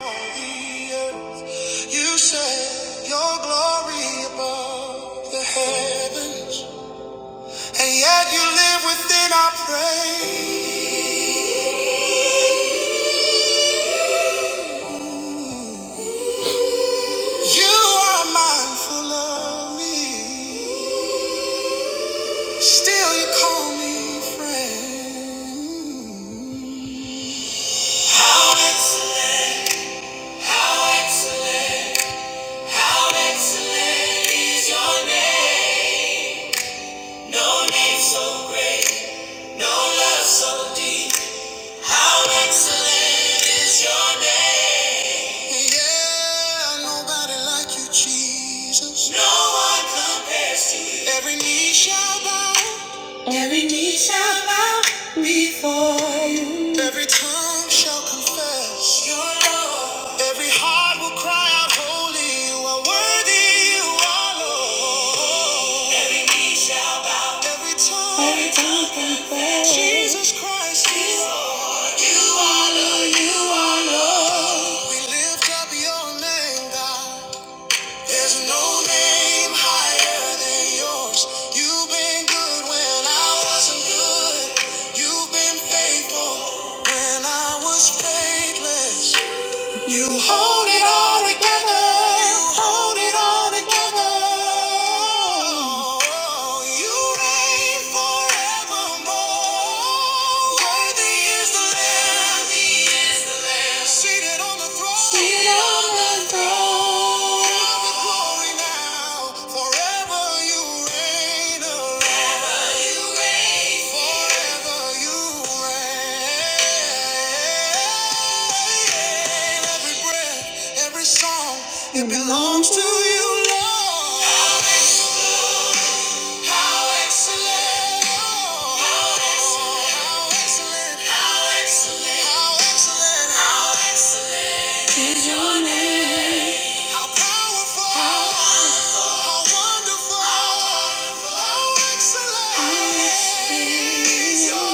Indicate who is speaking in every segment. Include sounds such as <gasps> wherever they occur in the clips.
Speaker 1: You set your glory above the heavens, and yet you live within our praise. You are mindful of me, still you call me friend. How excellent, how excellent, how excellent is your name. No name so great, no love so deep. How excellent is your name? Yeah, nobody like you, Jesus. No one compares to you. Every knee shall bow, Every knee shall bow before you. Every tongue shall confess your Lord. Every heart will cry out, Holy, you are worthy, you are Lord. Every knee shall bow. Every tongue, Every tongue confess. Jesus Christ is Lord. You are Lord, you are Lord. We lift up your name, God. There's no name higher than yours. You've been good when I was good. You've been faithful when I was faithless. You hold it all together. You hold it all together. You reign forevermore. Worthy is the Lamb. Worthy is the Lamb. Seated on the throne. Seated on the throne. It belongs to you, Lord. How excellent, how excellent, how excellent, how excellent, how excellent. how excellent is your name. How powerful, how wonderful, how excellent is your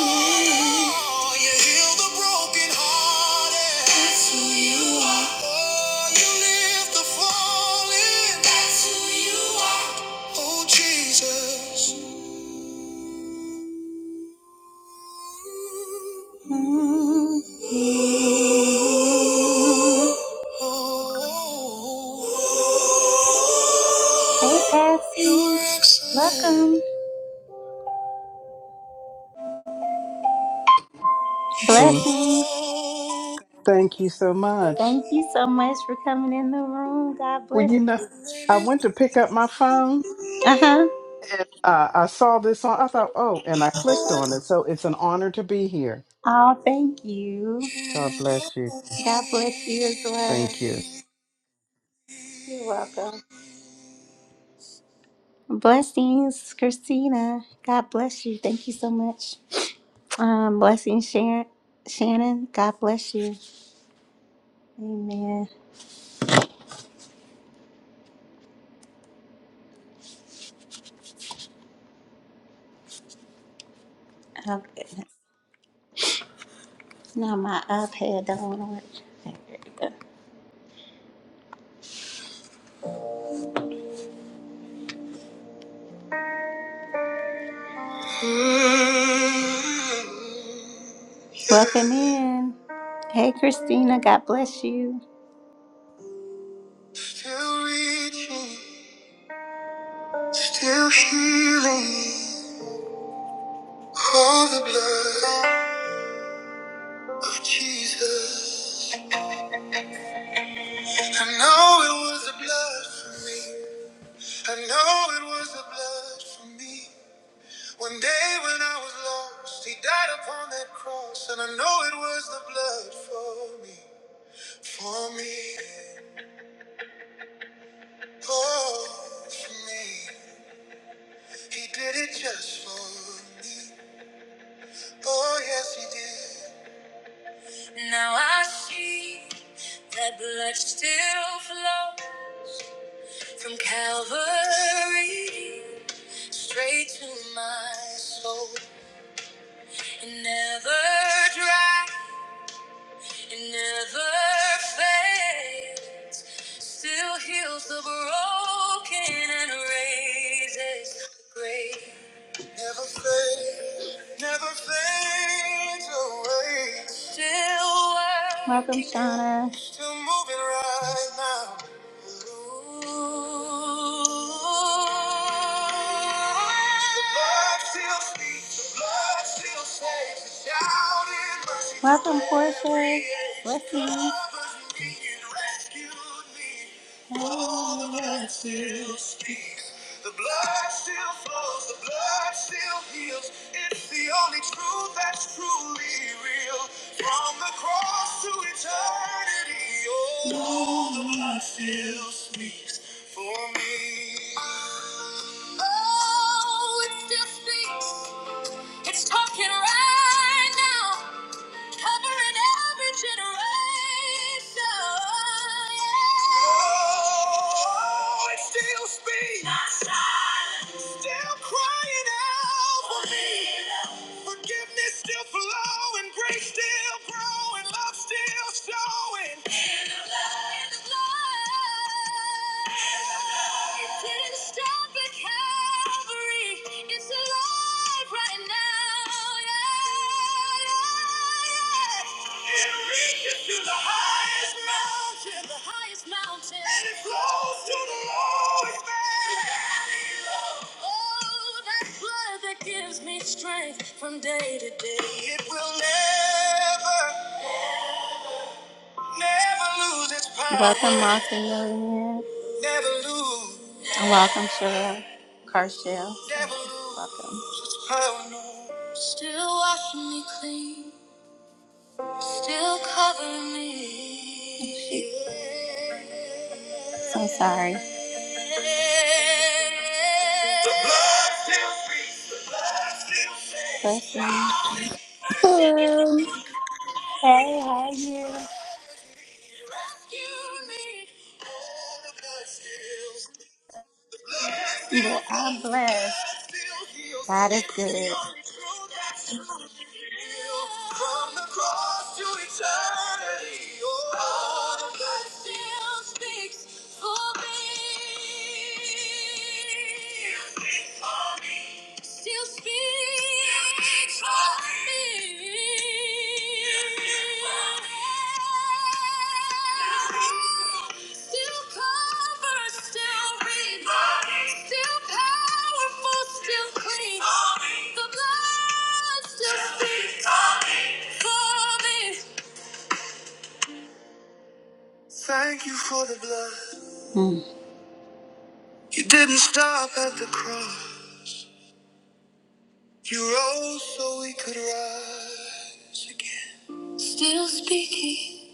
Speaker 1: name. Oh, you heal the brokenhearted. That's who you are. Oh, you lift the fallen. That's who you are. Oh, Jesus. Hey, Patsy. Welcome.
Speaker 2: Oh,
Speaker 1: Blessings.
Speaker 2: thank you so much.
Speaker 1: Thank you so much for coming in the room. God
Speaker 2: Well,
Speaker 1: bless
Speaker 2: you know, I
Speaker 1: you.
Speaker 2: went to pick up my phone
Speaker 1: Uh huh.
Speaker 2: and uh, I saw this on. I thought, oh, and I clicked on it. So it's an honor to be here.
Speaker 1: Oh, thank you.
Speaker 2: God bless you.
Speaker 1: God bless you as well.
Speaker 2: Thank you.
Speaker 1: You're welcome. Blessings, Christina. God bless you. Thank you so much. Um, blessing Sharon, Shannon. God bless you. Amen. Oh goodness. Now my iPad don't want to work. Okay, There we go. Welcome in. Hey Christina. God bless you. Still reaching, still healing. All the blood of Jesus. I know it was the blood for me. I know it was the blood for me. One day when I was lost, he died upon that cross, and I know it was the blood for me, for me, oh, for me. He did it just for me, oh, yes, he did. Now I see that blood still flows from Calvary straight to my soul It never dries. It never fades. Still heals the broken and raises the grave. Never fades, never fades away. Still working. Welcome, Shauna. Still moving right now. The blood still speaks, the blood still saves. The shout in mercy. Welcome, Portia. Blessings. Covers me and rescues me. Oh, the blood still speaks. The blood still flows. The blood still heals. It's the only truth that's truly real. From the cross to eternity, oh, the blood still speaks for me. Oh, it still speaks. It's talking right now, covering every generation. Oh, it still speaks, still crying out for me. Forgiveness still flowing, grace still growing, love still showing. In the blood. In the blood. in the blood. It didn't stop at Calvary. It's alive right now. Yeah, yeah, yeah. It reaches to the highest mountain. The highest mountain. And it flows to the lowest valley. Oh, that blood that gives me strength from day to day. It will never. Welcome, power. Martha Millionaire. And welcome, Cheryl Carshell. Welcome. No. Still washing me clean. Still covering me. <laughs> So sorry. The blood
Speaker 3: Hello.
Speaker 1: Hey, how are you? Oh, Well, I'm blessed. God is good. From the cross to eternity, oh, the still speaks for me. Still speaks for me. Still covers, still reads, still powerful, still clean. The blood still speaks for me. Thank you for the blood. Mm. You didn't stop at the cross. You rose so we could rise again. Still speaking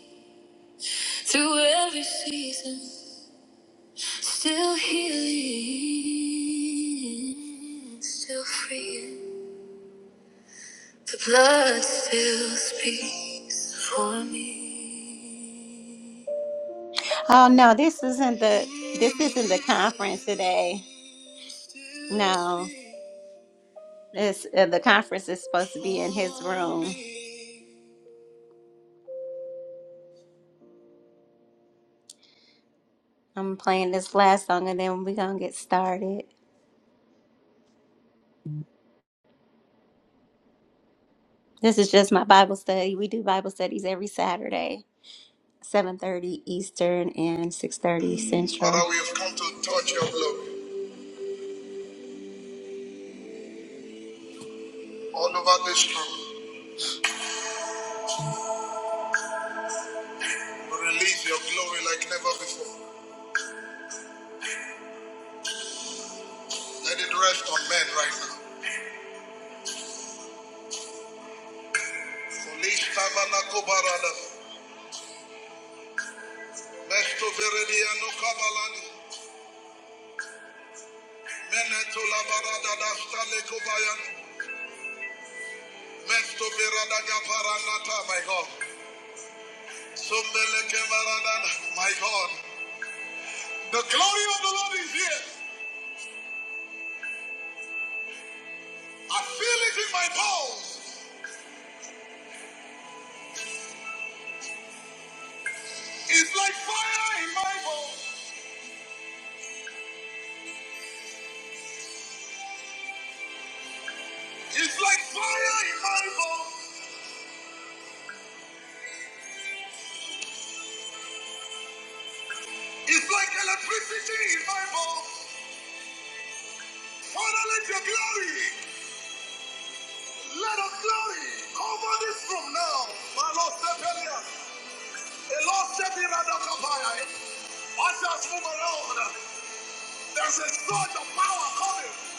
Speaker 1: through every season. Still healing. Still freeing. The blood still speaks for me. Oh no, this isn't the this isn't the conference today. No. This uh, the conference is supposed to be in his room. I'm playing this last song and then we're gonna get started. This is just my Bible study. We do Bible studies every Saturday, 7:30 Eastern and 6:30 Central. Father, we have come to touch your glory all over this room. We release your glory like never before. Let it rest on men right now. Folish tabanako barada. Mesto verediano kabalani. Meneto la barada da stale kobayani. Mesto verada gaparanata, my God. Sumbeleke barada, my God. The glory of the Lord is here. I feel it in my bones. It's like fire in my bones. It's like fire in my bones. It's like electricity in my bones. Father, let your glory, let us glory cover this room now. My Lord, step earlier. The Lord step in and up higher. Ushers move around. There's a surge of power coming.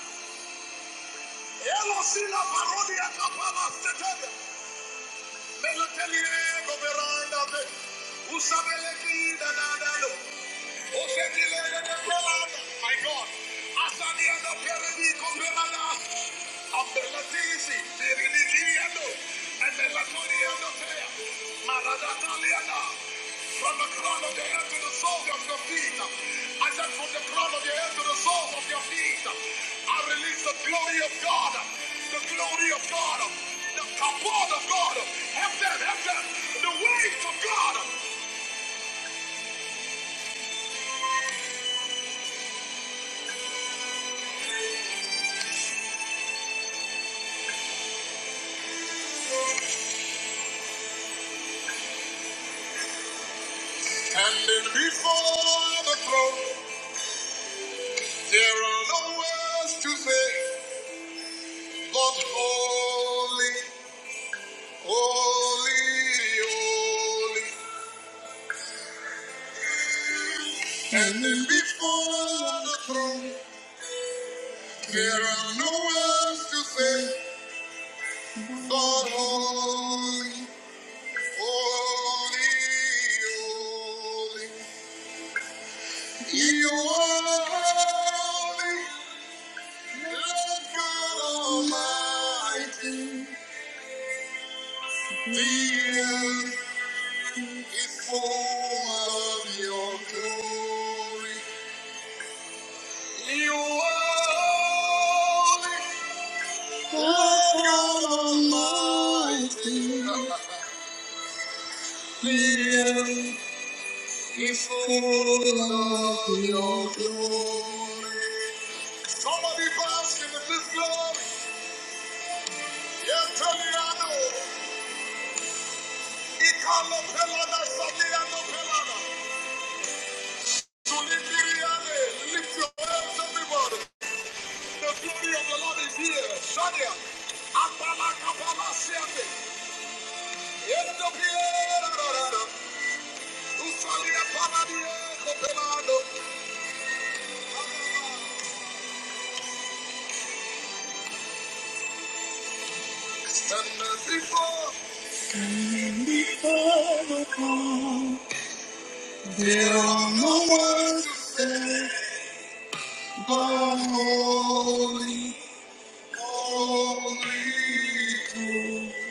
Speaker 1: Hello, Sila Parodia Kapala Stetelia. Melotelia Goberanda. Usabeleki Danadalo. My God. Asaliano Perenico Pelada. Ambelatisi, Pirinigiliano, and Melatoniano Tea. Maradagaliana. From the crown of the head to the soles of your feet. I said from the crown of your head to the soles of your feet. I release the glory of God. The glory of God. The kabod of God. Help them, help them. The waves of God. Standing before the throne, there are no words to say, but holy, holy, holy. Standing before the throne, there are no words to say, but holy, holy, holy. You are holy, Lord God Almighty. Feel The earth is full of your glory. You are holy, Lord God Almighty. Feel The earth is full of your glory. Somebody bask in this glory. Yes, tell me I know. Ikalo pelada, sadiano pelada. To lift your hand, lift your hands, everybody. The glory of the Lord is here. Shania. Apala kapala siate. Yendo piera rara. Usalia para die copelado. Stand as before. Before the throne, there are no words to say but holy, holy. holy.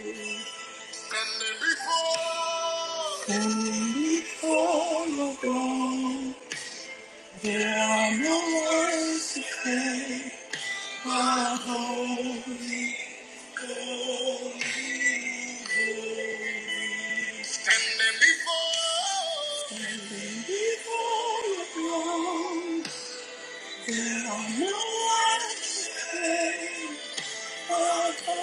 Speaker 1: Standing before, and before your throne, there are no words to say but holy, holy, holy. Standing before, standing before your throne, there are no words to say but holy. holy.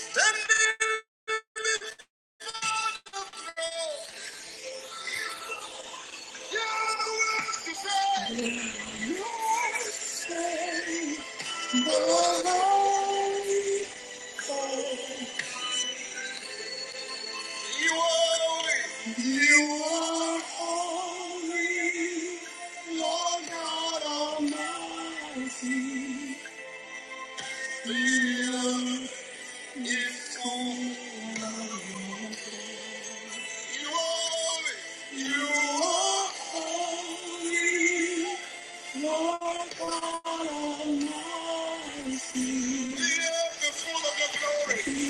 Speaker 1: Standing You are holy. Lord God Almighty. The earth is full of your glory.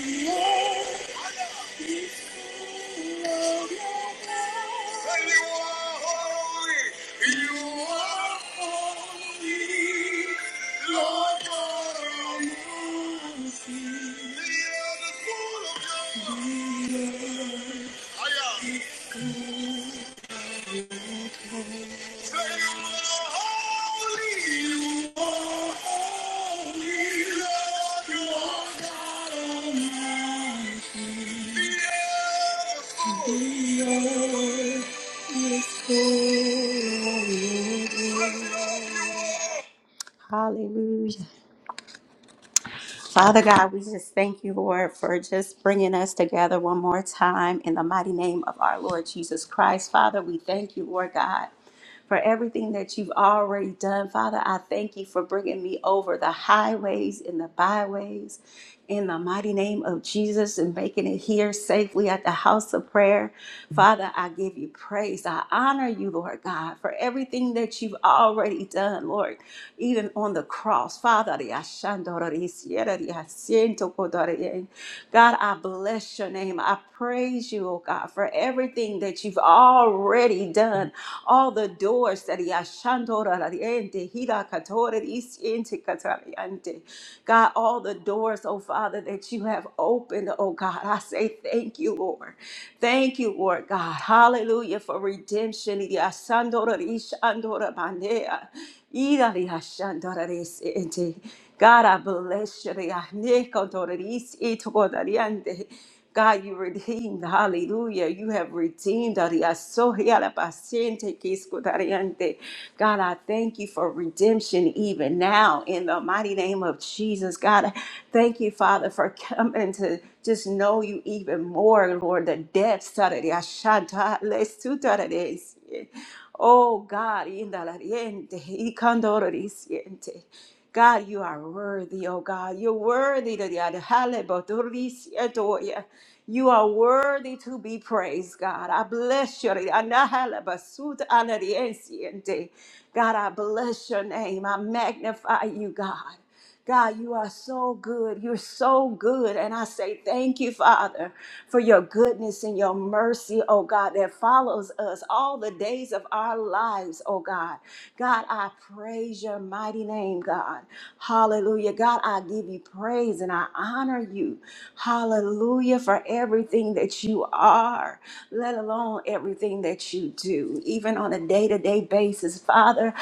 Speaker 1: you are holy. You are holy. Lord God Almighty. The earth is full of your glory. Hallelujah. Father God, we just thank you, Lord, for just bringing us together one more time in the mighty name of our Lord Jesus Christ. Father, we thank you, Lord God for everything that you've already done. Father, I thank you for bringing me over the highways and the byways in the mighty name of Jesus and making it here safely at the house of prayer. Father, I give you praise. I honor you, Lord God, for everything that you've already done, Lord, even on the cross. Father, God, I I bless your name. I praise you, oh God, for everything that you've already done. All the doors that he ashandora radiente, hida katore isiente katariante. God, all the doors, oh Father, that you have opened, oh God, I say thank you, Lord. Thank you, Lord God. Hallelujah for redemption. Hida asandora rishandora bandea. Irari hashandararese ente. God, I bless you. Re ahne kontorerisi itokodariande. God, you redeemed. Hallelujah. You have redeemed. God, I thank you for redemption even now in the mighty name of Jesus. God, I thank you, Father, for coming to just know you even more, Lord, the depths. Ariashanta lesutarades siente. Oh God, indalariente, y candororisiente. God, you are worthy, oh God. You're worthy to the adhalebotorisietoya. You are worthy to be praised, God. I bless your God, I bless your name. I magnify you, God. God, you are so good. You're so good. And I say thank you, Father, for your goodness and your mercy, oh God, that follows us all the days of our lives, oh God. God, I praise your mighty name, God. Hallelujah. God, I give you praise and I honor you. Hallelujah for everything that you are, let alone everything that you do, even on a day to day basis. Father,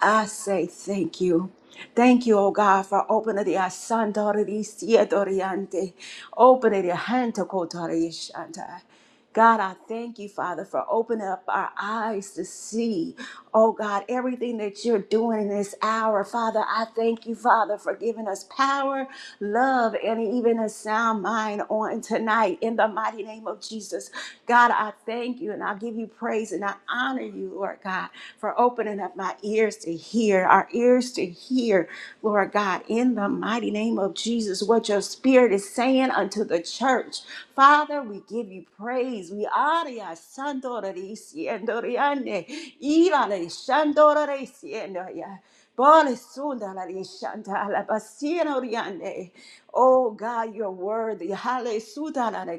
Speaker 1: I say thank you. Thank you, O God, for opening the Asandorisiadoriante. Opening the Hantakotorishanta. God, I thank you, Father, for opening up our eyes to see, oh God, everything that you're doing in this hour. Father, I thank you, Father, for giving us power, love, and even a sound mind on tonight in the mighty name of Jesus. God, I thank you and I give you praise praise and I honor you, Lord God, for opening up my ears to hear, our ears to hear, Lord God, in the mighty name of Jesus, what your spirit is saying unto the church. Father, we give you praise. We honor you. Shandorisiendoriane, Ivaleshandorisiendoria. Bale sunda la li la basiera oriande. Oh God, you're worthy. Hale suda la la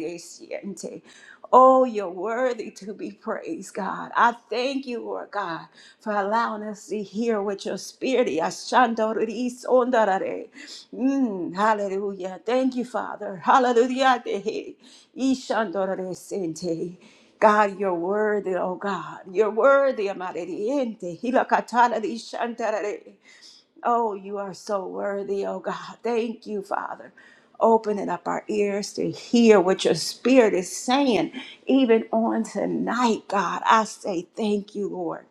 Speaker 1: Oh, you're worthy to be praised, God. I thank you, Lord God, for allowing us to hear what your spirit is. Shanda ri la re. Mm, Hallelujah. Thank you, Father. Hallelujah. Ishanda la li God, you're worthy, oh God. You're worthy, amarediente. Hilakatana di shantarare. Oh, you are so worthy, oh God. Thank you, Father. Opening up our ears to hear what your spirit is saying, even on tonight, God. I say thank you, Lord.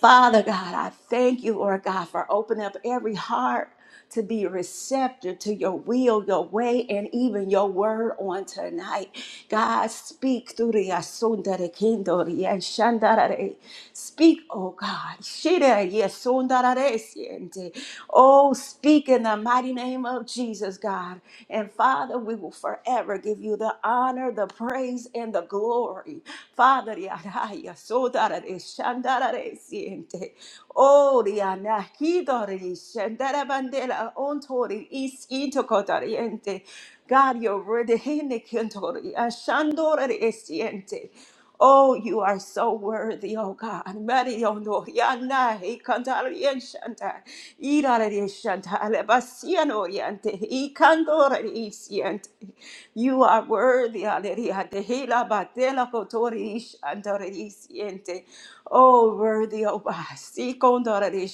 Speaker 1: Father God, I thank you, Lord God, for opening up every heart to be receptive to your will, your way, and even your word on tonight. God, speak through the yasundare Kindori and Shandare. Speak, oh God. Shira yasundare Siente. Oh, speak in the mighty name of Jesus. Jesus, God. And Father, we will forever give you the honor, the praise, and the glory. Father, yaraya, sodara de shandara de siente. Oh, riana, hidori, shandara bandera, ontori, is intocotariente. God, you're ready. Hene kentori, ashandora de siente. Oh, you are so worthy, oh God. Mariondo, Yana, Ikandarian Shanta, Irarian Shanta, Alebasian Oriente, Ikandorian You are worthy, Aleriante, Hila Batela Cotorish, Andorisiente. Oh, worthy, oh Basi, Condorari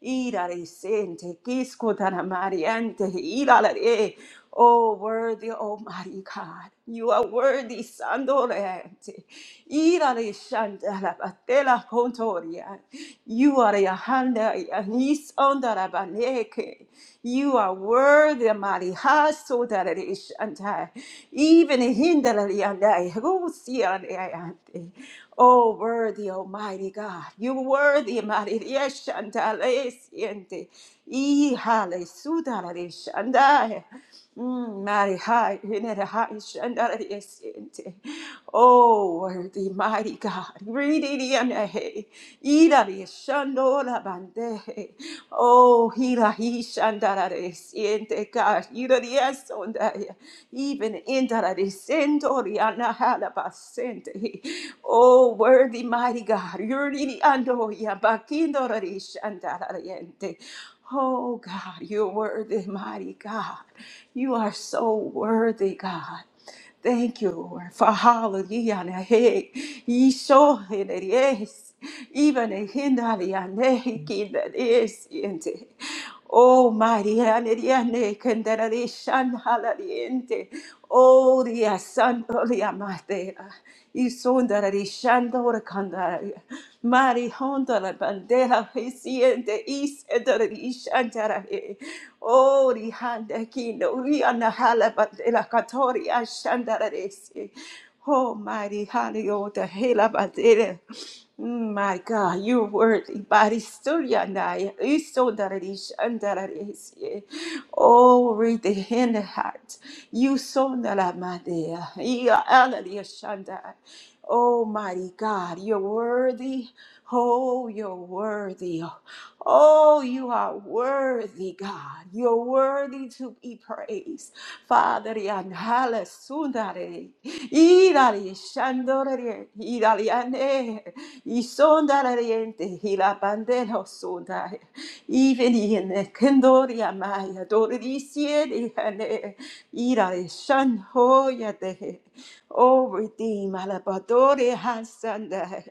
Speaker 1: Irarisente, Kisco Tanamariante, Irare. Oh, worthy, Almighty God. You are worthy, Sandorante. Irare batela Contoria. You are Yahanda Yanis Ondarabaneke. You are worthy, Marihaso Darishanta. Even Hindarianda, Rusiante. Oh, worthy, Almighty God. You worthy, Maria Shandalesiente. Ihale Sudarishanda. Mm, mighty high, in it high, shandara the ascente. Oh, worthy, mighty God. Reading in the hay, ida the shandora bande. Oh, hira he shandara the ascente, God. Ida the ascendaya. Even in the ascendoriana halabascente. Oh, worthy, mighty God. you're Yuri the andoya, bakindora the shandara the ente. Oh God, you're worthy, mighty God. You are so worthy, God. Thank you, Lord, for hallelujah. na he, ye so in it is, Even in Hindari and Nehiki that is in it. Oh, mighty Aniriane, Kendarishan Halariente. Oh, the Santo Sandoria Matera. Isondarishandora Candaria. Marihondo la bandera reciente is shandarahe. Oh, rihanda kino riana hala bandera katoria shandarese. Oh, mighty Hanio, the hela bandera. Mm, My God, you're worthy. Body sturia naya isondarese shandarese. Oh, read the hand heart. You son de la madea. Ia alaria shandai. Oh mighty God, you're worthy. Oh, you're worthy. Oh, you are worthy, God. You're worthy to be praised. Father, yanhala sundare, irari shandorare, irariane, isondarariente, hilapandelo sundare, even in the kendoria maya, dorisiere, irari shanhoyate. Oh, redeem, alabadore hasanda.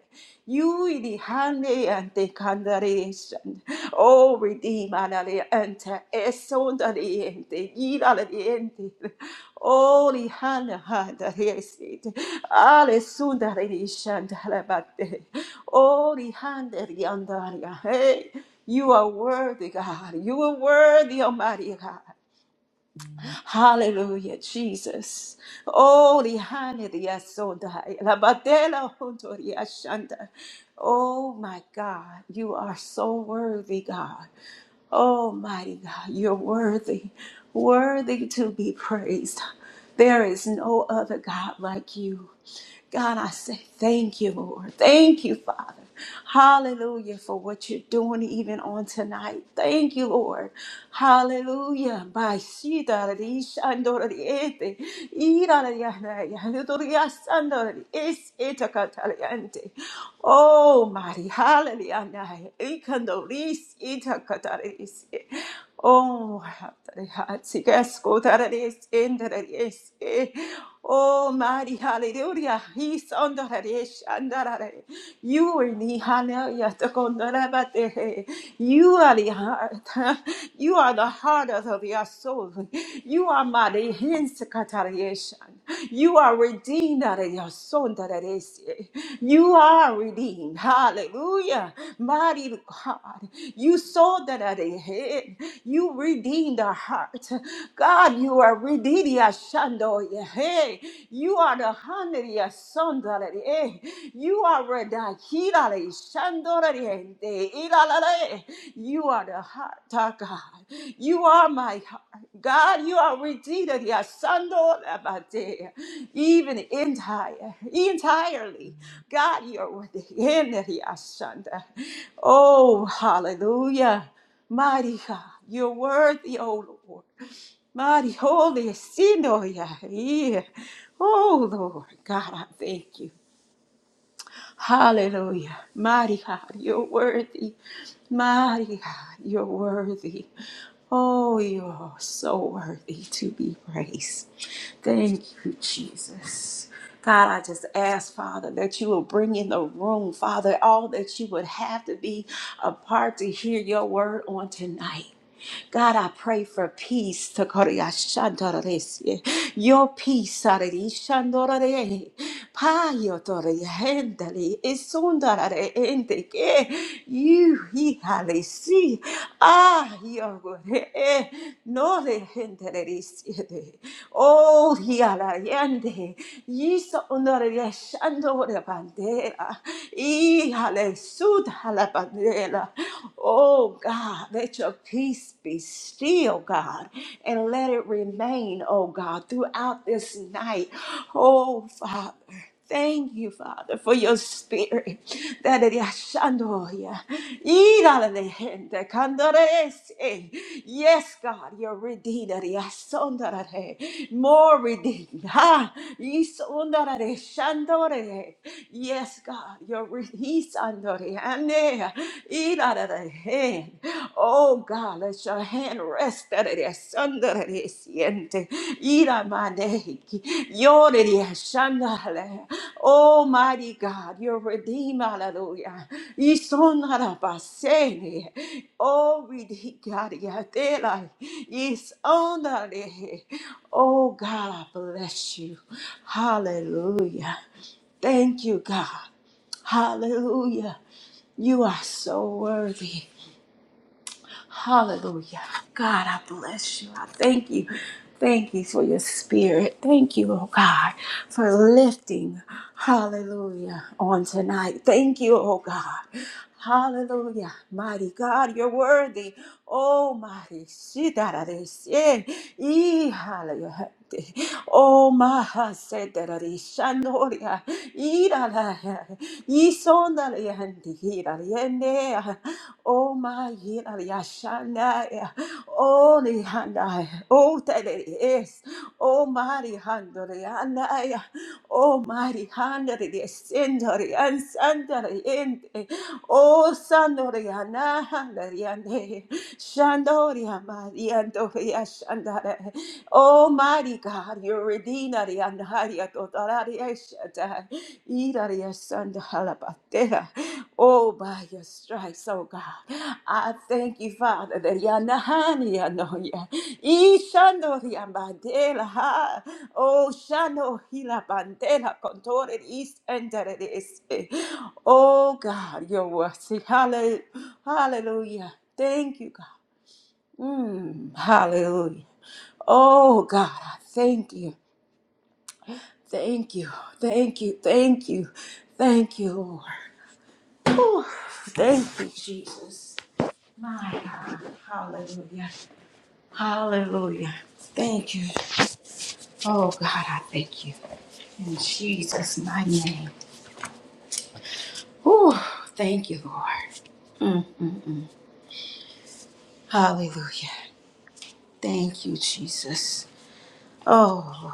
Speaker 1: You idi hande ante candaration. Oh, redeem, alale ante esondale ente, irale ente. Oh, lihana handa resit. Ale sundare rishanda alabate. Oh, lihanda riandaria. Hey. You are worthy, God. You are worthy, Almighty God. Hallelujah, Jesus. Oh, lihane diasodai, labatela hontori ashanda. Oh, my God, you are so worthy, God. Oh, mighty God, you're worthy, worthy to be praised. There is no other God like you. God, I say thank you, Lord. Thank you, Father. Hallelujah for what you're doing even on tonight. Thank you, Lord. Hallelujah. By Shida Ri Shandora Ri Ete, Ira Ri Oh, Mari, hallelujah. Ikando Ris Oh, Hatari Tararis Endararis. Oh, mighty hallelujah. He's on the Harish and the Rade. You are the hallelujah. the Kondorabate. You are the heart. <laughs> You are the heart of your soul. You are mighty hands Katarish. You are redeemed out of your soul. That it is. You are redeemed. Hallelujah. Mighty God. You saw that at the head. You redeemed our heart. God, you are redeemed Idia Shandoya. Hey, you are the Hanaria Sondalari. Hey, you are Reda Hirale Shandorari. Ilalale. You are the heart of God. You are my heart. God, you are Redeemer. Dia Sandorabate. Even entire, entirely. God, you are within Dia Shanda. Oh, hallelujah. Mighty God, you're worthy, O Lord. Holy Sinoya. yeah. Oh Lord God, I thank you. Hallelujah. Mighty God, you're worthy. Mighty God, you're worthy. Oh, you're so worthy to be praised. Thank you, Jesus. God, I just ask, Father, that you will bring in the room, Father, all that you would have to be a part to hear your word on tonight. God, I pray for peace. to Tokoria shandorese. Your peace, Sarari shandorare. Payo toria hendali. Isundare endeke. You, he halesi. Ah, yogore. eh, No de hendelere Oh, he alayende. Yiso onore shandore bandera. I hale sud halabandera. Oh God, let your peace be still, God, and let it remain, oh God, throughout this night. Oh Father. Thank you, Father, for your spirit. That it is shandoya. Idalalehende kandorese. Yes, God, your redeemer. yasondarare. More redeemed. Ha. Isondarare shandore. Yes, God, your redeemer. Isandoriane, irararahe. Oh God, let your hand rest under this under at it, sundere siente, iramaneki, yorere shandale. Oh mighty God, your redeemer, hallelujah. Isonarabasene, oh Redeemer God ridigariatela, isonare. Oh God, I bless you. Hallelujah. Thank you, God. Hallelujah. You are so worthy. Hallelujah. God, I bless you. I thank you. Thank you for your spirit. Thank you, oh God, for lifting. Hallelujah. On tonight. Thank you, oh God. Hallelujah. Mighty God, you're worthy. Oh, mighty. Shidararese. Ee, hallelujah. Oh, maha sedarare shandoria. Irala. Isondarayandi. Iraliende. Oh my hira yashanaya. Oh nihanaya. Oh tele is. Oh mari handorianaya. Oh mari handori descendori and sandori ente. Oh sandori ana handori sandoriana handoriane. Shandoria mariandori yashandare. Oh mighty God, your redeemer and haria totalaria shatai. Iraria sandahala Oh, by your stripes, oh God. I thank you, Father, that Yanahani Anoya. Ishandoria Mandela. ha. Oh, Shano Hila Bandela Contore East and Oh God, your are worthy. Halle- Hallelujah. Thank you, God. Mm, hallelujah. Oh God, I thank you. Thank you. Thank you. Thank you. Thank you, Lord. Whew. thank you, Jesus. My God. Hallelujah. Hallelujah. Thank you. Oh, God, I thank you. In Jesus' mighty name. Oh, thank you, Lord. Mm-mm-mm. Hallelujah. Thank you, Jesus. Oh, Lord.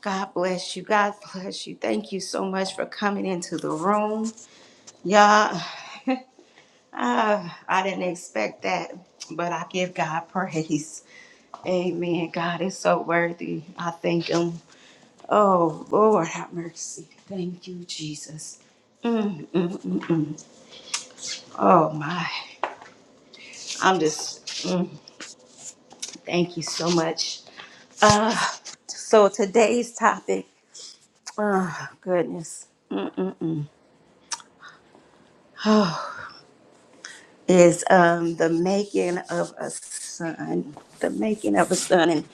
Speaker 1: God bless you. God bless you. Thank you so much for coming into the room. Y'all, <laughs> ah, I didn't expect that, but I give God praise. Amen. God is so worthy. I thank Him. Oh, Lord, have mercy. Thank you, Jesus. Mm, mm, mm, mm. Oh, my. I'm just, mm, thank you so much. Uh, so, today's topic, oh, goodness, mm, mm, mm. <sighs> Oh, is um, the making of a son. The making of a son. And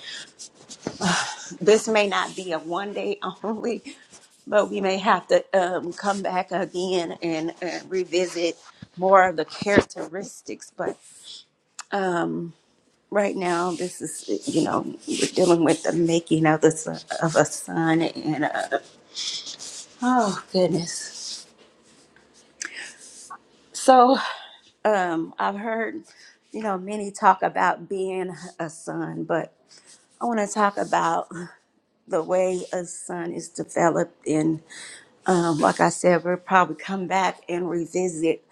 Speaker 1: this may not be a one day <laughs> only, but we may have to um, come back again and uh, revisit more of the characteristics. But Um, right now, this is you know we're dealing with the making of the son, of a son, and uh oh goodness. So um, I've heard you know many talk about being a son, but I want to talk about the way a son is developed, and um, like I said, we'll probably come back and revisit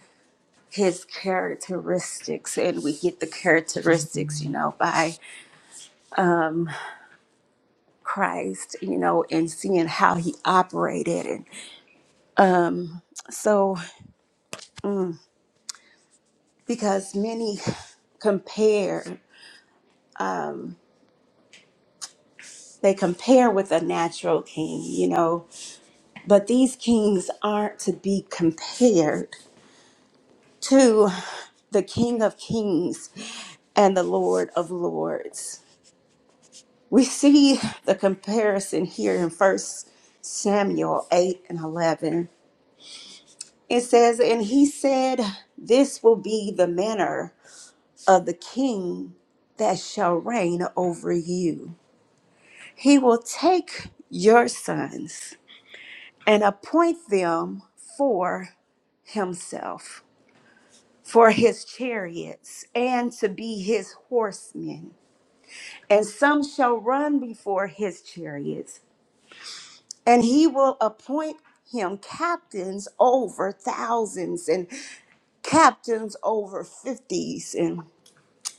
Speaker 1: his characteristics and we get the characteristics you know by christ you know and seeing how he operated So, because many compare, they compare with a natural king, you know, but these kings aren't to be compared to the King of Kings and the Lord of Lords. We see the comparison here in First Samuel 8 and 11. It says, And he said, This will be the manner of the king that shall reign over you He will take your sons and appoint them for himself, for his chariots, and to be his horsemen. And some shall run before his chariots, and he will appoint him captains over thousands and captains over fifties, and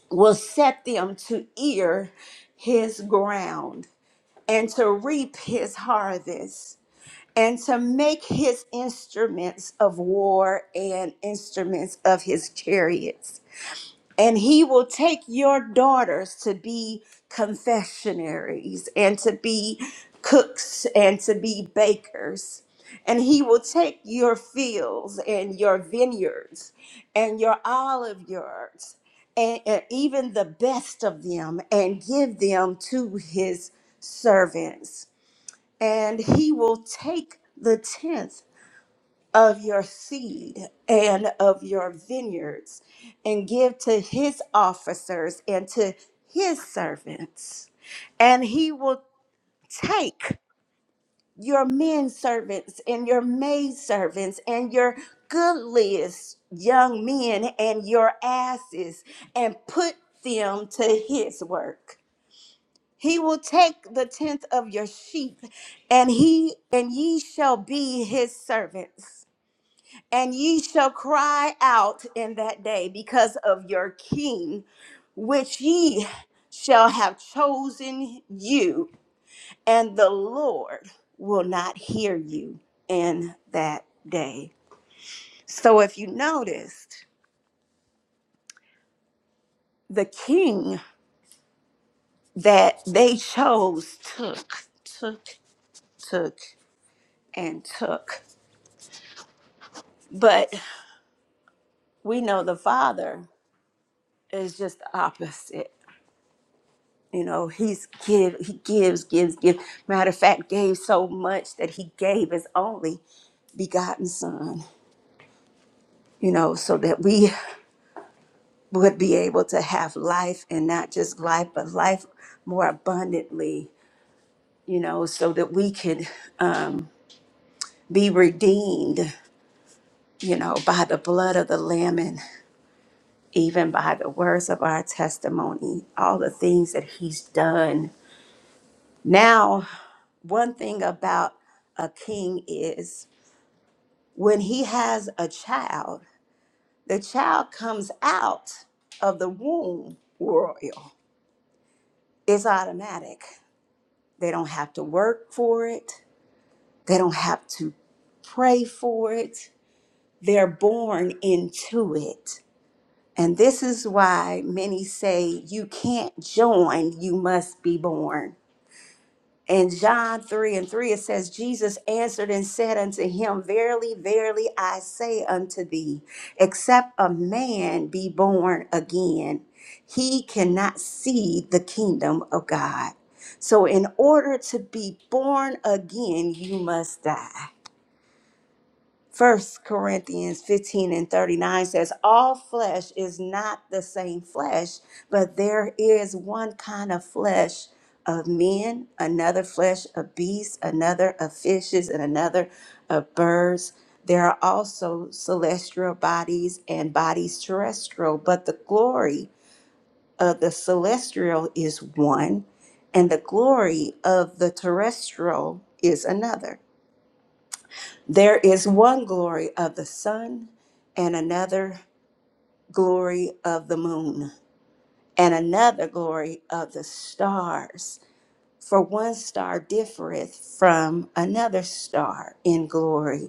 Speaker 1: will set them to ear his ground and to reap his harvest and to make his instruments of war and instruments of his chariots. And he will take your daughters to be confessionaries and to be cooks and to be bakers. And he will take your fields and your vineyards and your olive yards and, and even the best of them and give them to his servants and he will take the tenth of your seed and of your vineyards and give to his officers and to his servants and he will take your men servants and your maid servants and your goodliest young men and your asses and put them to his work he will take the tenth of your sheep, and he and ye shall be his servants. And ye shall cry out in that day because of your king, which ye shall have chosen you, and the Lord will not hear you in that day. So if you noticed, the king that they chose took, took, took, and took. But we know the father is just the opposite you know he's give he gives gives gives matter of fact gave so much that he gave his only begotten son you know so that we would be able to have life and not just life but life more abundantly you know so that we could um, be redeemed you know by the blood of the lamb and even by the words of our testimony all the things that he's done now one thing about a king is when he has a child, the child comes out of the womb royal. It's automatic. They don't have to work for it, they don't have to pray for it. They're born into it. And this is why many say you can't join, you must be born. In John 3 and 3, it says, Jesus answered and said unto him, Verily, verily, I say unto thee, except a man be born again, he cannot see the kingdom of God. So, in order to be born again, you must die. First Corinthians 15 and 39 says, All flesh is not the same flesh, but there is one kind of flesh of men, another flesh of beasts, another of fishes, and another of birds. There are also celestial bodies and bodies terrestrial, but the glory of the celestial is one, and the glory of the terrestrial is another. There is one glory of the sun, and another glory of the moon, and another glory of the stars. For one star differeth from another star in glory.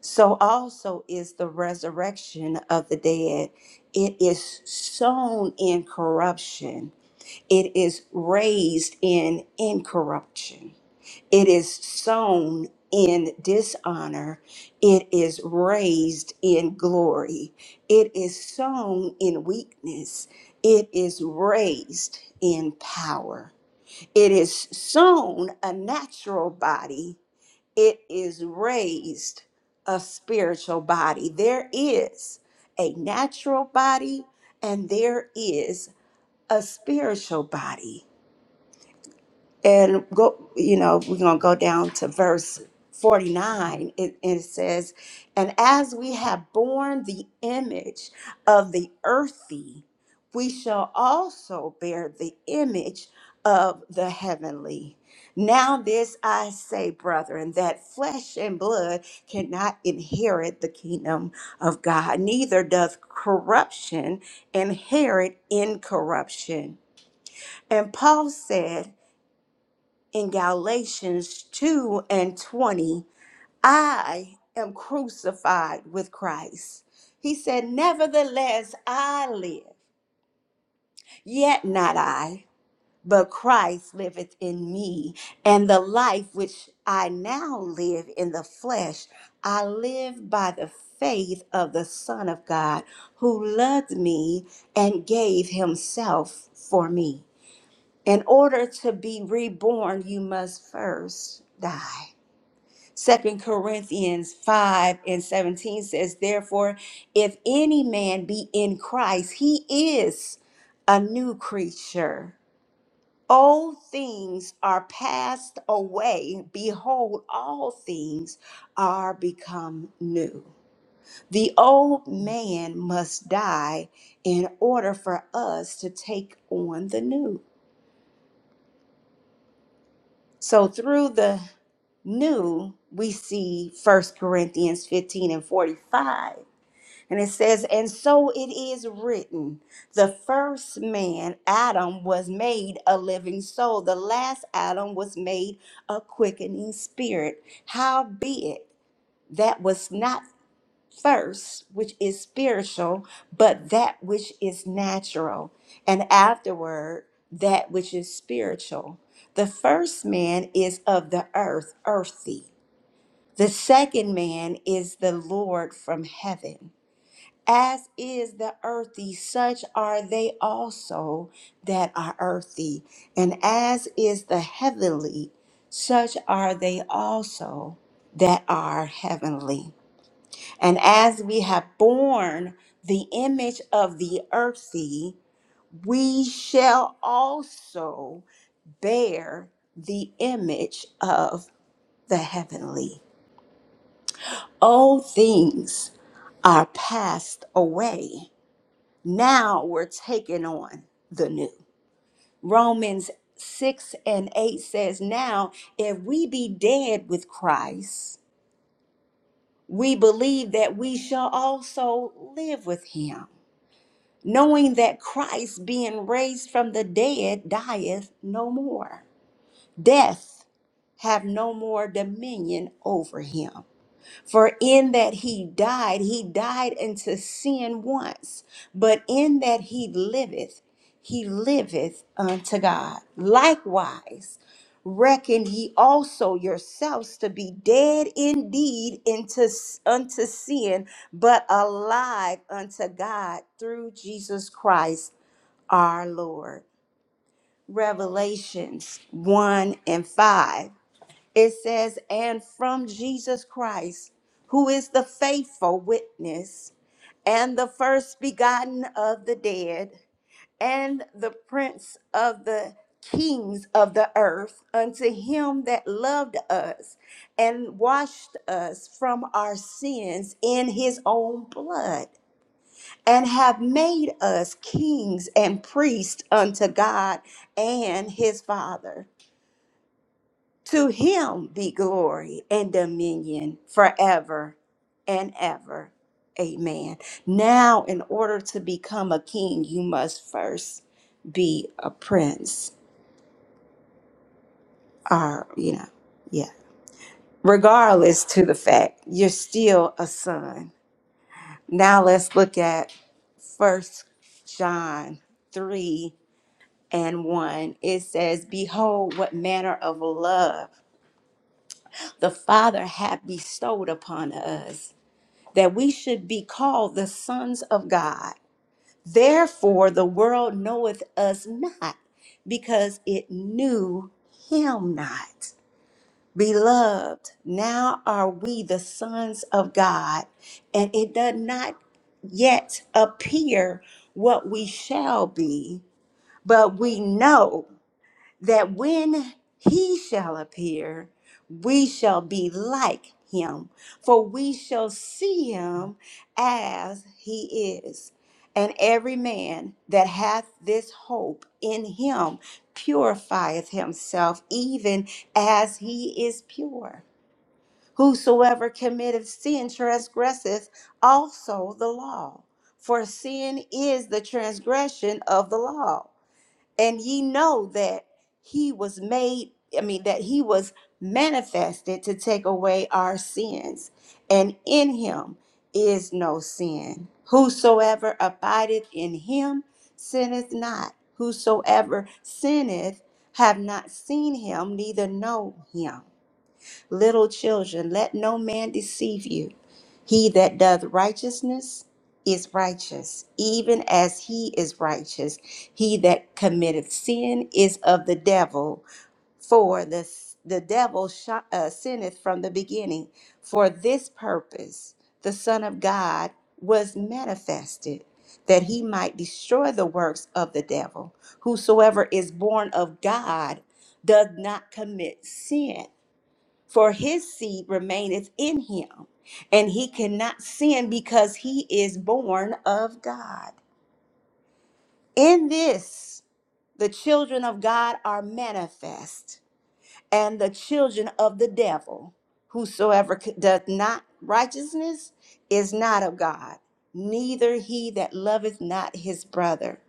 Speaker 1: So also is the resurrection of the dead. It is sown in corruption, it is raised in incorruption. It is sown in dishonor. It is raised in glory. It is sown in weakness. It is raised in power. It is sown a natural body. It is raised a spiritual body. There is a natural body and there is a spiritual body. And go, you know, we're going to go down to verse 49. It, and it says, And as we have borne the image of the earthy, we shall also bear the image of the heavenly. Now, this I say, brethren, that flesh and blood cannot inherit the kingdom of God, neither doth corruption inherit incorruption. And Paul said, in Galatians 2 and 20, I am crucified with Christ. He said, Nevertheless, I live, yet not I, but Christ liveth in me. And the life which I now live in the flesh, I live by the faith of the Son of God, who loved me and gave himself for me. In order to be reborn, you must first die. Second Corinthians 5 and 17 says, Therefore, if any man be in Christ, he is a new creature. Old things are passed away. Behold, all things are become new. The old man must die in order for us to take on the new. So, through the new, we see First Corinthians 15 and 45 And it says, And so it is written, the first man, Adam, was made a living soul. The last Adam was made a quickening spirit. Howbeit, that was not first, which is spiritual, but that which is natural. And afterward, that which is spiritual. The first man is of the earth, earthy. The second man is the Lord from heaven. As is the earthy, such are they also that are earthy. And as is the heavenly, such are they also that are heavenly. And as we have borne the image of the earthy, we shall also bear the image of the heavenly. All things are passed away Now we're taking on the new. Romans 6 and 8 says, Now if we be dead with Christ, we believe that we shall also live with him, knowing that Christ, being raised from the dead, dieth no more. Death have no more dominion over him. For in that he died, he died unto sin once, but in that he liveth, he liveth unto God. Likewise, reckon ye also yourselves to be dead indeed into, unto sin, but alive unto God through Jesus Christ our Lord. Revelations 1 and 5. It says, and from Jesus Christ, who is the faithful witness and the first begotten of the dead and the prince of the kings of the earth, unto him that loved us and washed us from our sins in his own blood. And have made us kings and priests unto God and his Father. To him be glory and dominion forever and ever. Amen. Now, in order to become a king, you must first be a prince, or, you know, yeah. Regardless to the fact, you're still a son. Now, let's look at First John 3 and 1. It says, Behold, what manner of love the Father hath bestowed upon us that we should be called the sons of God. Therefore, the world knoweth us not, because it knew him not. Beloved, now are we the sons of God, and it does not yet appear what we shall be, but we know that when he shall appear, we shall be like him, for we shall see him as he is. And every man that hath this hope in him purifieth himself, even as he is pure. Whosoever committeth sin transgresseth also the law, for sin is the transgression of the law and ye know that he was made i mean that he was manifested to take away our sins and in him is no sin whosoever abideth in him sinneth not whosoever sinneth have not seen him neither know him Little children, let no man deceive you. He that doth righteousness is righteous, even as he is righteous. He that committeth sin is of the devil, for the, the devil sh- uh, sinneth from the beginning. For this purpose the Son of God was manifested, that he might destroy the works of the devil. Whosoever is born of God does not commit sin for his seed remaineth in him, and he cannot sin because he is born of God. In this, the children of God are manifest, and the children of the devil. Whosoever c- doth not righteousness is not of God, neither he that loveth not his brother.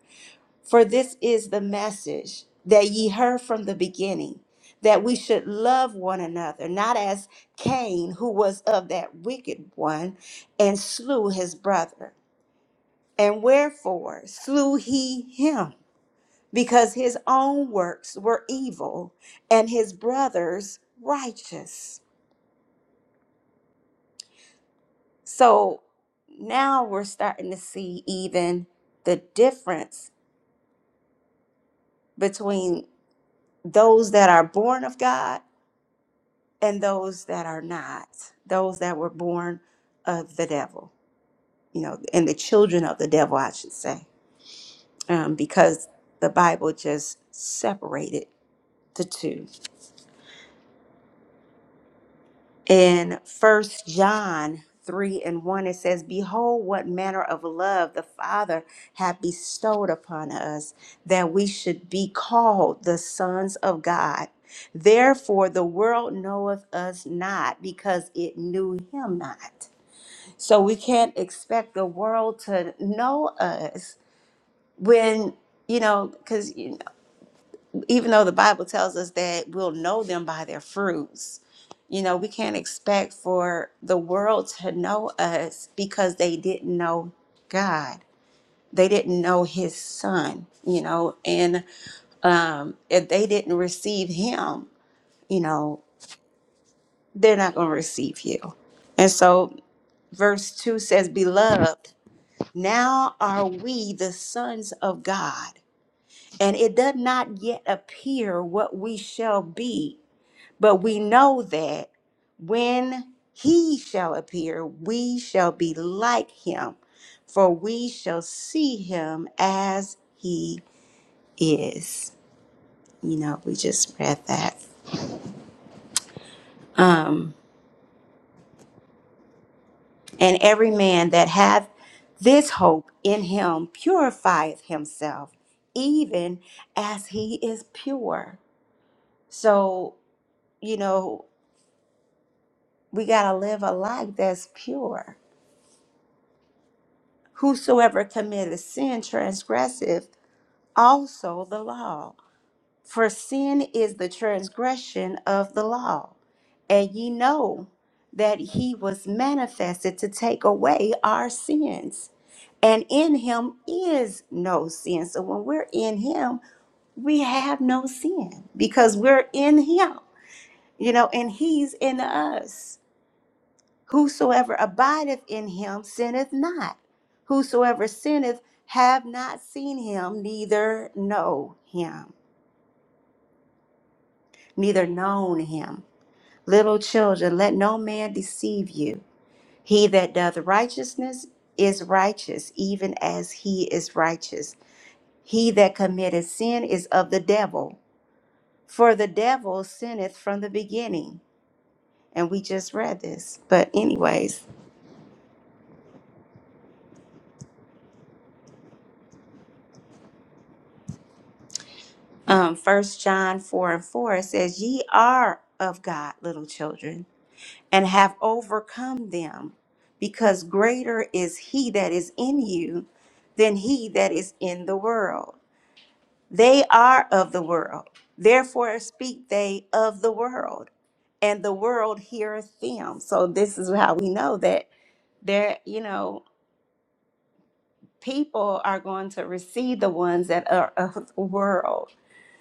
Speaker 1: For this is the message that ye heard from the beginning, that we should love one another, not as Cain, who was of that wicked one, and slew his brother. And wherefore slew he him? Because his own works were evil, and his brother's righteous. So now we're starting to see even the difference between those that are born of God and those that are not, those that were born of the devil, you know, and the children of the devil, I should say, um, because the Bible just separated the two. In First John 3 and 1, it says, Behold, what manner of love the Father hath bestowed upon us, that we should be called the sons of God. Therefore, the world knoweth us not because it knew him not. So we can't expect the world to know us when, you know, because even though the Bible tells us that we'll know them by their fruits, you know, we can't expect for the world to know us because they didn't know God. They didn't know his son, you know, and um, if they didn't receive him, you know, they're not going to receive you. And so verse 2 says, Beloved. Now are we the sons of God, and it does not yet appear what we shall be, but we know that when he shall appear, we shall be like him, for we shall see him as he is. You know, we just read that. Um, and every man that hath this hope in him purifieth himself, even as he is pure. So, you know, we got to live a life that's pure. Whosoever committeth sin transgresseth also the law. For sin is the transgression of the law. And ye know that he was manifested to take away our sins. And in him is no sin. So when we're in him, we have no sin because we're in him, you know, and he's in us. Whosoever abideth in him sinneth not. Whosoever sinneth have not seen him, neither know him, neither known him. Little children, let no man deceive you. He that doth righteousness is righteous, even as he is righteous. He that committeth sin is of the devil, for the devil sinneth from the beginning. And we just read this. But, anyways, um, 1 John 4 and 4, it says, Ye are of God, little children, and have overcome them, because greater is he that is in you than he that is in the world. They are of the world, therefore speak they of the world, and the world heareth them. So this is how we know that there, you know, people are going to receive the ones that are of the world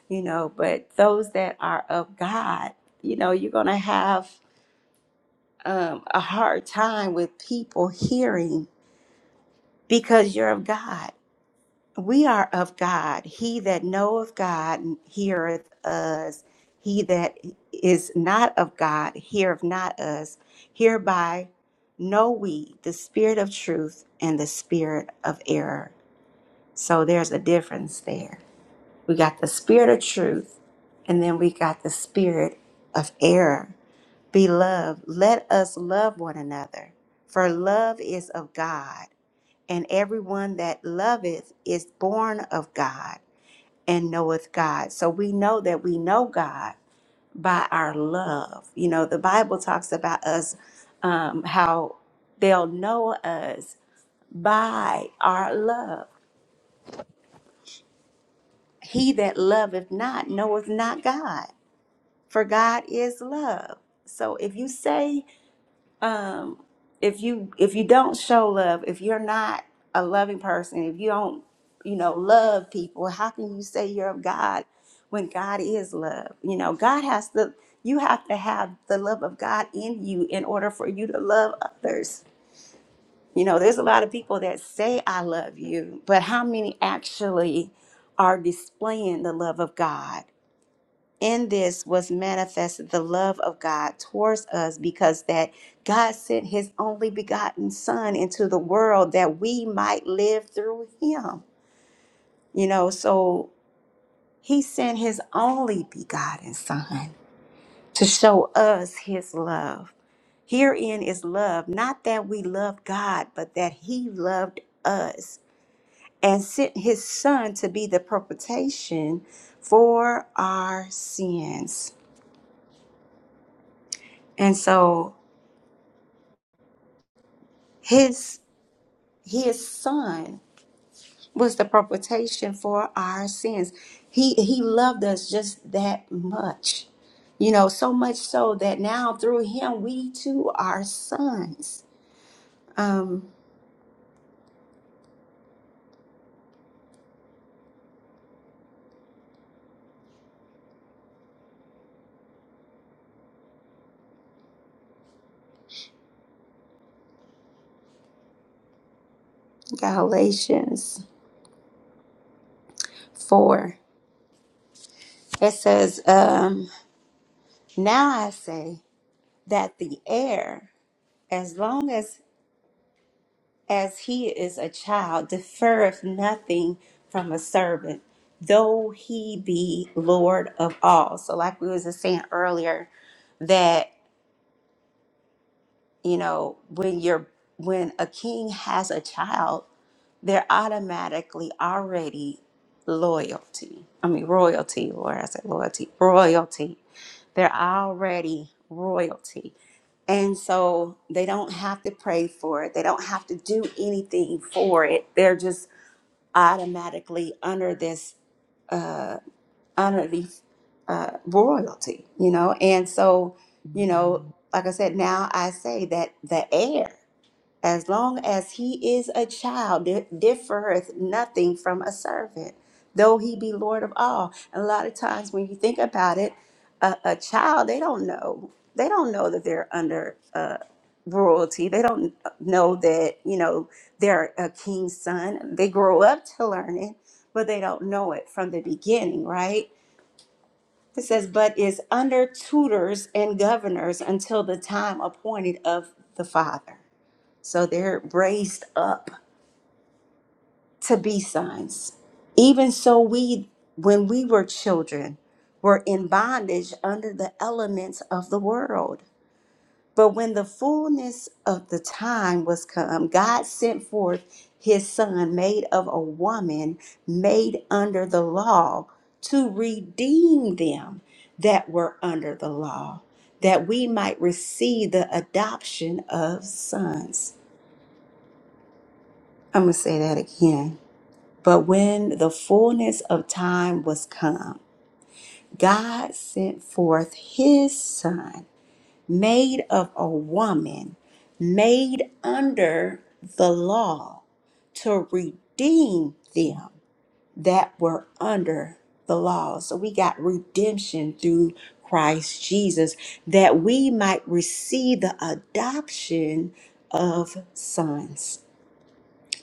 Speaker 1: you know but those that are of god you know you're going to have um, a hard time with people hearing because you're of god we are of god he that knoweth god heareth us he that is not of god heareth not us hereby know we the spirit of truth and the spirit of error so there's a difference there We got the spirit of truth, and then we got the spirit of error. Beloved, let us love one another, for love is of God, and everyone that loveth is born of God and knoweth God. So we know that we know God by our love. You know, the Bible talks about us, um, how they'll know us by our love. He that loveth not knoweth not God for God is love. So if you say, um, if you if you don't show love, if you're not a loving person, if you don't, you know, love people, how can you say you're of God when God is love? You know, God has to. You have to have the love of God in you in order for you to love others. You know, there's a lot of people that say I love you, but how many actually are displaying the love of God? in this was manifested the love of God towards us because that God sent his only begotten son into the world that we might live through him. You know, so he sent his only begotten son to show us his love. Herein is love, not that we love God, but that he loved us and sent his son to be the propitiation for our sins. And so his his son was the propitiation for our sins he he loved us just that much you know so much so that now through him we too are sons um galatians 4 it says um now i say that the heir as long as as he is a child, deferreth nothing from a servant, though he be Lord of all. So, like we was just saying earlier, that you know when you're when a king has a child they're automatically already loyalty i mean royalty or i said loyalty royalty they're already royalty and so they don't have to pray for it they don't have to do anything for it they're just automatically under this uh under the uh royalty you know and so you know like i said now i say that the heir. As long as he is a child, di- differeth nothing from a servant, though he be Lord of all. And a lot of times when you think about it, a, a child, they don't know. They don't know that they're under uh, royalty. They don't know that, you know, they're a king's son. They grow up to learn it, but they don't know it from the beginning, right? It says, but is under tutors and governors until the time appointed of the Father. So they're raised up to be sons. Even so, we, when we were children, were in bondage under the elements of the world. But when the fullness of the time was come, God sent forth his son, made of a woman, made under the law, to redeem them that were under the law, that we might receive the adoption of sons. I'm going to say that again But when the fullness of time was come, God sent forth his son, made of a woman, made under the law, to redeem them that were under the law. So we got redemption through Christ Jesus that we might receive the adoption of sons.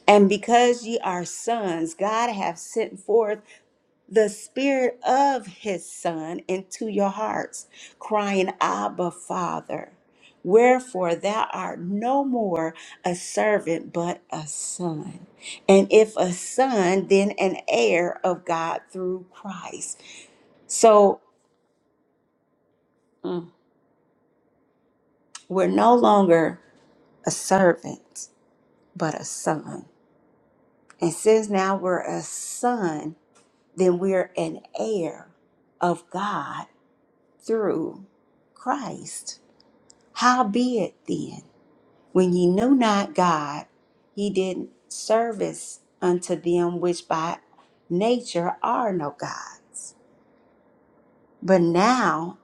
Speaker 1: And because ye are sons, God hath sent forth the spirit of his son into your hearts, crying, Abba, Father. Wherefore thou art no more a servant, but a son. And if a son, then an heir of God through Christ. So mm, we're no longer a servant, but a son. And since now we're a son, then we're an heir of God through Christ. Howbeit then, when ye knew not God, ye did service unto them which by nature are no God. But now,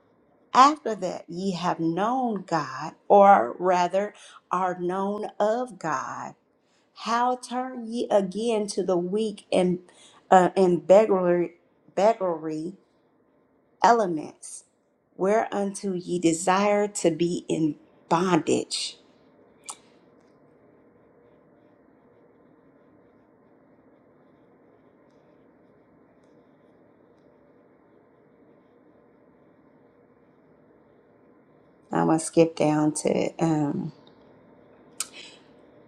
Speaker 1: after that ye have known God, or rather are known of God, how turn ye again to the weak and uh, and beggarly, beggarly elements, whereunto ye desire to be in bondage? I'm going to skip down to um,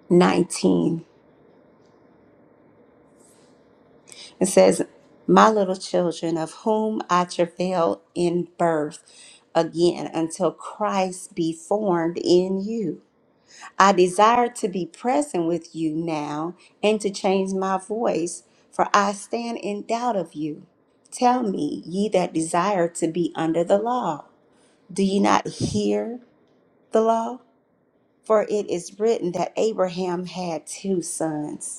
Speaker 1: 19. It says, My little children, of whom I travail in birth again until Christ be formed in you. I desire to be present with you now and to change my voice, for I stand in doubt of you. Tell me, ye that desire to be under the law, do ye not hear the law? For it is written that Abraham had two sons.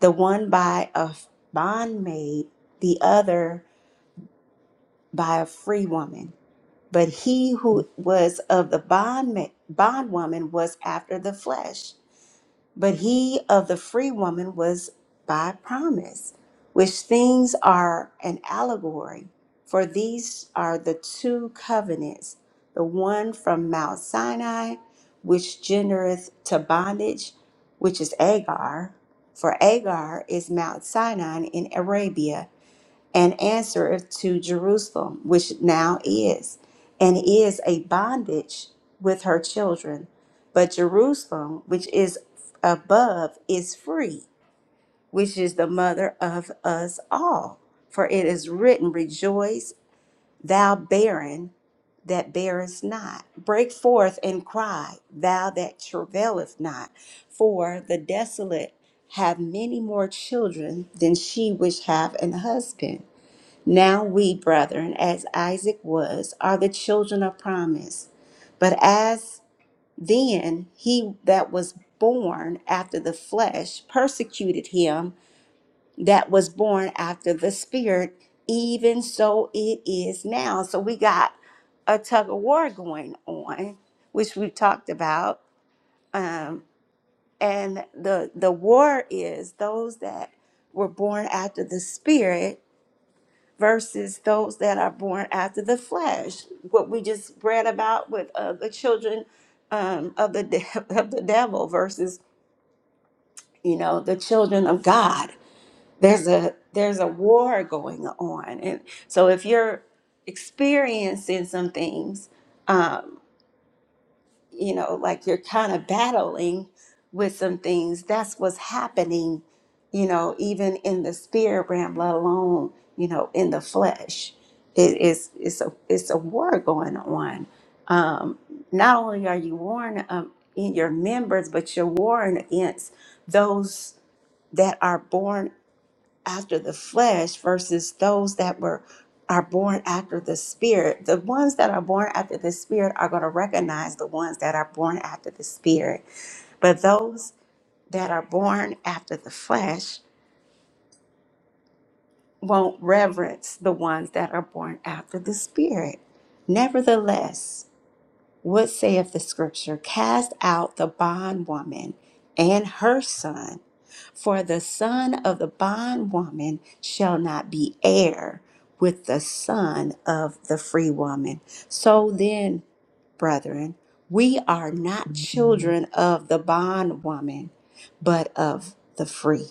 Speaker 1: the one by a bondmaid, the other by a free woman. But he who was of the bondma- bondwoman was after the flesh but he of the free woman was by promise, which things are an allegory. For these are the two covenants the one from Mount Sinai, which gendereth to bondage, which is Agar, for Agar is Mount Sinai in Arabia and answereth to Jerusalem, which now is, and is a bondage with her children. But Jerusalem, which is above, is free, which is the mother of us all. For it is written, Rejoice, thou barren that bearest not. Break forth and cry, thou that travaileth not. For the desolate have many more children than she which have an husband. Now we, brethren, as Isaac was, are the children of promise. But as then he that was born after the flesh persecuted him that was born after the spirit, even so it is now. So we got a tug of war going on, which we've talked about. Um, and the the war is those that were born after the spirit versus those that are born after the flesh. What we just read about with uh, the children um, of the de- <laughs> of the devil versus you know the children of God. There's a there's a war going on, and so if you're experiencing some things. um, you know, like you're kind of battling with some things. That's what's happening, you know, even in the spirit realm, let alone, you know, in the flesh. It is it's a it's a war going on. Um, not only are you warring um, in your members, but you're warring against those that are born after the flesh versus those that were are born after the spirit the ones that are born after the spirit are going to recognize the ones that are born after the spirit but those that are born after the flesh won't reverence the ones that are born after the spirit nevertheless What saith the scripture? Cast out the bondwoman and her son, for the son of the bondwoman shall not be heir with the son of the free woman. So then, brethren, we are not children of the bondwoman, but of the free.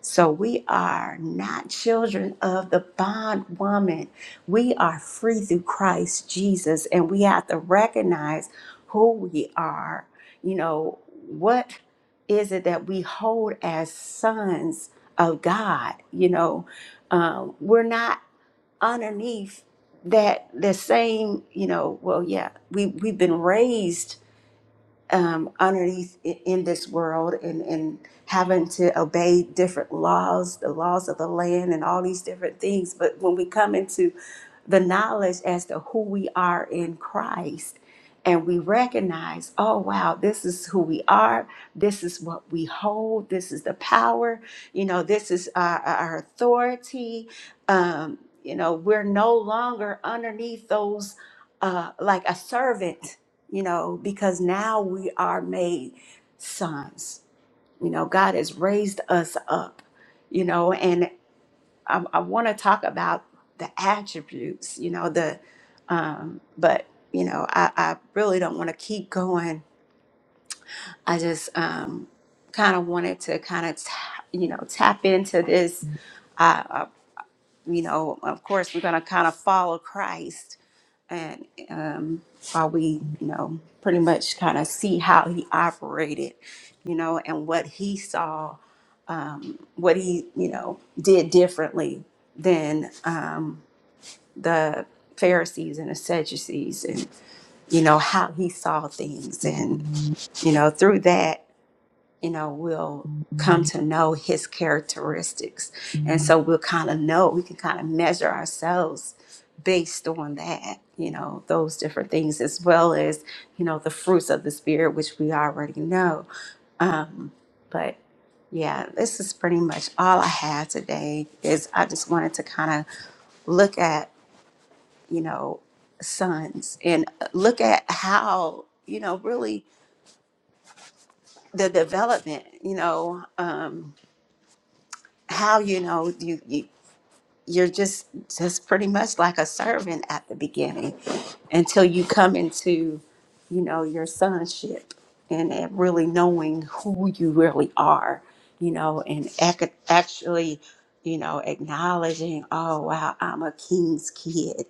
Speaker 1: So we are not children of the bondwoman. We are free through Christ Jesus, and we have to recognize who we are. You know, what is it that we hold as sons of God? You know, um, we're not underneath that the same, you know, well, yeah, we, we've been raised um, underneath i- in this world and, and having to obey different laws, the laws of the land, and all these different things. But when we come into the knowledge as to who we are in Christ. And we recognize, oh, wow, this is who we are. This is what we hold. This is the power. You know, this is our, our authority. Um, you know, we're no longer underneath those, uh, like a servant, you know, because now we are made sons. You know, God has raised us up, you know, and. I, I want to talk about the attributes, you know, the, um, but, you know, I, I really don't want to keep going. I just um, kind of wanted to kind of, you know, tap into this. I, I, you know, of course, we're going to kind of follow Christ and um, while we, you know, pretty much kind of see how he operated, you know, and what he saw, um, what he, you know, did differently than. Um, the Pharisees and the Sadducees and you know how he saw things and you know through that you know we'll come to know his characteristics and so we'll kind of know we can kind of measure ourselves based on that you know those different things as well as you know the fruits of the spirit which we already know um but yeah this is pretty much all i have today is i just wanted to kind of look at you know, sons and uh, look at how, you know, really the development, you know, um, how, you know, you, you you're just just pretty much like a servant at the beginning until you come into, you know, your sonship and, and really knowing who you really are, you know, and ac- actually, you know, acknowledging, oh, wow, I'm a king's kid.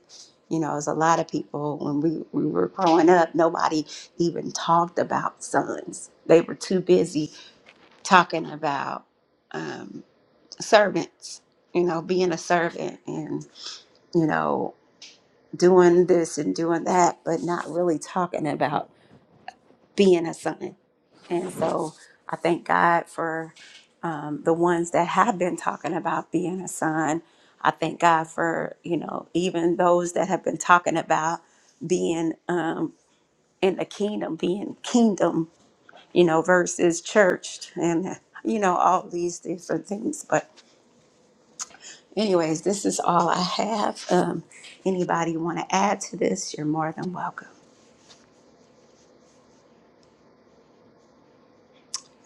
Speaker 1: You know, as a lot of people, when we, we were growing up, nobody even talked about sons. They were too busy talking about um, servants, you know, being a servant and, you know, doing this and doing that, but not really talking about being a son. And so I thank God for um, the ones that have been talking about being a son. I thank God for, you know, even those that have been talking about being um, in the kingdom, being kingdom, you know, versus church and, you know, all these different things. But, anyways, this is all I have. Um, anybody want to add to this? You're more than welcome.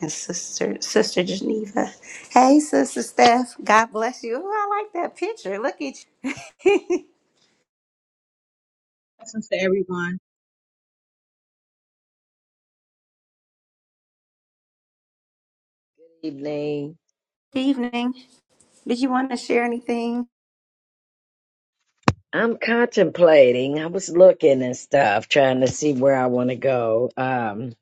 Speaker 1: and sister sister Geneva. Hey, sister Steph. God bless you. Ooh, I like that picture. Look at you. <laughs>
Speaker 4: Blessings to everyone.
Speaker 5: evening.
Speaker 1: Good Evening. Did you want to share anything?
Speaker 5: I'm contemplating. I was looking and stuff, trying to see where I want to go. Um,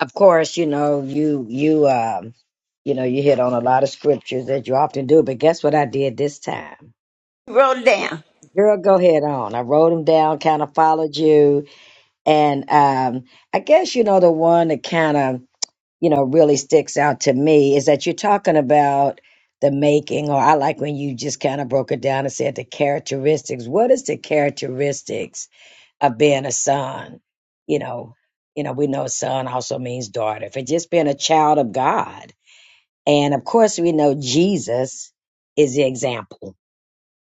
Speaker 5: of course, you know, you you um, you know, you hit on a lot of scriptures that you often do, but guess what I did this time?
Speaker 1: You wrote it down.
Speaker 5: Girl, go ahead on. I wrote them down, kind of followed you, and um, I guess you know the one that kind of you know, really sticks out to me is that you're talking about the making, or I like when you just kind of broke it down and said the characteristics. What is the characteristics of being a son? You know, you know, we know son also means daughter. For just being a child of God, and of course we know Jesus is the example.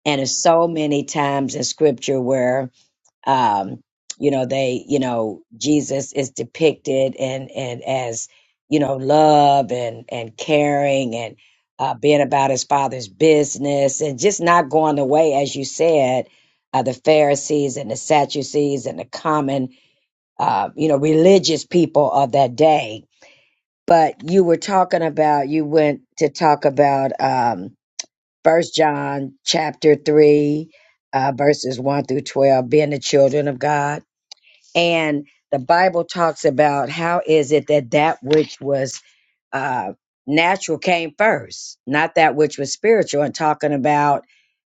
Speaker 5: And there's so many times in Scripture where um you know they you know jesus is depicted and and as you know love and and caring and uh being about his father's business and just not going the way as you said uh, the pharisees and the sadducees and the common uh you know religious people of that day but you were talking about you went to talk about um first john chapter 3 uh verses 1 through 12 being the children of god and the bible talks about how is it that that which was uh natural came first not that which was spiritual and talking about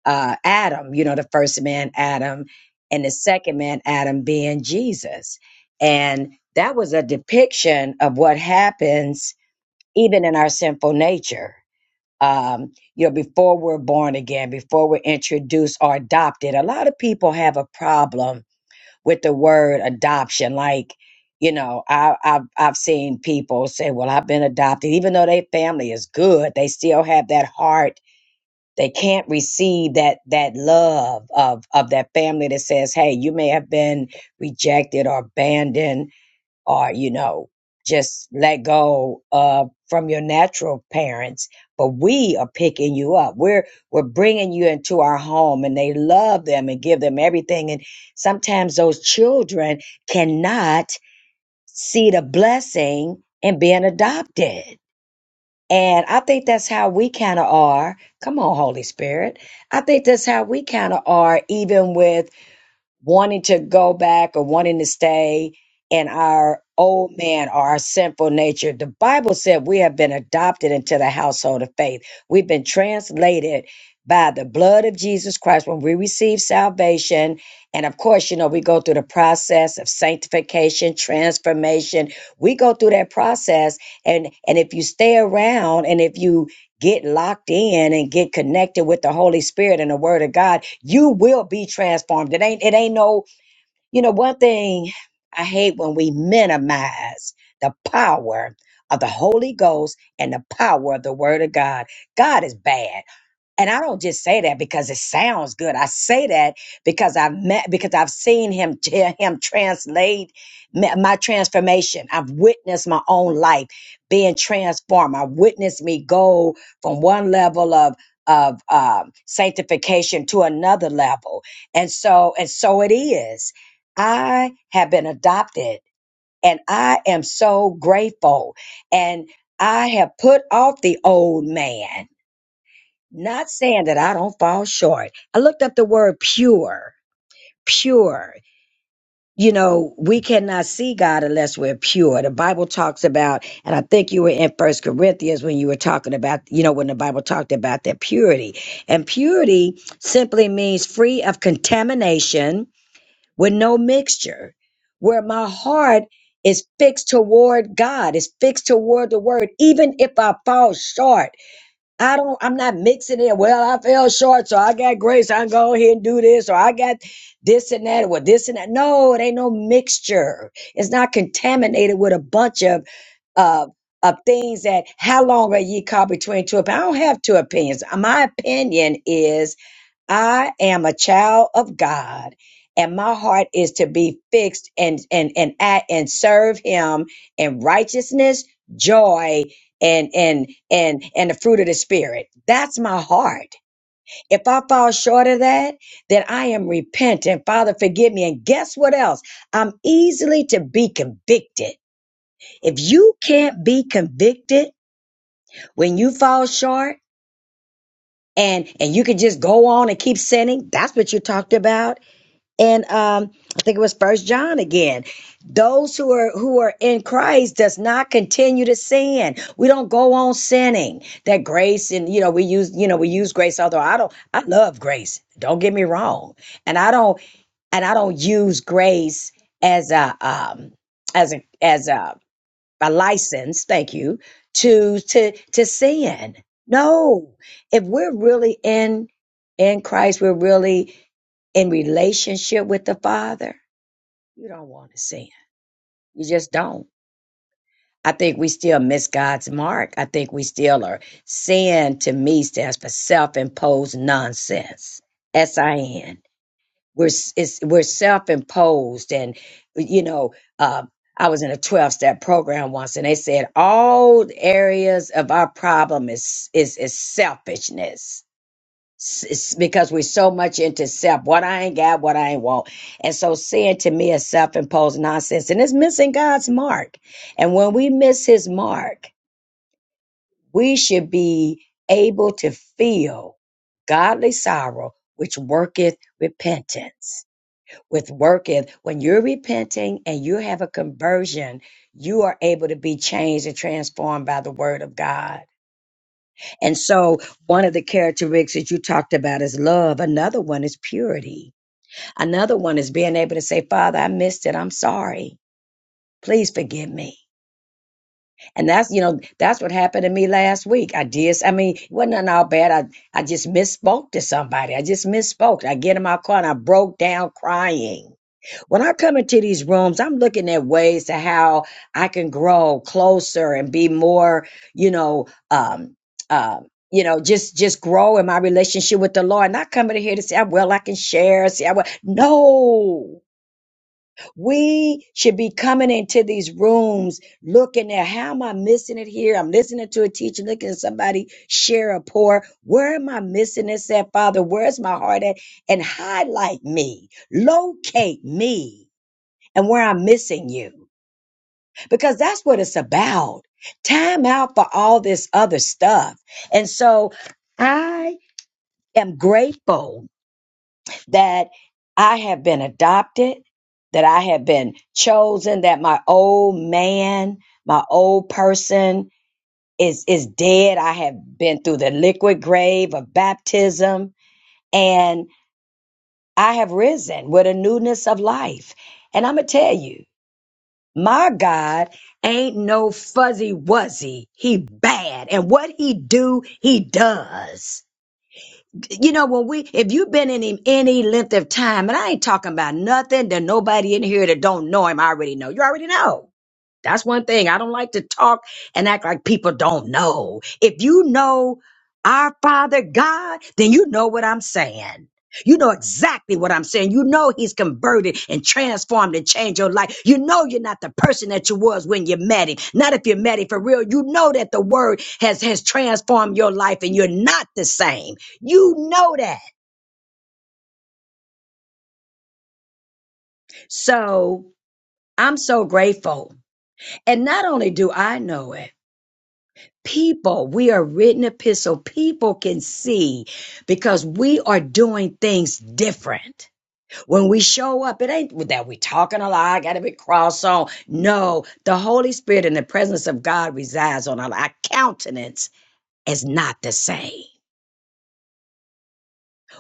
Speaker 5: uh adam you know the first man adam and the second man adam being jesus and that was a depiction of what happens even in our sinful nature um you know before we're born again before we're introduced or adopted a lot of people have a problem with the word adoption. Like, you know, I, I've I've seen people say, "Well, I've been adopted," even though their family is good, they still have that heart. They can't receive that that love of of that family that says, "Hey, you may have been rejected or abandoned." or you know just let go uh, from your natural parents but we are picking you up we're we're bringing you into our home and they love them and give them everything and sometimes those children cannot see the blessing in being adopted and i think that's how we kind of are come on holy spirit i think that's how we kind of are even with wanting to go back or wanting to stay in our old man or our sinful nature. The Bible said we have been adopted into the household of faith. We've been translated by the blood of Jesus Christ when we receive salvation. And of course, you know, we go through the process of sanctification, transformation. We go through that process. And and if you stay around and if you get locked in and get connected with the Holy Spirit and the Word of God, you will be transformed. It ain't it ain't no, you know, one thing I hate when we minimize the power of the Holy Ghost and the power of the Word of God. God is bad. And I don't just say that because it sounds good. I say that because I've met, because I've seen him, t- him translate ma- my transformation. I've witnessed my own life being transformed. I witnessed me go from one level of of um, sanctification to another level, and so and so it is. I have been adopted, and I am so grateful. And I have put off the old man not saying that I don't fall short. I looked up the word pure, pure. You know, we cannot see God unless we're pure. The Bible talks about, and I think you were in First Corinthians when you were talking about, you know, when the Bible talked about that purity. And purity simply means free of contamination with no mixture, where my heart is fixed toward God, is fixed toward the word, even if I fall short. I don't, I'm not mixing it. Well, I fell short, so I got grace. I can go ahead and do this, or I got this and that, or this and that. No, it ain't no mixture. It's not contaminated with a bunch of uh, of things that how long are ye caught between two opinions? I don't have two opinions. My opinion is I am a child of God and my heart is to be fixed and and and act and serve him in righteousness, joy and and and and the fruit of the spirit. That's my heart. If I fall short of that, then I am repentant. Father, forgive me. And guess what else? I'm easily to be convicted. If you can't be convicted when you fall short, and and you can just go on and keep sinning that's what you talked about and um, I think it was First John again. Those who are who are in Christ does not continue to sin. We don't go on sinning. That grace and you know we use you know we use grace. Although I don't, I love grace. Don't get me wrong, and I don't and I don't use grace as a um, as a as a a license, thank you, to to to sin. No. If we're really in in Christ, we're really in relationship with the Father, you don't want to sin. You just don't. I think we still miss God's mark. I think we still are sin to me stands for self imposed nonsense. S I N we're s- it's, we're self-imposed and you know uh, i was in a 12-step program once and they said all areas of our problem is is is selfishness S- it's because we're so much into self what i ain't got what i ain't want and so sin to me is self-imposed nonsense and it's missing god's mark and when we miss his mark we should be able to feel godly sorrow which worketh repentance with working. When you're repenting and you have a conversion, you are able to be changed and transformed by the word of God. And so, one of the characteristics you talked about is love. Another one is purity. Another one is being able to say, Father, I missed it. I'm sorry. Please forgive me. And that's, you know, that's what happened to me last week. I did, I mean, it wasn't nothing all bad. I, I just misspoke to somebody. I just misspoke. I get in my car and I broke down crying When I come into these rooms, I'm looking at ways to how I can grow closer and be more, you know, um, uh, you know, just just grow in my relationship with the Lord. Not coming in here to say, "Ah, well, I can share. See, I will. No, we should be coming into these rooms looking at how am I missing it here? I'm listening to a teacher, looking at somebody share a pour. Where am I missing this at, Father? Where's my heart at? And highlight me, locate me and where I'm missing you. Because that's what it's about. Time out for all this other stuff. And so I am grateful that I have been adopted, that I have been chosen, that my old man, my old person is, is dead. I have been through the liquid grave of baptism and I have risen with a newness of life. And I'm going to tell you, My God ain't no fuzzy wuzzy. He bad. And what he do, he does. You know, when we, if you've been in him any length of time, and I ain't talking about nothing that nobody in here that don't know him already know. You already know. That's one thing. I don't like to talk and act like people don't know. If you know our Father God, then you know what I'm saying. You know exactly what I'm saying. You know he's converted and transformed and changed your life. You know you're not the person that you was when you met him. Not if you met him for real. You know that the word has has transformed your life and you're not the same. You know that. So I'm so grateful. And not only do I know it, people we are written epistle people can see because we are doing things different when we show up it ain't that we talking a lot i gotta be cross on no the holy spirit and the presence of god resides on our, our countenance is not the same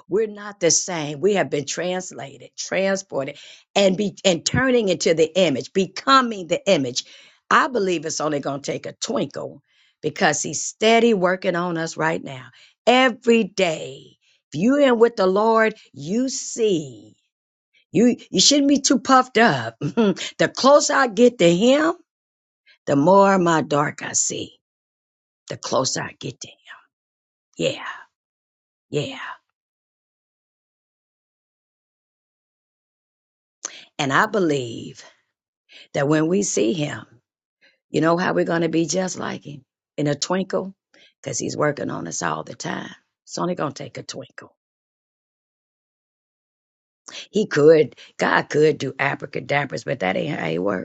Speaker 5: we're not the same. We have been translated, transported, and be and turning into the image, becoming the image. I believe it's only going to take a twinkle because he's steady working on us right now. Every day. If you are in with the Lord, you see. You you shouldn't be too puffed up. <laughs> the closer I get to him, the more of my dark I see. The closer I get to him. Yeah. Yeah. And I believe that when we see him. You know how we're going to be just like him in a twinkle? Because he's working on us all the time. It's only going to take a twinkle. He could, God could do abracadabras, but that ain't how he works.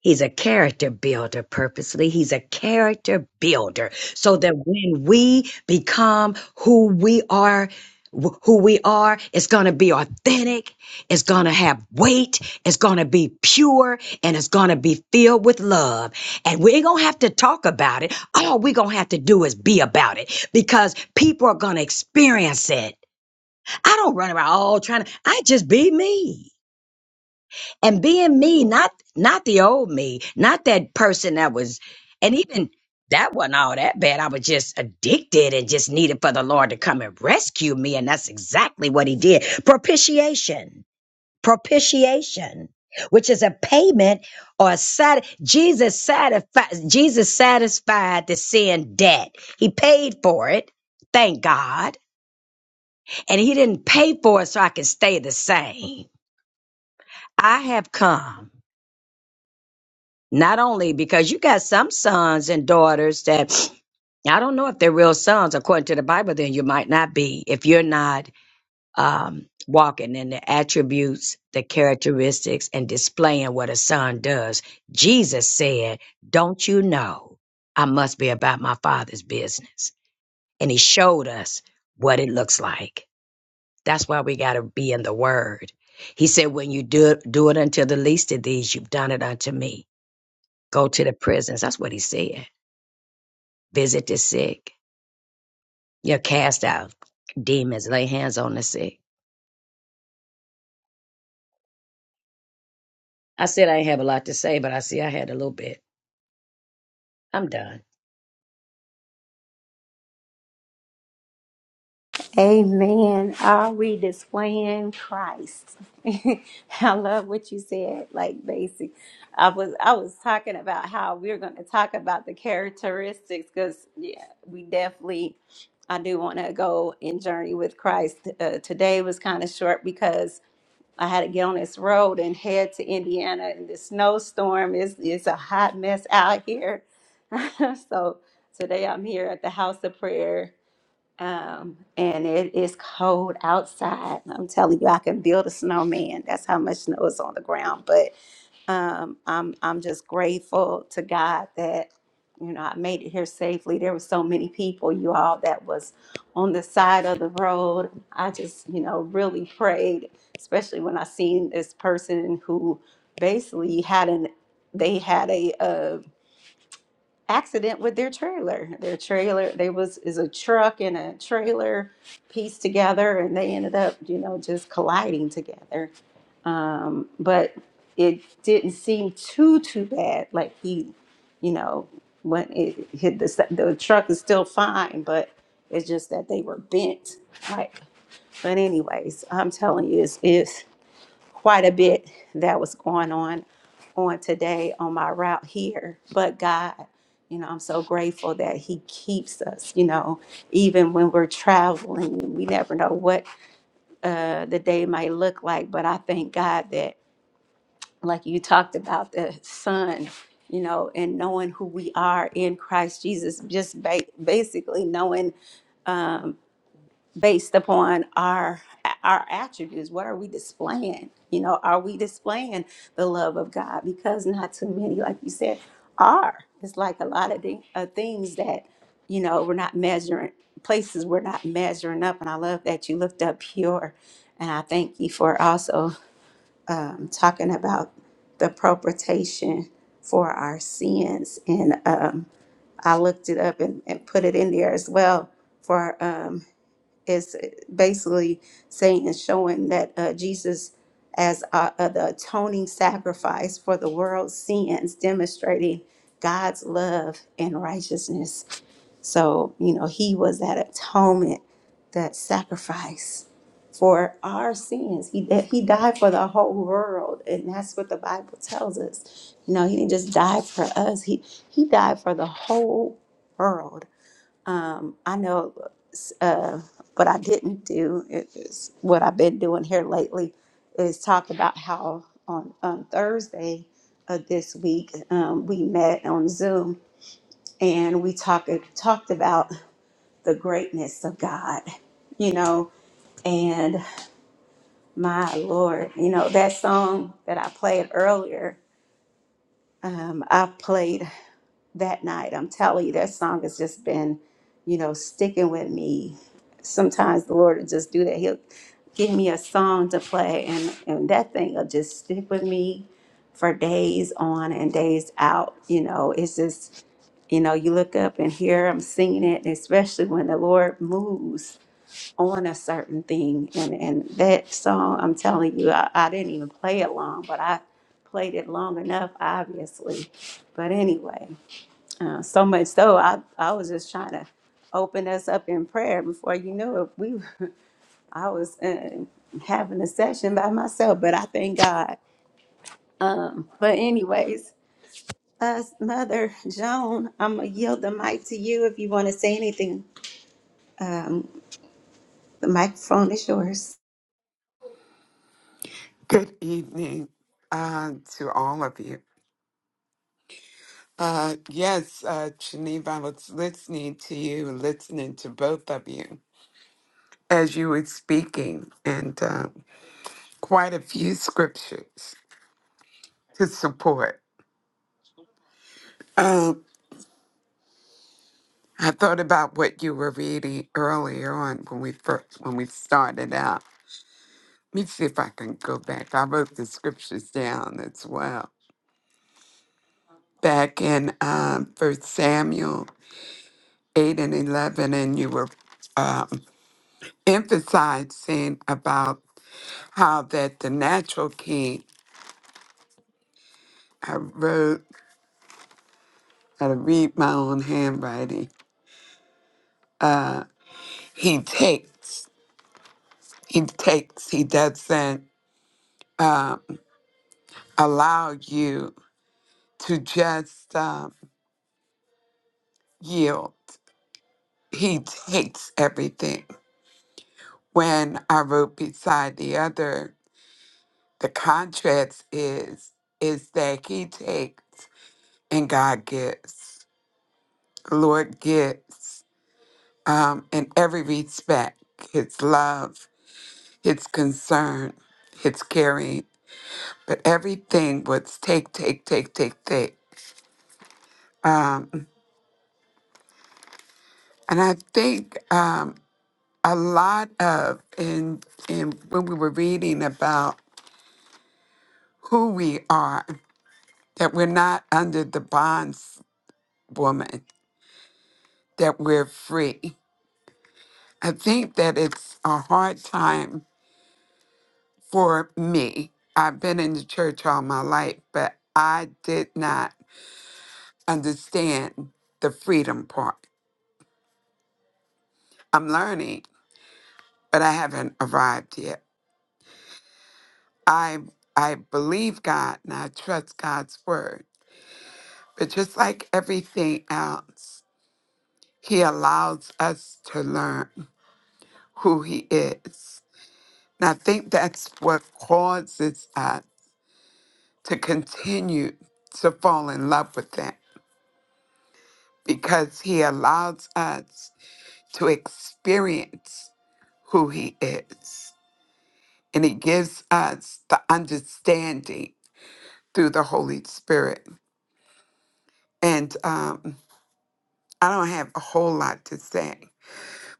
Speaker 5: He's a character builder purposely. He's a character builder so that when we become who we are, wh- who we are, it's going to be authentic. It's going to have weight. It's going to be pure and it's going to be filled with love. And we ain't going to have to talk about it. All we're going to have to do is be about it because people are going to experience it. I don't run around all trying to, I just be me and being me, not not the old me, not that person that was, and even that wasn't all that bad. I was just addicted and just needed for the Lord to come and rescue me, and that's exactly what He did. Propitiation, propitiation, which is a payment or a sat. Jesus satisfied. Jesus satisfied the sin debt. He paid for it. Thank God. And he didn't pay for it so I can stay the same. I have come. Not only because you got some sons and daughters that I don't know if they're real sons according to the Bible, then you might not be if you're not um, walking in the attributes, the characteristics, and displaying what a son does. Jesus said, Don't you know I must be about my father's business? And he showed us what it looks like. That's why we got to be in the word. He said, When you do, do it unto the least of these, you've done it unto me. Go to the prisons. That's what he said. Visit the sick. You're cast out. Demons, lay hands on the sick. I said I ain't have a lot to say, but I see I had a little bit. I'm done.
Speaker 1: Amen. Are we displaying Christ? <laughs> I love what you said. Like basic, I was I was talking about how we are going to talk about the characteristics because yeah, we definitely. I do want to go in journey with Christ. Uh, today was kind of short because I had to get on this road and head to Indiana in the snowstorm. It's, it's a hot mess out here. <laughs> so today I'm here at the house of prayer. Um, and it is cold outside. I'm telling you, I can build a snowman. That's how much snow is on the ground. Um, I'm I'm just grateful to God that you know I made it here safely. There were so many people, you all, that was on the side of the road. I just you know really prayed, especially when I seen this person who basically had an they had a uh, accident with their trailer. Their trailer, they was is a truck and a trailer pieced together, and they ended up, you know, just colliding together. Um, but it didn't seem too too bad. Like he, you know, when it hit the the truck is still fine, but it's just that they were bent. Like, but anyways, I'm telling you, it's it quite a bit that was going on on today on my route here. But God, you know, I'm so grateful that He keeps us, you know, even when we're traveling. We never know what uh, the day might look like. But I thank God that, like you talked about, the sun. You know, and knowing who we are in Christ Jesus, just ba- basically knowing um, based upon our our attributes what are we displaying you know are we displaying the love of god because not too many like you said are it's like a lot of the, uh, things that you know we're not measuring places we're not measuring up and i love that you looked up pure and i thank you for also um, talking about the propitiation for our sins and um, i looked it up and, and put it in there as well for um, it's basically saying and showing that uh, Jesus, as uh, uh, the atoning sacrifice for the world's sins, demonstrating God's love and righteousness. So, you know, he was that atonement, that sacrifice for our sins. He, that he died for the whole world. And that's what the Bible tells us. You know, he didn't just die for us, he, he died for the whole world. Um, I know uh, what I didn't do is what I've been doing here lately is talk about how on, on Thursday of this week um, we met on Zoom and we talked talked about the greatness of God, you know, and my Lord, you know that song that I played earlier. Um, I played. that night. I'm telling you, that song has just been, you know, sticking with me. Sometimes the Lord will just do that. He'll give me a song to play, and, and that thing will just stick with me for days on and days out. You know, it's just, you know, you look up and here I'm singing it, and especially when the Lord moves on a certain thing. And, and that song, I'm telling you, I, I didn't even play it long, but I played it long enough, obviously. But anyway. Uh, so much so, I, I was just trying to open us up in prayer. Before you knew it, we <laughs> I was uh, having a session by myself, but I thank God. Um, but anyways, us Mother Joan, I'm gonna yield the mic to you if you want to say anything. Um, the microphone is yours.
Speaker 6: Good evening uh, to all of you. Uh, yes, uh, Geneva, I was listening to you, listening to both of you as you were speaking, and uh, quite a few scriptures to support. Um, I thought about what you were reading earlier on when we first when we started out. Let me see if I can go back. I wrote the scriptures down as well. Back in um, First Samuel eight and eleven, and you were uh, emphasizing about how that the natural king, I wrote, how to read my own handwriting. He takes, he takes, he doesn't um, allow you to just um, yield. He takes everything. When I wrote beside the other, the contrast is is that he takes and God gives. The Lord gives. um, in every respect his love, his concern, his caring. But everything was take, take, take, take, take. Um, and I think um, a lot of in in when we were reading about who we are, that we're not under the bonds woman, that we're free. I think that it's a hard time for me. I've been in the church all my life, but I did not understand the freedom part. I'm learning, but I haven't arrived yet. I I believe God and I trust God's word. But just like everything else, he allows us to learn who he is. And I think that's what causes us to continue to fall in love with him because he allows us to experience who he is. and it gives us the understanding through the Holy Spirit. And um, I don't have a whole lot to say,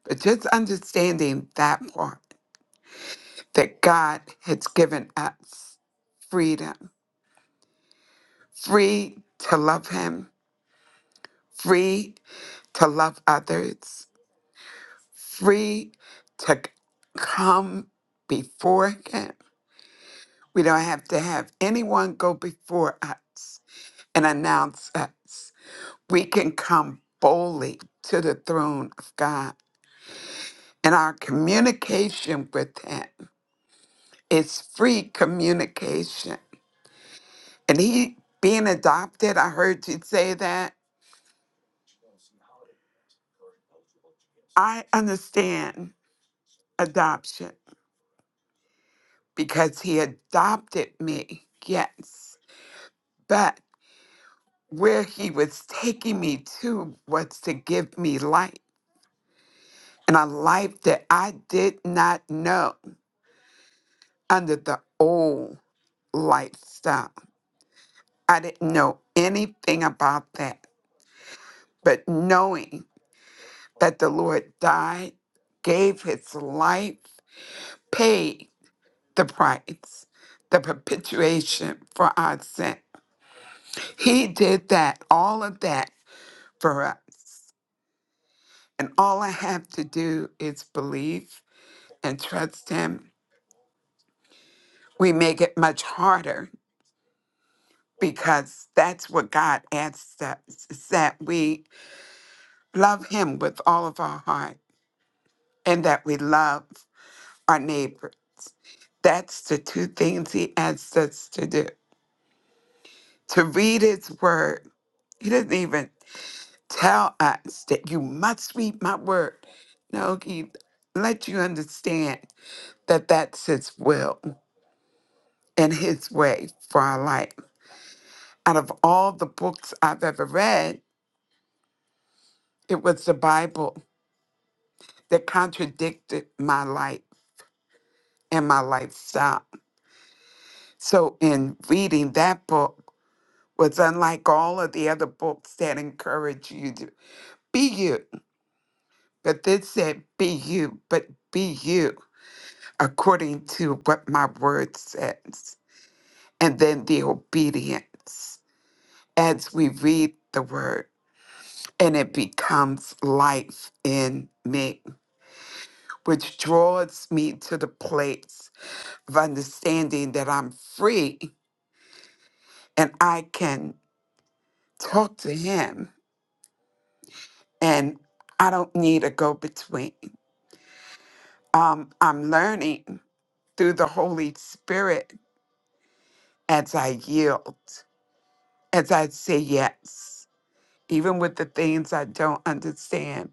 Speaker 6: but just understanding that part that God has given us freedom, free to love Him, free to love others, free to c- come before Him. We don't have to have anyone go before us and announce us. we can come boldly to the throne of God. And our communication with Him is free communication. And He being adopted, I heard you say that. I understand adoption because He adopted me, yes. But where He was taking me to was to give me life and a life that I did not know under the old lifestyle I didn't know anything about that. But knowing that the Lord died, gave his life, paid the price, the perpetuation for our sin. He did that, all of that for us. And all I have to do is believe and trust him. We make it much harder because that's what God asks us is that we love him with all of our heart and that we love our neighbors. That's the two things he asks us to do to read his word. He doesn't even tell us that you must read my word. No, he let you understand that that's his will and his way for our life. Out of all the books I've ever read, it was the Bible that contradicted my life and my lifestyle. So, in reading that book, was unlike all of the other books that encourage you to be you. But this said, be you, but be you according to what my word says. And then the obedience as we read the word, and it becomes life in me, which draws me to the place of understanding that I'm free and I can talk to Him and I don't need a go between. um, I'm learning through the Holy Spirit as I yield, as I say yes, even with the things I don't understand.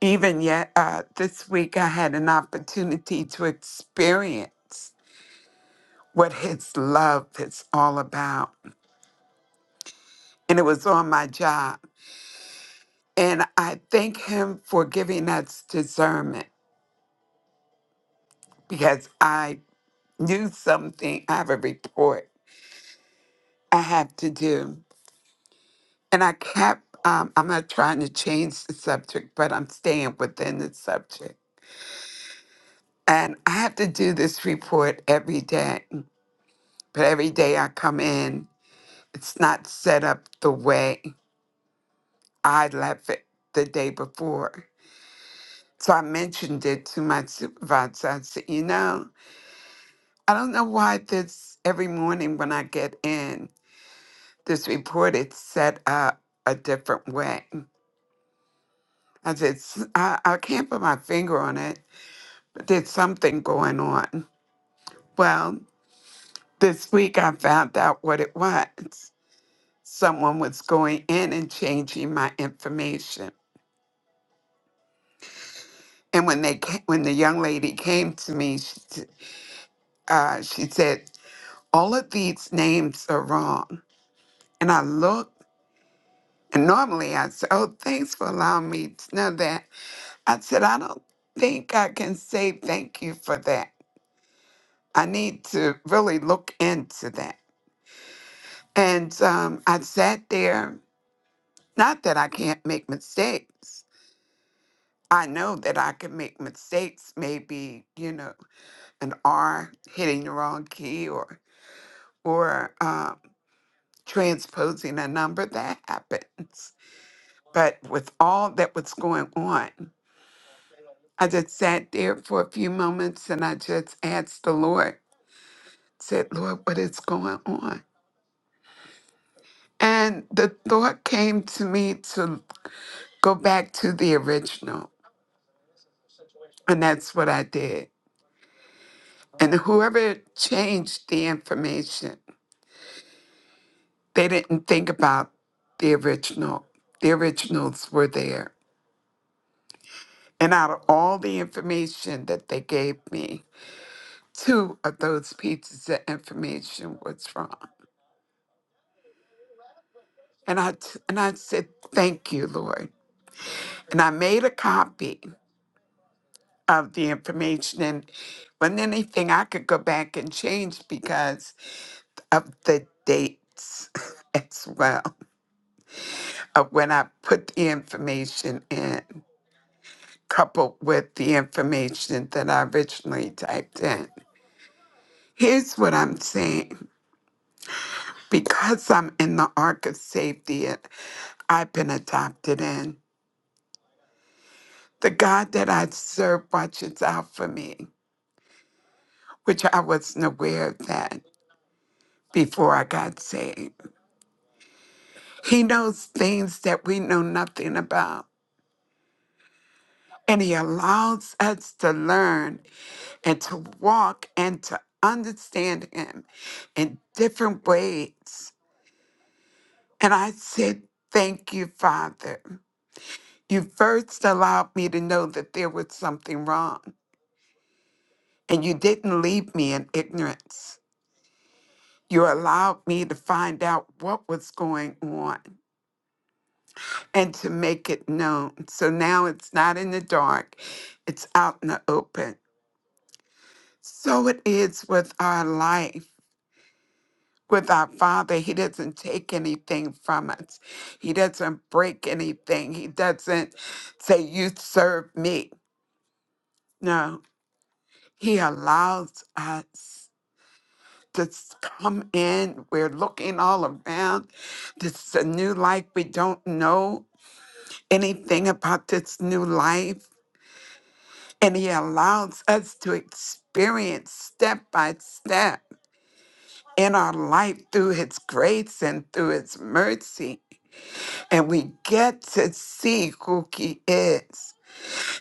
Speaker 6: Even yet, uh, this week I had an opportunity to experience what His love is all about, and it was on my job. And I thank Him for giving us discernment because I knew something. I have a report I have to do. And I kept, um, I'm not trying to change the subject, but I'm staying within the subject. And I have to do this report every day. But every day I come in, it's not set up the way I left it the day before. So I mentioned it to my supervisor. I said, you know, I don't know why this every morning when I get in, this report is set up a different way. I said, "S- I, I can't put my finger on it There's something going on. Well, this week I found out what it was. Someone was going in and changing my information. And when they ca- when the young lady came to me, she, s- uh, she said, "All of these names are wrong." And I looked, and normally I said, "Oh, thanks for allowing me to know that." I said, "I don't think I can say thank you for that. I need to really look into that." And um, I sat there Not that I can't make mistakes. I know that I can make mistakes, maybe, you know, an R hitting the wrong key or or um, transposing a number that happens. But with all that was going on, I just sat there for a few moments and I just asked the Lord, said, Lord, what is going on? And the thought came to me to go back to the original. And that's what I did. And whoever changed the information, they didn't think about the original. The originals were there. And out of all the information that they gave me, two of those pieces of information was wrong. And I t- and I said, "Thank you, Lord." And I made a copy of the information, and wasn't anything I could go back and change because of the dates <laughs> as well. uh, when I put the information in, coupled with the information that I originally typed in. Here's what I'm saying because I'm in the ark of safety and I've been adopted in, the God that I serve watches out for me, which I wasn't aware of that before I got saved. He knows things that we know nothing about, and He allows us to learn and to walk and to understand him in different ways. And I said, Thank you, Father. You first allowed me to know that there was something wrong, and you didn't leave me in ignorance. You allowed me to find out what was going on and to make it known. So now it's not in the dark, it's out in the open. So it is with our life. with our Father, He doesn't take anything from us. He doesn't break anything. He doesn't say, You serve me. No, He allows us to s- come in. We're looking all around. This is a new life. We don't know anything about this new life. And He allows us to experience step by step in our life through His grace and through His mercy and we get to see who he is.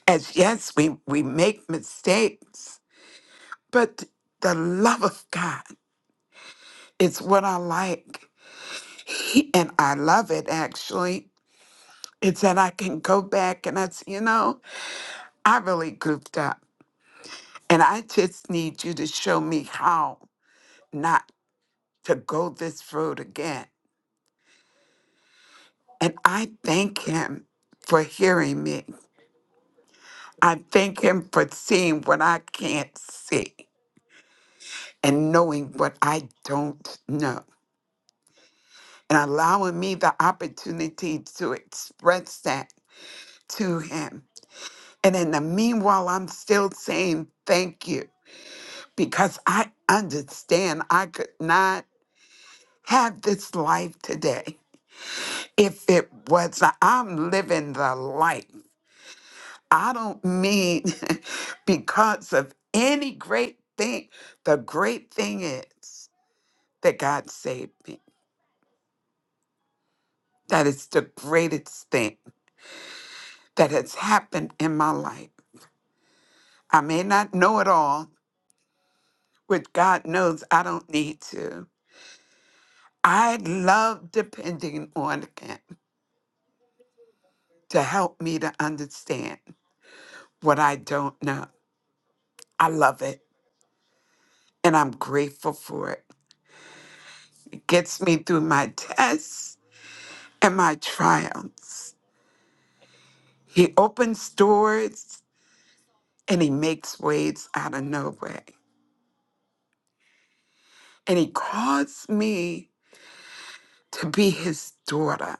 Speaker 6: And yes, we, we make mistakes, but the love of God is what I like. He, and I love it actually. It's that I can go back and I say, you know, I really goofed up. And I just need you to show me how not to go this road again. And I thank him for hearing me. I thank him for seeing what I can't see. and knowing what I don't know and allowing me the opportunity to express that to him. And in the meanwhile, I'm still saying thank you because I understand I could not have this life today if it was I'm living the life. I don't mean <laughs> because of any great thing. The great thing is that God saved me. That is the greatest thing. that has happened in my life. I may not know it all, which God knows I don't need to. I love depending on Him to help me to understand what I don't know. I love it and I'm grateful for it. It gets me through my tests and my triumphs. He opens doors and He makes ways out of no way. And He calls me to be His daughter.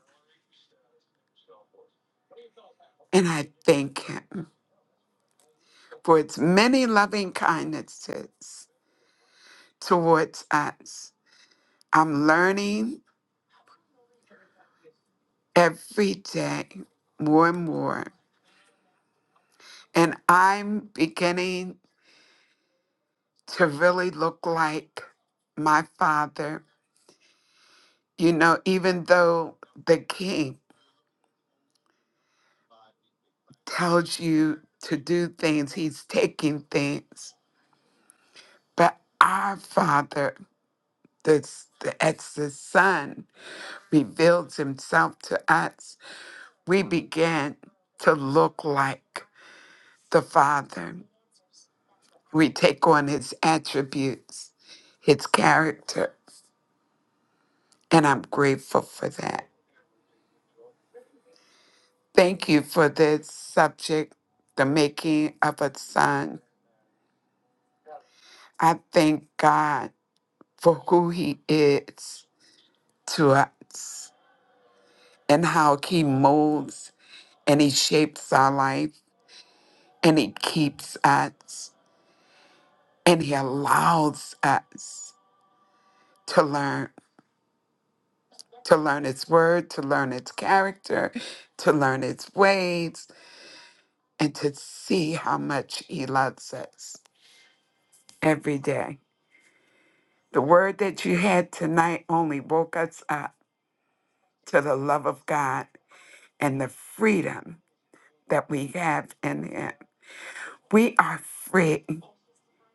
Speaker 6: And I thank Him. for its many loving kindnesses towards us. I'm learning every day more and more, and I'm beginning to really look like my father. You know, even though the king tells you to do things, he's taking things, but our father, the, the, as the son, reveals himself to us. we begin to look like the Father. We take on his attributes, his character, and I'm grateful for that. Thank you for this subject, the making of a son. I thank God for who he is to us and how he molds and he shapes our life and he keeps us and he allows us to learn to learn its word, to learn its character, to learn its ways, and to see how much he loves us every day. The word that you had tonight only woke us up to the love of God and the freedom that we have in him. We are free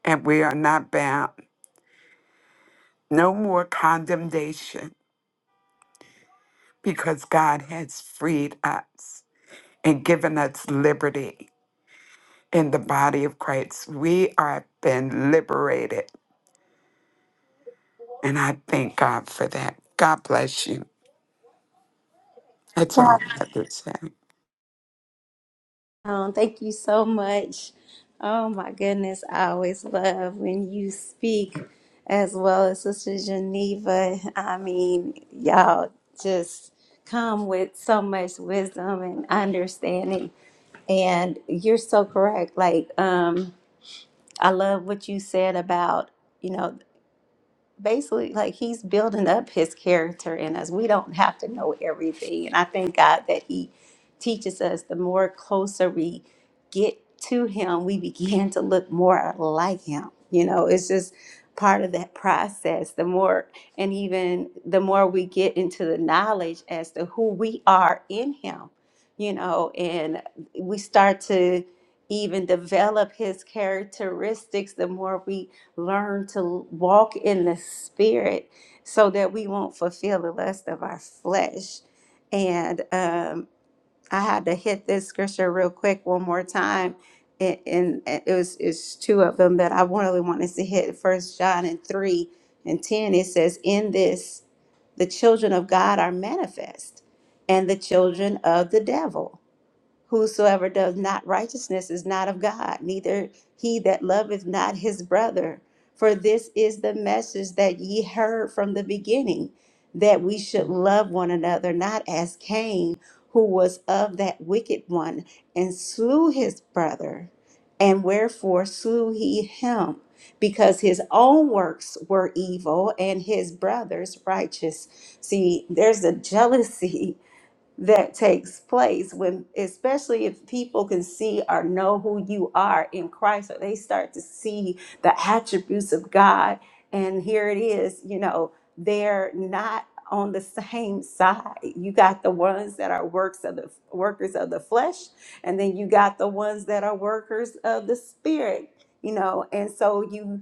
Speaker 6: and we are not bound. No more condemnation because God has freed us and given us liberty in the body of Christ. We are been liberated. And I thank God for that. God bless you. That's all I have to say.
Speaker 1: Um, thank you so much. Oh my goodness, I always love when you speak as well as Sister Geneva. I mean, y'all just come with so much wisdom and understanding. And you're so correct. Like, um, I love what you said about, you know, basically like he's building up his character in us. We don't have to know everything. And I thank God that he teaches us the more closer we get to him, we begin to look more like him. You know, it's just part of that process. The more and even the more we get into the knowledge as to who we are in him, you know, and we start to even develop his characteristics the more we learn to walk in the spirit so that we won't fulfill the lust of our flesh. And um, I had to hit this scripture real quick one more time. And, and and it was it's two of them that I really wanted to hit. First John and three and ten. It says, "In this, the children of God are manifest, and the children of the devil." Whosoever does not righteousness is not of God, neither he that loveth not his brother. For this is the message that ye heard from the beginning, that we should love one another, not as Cain, who was of that wicked one, and slew his brother. And wherefore slew he him? Because his own works were evil and his brother's righteous. See, there's a <laughs> jealousy that takes place when especially if people can see or know who you are in Christ or they start to see the attributes of God and here it is you know they're not on the same side you got the ones that are works of the workers of the flesh and then you got the ones that are workers of the spirit you know and so you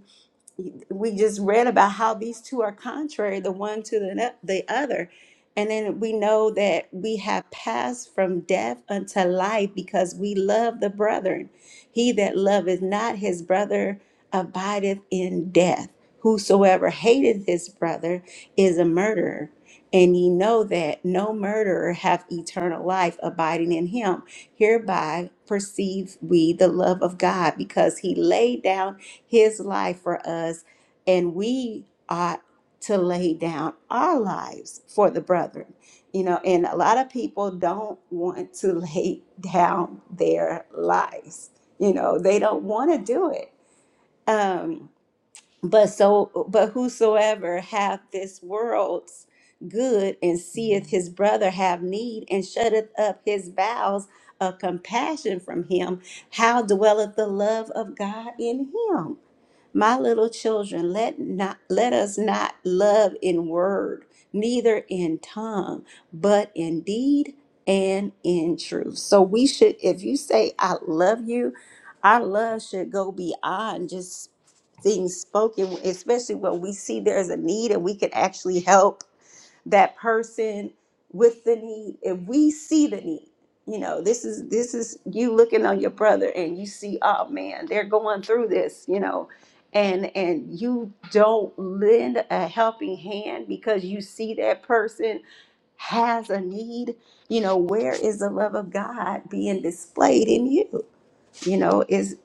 Speaker 1: we just read about how these two are contrary the one to the, ne- the other and then we know that we have passed from death unto life because we love the brethren he that loveth not his brother abideth in death whosoever hateth his brother is a murderer and ye know that no murderer hath eternal life abiding in him hereby perceive we the love of god because he laid down his life for us, and we ought to lay down our lives for the brethren. You know, and a lot of people don't want to <laughs> lay down their lives. You know, they don't want to do it. Um, but so, but whosoever hath this world's good and seeth his brother have need and shutteth up his bowels of compassion from him, how dwelleth the love of God in him? My little children, let not let us not love in word, neither in tongue, but in deed and in truth. So we should, if you say I love you, our love should go beyond just things spoken, especially when we see there's a need and we can actually help that person with the need. If we see the need, you know, this is this is you looking on your brother and you see, oh man, they're going through this, you know, and and you don't lend a helping hand because you see that person has a need, you know, where is the love of God being displayed in you? You know, is.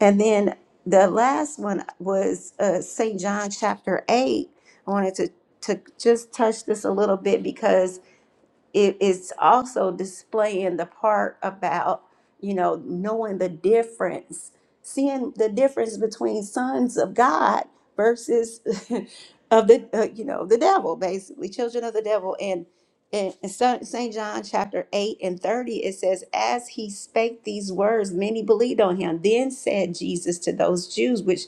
Speaker 1: And then the last one was uh, St. John chapter 8. I wanted to, to just touch this a little bit because it is also displaying the part about you know knowing the difference seeing the difference between sons of god versus <laughs> of the uh, you know the devil basically children of the devil and in st john chapter 8 and 30 it says as he spake these words many believed on him then said jesus to those jews which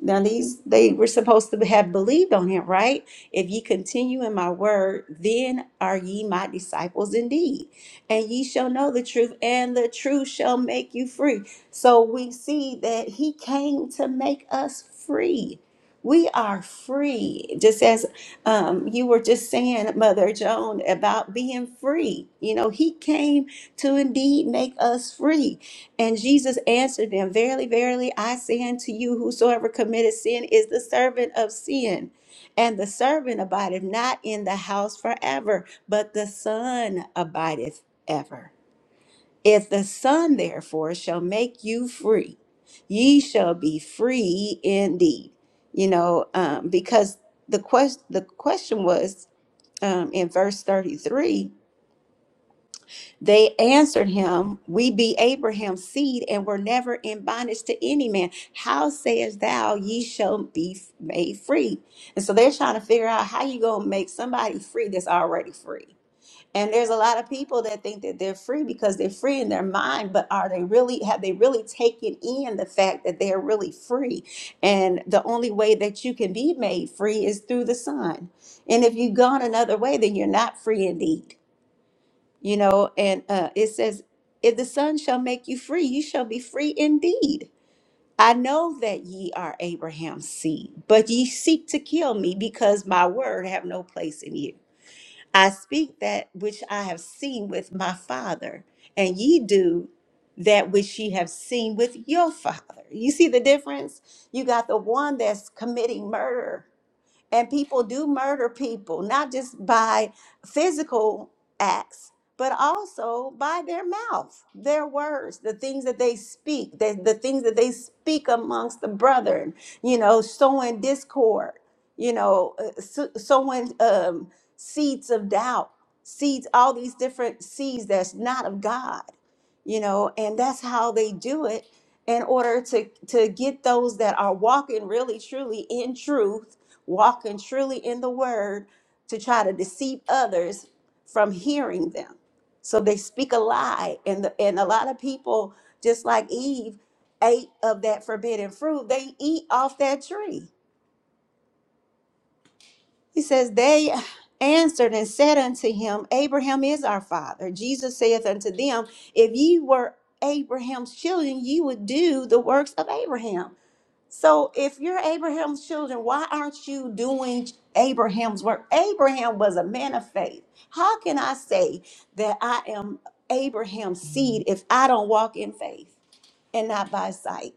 Speaker 1: now these they were supposed to have believed on him, right? If ye continue in my word, then are ye my disciples indeed. And ye shall know the truth, and the truth shall make you free. So we see that he came to make us free. We are free. Just as um, you were just saying, Mother Joan, about being free. You know, he came to indeed make us free. And Jesus answered them, Verily, verily, I say unto you, whosoever committeth sin is the servant of sin. And the servant abideth not in the house forever, but the Son abideth ever. If the Son therefore shall make you free, ye shall be free indeed. You know, um, because the quest the question was um, in verse 33 they answered him, We be Abraham's seed and were never in bondage to any man. How sayest thou, ye shall be f- made free? And so they're trying to figure out how you going to make somebody free that's already free. And there's a lot of people that think that they're free because they're free in their mind, but are they really, have they really taken in the fact that they're really free? And the only way that you can be made free is through the Son. And if you've gone another way, then you're not free indeed you know and uh, it says if the son shall make you free you shall be free indeed i know that ye are abraham's seed but ye seek to kill me because my word have no place in you i speak that which i have seen with my father and ye do that which ye have seen with your father you see the difference you got the one that's committing murder and people do murder people, not just by physical acts, but also by their mouth, their words, the things that they speak, the, the things that they speak amongst the brethren, you know, sowing discord, you know, uh, so- sowing um, seeds of doubt, seeds, all these different seeds that's not of God, you know, and that's how they do it in order to to get those that are walking really truly in truth walking surely in the word to try to deceive others from hearing them. So they speak a lie. And, the, and a lot of people, just like Eve, ate of that forbidden fruit, they eat off that tree. He says, They answered and said unto him, Abraham is our father. Jesus saith unto them, If ye were Abraham's children, ye would do the works of Abraham. So if you're Abraham's children, why aren't you doing Abraham's work? Abraham was a man of faith. How can I say that I am Abraham's seed if I don't walk in faith and not by sight?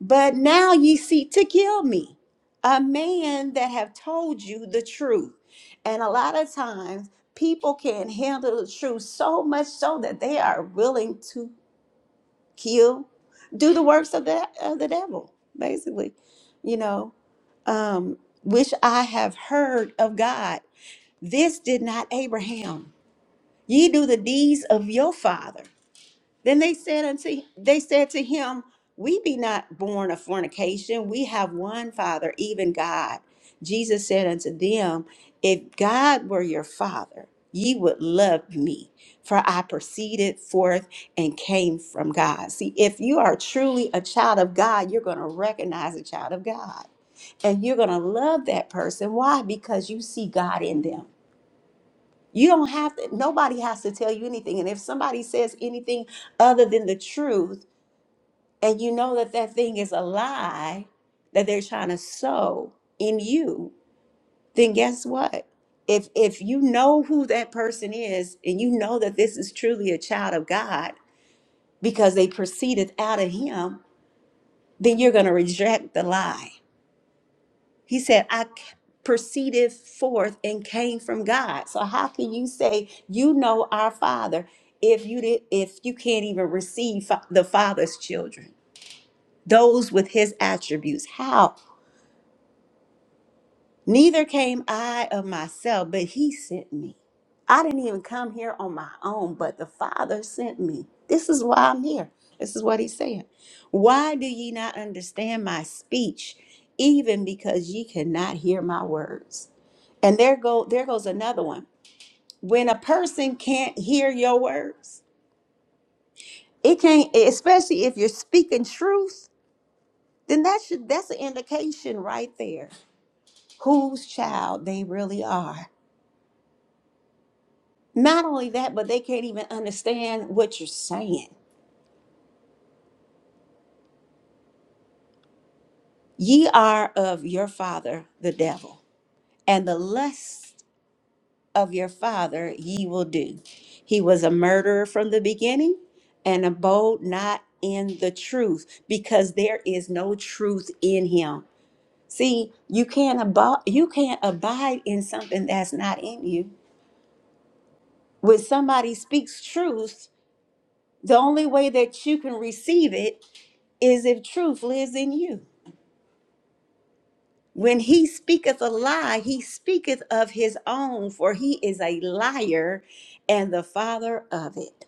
Speaker 1: But now ye seek to kill me, a man that have told you the truth. And a lot of times people can handle the truth so much so that they are willing to kill, do the works of the of the devil, basically. You know, um, which I have heard of God. This did not Abraham. Ye do the deeds of your father. Then they said unto they said to him, We be not born of fornication, we have one father, even God. Jesus said unto them, If God were your father, ye would love me, for I proceeded forth and came from God. See, if you are truly a child of God, you're going to recognize a child of God. And you're going to love that person. Why? Because you see God in them. You don't have to, nobody has to tell you anything. And if somebody says anything other than the truth, and you know that that thing is a lie that they're trying to sow in you, then guess what? If, if you know who that person is and you know that this is truly a child of God because they proceeded out of him, then you're going to reject the lie He said, I c- proceeded forth and came from God. So how can you say you know our Father if you did if you can't even receive fa- the Father's children, those with his attributes? How Neither came I of myself, but he sent me. I didn't even come here on my own, but the Father sent me. This is why I'm here. This is what he's saying. Why do ye not understand my speech, even because ye cannot hear my words? And there go there goes another one. When a person can't hear your words, it can't, especially if you're speaking truth, then that should that's an indication right there whose child they really are. Not only that, but they can't even understand what you're saying. Ye are of your father, the devil, and the lust of your father ye will do. He was a murderer from the beginning and abode not in the truth because there is no truth in him. See, you can't abide you can't abide in something that's not in you. When somebody speaks truth, the only way that you can receive it is if truth lives in you. When he speaketh a lie, he speaketh of his own, for he is a liar and the father of it.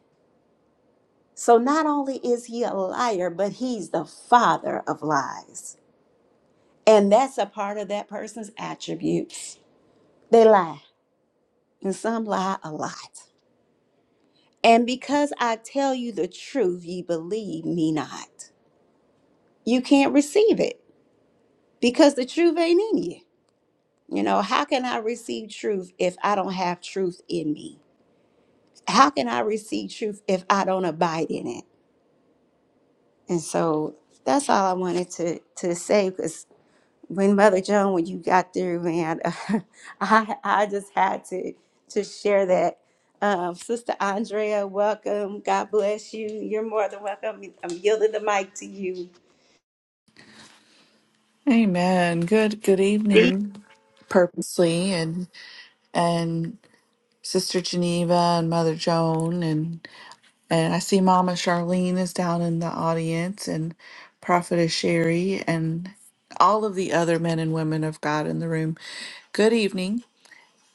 Speaker 1: So not only is he a liar, but he's the father of lies. And that's a part of that person's attributes. They lie, and some lie a lot. And because I tell you the truth, ye believe me not. You can't receive it because the truth ain't in you. You know, how can I receive truth if I don't have truth in me? how can I receive truth if I don't abide in it? And so that's all I wanted to to say because when Mother Joan, when you got through, man, <laughs> I I just had to to share that. Um, Sister Andrea, welcome. God bless you. You're more than welcome. I'm yielding the mic to you.
Speaker 7: Amen. Good good evening, purposely and and Sister Geneva and Mother Joan and and I see Mama Charlene is down in the audience and Prophetess Sherry and all of the other men and women of God in the room. Good evening.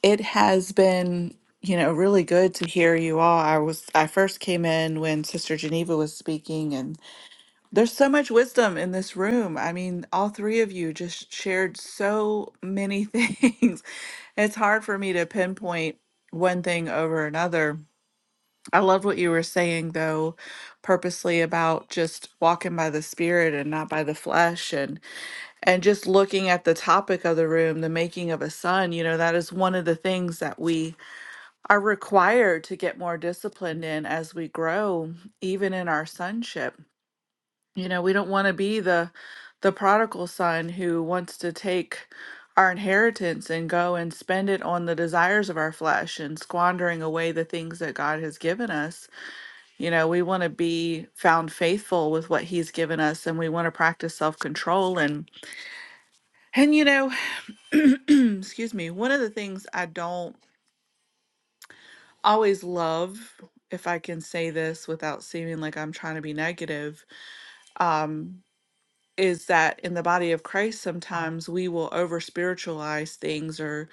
Speaker 7: It has been, you know, really good to hear you all. I was I first came in when Sister Geneva was speaking there's so much wisdom in this room. I mean, all three of you just shared so many <laughs> things. It's hard for me to pinpoint one thing over another. I love what you were saying, though, purposely about just walking by the spirit and not by the flesh, and and just looking at the topic of the room, the making of a son. You know, that is one of the things that we are required to get more disciplined in as we grow, even in our sonship you know, we don't want to be the the prodigal son who wants to take our inheritance and go and spend it on the desires of our flesh and squandering away the things that God has given us. You know, we want to be found faithful with what he's given us and we want to practice self-control and and you know, <clears throat> excuse me, one of the things I don't always love if I can say this without seeming like I'm trying to be negative, um. is that in the body of Christ, sometimes we will over spiritualize things or,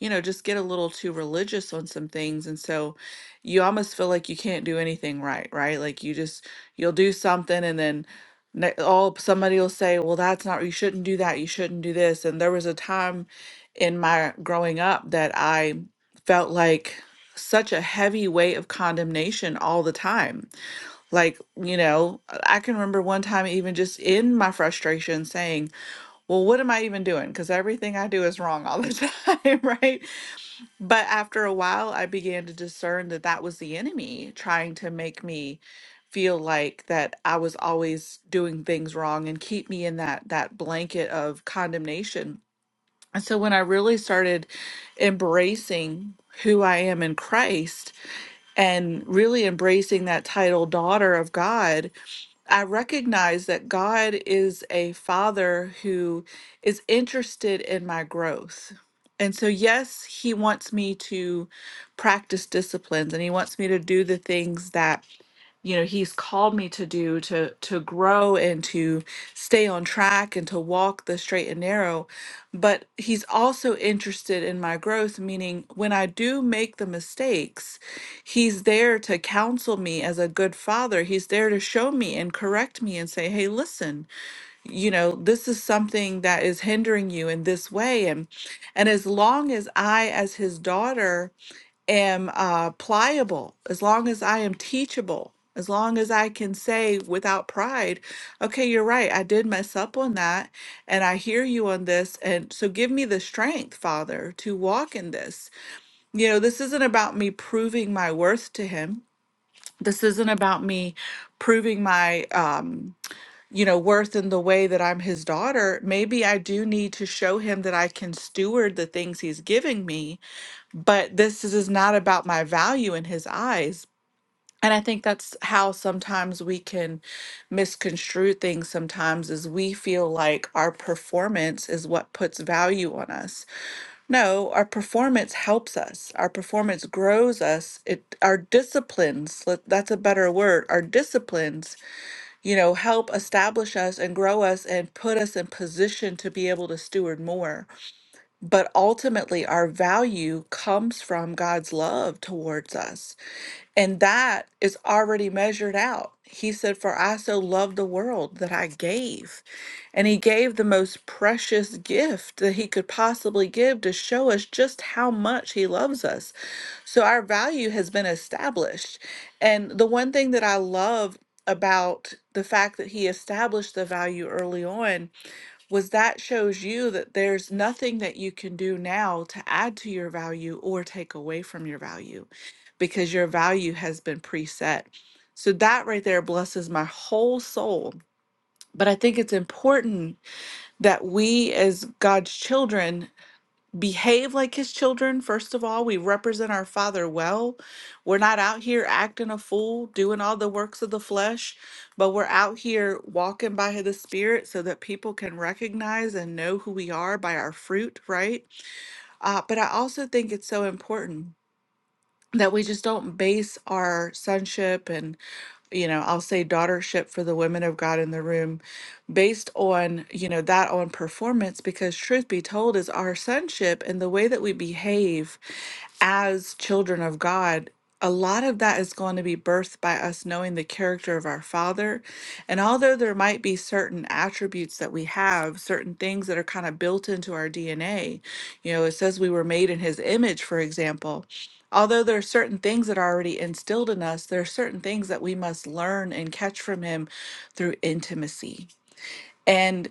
Speaker 7: you know, just get a little too religious on some things. And so you almost feel like you can't do anything right, right? Like you just, you'll do something and then ne- oh, somebody will say, well, that's not, you shouldn't do that. You shouldn't do this. And there was a time in my growing up that I felt like such a heavy weight of condemnation all the time like, you know, I can remember one time, even just in my frustration, saying, Well, what am I even doing? Because everything I do is wrong all the <laughs> time, right? But after a while, I began to discern that that was the enemy trying to make me feel like that I was always doing things wrong and keep me in that that blanket of condemnation. And so when I really started embracing who I am in Christ and really embracing that title daughter of God I recognize that God is a father who is interested in my growth. And so, yes, he wants me to practice disciplines and he wants me to do the things that you know he's called me to do to to grow and to stay on track and to walk the straight and narrow but he's also interested in my growth meaning when i do make the mistakes he's there to counsel me as a good father he's there to show me and correct me and say hey listen you know this is something that is hindering you in this way and and as long as i as his daughter am uh, pliable, as long as I am teachable, as long as I can say without pride, okay, you're right, I did mess up on that, and I hear you on this. And so give me the strength, Father, to walk in this. You know, this isn't about me proving my worth to Him. This isn't about me proving my, um, you know, worth in the way that I'm his daughter. Maybe I do need to show him that I can steward the things he's giving me but this is is not about my value in his eyes and i think that's how sometimes we can misconstrue things sometimes is we feel like our performance is what puts value on us no our performance helps us our performance grows us it our disciplines let- that's a better word our disciplines you know help establish us and grow us and put us in position to be able to steward more but ultimately, our value comes from God's love towards us. And that is already measured out. He said, For I so loved the world that I gave. And He gave the most precious gift that He could possibly give to show us just how much He loves us. So our value has been established. And the one thing that I love about the fact that He established the value early on was that shows you that there's nothing that you can do now to add to your value or take away from your value because your value has been preset. So that right there blesses my whole soul. But I think it's important that we as God's children behave like his children first of all we represent our father well we're not out here acting a fool doing all the works of the flesh but we're out here walking by the spirit so that people can recognize and know who we are by our fruit right uh, but i also think it's so important that we just don't base our sonship and you know, I'll say daughtership for the women of God in the room based on, you know, that on performance, because truth be told, is our sonship and the way that we behave as children of God, a lot of that is going to be birthed by us knowing the character of our Father. And although there might be certain attributes that we have, certain things that are kind of built into our DNA, you know, it says we were made in His image, for example. Although there are certain things that are already instilled in us, there are certain things that we must learn and catch from Him through intimacy. And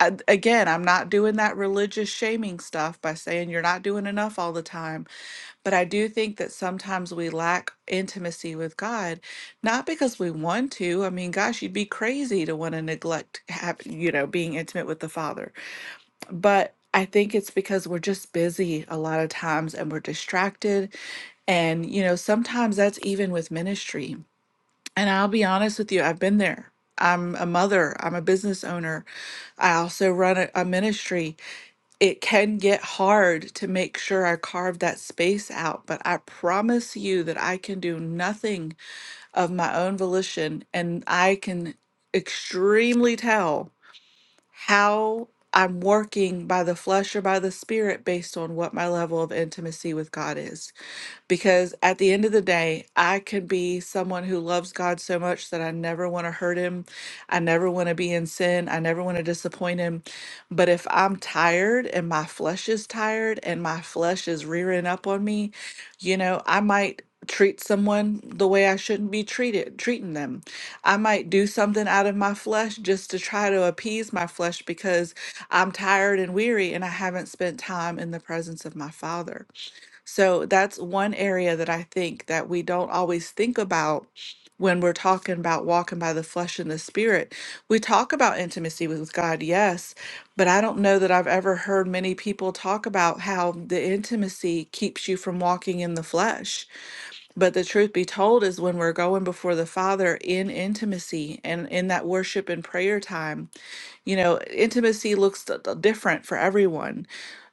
Speaker 7: a- again, I'm not doing that religious shaming stuff by saying you're not doing enough all the time but I do think that sometimes we lack intimacy with God, not because we want to. I mean, gosh, you'd be crazy to want to neglect, have, you know, being intimate with the Father. But I think it's because we're just busy a lot of times and we're distracted. And, you know, sometimes that's even with ministry. And I'll be honest with you, I've been there. I'm a mother, I'm a business owner. I also run a, a ministry it can get hard to make sure I carve that space out, but I promise you that I can do nothing of my own volition and I can extremely tell how I'm working by the flesh or by the spirit based on what my level of intimacy with God is because at the end of the day, I could be someone who loves God so much that I never want to hurt him. I never want to be in sin. I never want to disappoint him. But if I'm tired and my flesh is tired and my flesh is rearing up on me, you know, I might treat someone the way I shouldn't be treated treating them. I might do something out of my flesh just to try to appease my flesh because I'm tired and weary and I haven't spent time in the presence of my father. So that's one area that I think that we don't always think about when we're talking about walking by the flesh and the spirit. We talk about intimacy with God, yes, but I don't know that I've ever heard many people talk about how the intimacy keeps you from walking in the flesh. But the truth be told is when we're going before the Father in intimacy and in that worship and prayer time, you know, intimacy looks d- d- different for everyone.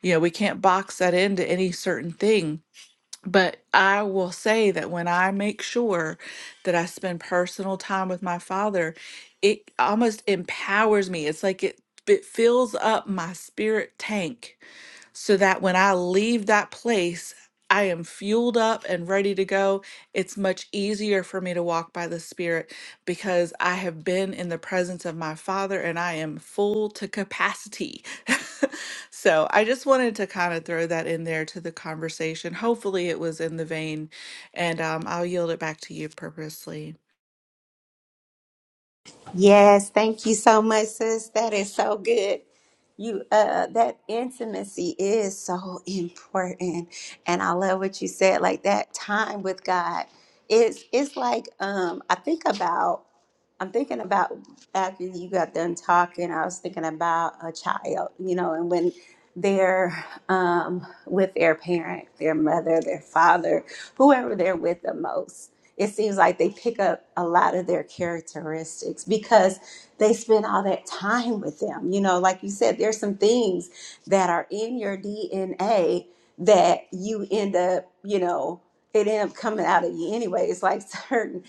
Speaker 7: You know, we can't box that into any certain thing but I will say that when I make sure that I spend personal time with my father, it almost empowers me. It's like it it fills up my spirit tank so that when I leave that place, I am fueled up and ready to go. It's much easier for me to walk by the Spirit because I have been in the presence of my Father and I am full to capacity. <laughs> so I just wanted to kind of throw that in there to the conversation. Hopefully, it was in the vein, and um, I'll yield it back to you purposely.
Speaker 1: Yes, thank you so much, sis. That is so good. You uh that intimacy is so important. And I love what you said, like that time with God is it's like um I think about I'm thinking about after you got done talking, I was thinking about a child, you know, and when they're um with their parent, their mother, their father, whoever they're with the most it seems like they pick up a lot of their characteristics because they spend all that time with them. You know, like you said, there's some things that are in your DNA that you end up, you know, it end up coming out of you anyway. It's like <laughs> certain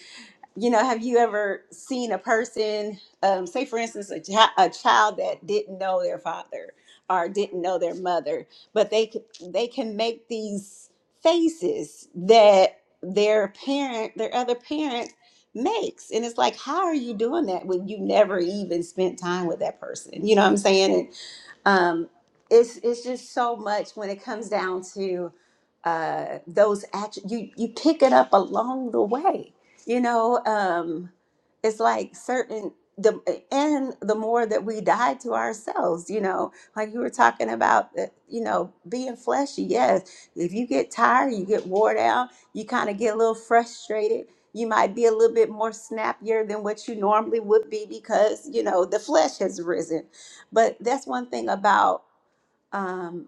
Speaker 1: you know, have you ever seen a person, um, say for instance, a, chi- a child that didn't know their father or didn't know their mother, but they c- they can make these faces that their parent, their other parent makes, and it's like, how are you doing that when you never even spent time with that person? You know what I'm saying? um, it's it's just so much when it comes down to uh, those actions. You you pick it up along the way. You know, um, it's like certain the and the more that we die to ourselves, you know, like you were talking about, uh, you know, being fleshy. Yes, if you get tired, you get wore down, you kind of get a little frustrated. You might be a little bit more snappier than what you normally would be because you know the flesh has risen but that's one thing about, um,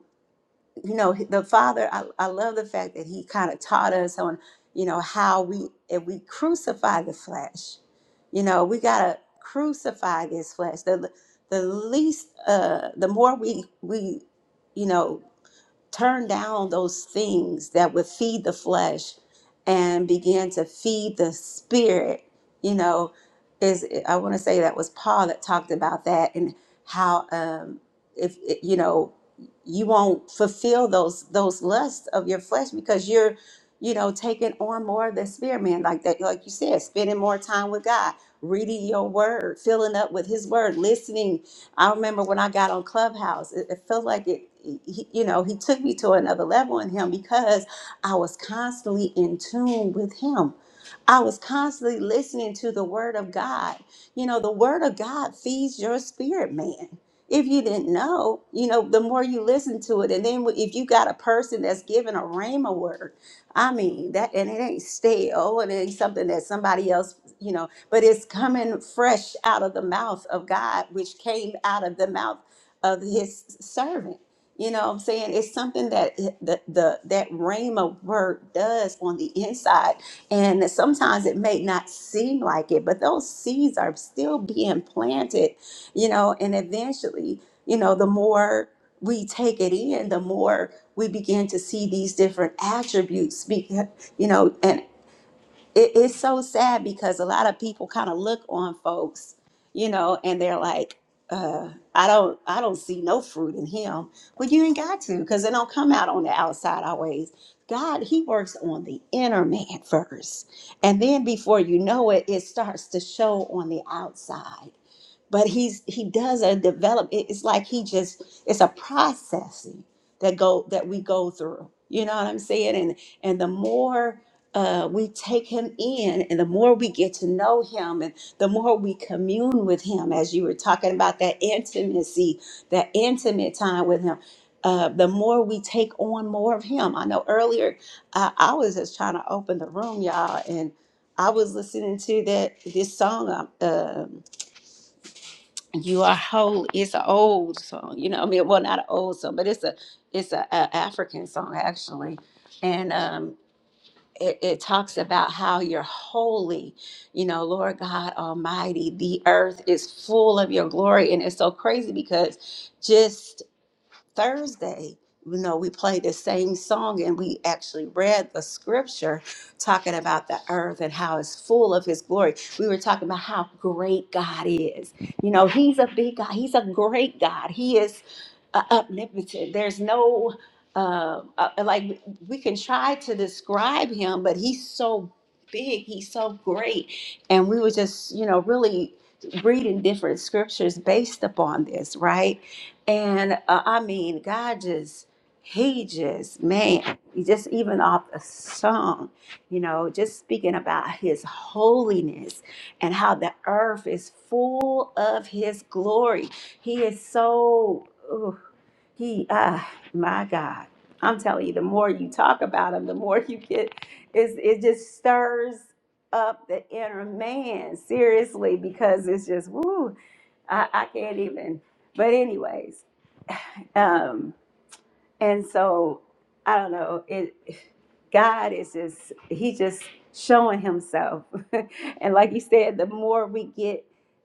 Speaker 1: you know, the Father. I, I love the fact that He kind of taught us on, you know, how we, if we crucify the flesh, you know, we got to crucify this flesh. The, the least, uh, the more we, we, you know, turn down those things that would feed the flesh and begin to feed the spirit you know is i want to say that was paul that talked about that and how um if you know you won't fulfill those those lusts of your flesh because you're you know taking on more of the spirit man like that like you said spending more time with god reading your word filling up with his word listening I remember when I got on Clubhouse, it, it felt like it, he, you know, he took me to another level in him because I was constantly in tune with him. I was constantly listening to the word of God. You know, the word of God feeds your spirit, man. If you didn't know, you know, the more you listen to it, and then if you got a person that's giving a rhema word, I mean that, and it ain't stale, and it ain't something that somebody else, you know, but it's coming fresh out of the mouth of God, which came out of the mouth of his servant. You know what I'm saying? It's something that the, the that Rhema word does on the inside. And sometimes it may not seem like it, but those seeds are still being planted, you know, and eventually, you know, the more we take it in, the more we begin to see these different attributes, be- you know, and it, it's so sad because a lot of people kind of look on folks, you know, and they're like, uh, I don't, I don't see no fruit in him. Well, you ain't got to, because it don't come out on the outside always. God, He works on the inner man first, and then before you know it, it starts to show on the outside but he's he does a develop it- it's like he just it's a processing that go that we go through you know what i'm saying and and the more uh, we take him in and the more we get to know him and the more we commune with him as you were talking about that intimacy that intimate time with him uh, the more we take on more of him i know earlier I, I was just trying to open the room y'all and i was listening to that this song um, you are whole it's an old song you know i mean well not an old song but it's a it's a, a african song actually and um it, it talks about how you're holy you know lord god almighty the earth is full of your glory and it's so crazy because just Thursday, you know, we played the same song and we actually read the scripture talking about the earth and how it's full of his glory. We were talking about how great God is. You know, he's a big God, he's a great God. He is uh, omnipotent. There's no um, uh, uh, like we can try to describe him, but he's so big, he's so great, and we were just you know really reading different scriptures based upon this, right? And uh, I mean, God just he just man, he just even off a song, you know, just speaking about his holiness and how the earth is full of his glory. He is so. He, ah, my God, I'm telling you, the more you talk about him, the more <laughs> you get, it's, it just stirs up the inner man, seriously, because it's just, woo, I, I can't even. But, anyways, um, and so I don't know, it God is just he just showing himself. <laughs> and like you said, the more we get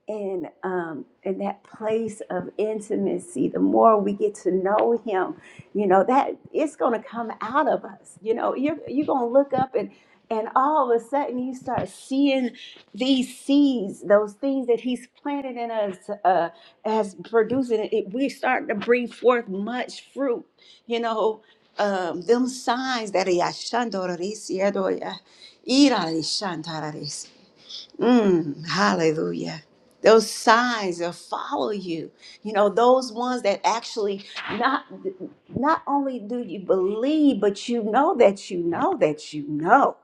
Speaker 1: in um in that place of intimacy, the more we get to know him, you know, that it's gonna come out of us. You know, you're you're gonna look up and and all of a sudden you start seeing these seeds, those things that he's planted in us uh, as producing it, we start to bring forth much fruit you know, um, them signs that he ashandorisiadoya, Mm, hallelujah. Those signs that follow you, you know, those ones that actually not not only do you believe, but you know that you know that you know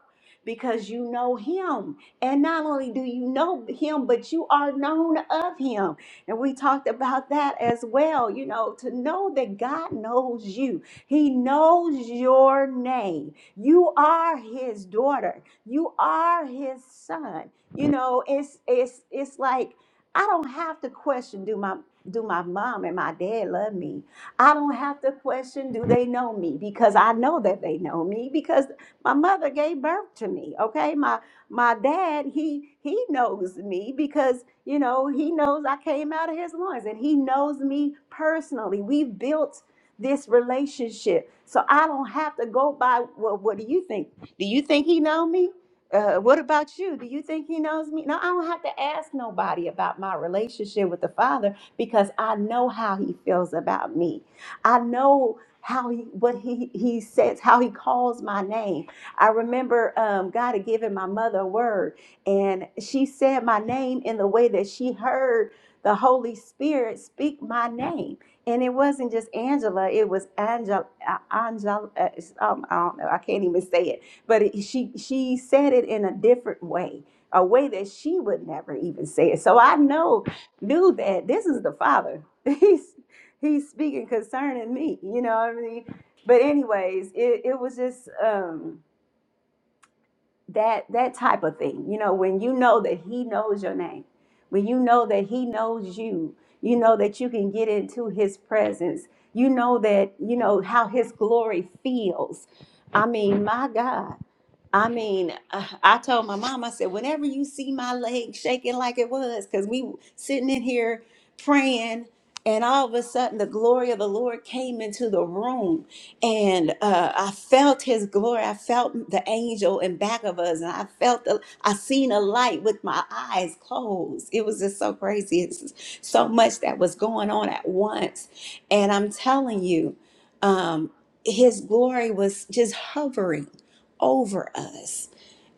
Speaker 1: because you know him. And not only do you know him, but you are known of him. And we talked about that as well, you know, to know that God knows you. He knows your name. You are his daughter. You are his son. You know, it's it's it's like I don't have to question do my do my mom and my dad love me? I don't have to question do they know me because I know that they know me because my mother gave birth to me. Okay? My my dad, he he knows me because, you know, he knows I came out of his loins and he knows me personally. We've built this relationship. So I don't have to go by well, what do you think? Do you think he know me? Uh, what about you? Do you think he knows me? No, I don't have to ask nobody about my relationship with the Father because I know how he feels about me. I know how he what he he says, how he calls my name. I remember um, God had given my mother a word, and she said my name in the way that she heard the Holy Spirit speak my name. And it wasn't just Angela; it was Angel, uh, Angel. Uh, it's, um, I don't know. I can't even say it but it, she she said it in a different way, a way that she would never even say it. So I know knew that this is the father. <laughs> He's he's speaking concerning me. You know what I mean? But anyways, it, it was just um that that type of thing you know when you know that he knows your name when you know that he knows you you know that you can get into his presence you know that you know how his glory feels i mean my god I mean, uh, I told my mom, I said, whenever you see my leg shaking like it was, because we sitting in here praying, and all of a sudden the glory of the Lord came into the room and uh, I felt His glory. I felt the angel in back of us, and I felt the, I seen a light with my eyes closed. It was just so crazy. It's just so much that was going on at once, and I'm telling you, um, His glory was just hovering over us,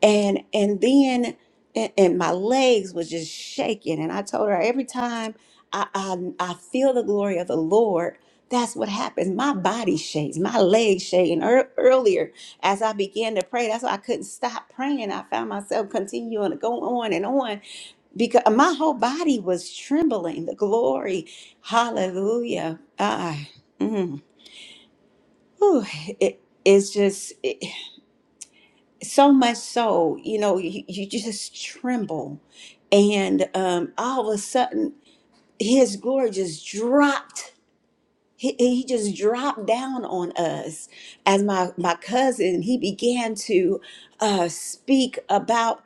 Speaker 1: and and then and, and my legs was just shaking, and I told her every time. I, I, I feel the glory of the Lord that's what happens. My body shakes, my legs shaking. Ear- earlier, as I began to pray, that's why I couldn't stop praying. I found myself continuing to go on and on because my whole body was trembling. The glory, hallelujah. Ah, mm, Whew. It- it's just it- so much so, you know, you, you just tremble. And um, all of a sudden, his glory just dropped he, he just dropped down on us as my my cousin he began to uh speak about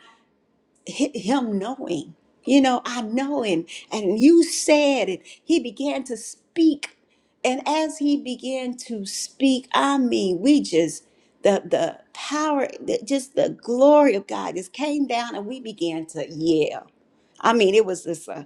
Speaker 1: hi- him knowing you know i know and and you said and he began to speak and as he began to speak i mean we just the the power the, just the glory of god just came down and we began to yell i mean it was just a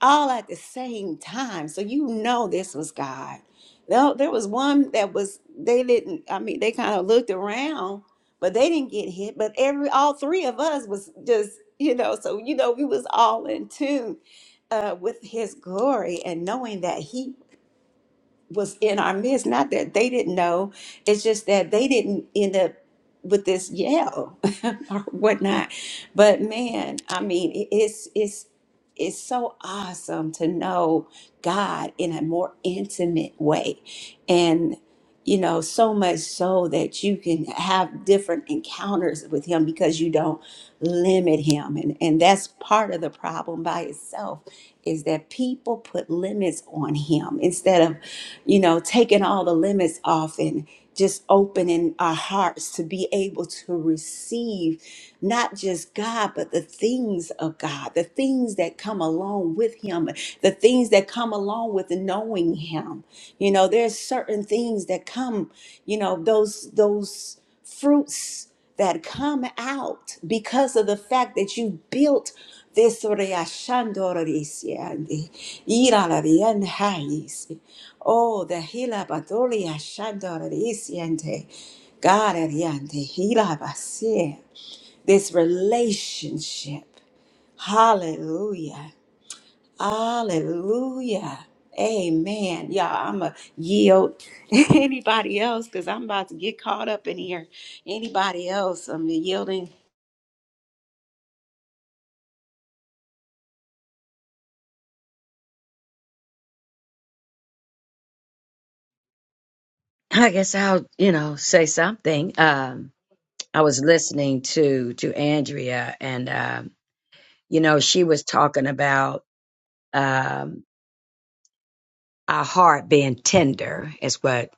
Speaker 1: all at the same time. So you know this was God. Now, there was one that was they didn't. I mean, they kind of looked around, but they didn't get hit. But every all three of us was just you know. So you know we was all in tune uh, with His glory and knowing that He was in our midst. Not that they didn't know, it's just that they didn't end up with this yell <laughs> or whatnot. But man, I mean, it- it's it's it's so awesome to know God in a more intimate way, and you know, so much so that you can have different encounters with Him because you don't limit Him, and and that's part of the problem by itself is that people put limits on Him instead of you know, taking all the limits off and just opening our hearts to be able to receive not just God, but the things of God, the things that come along with Him, the things that come along with knowing Him. You know, there's certain things that come, you know, those, those fruits that come out because of the fact that you built this Oriashandorisiandi, Iralavianhais. Oh, the Hilabadoriashandorisiante, Gadariante, Hilabasie. This relationship. Hallelujah. Hallelujah. Amen. Y'all, I'm going to yield <laughs> anybody else because I'm about to get caught up in here. Anybody else? I'm yielding.
Speaker 5: I guess I'll, you know, say something. Um, I was listening to to Andrea, and um, you know, she was talking about. um, our heart being tender is what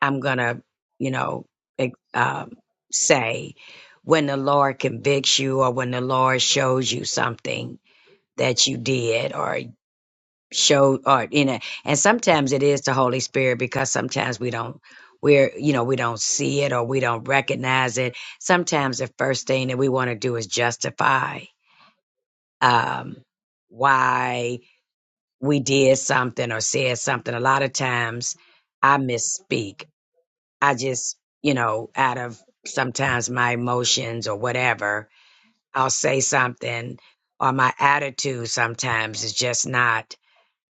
Speaker 5: I'm gonna, you know, ex- um, say when the Lord convicts you or when the Lord shows you something that you did or show or you know, and sometimes it is the Holy Spirit because sometimes we don't we're you know we don't see it or we don't recognize it. Sometimes the first thing that we want to do is justify um why we did something or said something. A lot of times I misspeak. I just, you know, out of sometimes my emotions or whatever, I'll say something or my attitude sometimes is just not,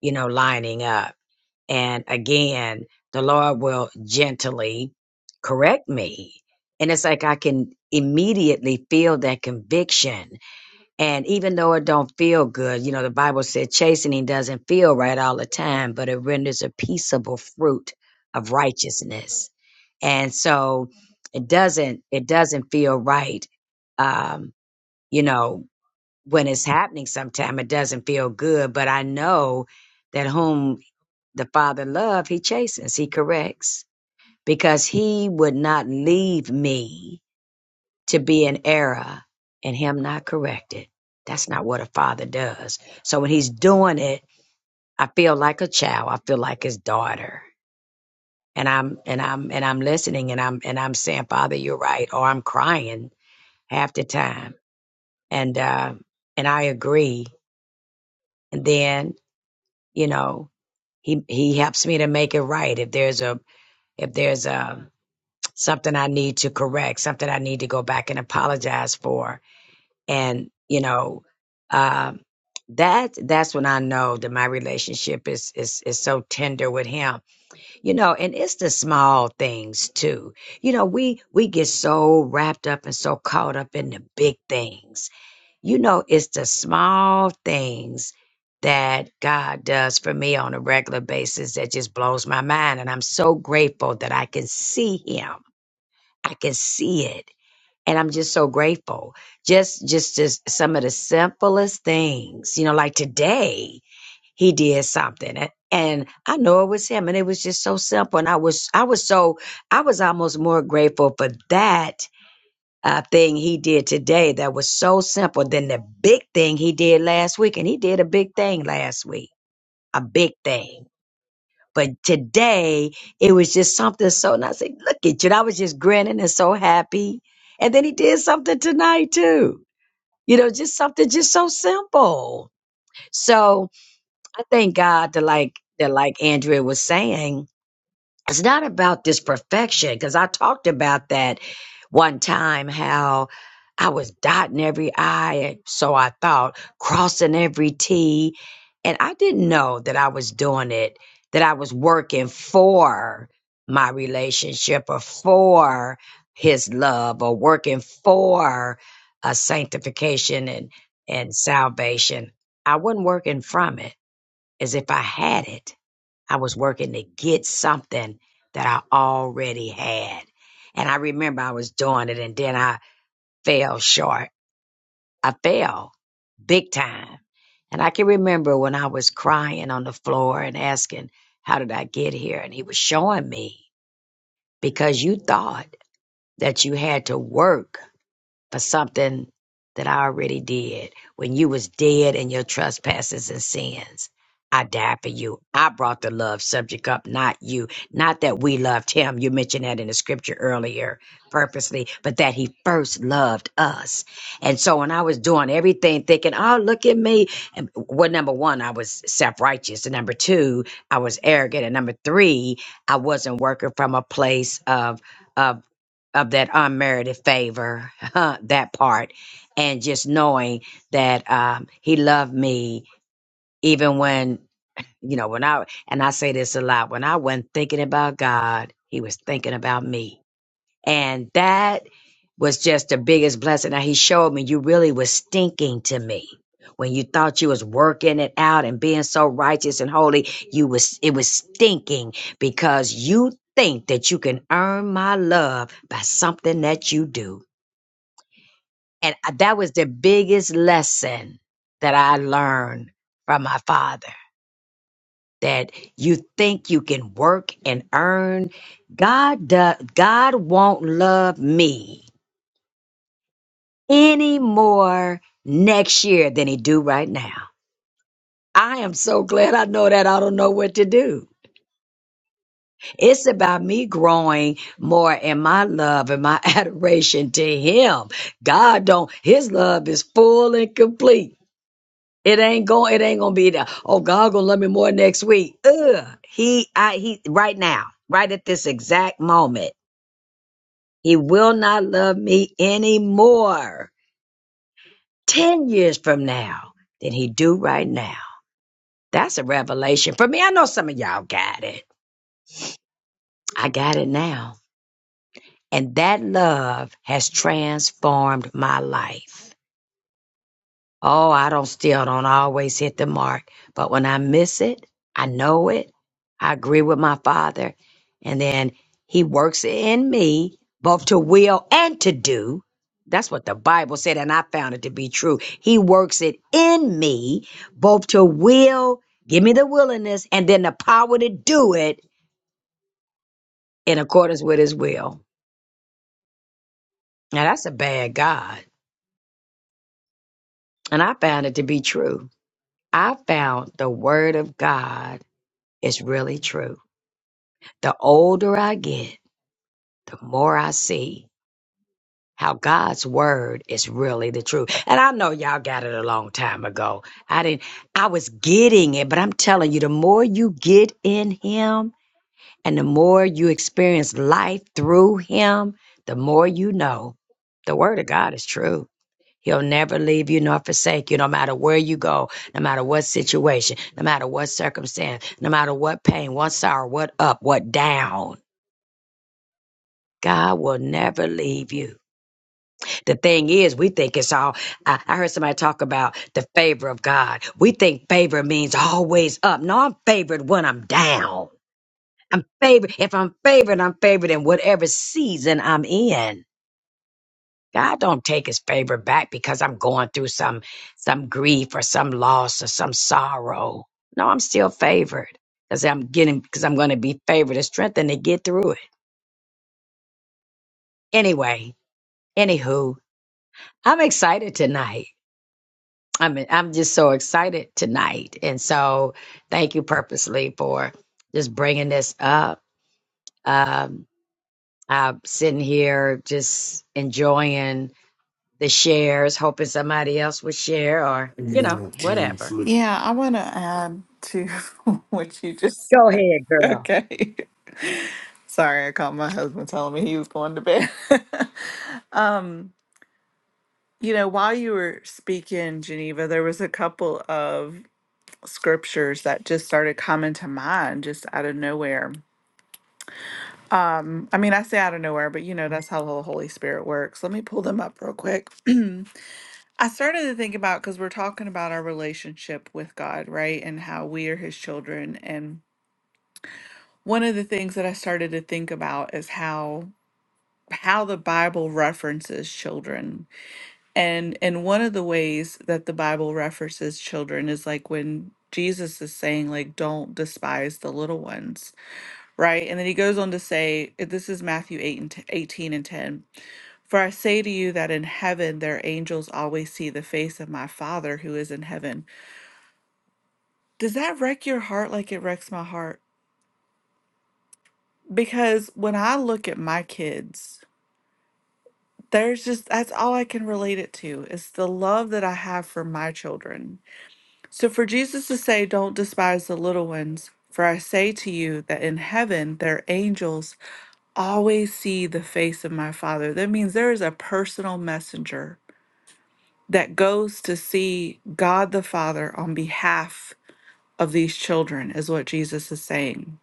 Speaker 5: you know, lining up. And again, the Lord will gently correct me. And it's like I can immediately feel that conviction and even though it don't feel good, you know, the Bible said chastening doesn't feel right all the time, but it renders a peaceable fruit of righteousness. And so it doesn't it doesn't feel right. Um, you know, when it's happening sometime it doesn't feel good, but I know that whom the Father love, he chastens, he corrects. Because he would not leave me to be an error and him not correct it. That's not what a father does. So when he's doing it, I feel like a child. I feel like his daughter. And I'm and I'm and I'm listening and I'm and I'm saying, Father, you're right, or I'm crying half the time. And uh, and I agree. And then, you know, he he helps me to make it right. If there's a if there's a something I need to correct, something I need to go back and apologize for, and you know um that that's when i know that my relationship is is is so tender with him you know and it's the small things too you know we we get so wrapped up and so caught up in the big things you know it's the small things that god does for me on a regular basis that just blows my mind and i'm so grateful that i can see him i can see it and I'm just so grateful. Just, just, just some of the simplest things, you know, like today he did something a- and I know it was him and it was just so simple. And I was, I was so, I was almost more grateful for that uh, thing he did today that was so simple than the big thing he did last week. And he did a big thing last week, a big thing. But today it was just something so and I said, look at you. And I was just grinning and so happy. And then he did something tonight too. You know, just something just so simple. So I thank God that like that like Andrea was saying it's not about this perfection because I talked about that one time how I was dotting every I, and so I thought, crossing every T. And I didn't know that I was doing it, that I was working for my relationship or for his love or working for a sanctification and, and salvation. I wasn't working from it as if I had it. I was working to get something that I already had. And I remember I was doing it and then I fell short. I fell big time. And I can remember when I was crying on the floor and asking, How did I get here? And he was showing me because you thought that you had to work for something that I already did. When you was dead in your trespasses and sins, I died for you. I brought the love subject up, not you. Not that we loved him. You mentioned that in the scripture earlier purposely, but that he first loved us. And so when I was doing everything thinking, oh, look at me. And well, number one, I was self-righteous. And number two, I was arrogant. And number three, I wasn't working from a place of, of, of that unmerited favor Huh, that part and just knowing that um, he loved me even when you know when i and i say this a lot when i wasn't thinking about god he was thinking about me and that was just the biggest blessing Now he showed me you really was stinking to me when you thought you was working it out and being so righteous and holy you was it was stinking because you think that you can earn my love by something that you do and uh, that was the biggest lesson that I learned from my father that you think you can work and earn. God, do, God won't love me any more next year than he do right now. I am so glad I know that I don't know what to do. It's about me growing more in my love and my <laughs> adoration to him. God don't, his love is full and complete. It ain't going. It ain't gonna be there. Oh, God gonna love me more next week. Ugh. He, I, he, right now, right at this exact moment, he will not love me anymore. Ten years from now than he do right now. That's a revelation for me. I know some of y'all got it. I got it now, and that love has transformed my life. Oh, I don't still don't always hit the mark, but when I miss it, I know it. I agree with my father, and then he works in me both to will and to do. That's what the Bible said, and I found it to be true. He works it in me both to will, give me the willingness, and then the power to do it in accordance with his will. Now, that's a bad God, and I found it to be true. I found the word of God is really true. The older I get, the more I see how God's word is really the truth. And I know y'all got it a long time ago. I didn't I was getting it, but I'm telling you the more you get in him and the more you experience life through him, the more you know the word of God is true. He'll never leave you nor forsake you, no matter where you go, no matter what situation, no matter what circumstance, no matter what pain, what sorrow, what up, what down. God will never leave you. The thing is, we think it's all. I, I heard somebody talk about the favor of God. We think favor means always up. No, I'm favored when I'm down. I'm favored. If I'm favored, I'm favored in whatever season I'm in. God don't take his favor back because I'm going through some some grief or some loss or some sorrow. No, I'm still favored because I'm getting because I'm going to be favored and strengthened to get through it. Anyway, anywho, I'm excited tonight. I mean, I'm just so excited tonight. And so thank you purposely for just bringing this up. Um, I'm sitting here just enjoying the shares, hoping somebody else would share or, you
Speaker 7: No,
Speaker 5: know,
Speaker 7: I'm
Speaker 5: whatever.
Speaker 7: Yeah, I want to add to <laughs> what you just
Speaker 5: Go
Speaker 7: said.
Speaker 5: ahead, girl.
Speaker 7: Okay. <laughs> Sorry, I caught my husband telling me he was going to bed. <laughs> Um, you know, while you were speaking, Geneva, there was a couple of scriptures that just started coming to mind just out of nowhere. I mean, I say out of nowhere, but you know, that's how the Holy Spirit works. Let me pull them up real quick. <clears throat> I started to think about because we're talking about our relationship with God, right? And how we are his children. And one of the things that I started to think about is how how the Bible references children And and one of the ways that the Bible references children is like when Jesus is saying like don't despise the little ones, right? And then he goes on to say this is Matthew 8 and t- 18 and 10. For I say to you that in heaven their angels always see the face of my Father who is in heaven. Does that wreck your heart like it wrecks my heart? Because when I look at my kids, there's just that's all I can relate it to is the love that I have for my children So for Jesus to say, Don't despise the little ones, for I say to you that in heaven their angels always see the face of my Father. That means there is a personal messenger that goes to see God the Father on behalf of these children, is what Jesus is saying.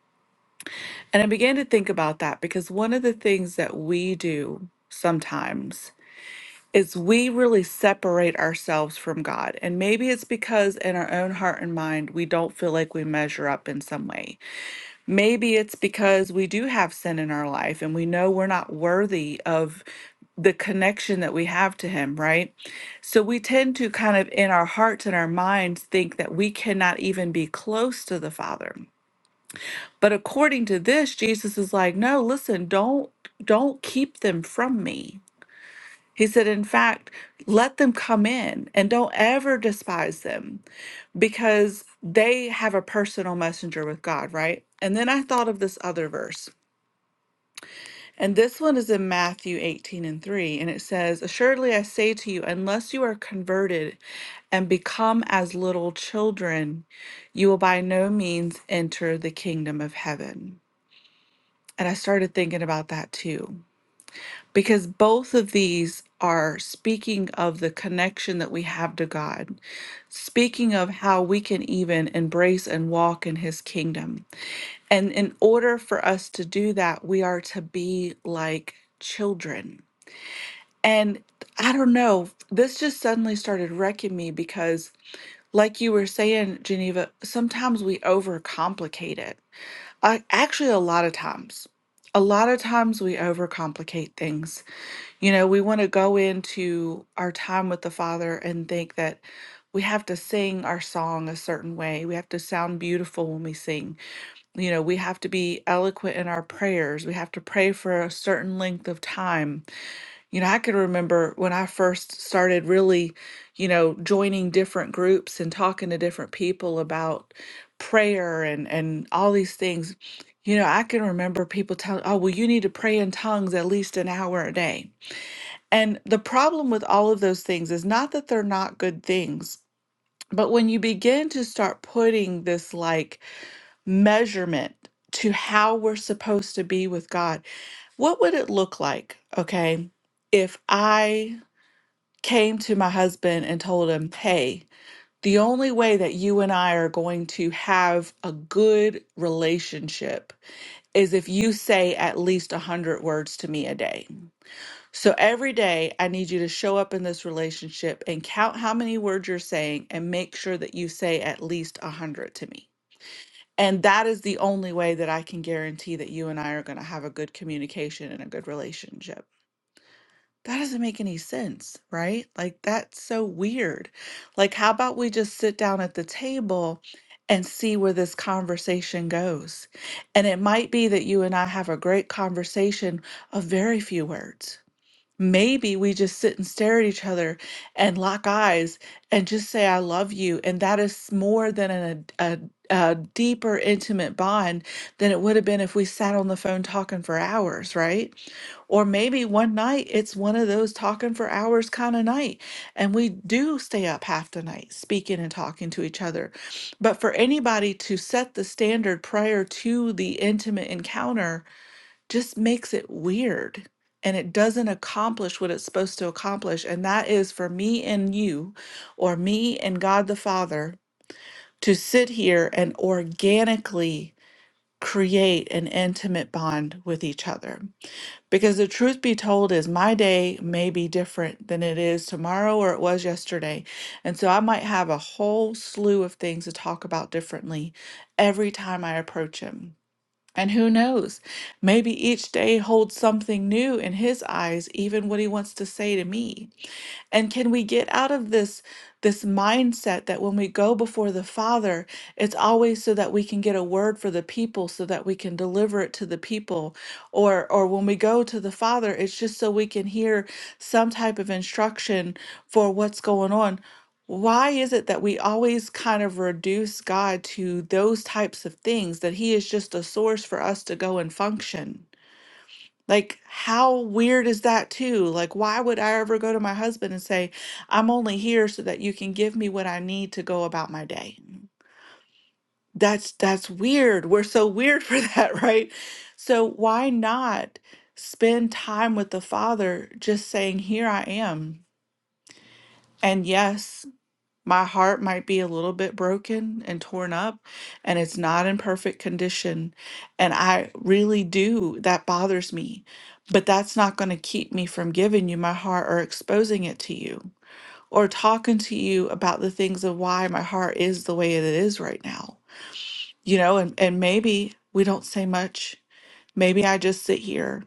Speaker 7: And I began to think about that because one of the things that we do sometimes is we really separate ourselves from God. And maybe it's because in our own heart and mind, we don't feel like we measure up in some way. Maybe it's because we do have sin in our life and we know we're not worthy of the connection that we have to Him, right? So we tend to kind of in our hearts and our minds think that we cannot even be close to the Father. But according to this, Jesus is like, no, listen, don't don't keep them from me he said, in fact, let them come in and don't ever despise them because they have a personal messenger with God, right? And then I thought of this other verse. And this one is in Matthew 18 and 3. And it says, Assuredly I say to you, unless you are converted and become as little children, you will by no means enter the kingdom of heaven. And I started thinking about that too because both of these are speaking of the connection that we have to God, speaking of how we can even embrace and walk in His kingdom. And in order for us to do that, we are to be like children. And I don't know, this just suddenly started wrecking me because, like you were saying, Geneva, sometimes we overcomplicate it. I, actually, a lot of times, a lot of times we overcomplicate things you know, we want to go into our time with the Father and think that we have to sing our song a certain way. We have to sound beautiful when we sing. You know, we have to be eloquent in our prayers. We have to pray for a certain length of time. You know, I can remember when I first started really, you know, joining different groups and talking to different people about prayer and and all these things. You know, I can remember people telling, "Oh, well, you need to pray in tongues at least an hour a day." And the problem with all of those things is not that they're not good things, but when you begin to start putting this like measurement to how we're supposed to be with God, what would it look like, okay, if I came to my husband and told him, hey, the only way that you and I are going to have a good relationship is if you say at least 100 words to me a day. So every day, I need you to show up in this relationship and count how many words you're saying and make sure that you say at least 100 to me. And that is the only way that I can guarantee that you and I are going to have a good communication and a good relationship. That doesn't make any sense, right? Like, that's so weird. Like, how about we just sit down at the table and see where this conversation goes? And it might be that you and I have a great conversation of very few words Maybe we just sit and stare at each other and lock eyes and just say, I love you. And that is more than an, a, a deeper, intimate bond than it would have been if we sat on the phone talking for hours, right? Or maybe one night it's one of those talking for hours kind of night. And we do stay up half the night speaking and talking to each other. But for anybody to set the standard prior to the intimate encounter, just makes it weird and it doesn't accomplish what it's supposed to accomplish. And that is for me and you, or me and God the Father, to sit here and organically create an intimate bond with each other. Because the truth be told is my day may be different than it is tomorrow or it was yesterday. And so I might have a whole slew of things to talk about differently every time I approach him. And who knows? Maybe each day holds something new in his eyes, even what he wants to say to me. And can we get out of this this mindset that when we go before the Father, it's always so that we can get a word for the people so that we can deliver it to the people or or when we go to the Father, it's just so we can hear some type of instruction for what's going on. Why is it that we always kind of reduce God to those types of things that he is just a source for us to go and function? Like, how weird is that, too? Like, why would I ever go to my husband and say, I'm only here so that you can give me what I need to go about my day? That's that's weird. We're so weird <laughs> for that, right? So why not spend time with the Father just saying, Here I am. And yes. My heart might be a little bit broken and torn up, and it's not in perfect condition. And I really do, that bothers me. But that's not going to keep me from giving you my heart or exposing it to you or talking to you about the things of why my heart is the way it is right now. You know, and, and maybe we don't say much. Maybe I just sit here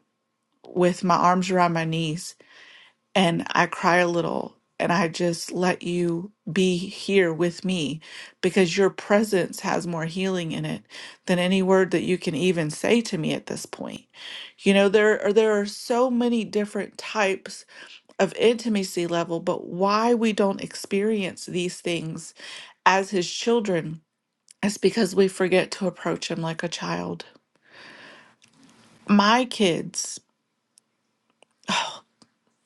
Speaker 7: with my arms around my knees and I cry a little and I just let you be here with me because your presence has more healing in it than any word that you can even say to me at this point. You know there are there are so many different types of intimacy level but why we don't experience these things as his children is because we forget to approach him like a child. My kids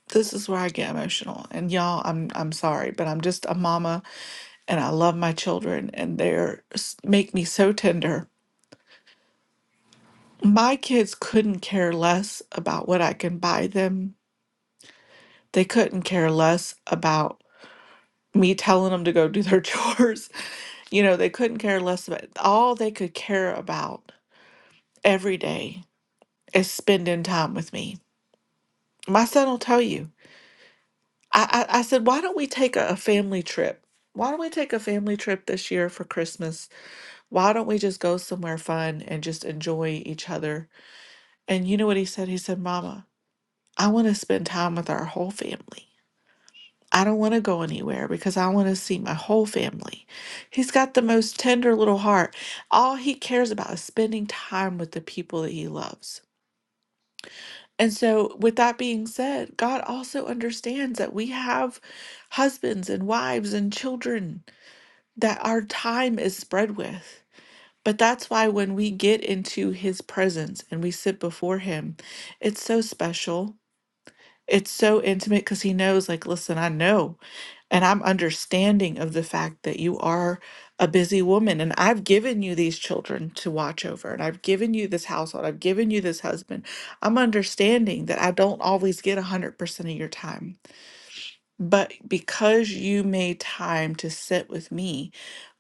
Speaker 7: this is where I get emotional. And y'all, I'm I'm sorry, but I'm just a mama and I love my children, and they're s- make me so tender. My kids couldn't care less about what I can buy them. They couldn't care less about me telling them to go do their <laughs> chores. You know, they couldn't care less about all they could care about every day is spending time with me. My son will tell you. I, I, I said, why don't we take a a family trip? Why don't we take a family trip this year for Christmas? Why don't we just go somewhere fun and just enjoy each other And you know what he said? He said, Mama, I want to spend time with our whole family. I don't want to go anywhere because I want to see my whole family. He's got the most tender little heart. All he cares about is spending time with the people that he loves. And so, with that being said, God also understands that we have husbands and wives and children that our time is spread with. But that's why when we get into his presence and we sit before him, it's so special It's so intimate because he knows, like, listen, I know, and I'm understanding of the fact that you are a busy woman, and I've given you these children to watch over, and I've given you this household, I've given you this husband. I'm understanding that I don't always get 100% of your time, but because you made time to sit with me,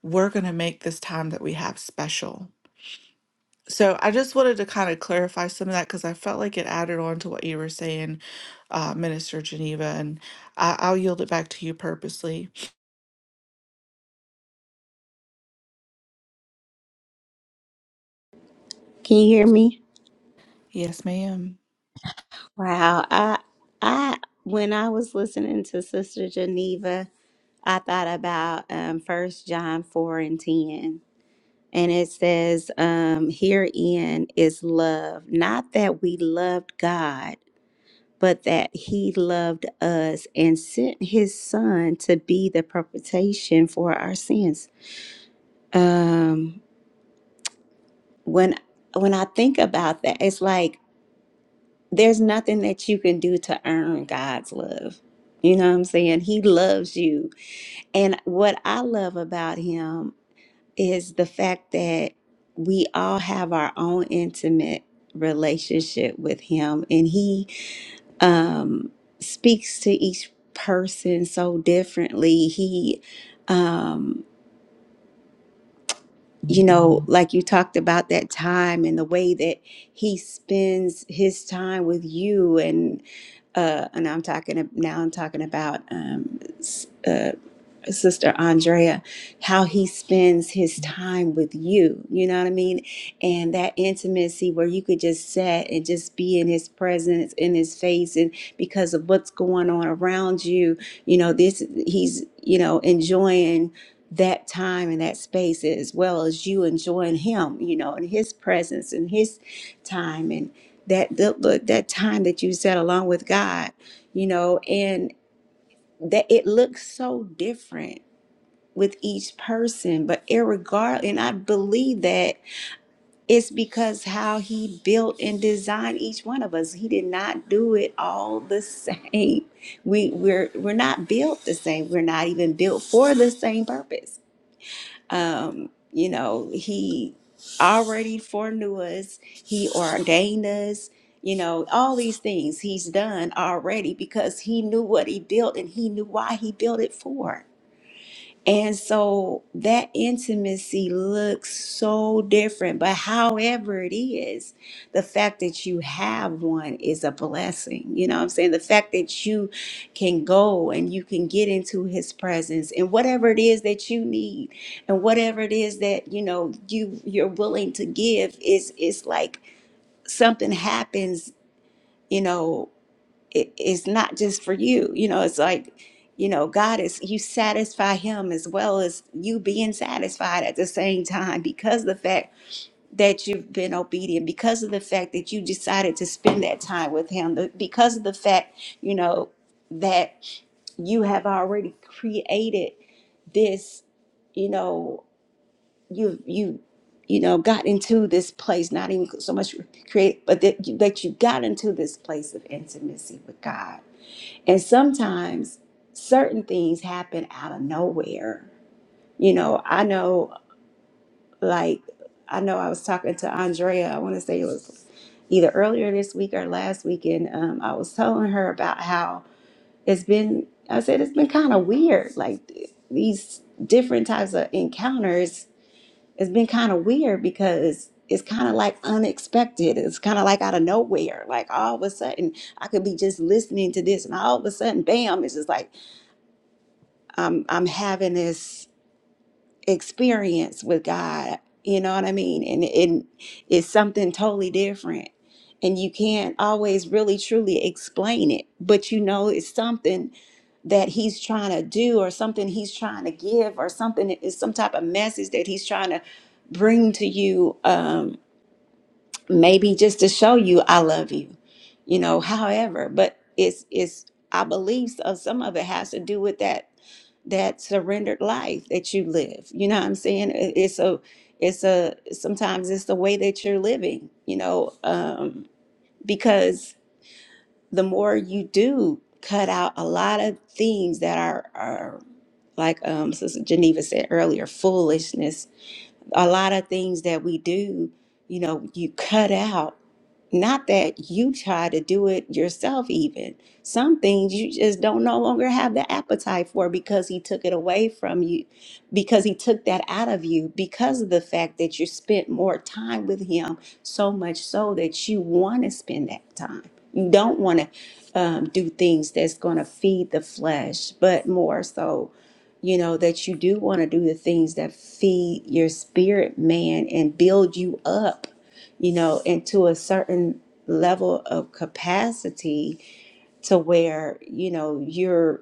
Speaker 7: we're going to make this time that we have special. So I just wanted to kind of clarify some of that because I felt like it added on to what you were saying, uh, Minister Geneva, and I- I'll yield it back to you purposely.
Speaker 1: Can you hear me?
Speaker 7: Yes, ma'am.
Speaker 1: Wow. I, I, when I was listening to Sister Geneva, I thought about um, 1 John 4 and 10. And it says, um, herein is love, not that we loved God but that he loved us and sent his son to be the propitiation for our sins. Um, when when I think about that, it's like there's nothing that you can do to earn God's love. You know what I'm saying? He loves you. And what I love about him is the fact that we all have our own intimate relationship with him and he um, speaks to each person so differently. He, um, you know, Mhm. like you talked about that time and the way that he spends his time with you, and uh, and I'm talking now. I'm talking about um, Sister Andrea, how he spends his time with you, you know what I mean? And that intimacy where you could just sit and just be in his presence, in his face, and because of what's going on around you, you know, this he's, you know, enjoying that time and that space as well as you enjoying him, you know, and his presence and his time and that the, look that time that you set along with God, you know, and that it looks so different with each person but irregard and i believe that it's because how he built and designed each one of us he did not do it all the same <laughs> we we're we're not built the same we're not even built for the same purpose um you know he already foreknew us he ordained us you know all these things he's done already because he knew what he built and he knew why he built it for and so that intimacy looks so different, but however it is, the fact that you have one is a blessing. You know what I'm saying? The fact that you can go and you can get into his presence and whatever it is that you need and whatever it is that, you know, you you're willing to give is is like something happens, you know, it, it's not just for you. You know, it's like, you know, God is, you satisfy Him as well as you being satisfied at the same time because of the fact that you've been obedient, because of the fact that you decided to spend that time with Him, the- because of the fact, you know, that you have already created this, you know, you, you, you know, got into this place, not even so much create, but that you, that you got into this place of intimacy with God and sometimes certain things happen out of nowhere. You know, I know, like, I know I was talking to Andrea, I want to say it was either earlier this week or last week, and um, I was telling her about how it's been, I said, it's been kind of weird. Like, th- these different types of encounters, it's been kind of weird because it's kind of like unexpected. It's kind of like out of nowhere. Like, all of a sudden, I could be just listening to this, and all of a sudden, bam, it's just like, I'm I'm having this experience with God. You know what I mean? And it, it's something totally different. And you can't always really truly explain it, but you know it's something that he's trying to do or something he's trying to give or something that is some type of message that he's trying to bring to you Um, maybe just to show you I love you, you know, however, but it's it's I believe so some of it has to do with that that surrendered life that you live. You know what I'm saying? It- It's a it's a sometimes it's the way that you're living, you know, um, because the more you do cut out a lot of things that are are like um Sister Geneva said earlier, foolishness a lot of things that we do, you know, you cut out. Not that you try to do it yourself, even. Some things you just don't no longer have the appetite for because he took it away from you, because he took that out of you, because of the fact that you spent more time with him, so much so that you want to spend that time. You don't want to um, do things that's going to feed the flesh, but more so you know, that you do want to do the things that feed your spirit, man, and build you up, you know, into a certain level of capacity to where, you know, your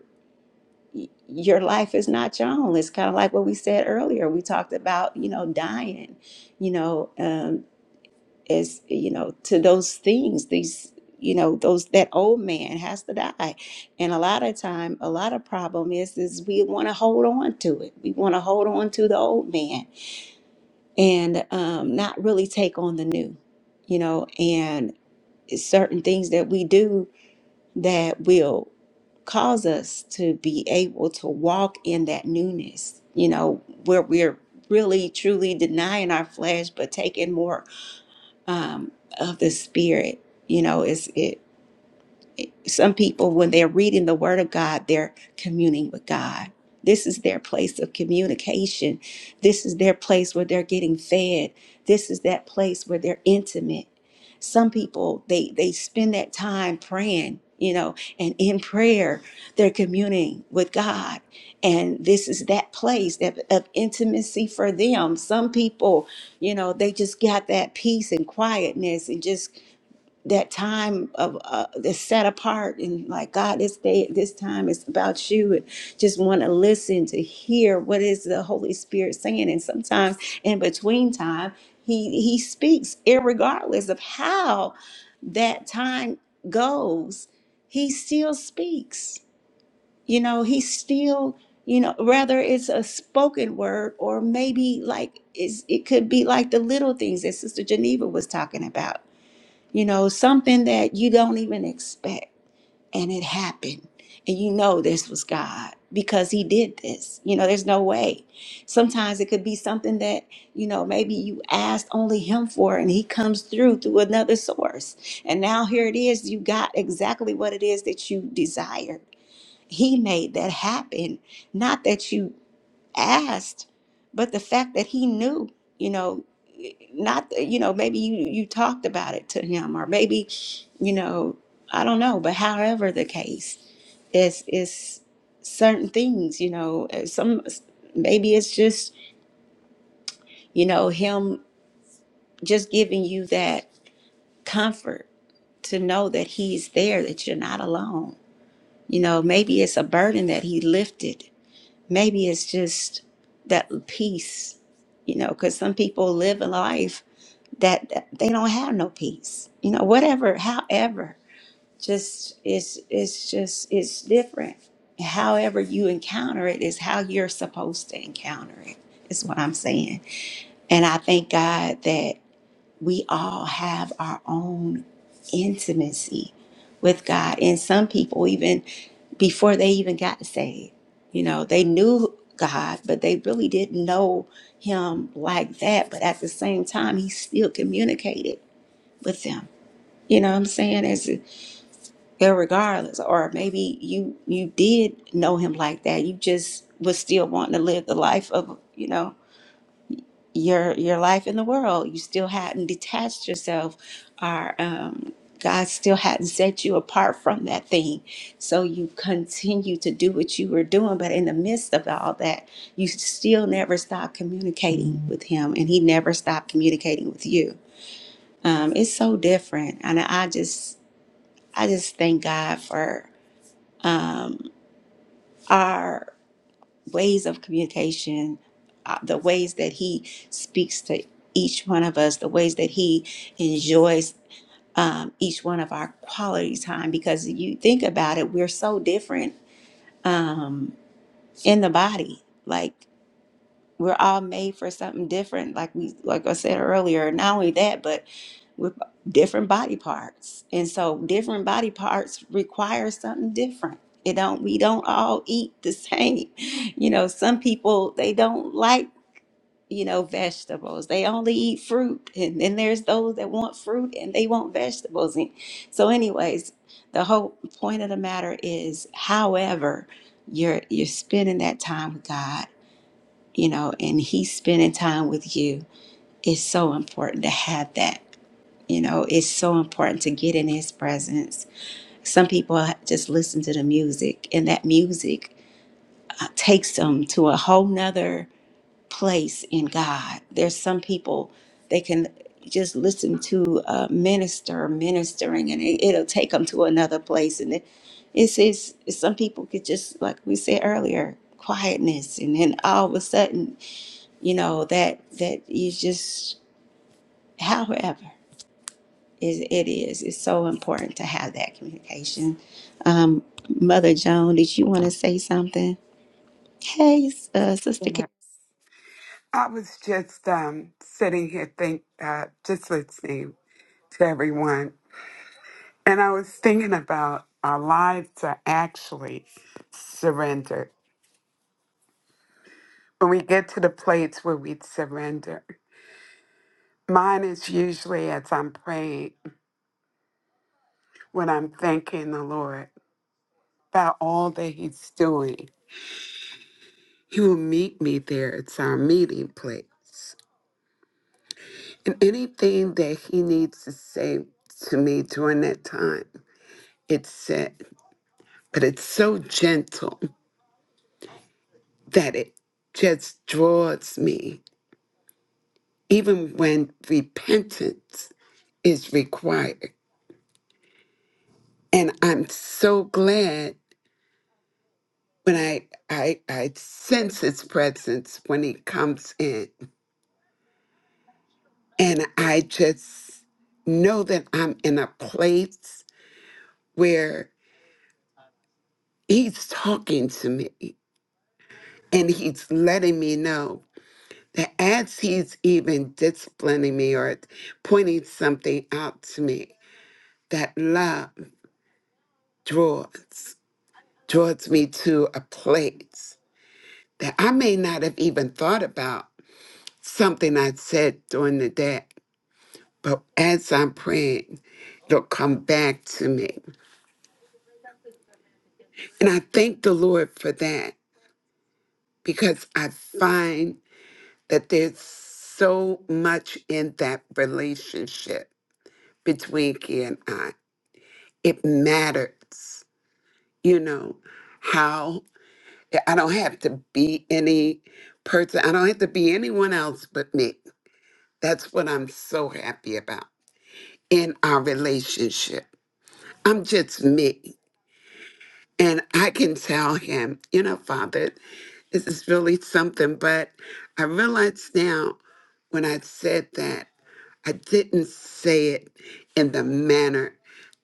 Speaker 1: your life is not your own. It's kind of like what we said earlier. We talked about, you know, dying, you know, um, as you know to those things these you know those that old man has to die and a lot of time a lot of problem is is we want to hold on to it we want to hold on to the old man and um, not really take on the new you know and it's certain things that we do that will cause us to be able to walk in that newness you know where we're really truly denying our flesh but taking more um, of the spirit. You know, it's it some people when they're reading the word of god they're communing with god this is their place of communication this is their place where they're getting fed this is that place where they're intimate some people they they spend that time praying you know and in prayer they're communing with god and this is that place that, of intimacy for them some people you know they just got that peace and quietness and just that time of uh, that's set apart and like God, this day, this time is about you, and just want to listen to hear what is the Holy Spirit saying. And sometimes in between time, He He speaks, irregardless of how that time goes, He still speaks. You know, He still. You know, whether it's a spoken word or maybe like is it could be like the little things that Sister Geneva was talking about you know, something that you don't even expect. And it happened. And you know this was God because He did this. You know, there's no way. Sometimes it could be something that, you know, maybe you asked only Him for and He comes through through another source. And now here it is. You got exactly what it is that you desired. He made that happen. Not that you asked, but the fact that he knew, you know, not, you know, maybe you, you talked about it to him, or maybe, you know, I don't know, but however the case is, is certain things, you know, uh, some, maybe it's just, you know, him just giving you that comfort to know that he's there, that you're not alone. You know, maybe it's a burden that he lifted Maybe it's just that peace, you know, because some people live a life that, that they don't have no peace, you know, whatever, however, just it's it's just it's different. However you encounter it is how you're supposed to encounter it, is what I'm saying. And I thank God that we all have our own intimacy with God. And some people, even before they even got saved, you know, they knew God, but they really didn't know Him like that. But at the same time, He still communicated with them. You know what I'm saying? As regardless, or maybe you you did know him like that. You just was still wanting to live the life of you know your your life in the world. You still hadn't detached yourself, or um, God still hadn't set you apart from that thing. So you continue to do what you were doing, but in the midst of all that, you still never stopped communicating with Him, and He never stopped communicating with you. Um, it's so different, and I just I just thank God for um, our ways of communication, uh, the ways that he speaks to each one of us, the ways that he enjoys um, each one of our quality time. Because you think about it, we're so different um, in the body. Like we're all made for something different. Like we, like I said earlier. Not only that, but with different body parts and so different body parts require something different it don't we don't all eat the same <laughs> you know some people they don't like you know vegetables they only eat fruit and then there's those that want fruit and they want vegetables and so anyways the whole point of the matter is however you're you're spending that time with god you know and he's spending time with you it's so important to have that you know, it's so important to get in his presence. Some people just listen to the music, and that music uh, takes them to a whole nother place in God. There's some people they can just listen to a minister ministering, and it, it'll take them to another place. And it, it's, it's some people could just, like we said earlier, quietness, and then all of a sudden, you know that that you just however. It, it is. It's so important to have that communication. Um, Mother Joan, did you want to say something? Hey, uh, Sister. K-
Speaker 6: I was just um, sitting here, think, uh, just listening to everyone, and I was thinking about our lives are actually surrendered. When we get to the place where we surrender, mine is usually as I'm praying, when I'm thanking the Lord about all that He's doing He will meet me there. It's our meeting place. And anything that he needs to say to me during that time, it's said. But it's so gentle that it just draws me, even when repentance is required. And I'm so glad when I I I sense his presence when he comes in. And I just know that I'm in a place where He's talking to me and he's letting me know that as he's even disciplining me or pointing something out to me, that love draws, draws me to a place that I may not have even thought about something I said during the day. But as I'm praying, it'll come back to me. And I thank the Lord for that because I find that there's so much in that relationship between Kia and I. It matters, you know, how I don't have to be any person, I don't have to be anyone else but me. That's what I'm so happy about in our relationship. I'm just me. And I can tell him, you know, Father, this is really something. But I realize now when I said that. I didn't say it in the manner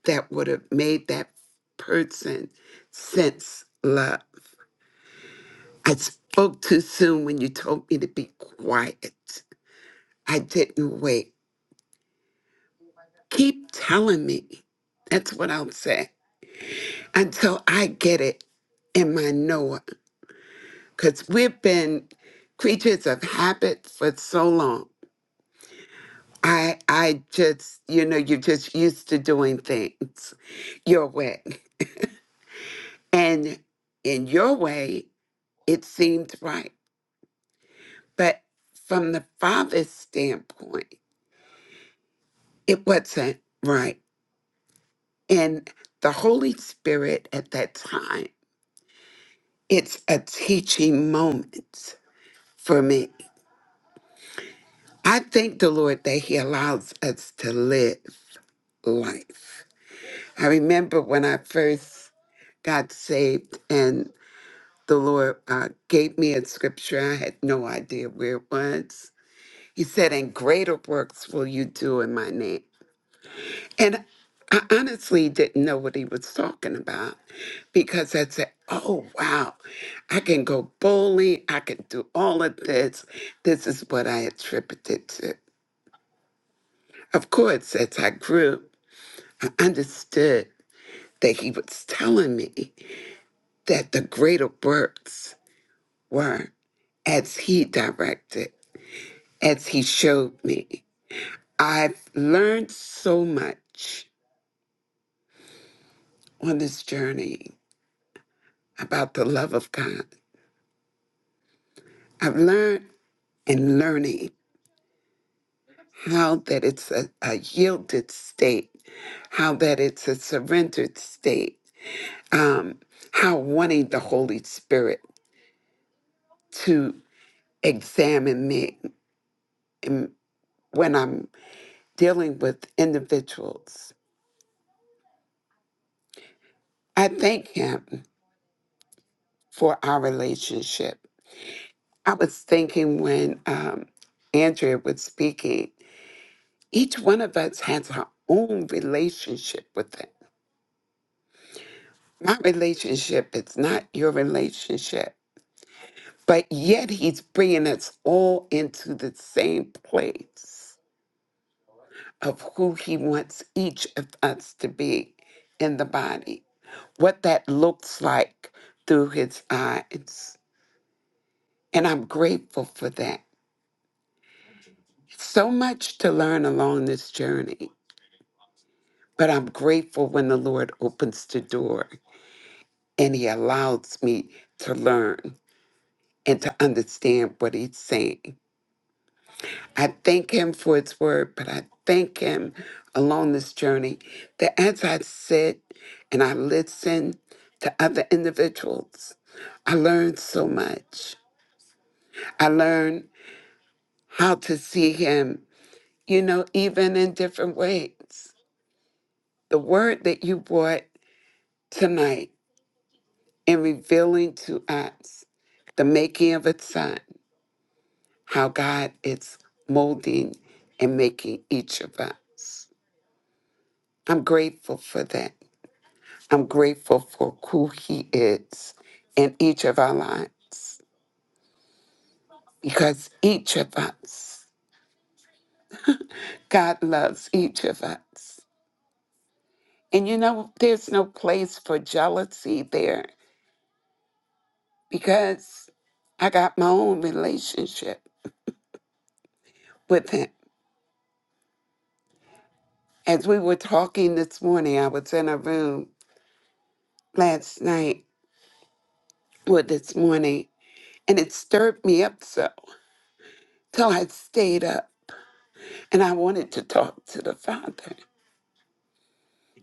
Speaker 6: that would have made that person sense love. I spoke too soon when you told me to be quiet. I didn't wait. Keep telling me. That's what I'll say until I get it in my Noah. Because we've been creatures of habit for so long. I I just, you know, you're just used to doing things your way. And in your way, it seemed right. But from the Father's standpoint, it wasn't right. And the Holy Spirit at that time, it's a teaching moment for me. I thank the Lord that He allows us to live life. I remember when I first got saved and the Lord uh, gave me a scripture. I had no idea where it was He said, And greater works will you do in my name. And I honestly didn't know what he was talking about because I said, Oh, wow, I can go bowling. I can do all of this. This is what I attributed to. Of course, as I grew, I understood that he was telling me that the greater works were as he directed, as he showed me. I've learned so much on this journey about the love of God. I've learned and learning how that it's a, a yielded state, how that it's a surrendered state, um, how wanting the Holy Spirit to examine me in- when I'm dealing with individuals. I thank Him for our relationship. I was thinking when um, Andrea was speaking Each one of us has our own relationship with Him. My relationship is not your relationship, but yet He's bringing us all into the same place of who He wants each of us to be in the body, what that looks like through His eyes. And I'm grateful for that. So much to learn along this journey, but I'm grateful when the Lord opens the door and he allows me to learn and to understand what he's saying. I thank him for his word, but I thank him along this journey that as I sit and I listen to other individuals, I learn so much. I learn how to see him, you know, even in different ways. The word that you brought tonight in revealing to us the making of a son. how God is molding and making each of us. I'm grateful for that. I'm grateful for who He is in each of our lives because each of us, God loves each of us. And you know, there's no place for jealousy there because I got my own relationship with Him. As we were talking this morning, I was in a room last night or this morning And it stirred me up so till I stayed up and I wanted to talk to the Father.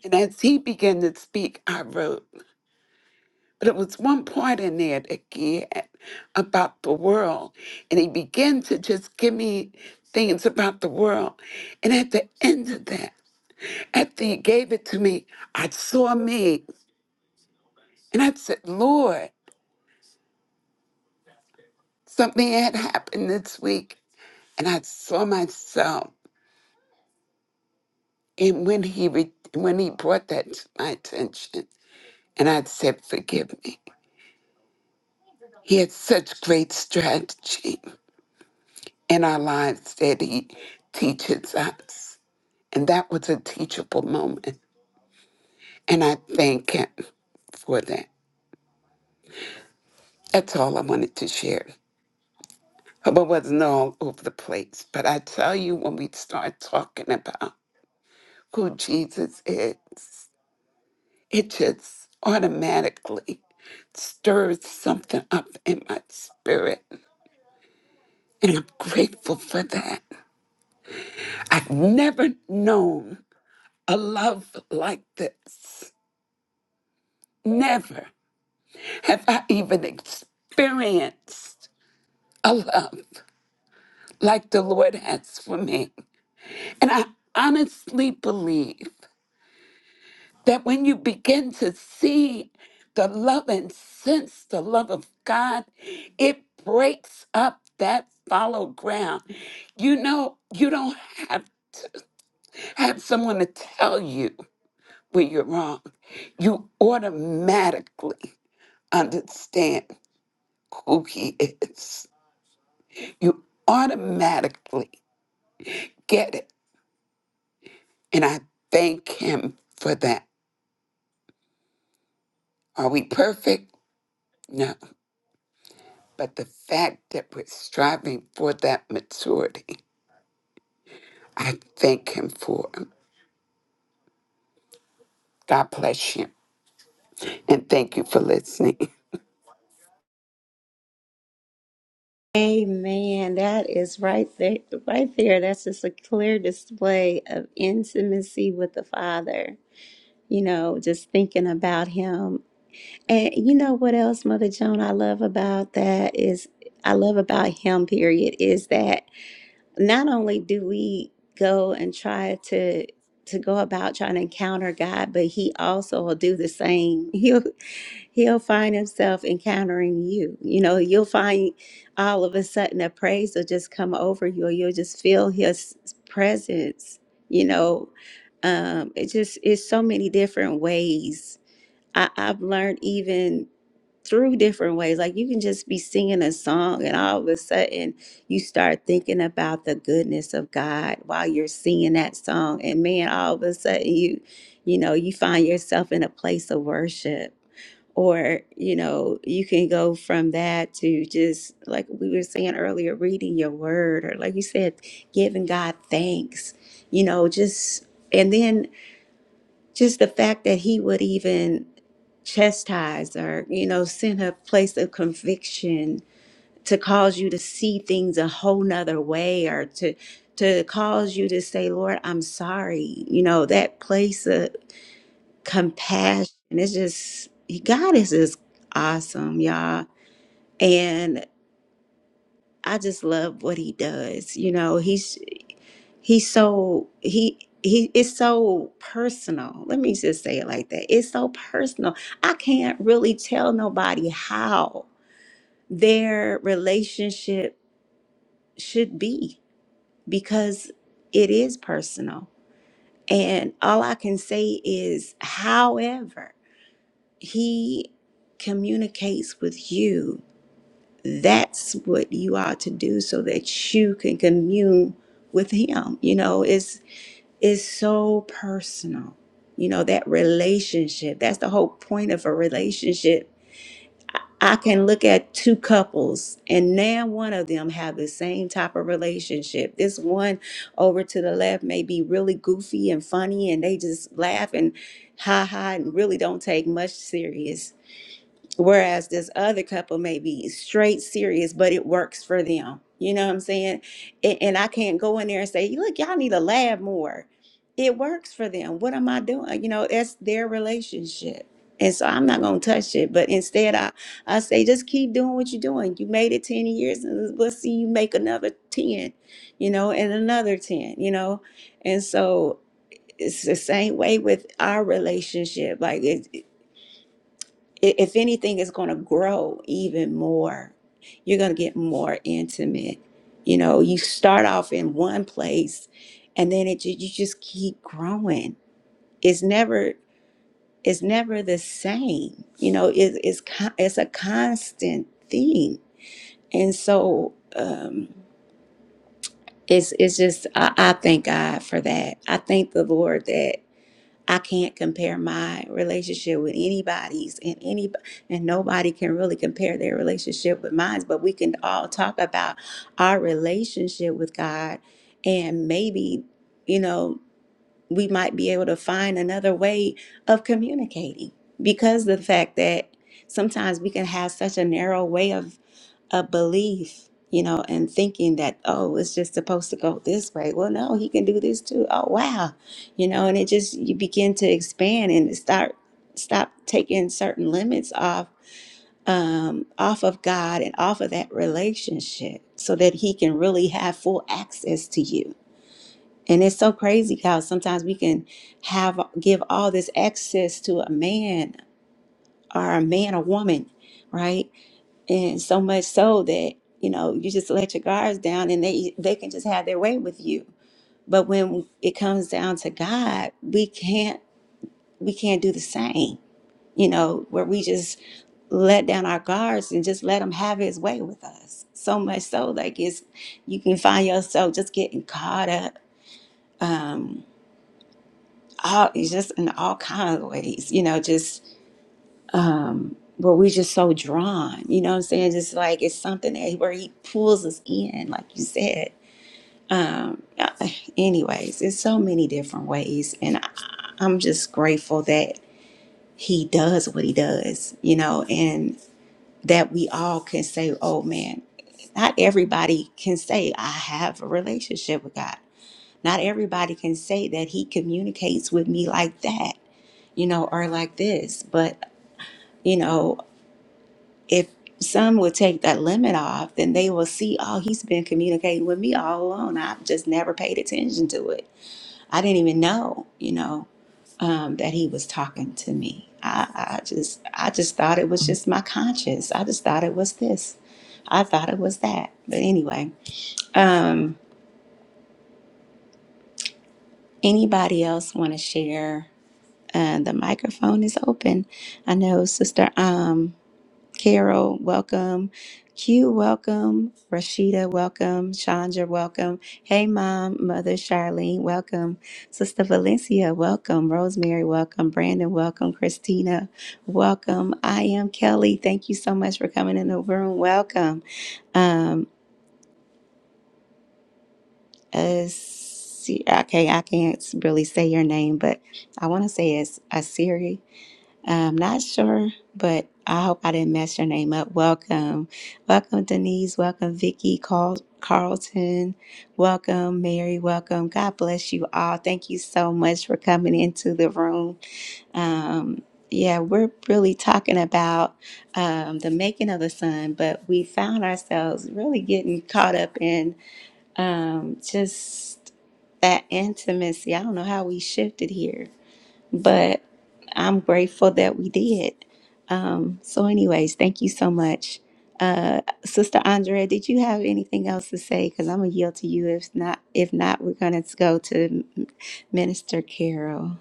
Speaker 6: And as he began to speak, I wrote. But it was one part in there that he had about the world. And he began to just give me things about the world. And at the end of that, after he gave it to me, I saw me. And I said, Lord, something had happened this week. And I saw myself. And when he re- when he brought that to my attention, and I said, "Forgive me," he had such great strategy in our lives that he teaches us, and that was a teachable moment. And I thank him for that. That's all I wanted to share. Hope I wasn't all over the place, but I tell you, when we start talking about who Jesus is, it just automatically stirs something up in my spirit. And I'm grateful for that. I've never known a love like this. Never have I even experienced a love like the Lord has for me. And I honestly believe. that when you begin to see the love and sense the love of God, it breaks up that fallow ground. You know, you don't have have someone to tell you when you're wrong. You automatically understand who he is. You automatically get it. And I thank him for that. Are we perfect? No. But the fact that we're striving for that maturity, I thank Him for. it. God bless you. And thank you for listening. <laughs>
Speaker 1: Amen. That is right there, right there. That's just a clear display of intimacy with the Father. You know, just thinking about Him. And you know what else, Mother Joan, I love about that is I love about Him. Period. Is that not only do we go and try to to go about trying to encounter God, but he also will do the same. <laughs> He'll he'll find himself encountering you. You know, you'll find all of a sudden a praise will just come over you, or you'll just feel his presence. You know, um, it just it's so many different ways. I, I've learned even through different ways. Like you can just be singing a song, and all of a sudden you start thinking about the goodness of God while you're singing that song. And man, all of a sudden you, you know, you find yourself in a place of worship. Or, you know, you can go from that to just like we were saying earlier, reading your word, or like you said, giving God thanks, you know, just. And then just the fact that he would even chastise or you know send a place of conviction to cause you to see things a whole nother way or to to cause you to say lord i'm sorry you know that place of compassion it's just god is just awesome y'all and i just love what he does you know He's. he's so he he it's so personal let me just say it like that it's so personal i can't really tell nobody how their relationship should be because it is personal and all i can say is however he communicates with you that's what you are to do so that you can commune with him you know it's is so personal. You know, that relationship, that's the whole point of a relationship. I can look at two couples and now one of them have the same type of relationship. This one over to the left may be really goofy and funny and they just laugh and ha ha and really don't take much serious Whereas this other couple may be straight serious, but it works for them. You know what I'm saying? And, and I can't go in there and say, look, y'all need to laugh more. It works for them. What am I doing? You know, that's their relationship. And so I'm not gonna touch it. But instead I, I say just keep doing what you're doing. You made it 10 years and we'll see you make another 10, you know, and another 10, you know. And so it's the same way with our relationship. Like it i- if anything is going to grow even more you're going to get more intimate you know you start off in one place and then it ju- you just keep growing it's never it's never the same you know it, it's con- it's a constant thing and so um it's it's just I, I thank god for that i thank the lord that. I can't compare my relationship with anybody's and any and nobody can really compare their relationship with mine, but we can all talk about our relationship with God and maybe, you know, we might be able to find another way of communicating because the fact that sometimes we can have such a narrow way of a belief, you know, and thinking that, oh, it's just supposed to go this way. Well, no, he can do this too. Oh, wow. You know, and it just, you begin to expand and start, stop taking certain limits off, um, off of God and off of that relationship so that he can really have full access to you. And it's so crazy how sometimes we can have, give all this access to a man or a man or woman, right? and so much so that you know you just let your guards down and they they can just have their way with you but when it comes down to god we can't we can't do the same you know where we just let down our guards and just let him have his way with us so much so like it's you can find yourself just getting caught up um all it's just in all kinds of ways you know just um, where we just so drawn, you know what I'm saying? Just like it's something that where he pulls us in, like you said. Um, uh, anyways, it's so many different ways, and I, I'm just grateful that he does what he does, you know, and that we all can say, oh man, not everybody can say, I have a relationship with God. Not everybody can say that he communicates with me like that, you know, or like this, but. You know, if some would take that limit off, then they will see, oh, he's been communicating with me all along. I've just never paid attention to it. I didn't even know, you know, um, that he was talking to me. I, I just, I just thought it was just my conscience. I just thought it was this. I thought it was that. But anyway, um, anybody else want to share? Uh, the microphone is open. I know, sister. Um Carol, welcome. Q, welcome. Rashida, welcome. Chandra, welcome. Hey, Mom, Mother Charlene, welcome. Sister Valencia, welcome. Rosemary, welcome. Brandon, welcome. Christina, welcome. I am Kelly. Thank you so much for coming in the room. Welcome. Um, uh, see, okay, I can't really say your name, but I want to say it's Asiri. I'm not sure, but I hope I didn't mess your name up. Welcome. Welcome, Denise. Welcome, Vicky Carl- Carlton. Welcome, Mary. Welcome. God bless you all. Thank you so much for coming into the room. Um, yeah, we're really talking about um, the making of the sun, but we found ourselves really getting caught up in um, just that intimacy. I don't know how we shifted here but I'm grateful that we did. Um, so, anyways, thank you so much. Uh, Sister Andrea, did you have anything else to say? Because I'm gonna yield to you. If not, if not, we're gonna go to M- Minister Carol.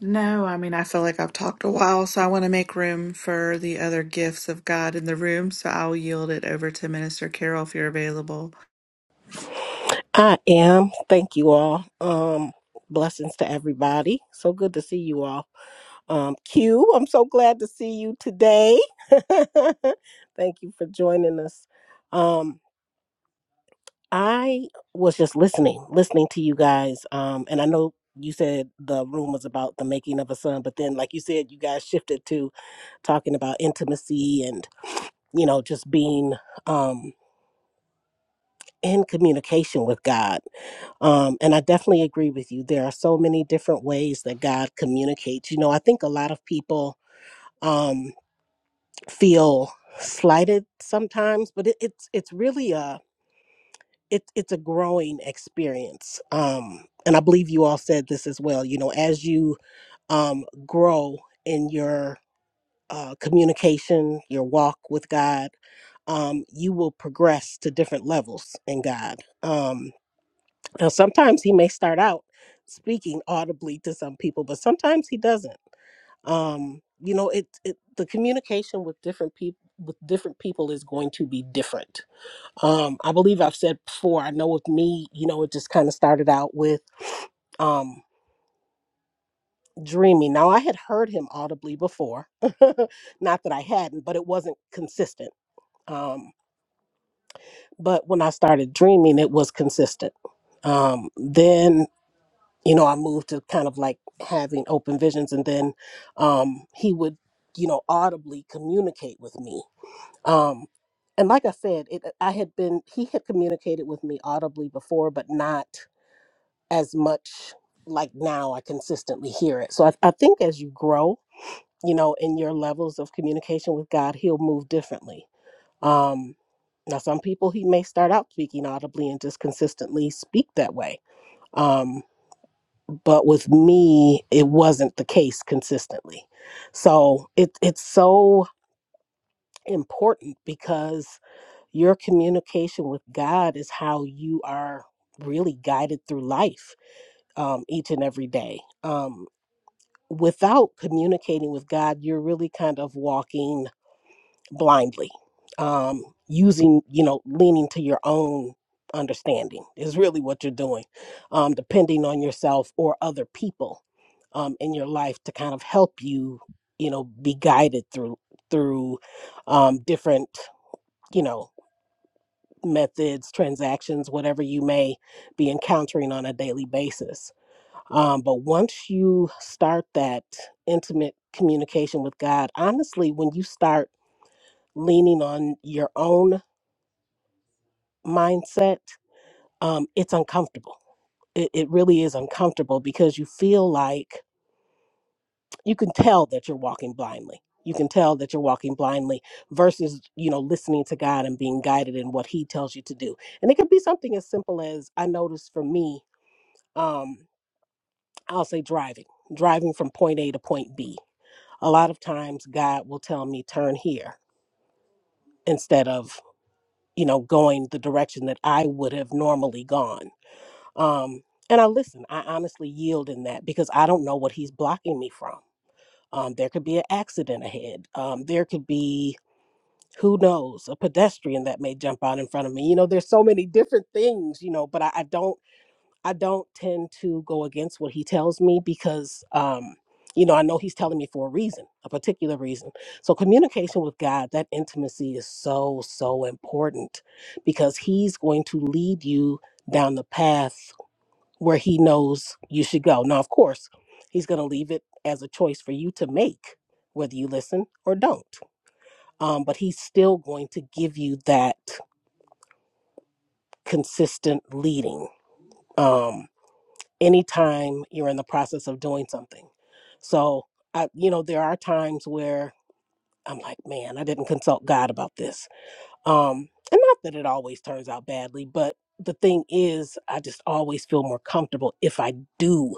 Speaker 7: No, I mean, I feel like I've talked a while, so I want to make room for the other gifts of God in the room. So I'll yield it over to Minister Carol if you're available.
Speaker 8: I am. Thank you all. Um, blessings to everybody. So good to see you all. Um, Q, I'm so glad to see you today. <laughs> Thank you for joining us. Um, I was just listening, listening to you guys. Um, and I know you said the room was about the making of a son, but then, like you said, you guys shifted to talking about intimacy and you know just being um in communication with God. Um, and I definitely agree with you. There are so many different ways that God communicates. You know, I think a lot of people um, feel slighted sometimes, but it, it's it's really a it, it's a growing experience. Um, and I believe you all said this as well. You know, as you um, grow in your uh, communication, your walk with God, um, you will progress to different levels in God. Um, Now, sometimes he may start out speaking audibly to some people, but sometimes he doesn't. Um, you know, it, it the communication with different people with different people is going to be different. Um, I believe I've said before. I know with me, you know, it just kind of started out with um, dreaming. Now I had heard him audibly before, <laughs> not that I hadn't, but it wasn't consistent. Um, but when I started dreaming, it was consistent. Um, then you know, I moved to kind of like having open visions, and then um, he would, you know, audibly communicate with me. Um, and like I said, it, uh, I had been he had communicated with me audibly before, but not as much like now. I consistently hear it. So I, I think as you grow, you know, in your levels of communication with God, He'll move differently. Um, now, some people He may start out speaking audibly and just consistently speak that way. Um, but with me it wasn't the case consistently so it, it's so important because your communication with god is how you are really guided through life um, each and every day um, without communicating with god you're really kind of walking blindly, um, using, you know, leaning to your own understanding is really what you're doing, um, depending on yourself or other people um, in your life to kind of help you, you know, be guided through through um, different, you know, methods, transactions, whatever you may be encountering on a daily basis. Um, but once you start that intimate communication with God, honestly, when you start leaning on your own mindset, um, it's uncomfortable. It, it really is uncomfortable because you feel like you can tell that you're walking blindly. You can tell that you're walking blindly versus, you know, listening to God and being guided in what He tells you to do. And it could be something as simple as I noticed for me, um, I'll say driving, driving from point A to point B. A lot of times God will tell me, turn here instead of, you know, going the direction that I would have normally gone Um, and I listen, I honestly yield in that because I don't know what he's blocking me from. Um, there could be an accident ahead. Um, there could be, who knows, a pedestrian that may jump out in front of me. You know, there's so many different things, you know, but I, I don't, I don't tend to go against what he tells me because, um, you know, I know he's telling me for a reason, a particular reason. So communication with God, that intimacy is so, so important because he's going to lead you down the path where he knows you should go. Now, of course, he's going to leave it as a choice for you to make, whether you listen or don't. Um, but he's still going to give you that consistent leading um, anytime you're in the process of doing something. So, I, you know, there are times where I'm like, man, I didn't consult God about this. Um, and not that it always turns out badly, but the thing is, I just always feel more comfortable if I do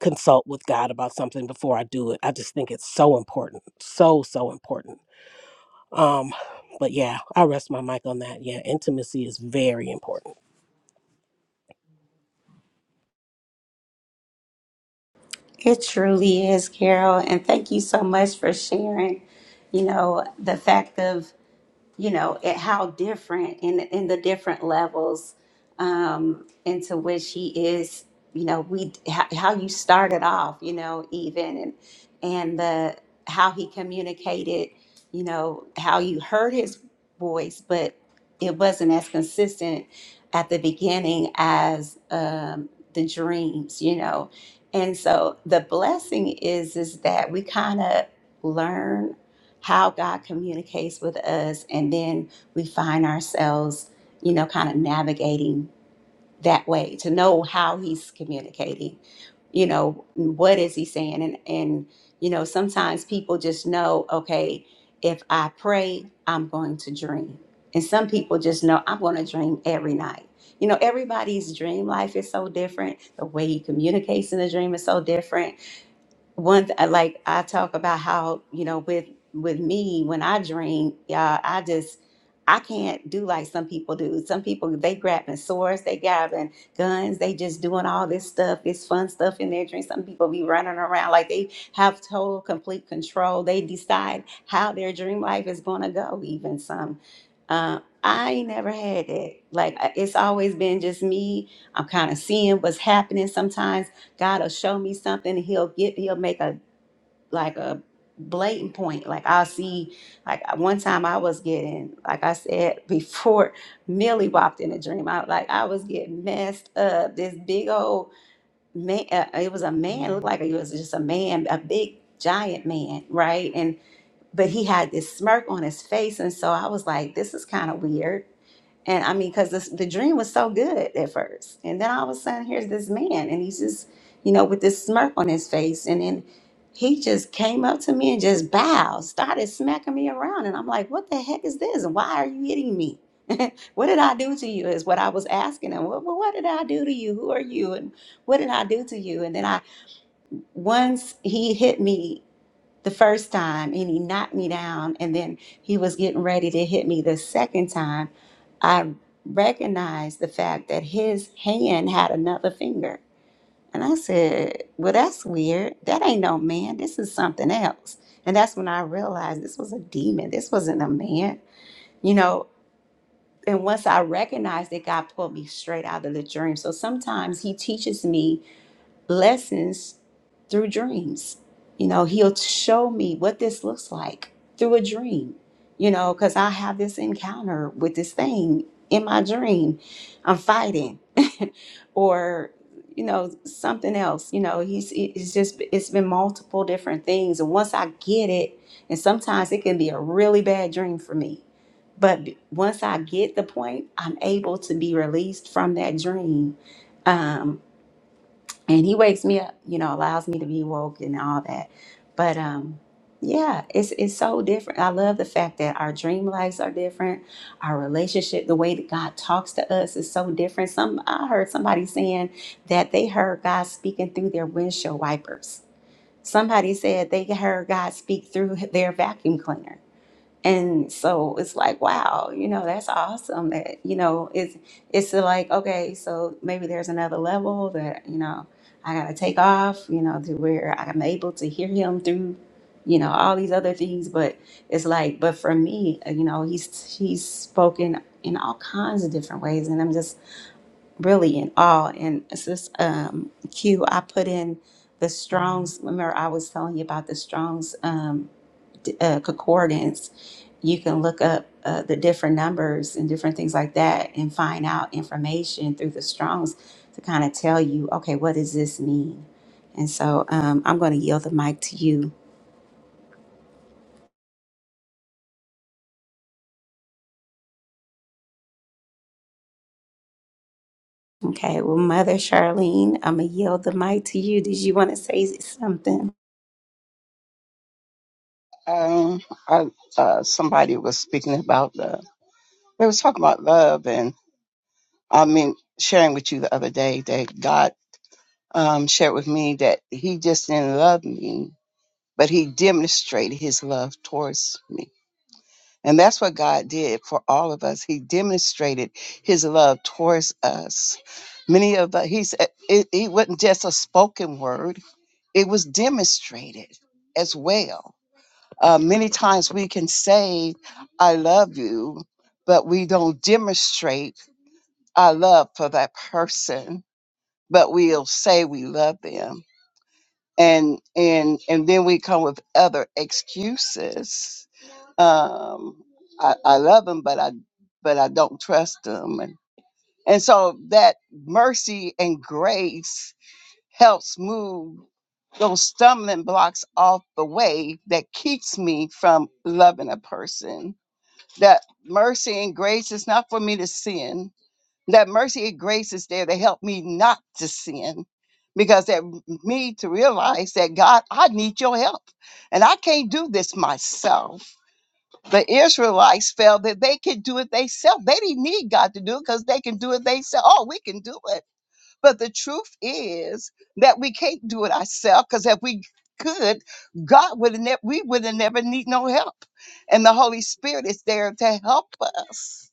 Speaker 8: consult with God about something before I do it. I just think it's so important, so so important. Um, but yeah, I rest my mic on that. Yeah, intimacy is very important.
Speaker 1: It truly is, Carol, and thank you so much for sharing. You know, the fact of you know, at how different in in the different levels um, into which he is, you know, we how, how you started off, you know, even and and the how he communicated, you know, how you heard his voice, but it wasn't as consistent at the beginning as um, the dreams, you know, and so the blessing is is that we kind of learn how God communicates with us, and then we find ourselves, you know, kind of navigating that way to know how He's communicating. You know, what is He saying? And and you know, sometimes people just know, okay, if I pray, I'm going to dream, and some people just know I'm going to dream every night. You know, everybody's dream life is so different. The way he communicates in the dream is so different one th- I like I talk about how you know with with me when I dream, yeah, I just I can't do like some people do. Some people they grabbing swords, they grabbing guns, they just doing all this stuff, this fun stuff in their dreams. Some people be running around like they have total complete control. They decide how their dream life is gonna go. Even some, uh, I ain't never had that. Like I- it's always been just me. I'm kind of seeing what's happening sometimes God will show me something. and He'll get. He'll make a like a blatant point. Like I'll see. Like one time I was getting. Like I said <laughs> before, Millie walked in a dream. I like I was getting messed up. This big old man. Uh, it was a man. It Looked like it was just a man. A big giant man, right? And but he had this smirk on his face, and so I was like, this is kind of weird. And I mean, because the, the dream was so good at first. And then all of a sudden, here's this man, and he's just, you know, with this smirk on his face. And then he just came up to me and just bowed, started smacking me around. And I'm like, what the heck is this? And why are you hitting me? <laughs> what did I do to you? Is what I was asking him. What, what what did I do to you? Who are you? And what did I do to you? And then I, once he hit me the first time and he knocked me down and then he was getting ready to hit me the second time i recognized the fact that his hand had another finger and i said well that's weird that ain't no man this is something else and that's when i realized this was a demon this wasn't a man you know and once i recognized it god pulled me straight out of the dream so sometimes he teaches me lessons through dreams. You know, he'll show me what this looks like through a dream, you know, because I have this encounter with this thing in my dream. I'm fighting <laughs> or, you know, something else. You know, he's it's just it's been multiple different things. And once I get it, and sometimes it can be a really bad dream for me. But b- once I get the point, I'm able to be released from that dream Um, and he wakes me up you know allows me to be woke and all that but um yeah it's it's so different i love the fact that our dream lives are different our relationship the way that god talks to us is so different some i heard somebody saying that they heard god speaking through their windshield wipers somebody said they heard god speak through their vacuum cleaner and so it's like, wow, you know, that's awesome. That you know, it's it's like, okay, so maybe there's another level that you know I gotta take off, you know, to where I'm able to hear him through, you know, all these other things. But it's like, but for me, uh, you know, he's he's spoken in all kinds of different ways, and I'm just really in awe. And it's just um, Q. I put in the Strong's. Remember, I was telling you about the Strong's. Um, uh, concordance, you can look up uh, the different numbers and different things like that and find out information through the Strongs to kind of tell you, okay, what does this mean? And so um, I'm going to yield the mic to you. Okay, well, Mother Charlene, I'm going to yield the mic to you. Did you want to say something?
Speaker 9: Um, I, uh, somebody was speaking about the. They was talking about love, and I mean sharing with you the other day that God um, shared with me that He just didn't love me, but He demonstrated His love towards me, and that's what God did for all of us. He demonstrated His love towards us. Many of us. He said it, it wasn't just a spoken word; it was demonstrated as well. Uh, many times we can say, I love you, but we don't demonstrate our love for that person, but we'll say we love them. And, and, and then we come with other excuses. Um, I, I love them, but I, but I don't trust them. And, and so that mercy and grace helps move those stumbling blocks off the way that keeps me from loving a person that mercy and grace is not for me to sin. That mercy and grace is there to help me not to sin. Because that m- me to realize that God, I need your help. And I can't do this myself. The Israelites felt that they could do it themselves. They didn't need God to do it because they can do it themselves. Oh, we can do it. But the truth is that we can't do it ourselves because if we could, God would have never we would have never need no help. And the Holy Spirit is there to help us.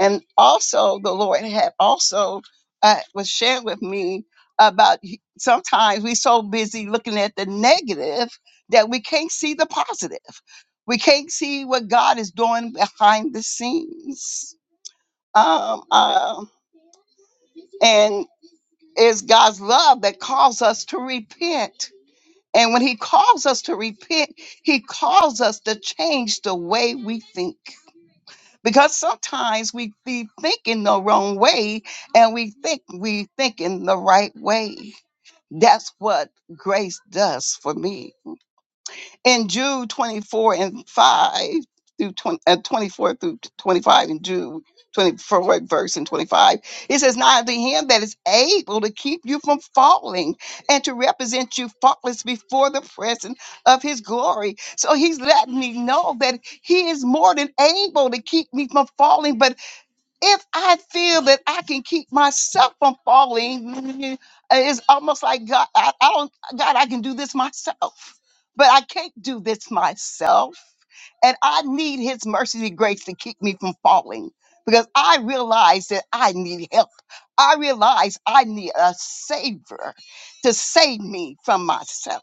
Speaker 9: And also the Lord had also uh, was sharing with me about he- sometimes we're so busy looking at the negative that we can't see the positive. We can't see what God is doing behind the scenes. Um, um, and it's God's love that calls us to repent. And when He calls us to repent, He calls us to change the way we think. Because sometimes we be thinking the wrong way and we think we think in the right way. That's what grace does for me in Jude 24 and 5 through 20, uh, 24 through 25 in Jude 24 verse and 25 it says now to him that is able to keep you from falling and to represent you faultless before the presence of his glory so he's letting me know that he is more than able to keep me from falling but if I feel that I can keep myself from falling, <laughs> it's almost like God, I, I don't, God, I can do this myself, but I can't do this myself. And I need his mercy and grace to keep me from falling because I realize that I need help. I realize I need a savior to save me from myself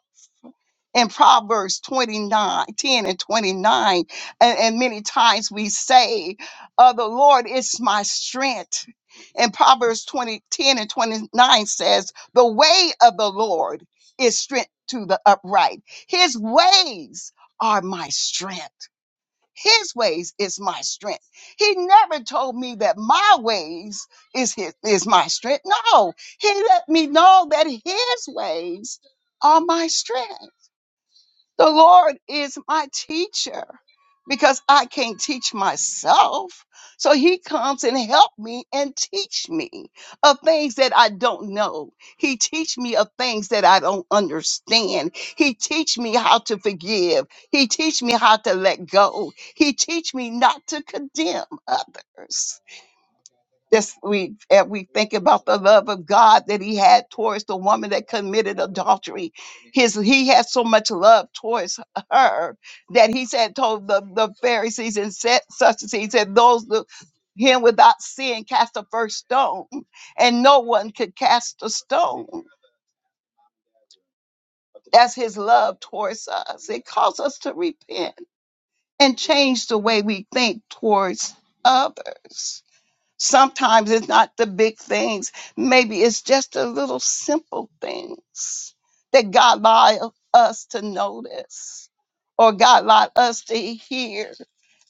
Speaker 9: in Proverbs 29, 10, and 29. And, and many times we say, uh, the Lord is my strength. And Proverbs 20 10 and 29 says, the way of the Lord is strength to the upright. His ways are my strength. His ways is my strength. He never told me that my ways is his, is my strength. No, he let me know that his ways are my strength. The Lord is my teacher because I can't teach myself. So he comes and help me and teach me of things that I don't know. He teach me of things that I don't understand. He teach me how to forgive. He teach me how to let go. He teach me not to condemn others. This we and we think about the love of God that He had towards the woman that committed adultery. His He had so much love towards her that He said told the, the Pharisees and said set Sadducees and those the, him without sin cast the first stone, and no one could cast a stone. That's His love towards us. It calls us to repent and change the way we think towards others Sometimes it's not the big things. Maybe it's just the little simple things that God allowed us to notice or God allowed us to hear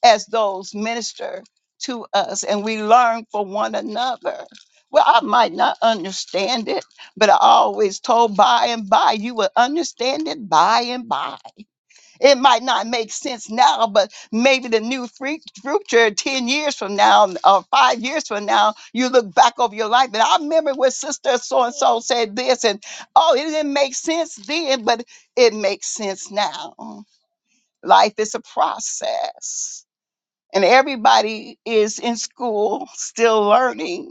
Speaker 9: as those minister to us and we learn from one another. Well, I might not understand it, but I always told by and by, you will understand it by and by it might not make sense now, but maybe the new free- future 10 years from now or five years from now, you look back over your life. And I remember when Sister So and so said this, and oh, it didn't make sense then, but it makes sense now. Life is a process, and everybody is in school still learning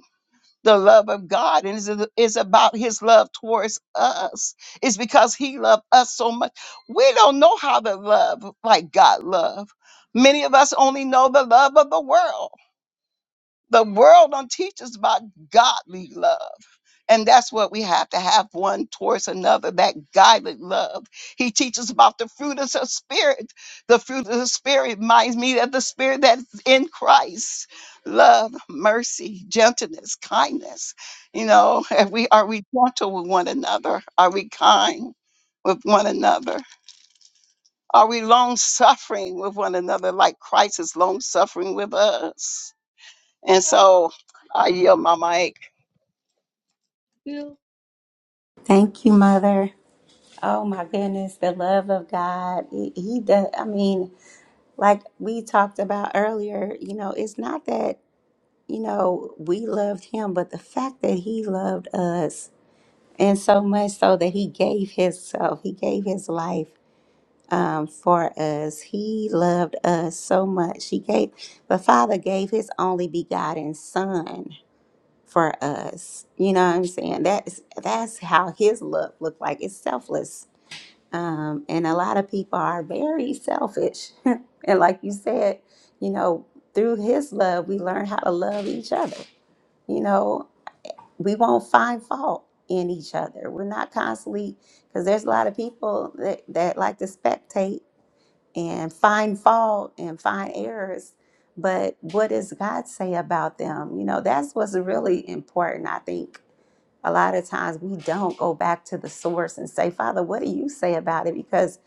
Speaker 9: the love of God and is is about his love towards us. It's because he loved us so much. We don't know how to love like God love. Many of us only know the love of the world. The world don't teach us about godly love. And that's what we have to have one towards another, that godly love. He teaches about the fruit of the spirit. The fruit of the spirit reminds me of the spirit that's in Christ. Love, mercy, gentleness, kindness. You know, if we are we gentle with one another? Are we kind with one another? Are we long suffering with one another like Christ is long suffering with us? And so I yield my mic.
Speaker 1: Thank you, Mother. Oh my goodness, the love of God. He he does, I mean, like we talked about earlier, you know, it's not that you know, we loved him, but the fact that he loved us, and so much so that he gave himself, he gave his life um, for us. He loved us so much. He gave, the Father gave his only begotten Son for us. You know what I'm saying? That's that's how his love looked like. It's selfless, um, and a lot of people are very selfish. <laughs> and like you said, you know, through his love, we learn how to love each other you know we won't find fault in each other. We're not constantly because there's a lot of people that, that like to spectate and find fault and find errors. But what does God say about them? You know, that's what's really important. I think a lot of times we don't go back to the source and say, Father, what do you say about it? Because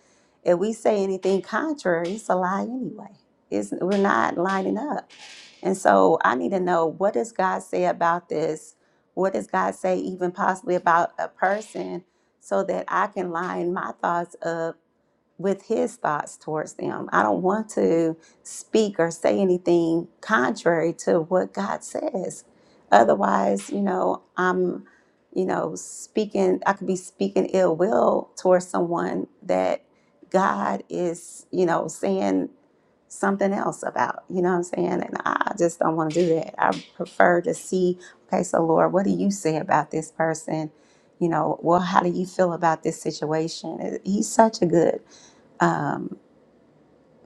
Speaker 1: if we say anything contrary, it's a lie anyway. It's, we're not lining up. And so I need to know what does God say about this? What does God say even possibly about a person so that I can line my thoughts up with his thoughts towards them. I don't want to speak or say anything contrary to what God says. Otherwise, you know, I'm you know, speaking I could be speaking ill will towards someone that God is, you know, saying something else about. You know what I'm saying? And I just don't want to do that. I prefer to see, okay, so Lord, what do you say about this person? You know, well, how do you feel about this situation? Uh, He's such a good um,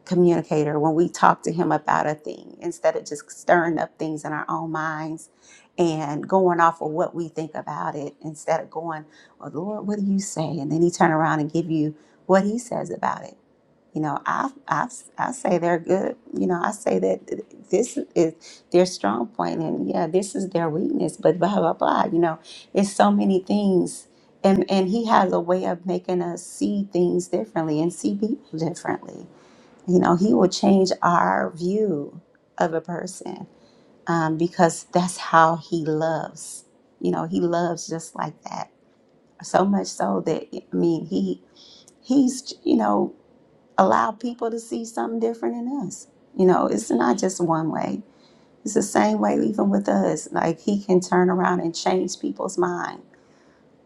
Speaker 1: communicator when we talk to him about a thing instead of just stirring up things in our own minds and going off of what we think about it instead of going, well, Lord, what do you say? And then he turn around and give you what he says about it you know, I, I, I say they're good. You know, I say that this is their strong point and yeah, this is their weakness, but blah, blah, blah. You know, it's so many things. And, and he has a way of making us see things differently and see people differently. You know, he will change our view of a person um, because that's how he loves. You know, he loves just like that. So much so that, I mean, he, he's, you know, allow people to see something different in us. You know, it's not just one way. It's the same way even with us. Like he can turn around and change people's mind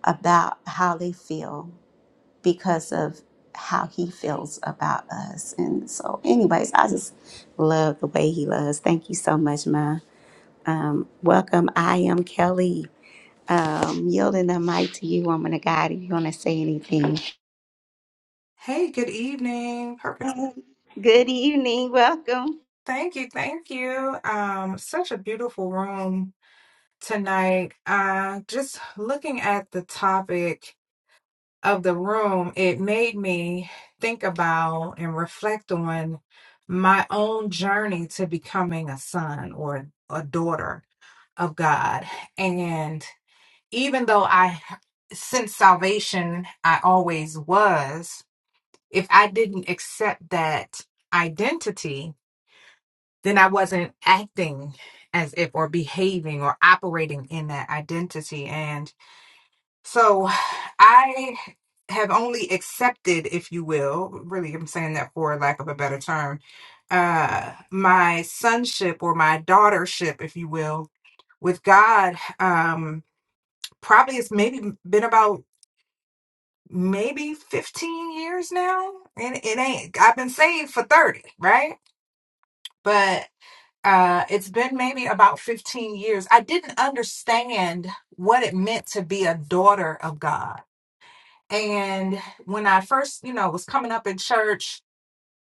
Speaker 1: about how they feel because of how he feels about us. And so anyways, I just love the way he loves. Thank you so much, Ma. Um, welcome. I am Kelly. Um, yielding the mic to you, woman of God, if you want to say anything.
Speaker 10: Hey, good evening. Purpose.
Speaker 1: Good evening. Welcome.
Speaker 10: Thank you, thank you. Um, such a beautiful room tonight. Uh, just looking at the topic of the room, it made me think about and reflect on my own journey to becoming a son or a daughter of God. And even though I, since salvation, I always was, if I didn't accept that identity, then I wasn't acting as if or behaving or operating in that identity. And so I have only accepted, if you will, really, I'm saying that for lack of a better term, uh, my sonship or my daughtership, if you will, with God. Um, probably it's maybe been about maybe 15 years now. And it ain't, I've been saved for 30, right? But uh, it's been maybe about 15 years. I didn't understand what it meant to be a daughter of God. And when I first, you know, was coming up in church,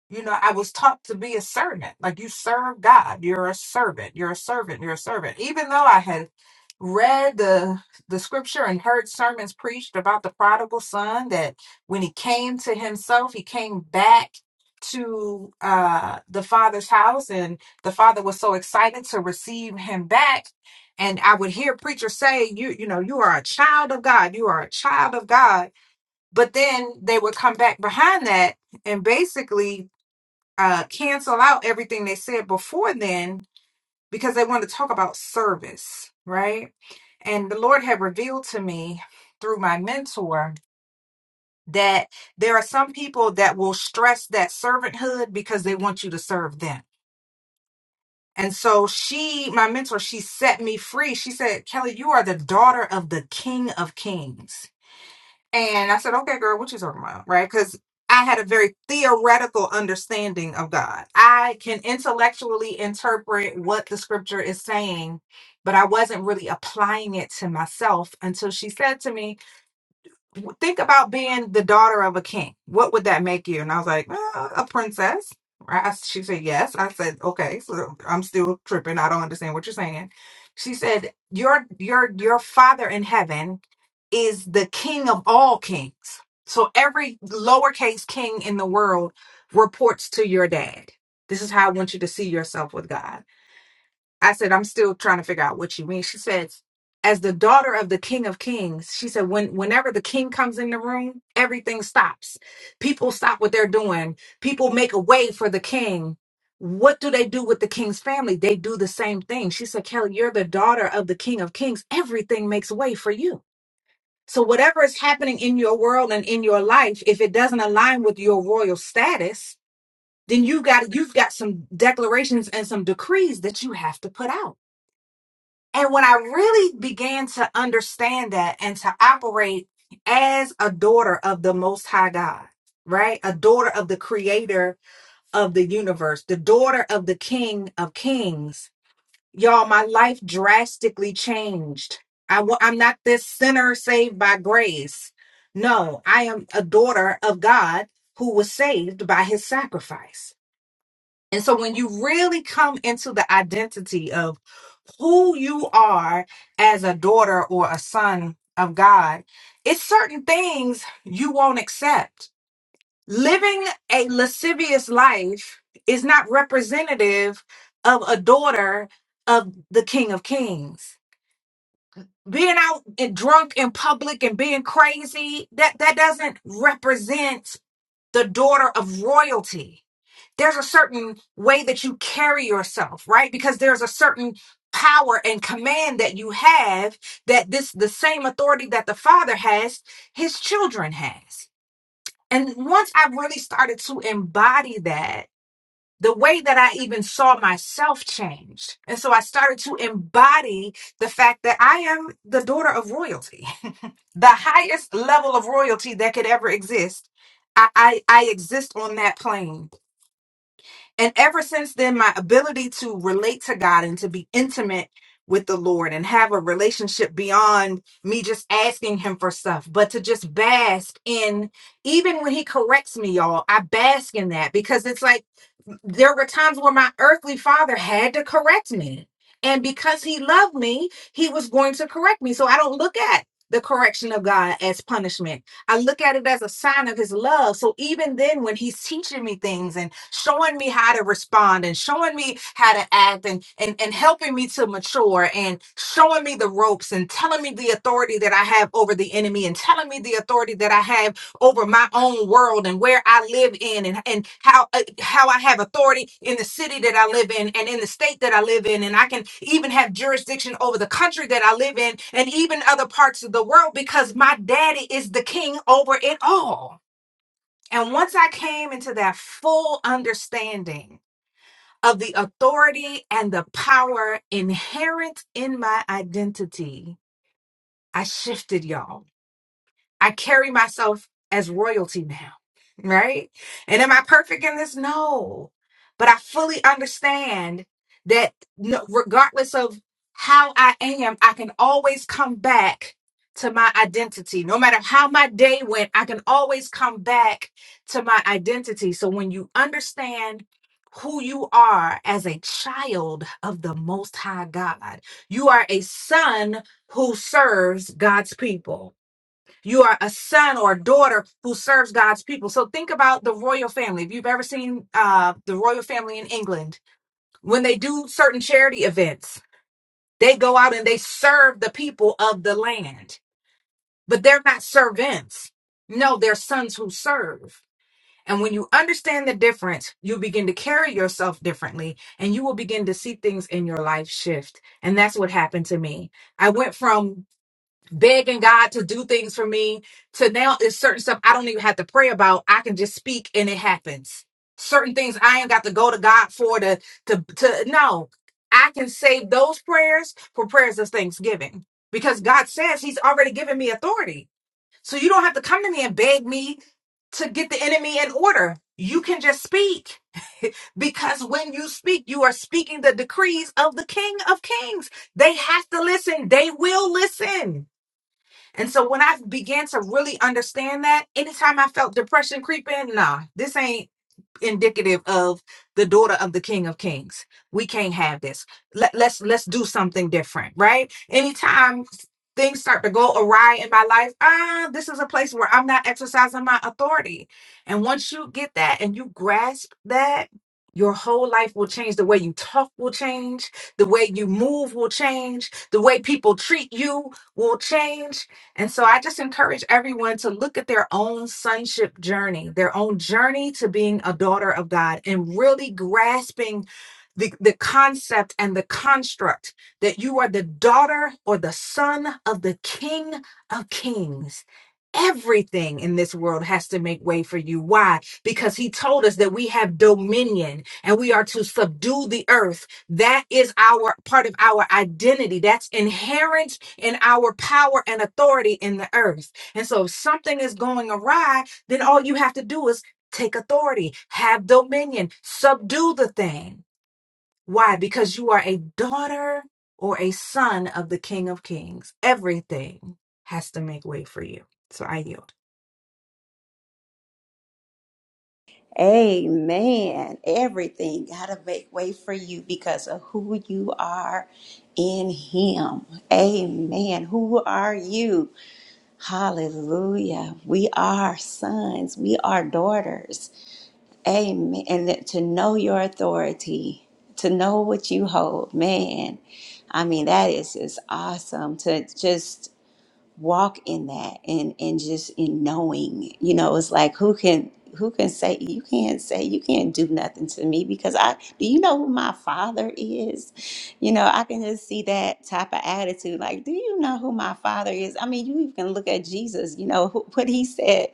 Speaker 10: you know, I was taught to be a servant. Like you serve God, you're a servant, you're a servant, you're a servant. Even though I had read the the scripture and heard sermons preached about the prodigal son that when he came to himself he came back to uh the father's house and the father was so excited to receive him back and i would hear preachers say you you know you are a child of god you are a child of god but then they would come back behind that and basically uh cancel out everything they said before then because they want to talk about service right and the Lord had revealed to me through my mentor that there are some people that will stress that servanthood because they want you to serve them. And so she, my mentor, she set me free. She said, Kelly, you are the daughter of the King of Kings. And I said, okay, girl, what you talking about? Right? Because I had a very theoretical understanding of God. I can intellectually interpret what the scripture is saying, but I wasn't really applying it to myself until she said to me, think about being the daughter of a king. What would that make you? And I was like, uh, a princess. I, she said, yes. I said, okay. So I'm still tripping. I don't understand what you're saying. She said, your your your father in heaven is the king of all kings. So every lowercase king in the world reports to your dad. This is how I want you to see yourself with God. I said, I'm still trying to figure out what you mean. She says, as the daughter of the King of Kings, she said, when whenever the king comes in the room, everything stops. People stop what they're doing. People make a way for the king. What do they do with the king's family? They do the same thing. She said, Kelly, you're the daughter of the King of Kings. Everything makes way for you. So whatever is happening in your world and in your life, if it doesn't align with your royal status, then you've got you've got some declarations and some decrees that you have to put out. And when I really began to understand that and to operate as a daughter of the Most High God, right? A daughter of the creator of the universe, the daughter of the King of Kings, y'all, my life drastically changed. I, wa- I'm not this sinner saved by grace. No, I am a daughter of God who was saved by his sacrifice. And so when you really come into the identity of who you are as a daughter or a son of God, it's certain things you won't accept. Living a lascivious life is not representative of a daughter of the King of Kings. Being out and drunk in public and being crazy, that, that doesn't represent the daughter of royalty. There's a certain way that you carry yourself, right? Because there's a certain power and command that you have that this the same authority that the father has, his children has. And once I really started to embody that, the way that I even saw myself changed. And so I started to embody the fact that I am the daughter of royalty. <laughs> the highest level of royalty that could ever exist. I, I, I exist on that plane. And ever since then, my ability to relate to God and to be intimate with the Lord and have a relationship beyond me just asking Him for stuff, but to just bask in, even when He corrects me, y'all, I bask in that because it's like there were times where my earthly father had to correct me. And because He loved me, He was going to correct me. So I don't look at the correction of God as punishment. I look at it as a sign of his love. So even then, when he's teaching me things and showing me how to respond and showing me how to act and, and, and helping me to mature and showing me the ropes and telling me the authority that I have over the enemy and telling me the authority that I have over my own world and where I live in and, and how uh, how I have authority in the city that I live in and in the state that I live in and I can even have jurisdiction over the country that I live in and even other parts of the world because my daddy is the king over it all. And once I came into that full understanding of the authority and the power inherent in my identity, I shifted y'all I carry myself as royalty now, right? And am I perfect in this? No. But I fully understand that no, regardless of how I am, I can always come back to my identity. No matter how my day went, I can always come back to my identity. So when you understand who you are as a child of the Most High God, you are a son who serves God's people you are a son or a daughter who serves God's people. So think about the royal family. If you've ever seen uh, the royal family in England, when they do certain charity events, they go out and they serve the people of the land, but they're not servants. No, they're sons who serve. And when you understand the difference, you begin to carry yourself differently and you will begin to see things in your life shift. And that's what happened to me. I went from begging God to do things for me to now it's certain stuff I don't even have to pray about. I can just speak and it happens. Certain things I ain't got to go to God for to to to no. I can save those prayers for prayers of thanksgiving because God says He's already given me authority. So you don't have to come to me and beg me to get the enemy in order. You can just speak because when you speak, you are speaking the decrees of the King of Kings. They have to listen. They will listen. And so when I began to really understand that, anytime I felt depression creeping, nah, this ain't indicative of the daughter of the King of Kings. We can't have this. Let, let's let's do something different, right? Anytime things start to go awry in my life, ah, this is a place where I'm not exercising my authority. And once you get that and you grasp that. Your whole life will change. The way you talk will change. The way you move will change. The way people treat you will change and so I just encourage everyone to look at their own sonship journey, their own journey to being a daughter of God, and really grasping the, the concept and the construct that you are the daughter or the son of the King of Kings. Everything in this world has to make way for you. Why? Because he told us that we have dominion and we are to subdue the earth. That is our part of our identity. That's inherent in our power and authority in the earth. And so if something is going awry, then all you have to do is take authority, have dominion, subdue the thing. Why? Because you are a daughter or a son of the King of Kings. Everything has to make way for you. So I yield.
Speaker 1: Amen. Everything got to make way for you because of who you are in Him. Amen. Who are you? Hallelujah. We are sons, we are daughters. Amen. And that to know your authority, to know what you hold, man. I mean, that is just awesome to just walk in that and and just in knowing you know it's like who can who can say you can't say you can't do nothing to me because i do you know who my father is you know i can just see that type of attitude like do you know who my father is i mean you even can look at jesus you know who, what he said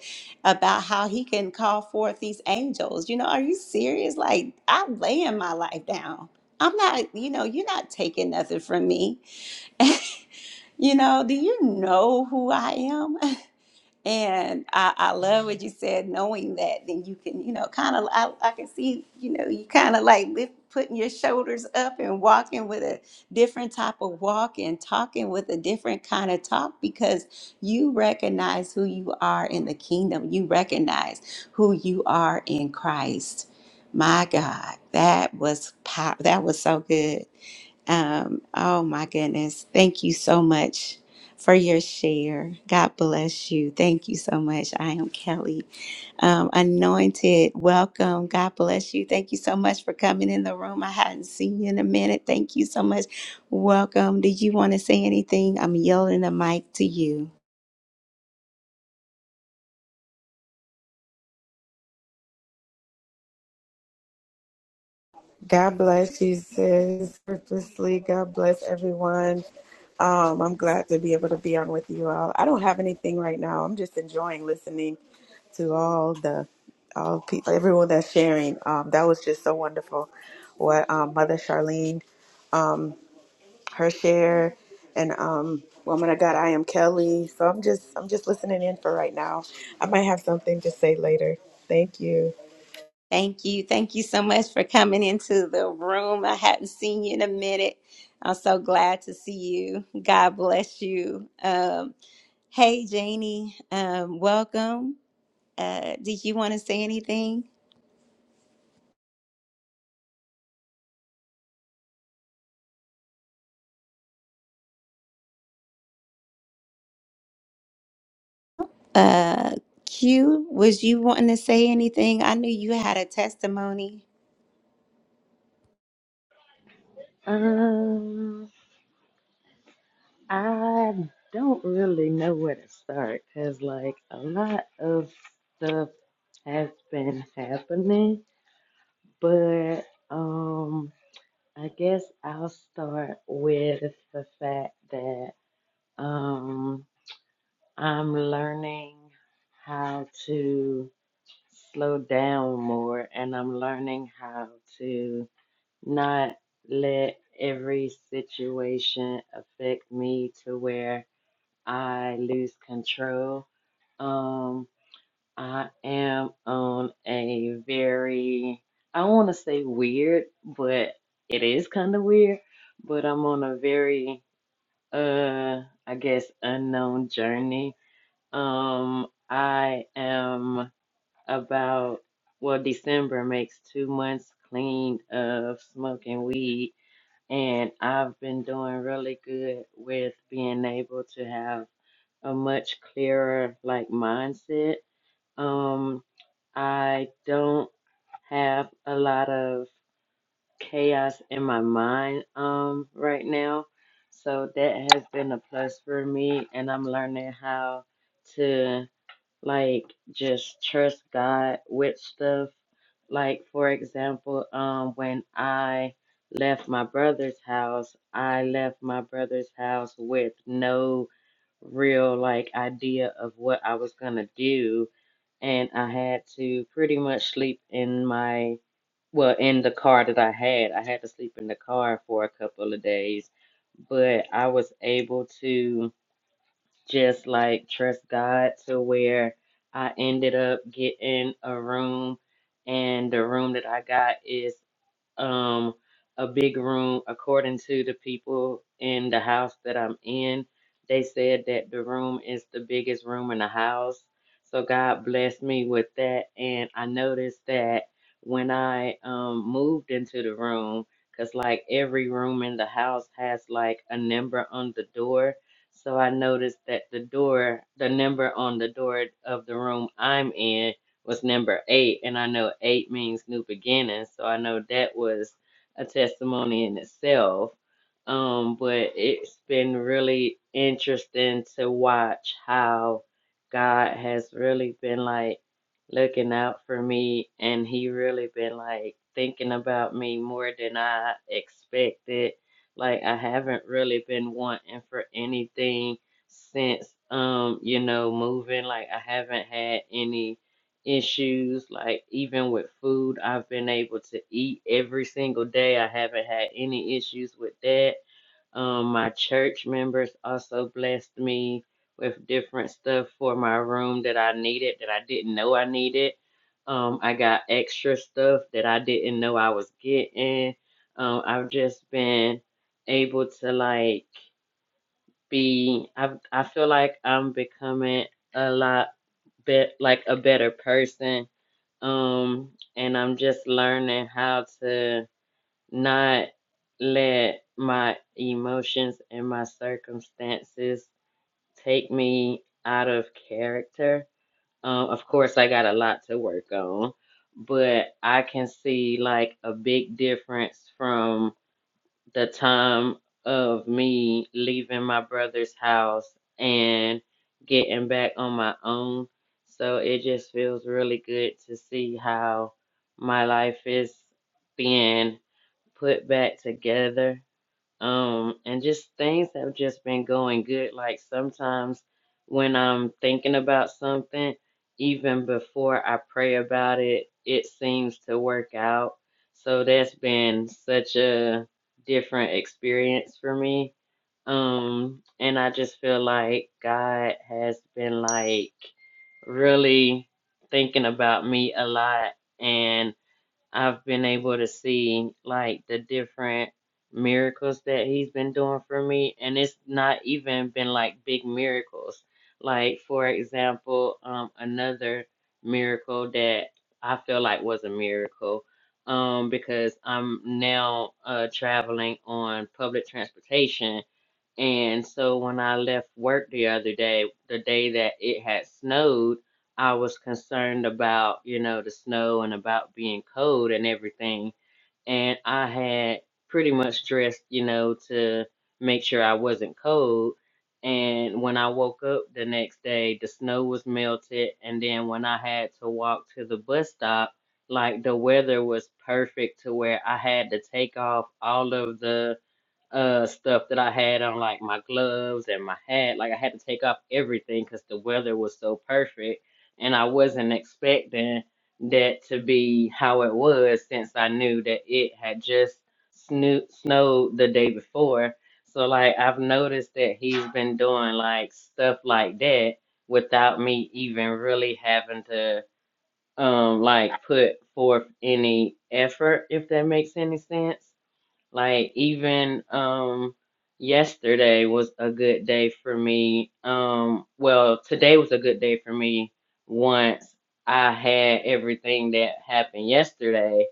Speaker 1: about how he can call forth these angels you know are you serious like i'm laying my life down i'm not you know you're not taking nothing from me you know, do you know who I am? And I, I love what you said, knowing that, then you can, you know, kind of, I, I can see, you know, you kind of like lift, putting your shoulders up and walking with a different type of walk and talking with a different kind of talk because you recognize who you are in the kingdom. You recognize who you are in Christ. My God, that was pow- that was so good. Um, oh my goodness. Thank you so much for your share. God bless you. Thank you so much. I am Kelly. Um, anointed, welcome. God bless you. Thank you so much for coming in the room. I hadn't seen you in a minute. Thank you so much. Welcome. Did you want to say anything? I'm yielding the mic to you.
Speaker 11: God bless you, sis. Purposely, God bless everyone. Um, I'm glad to be able to be on with you all. I don't have anything right now. I'm just enjoying listening to all the all people, everyone that's sharing. Um, that was just so wonderful. What um, Mother Charlene, um, her share, and um, Woman of God, I am Kelly. So I'm just I'm just listening in for right now. I might have something to say later. Thank you.
Speaker 1: Thank you. Thank you so much for coming into the room. I hadn't seen you in a minute. I'm so glad to see you. God bless you. Um, hey, Janie, um, welcome. Uh, did you want to say anything? Uh, Q, was you wanting to say anything? I knew you had a testimony.
Speaker 12: Um, I don't really know where to start because, like, a lot of stuff has been happening, but um, I guess I'll start with the fact that um, I'm learning how to slow down more, and I'm learning how to not let every situation affect me to where. I lose control. Um, I am on a very, I want to say weird, but it is kind of weird. But I'm on a very, uh, I guess, unknown journey. Um, I am about, well, December makes two months clean of smoking weed, and I've been doing really good with being able to have a much clearer like mindset. Um, I don't have a lot of chaos in my mind um right now. So that has been a plus for me and I'm learning how to like just trust God with stuff. Like for example, um when I left my brother's house, I left my brother's house with no real like idea of what I was gonna do, and I had to pretty much sleep in my well in the car that I had. I had to sleep in the car for a couple of days, but I was able to just like trust God to where I ended up getting a room, and the room that I got is um a big room according to the people in the house that I'm in. They said that the room is the biggest room in the house. So God blessed me with that and I noticed that when I um moved into the room cuz like every room in the house has like a number on the door. So I noticed that the door, the number on the door of the room I'm in was number eight, and I know eight means new beginnings, so I know that was a testimony in itself. Um, but it's been really interesting to watch how God has really been like looking out for me, and He really been like thinking about me more than I expected. Like I haven't really been wanting for anything since um, you know, moving. Like I haven't had any issues, like even with food, I've been able to eat every single day. I haven't had any issues with that. Um, my church members also blessed me with different stuff for my room that I needed that I didn't know I needed. Um, I got extra stuff that I didn't know I was getting. Um, I've just been able to like be I I feel like I'm becoming a lot bet like a better person um and i'm just learning how to not let my emotions and my circumstances take me out of character um of course i got a lot to work on but i can see like a big difference from the time of me leaving my brother's house and getting back on my own. So it just feels really good to see how my life is being put back together um, and just things have just been going good. Like sometimes when I'm thinking about something, even before I pray about it, it seems to work out. So that's been such a different experience for me. Um, and I just feel like God has been like really thinking about me a lot. And I've been able to see like the different miracles that he's been doing for me, and it's not even been like big miracles. Like for example, um, another miracle that I feel like was a miracle, um, because I'm now uh traveling on public transportation and so when I left work the other day, the day that it had snowed, I was concerned about, you know, the snow and about being cold and everything. And I had pretty much dressed, you know, to make sure I wasn't cold. And when I woke up the next day, the snow was melted. And then when I had to walk to the bus stop, like the weather was perfect to where I had to take off all of the uh stuff that I had on like my gloves and my hat. Like I had to take off everything because the weather was so perfect and I wasn't expecting that to be how it was since I knew that it had just sno- snowed the day before. So like I've noticed that he's been doing like stuff like that without me even really having to um like put forth any effort if that makes any sense. Like even um yesterday was a good day for me. Um well, today was a good day for me once I had everything that happened yesterday.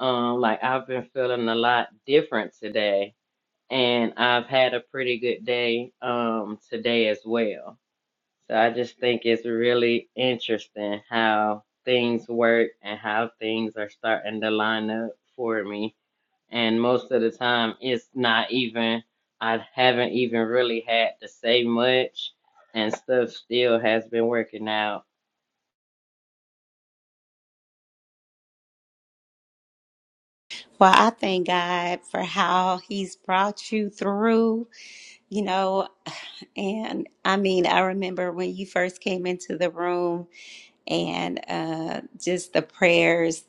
Speaker 12: Um like I've been feeling a lot different today and I've had a pretty good day um today as well. So I just think it's really interesting how things work and how things are starting to line up for me and most of the time it's not even I haven't even really had to say much and stuff still has been working out
Speaker 1: Well, I thank God for how He's brought you through, you know. And I mean, I remember when you first came into the room and uh, just the prayers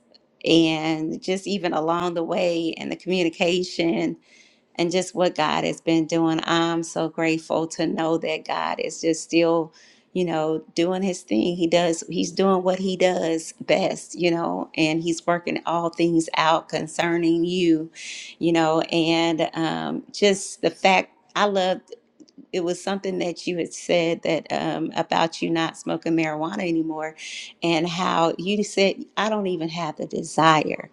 Speaker 1: and just even along the way and the communication and just what God has been doing. I'm so grateful to know that God is just still, you know, doing his thing. He does, he's doing what he does best, you know, and he's working all things out concerning you, you know, and um, just the fact. I love it was something that you had said that um, about you not smoking marijuana anymore and how you said i don't even have the desire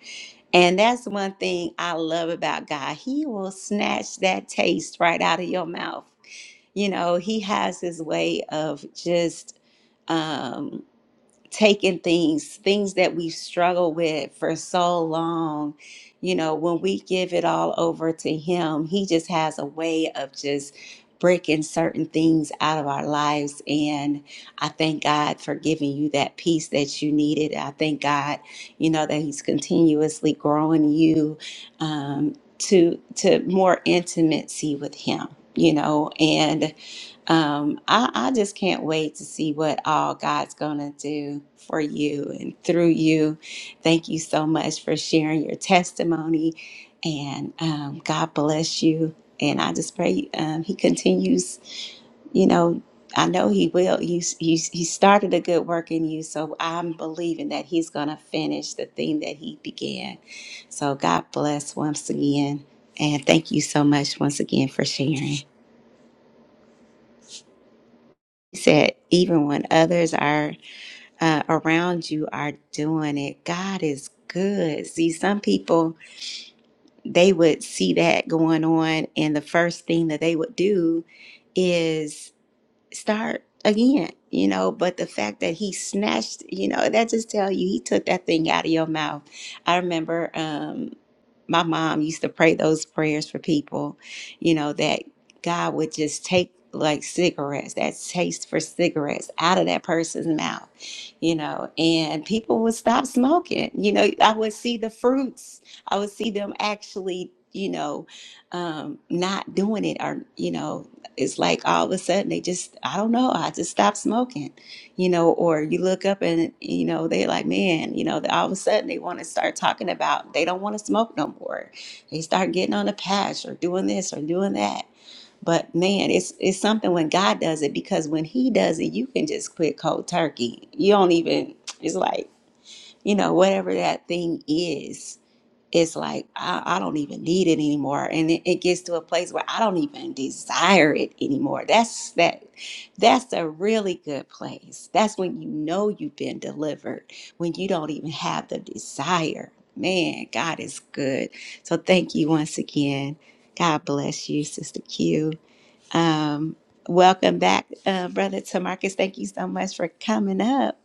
Speaker 1: and that's one thing i love about god he will snatch that taste right out of your mouth you know he has his way of just um, taking things, things that we struggle with for so long. You know, when we give it all over to Him, He just has a way of just breaking certain things out of our lives. And I thank God for giving you that peace that you needed. I thank God, you know, that He's continuously growing you um, to to more intimacy with Him. You know, and um, I, I just can't wait to see what all God's going to do for you and through you. Thank you so much for sharing your testimony. And um, God bless you. And I just pray um, He continues, you know. I know he will. He's, he's, he started a good work in you, so I'm believing that he's going to finish the thing that he began. So God bless once again, and thank you so much once again for sharing. He said, even when others are uh, around you are doing it, God is good. See, some people, they would see that going on, and the first thing that they would do is." start again, you know. But the fact that he snatched, you know, that just tell you he took that thing out of your mouth. I remember um, my mom used to pray those prayers for people, you know, that God would just take like cigarettes, that taste for cigarettes out of that person's mouth, you know, and people would stop smoking. You know, I would see the fruits. I would see them actually, you know, um, not doing it or, you know, it's like all of a sudden they just I don't know I just stopped smoking, you know, or you look up and you know they are like man you know all of a sudden they want to start talking about they don't want to smoke no more, they start getting on a patch or doing this or doing that. But man, it's it's something when God does it because when He does it, you can just quit cold turkey. You don't even it's like you know whatever that thing is it's like I, I don't even need it anymore and it, it gets to a place where i don't even desire it anymore that's that that's a really good place that's when you know you've been delivered when you don't even have the desire man god is good so thank you once again god bless you sister q um, welcome back uh, brother tamarcus thank you so much for coming up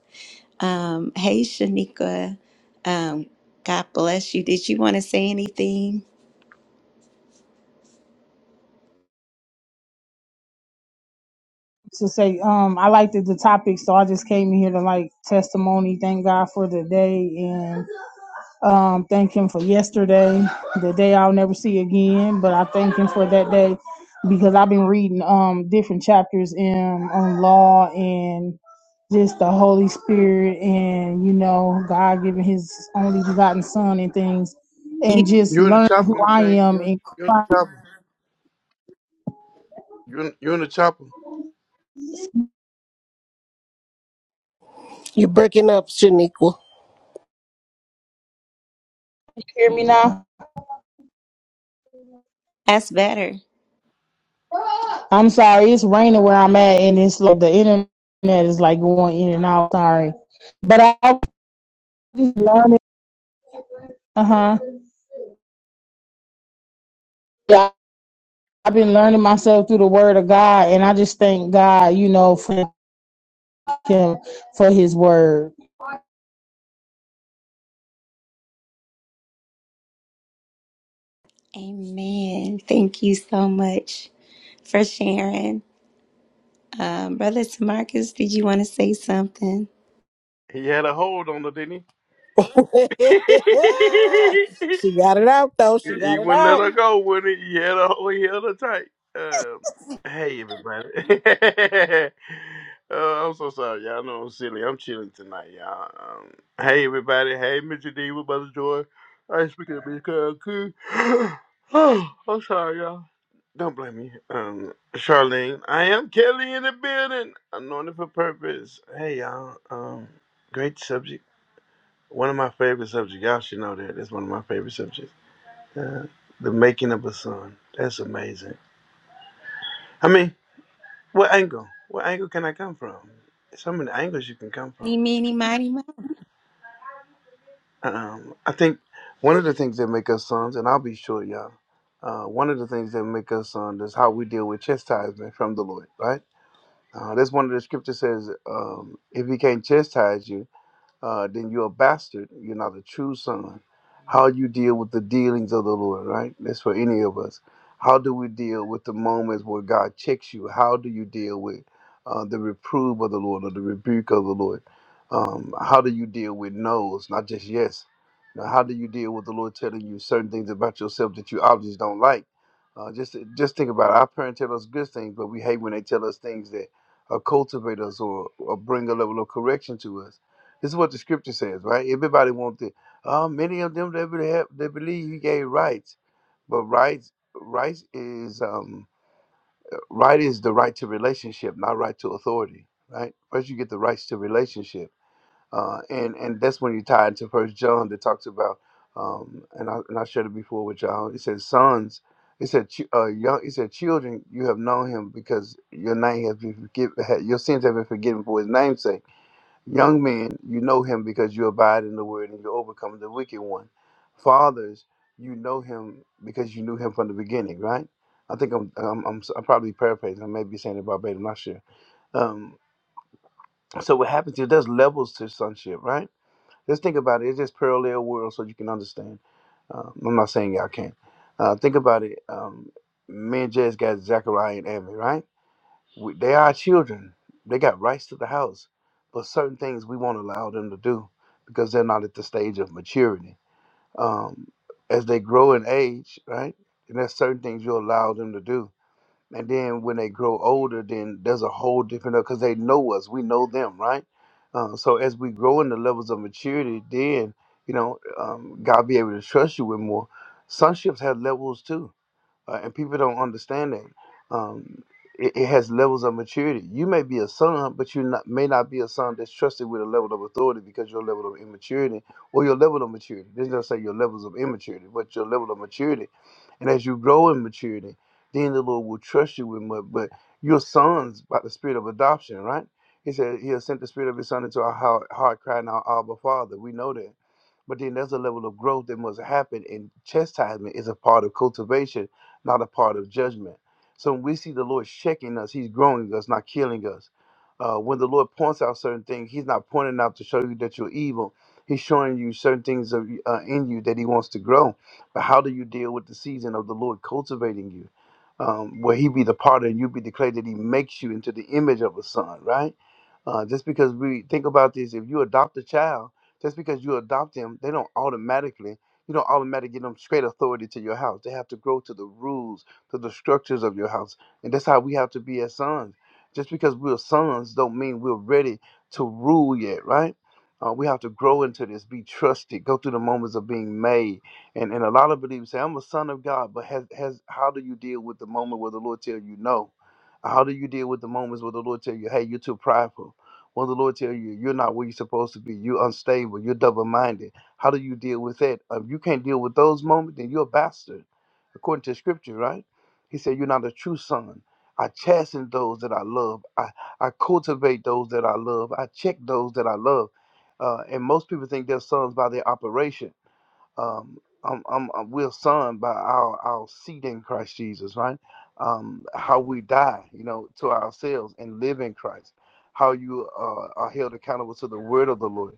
Speaker 1: um, hey, Shanika. Um, God bless you. Did you want to say anything?
Speaker 13: to say um I liked the, the topic, so I just came in here to like testimony. Thank God for the day and um thank Him for yesterday, the day I'll never see again. But I thank Him for that day because I've been reading um different chapters in on law and just the Holy Spirit and you know God giving His only begotten Son and things
Speaker 1: You,
Speaker 13: and just
Speaker 14: You in the
Speaker 13: learning
Speaker 14: chopper,
Speaker 13: who I
Speaker 14: man.
Speaker 13: am
Speaker 14: You
Speaker 13: in
Speaker 14: you in the
Speaker 13: Christ.
Speaker 14: chopper. You in, you in the chopper.
Speaker 8: You're breaking up, Shaniqua.
Speaker 13: Hear me now.
Speaker 1: that's better.
Speaker 13: I'm sorry, it's raining where I'm at, and it's like the internet is like going in and out. Sorry, but I- I've been learning. Uh huh. Yeah, I've been learning myself through the Word of God, and I just thank God, you know, for Him for His Word.
Speaker 1: Amen. Thank you so much for sharing. Um, Brother Tamarcus, did you want to say something?
Speaker 14: He had a hold on her, didn't he?
Speaker 8: <laughs> she got it out, though. She
Speaker 14: He
Speaker 8: got it
Speaker 14: wouldn't let
Speaker 8: out.
Speaker 14: her go when he, he had her he held her tight. Um, hey everybody. <laughs> uh, I'm so sorry, y'all know I'm silly. I'm chilling tonight, y'all. Um, hey everybody, hey Mr. D with Brother Joy. I ain't speaking to Miss Cool. <sighs> <gasps> Oh, I'm sorry, y'all. Don't blame me. Um Charlene. I am Kelly in the building. Anointed for purpose. Hey y'all. Um great subject. One of my favorite subjects. Y'all should know that. That's one of my favorite subjects. Uh, the making of a son. That's amazing. I mean, what angle? What angle can I come from? So many angles you can come from.
Speaker 1: Meeny, meeny, mighty, mo.
Speaker 14: Um, I think one of the things that make us sons, and I'll be sure, y'all, uh, one of the things that make us sons is how we deal with chastisement from the Lord, right? Uh, that's one of the scriptures says, um, if he can't chastise you, uh, then you're a bastard. You're not a true son. How you deal with the dealings of the Lord, right? That's for any of us. How do we deal with the moments where God checks you? How do you deal with uh, the reprove of the Lord or the rebuke of the Lord? Um, how do you deal with no's, not just yes? Now, how do you deal with the Lord telling you certain things about yourself that you obviously don't like? Uh, just just think about it. Our parents tell us good things, but we hate when they tell us things that uh, cultivate us or, or bring a level of correction to us this is what the scripture says, right? Everybody wants it. Uh, many of them that believe, they believe he gave rights, but rights rights is um, right is the right to relationship, not right to authority, right? First, you get the rights to relationship, uh, and and that's when you tie into First John that talks about, um, and I and I shared it before with y'all. It says sons. It said, chi- uh, young, it said, children, you have known him because your name has been forgiven, your sins have been forgiven for his name's sake Young men, you know him because you abide in the word and you overcome the wicked one. Fathers, you know him because you knew him from the beginning, right? I think I'm I'm, I'm, I'm probably paraphrasing. I may be saying it verbatim. I'm not sure. Um, so what happens here? There's levels to sonship, right? Just think about it. It's just parallel worlds, so you can understand. Um, I'm not saying y'all can't. Uh, think about it. Um, me and Jez got Zechariah and Amy, right? We, they are our children. They got rights to the house, but certain things we won't allow them to do because they're not at the stage of maturity. Um, as they grow in age, right? And there's certain things you allow them to do. And then when they grow older, then there's a whole different because they know us, we know them, right? Uh, so as we grow in the levels of maturity, then you know um, God be able to trust you with more. Sonships have levels too uh, and people don't understand that. Um, it, it has levels of maturity. You may be a son, but you not, may not be a son that's trusted with a level of authority because your level of immaturity or your level of maturity. This doesn't say your levels of immaturity, but your level of maturity. And as you grow in maturity, then the Lord will trust you with more. But your sons by the spirit of adoption, right? He said he has sent the spirit of his son into our heart, heart crying out, Abba, Father. We know that. But then there's a level of growth that must happen, and chastisement is a part of cultivation, not a part of judgment. So when we see the Lord checking us, He's growing us, not killing us. Uh, when the Lord points out certain things, He's not pointing out to show you that you're evil. He's showing you certain things of, uh, in you that He wants to grow. But how do you deal with the season of the Lord cultivating you? Um, where He be the potter and you be declared that He makes you into the image of a son, right? Uh, just because we think about this, if you adopt a child, just because you adopt them, they don't automatically, you don't automatically give them straight authority to your house. They have to grow to the rules, to the structures of your house. And that's how we have to be as sons. Just because we're sons don't mean we're ready to rule yet, right? Uh, we have to grow into this, be trusted, go through the moments of being made. And and a lot of believers say, I'm a son of God, but has has how do you deal with the moment where the Lord tell you no? How do you deal with the moments where the Lord tell you, hey, you're too prideful? When the Lord tell you you're not where you're supposed to be, you're unstable, you're double-minded. How do you deal with that? If you can't deal with those moments, then you're a bastard, according to Scripture, right? He said you're not a true son. I chasten those that I love. I, I cultivate those that I love. I check those that I love. Uh, and most people think they're sons by their operation um, um, um, uh, we're son by our, our seed in Christ Jesus, right? Um, how we die, you know, to ourselves and live in Christ. How you uh, are held accountable to the word of the Lord,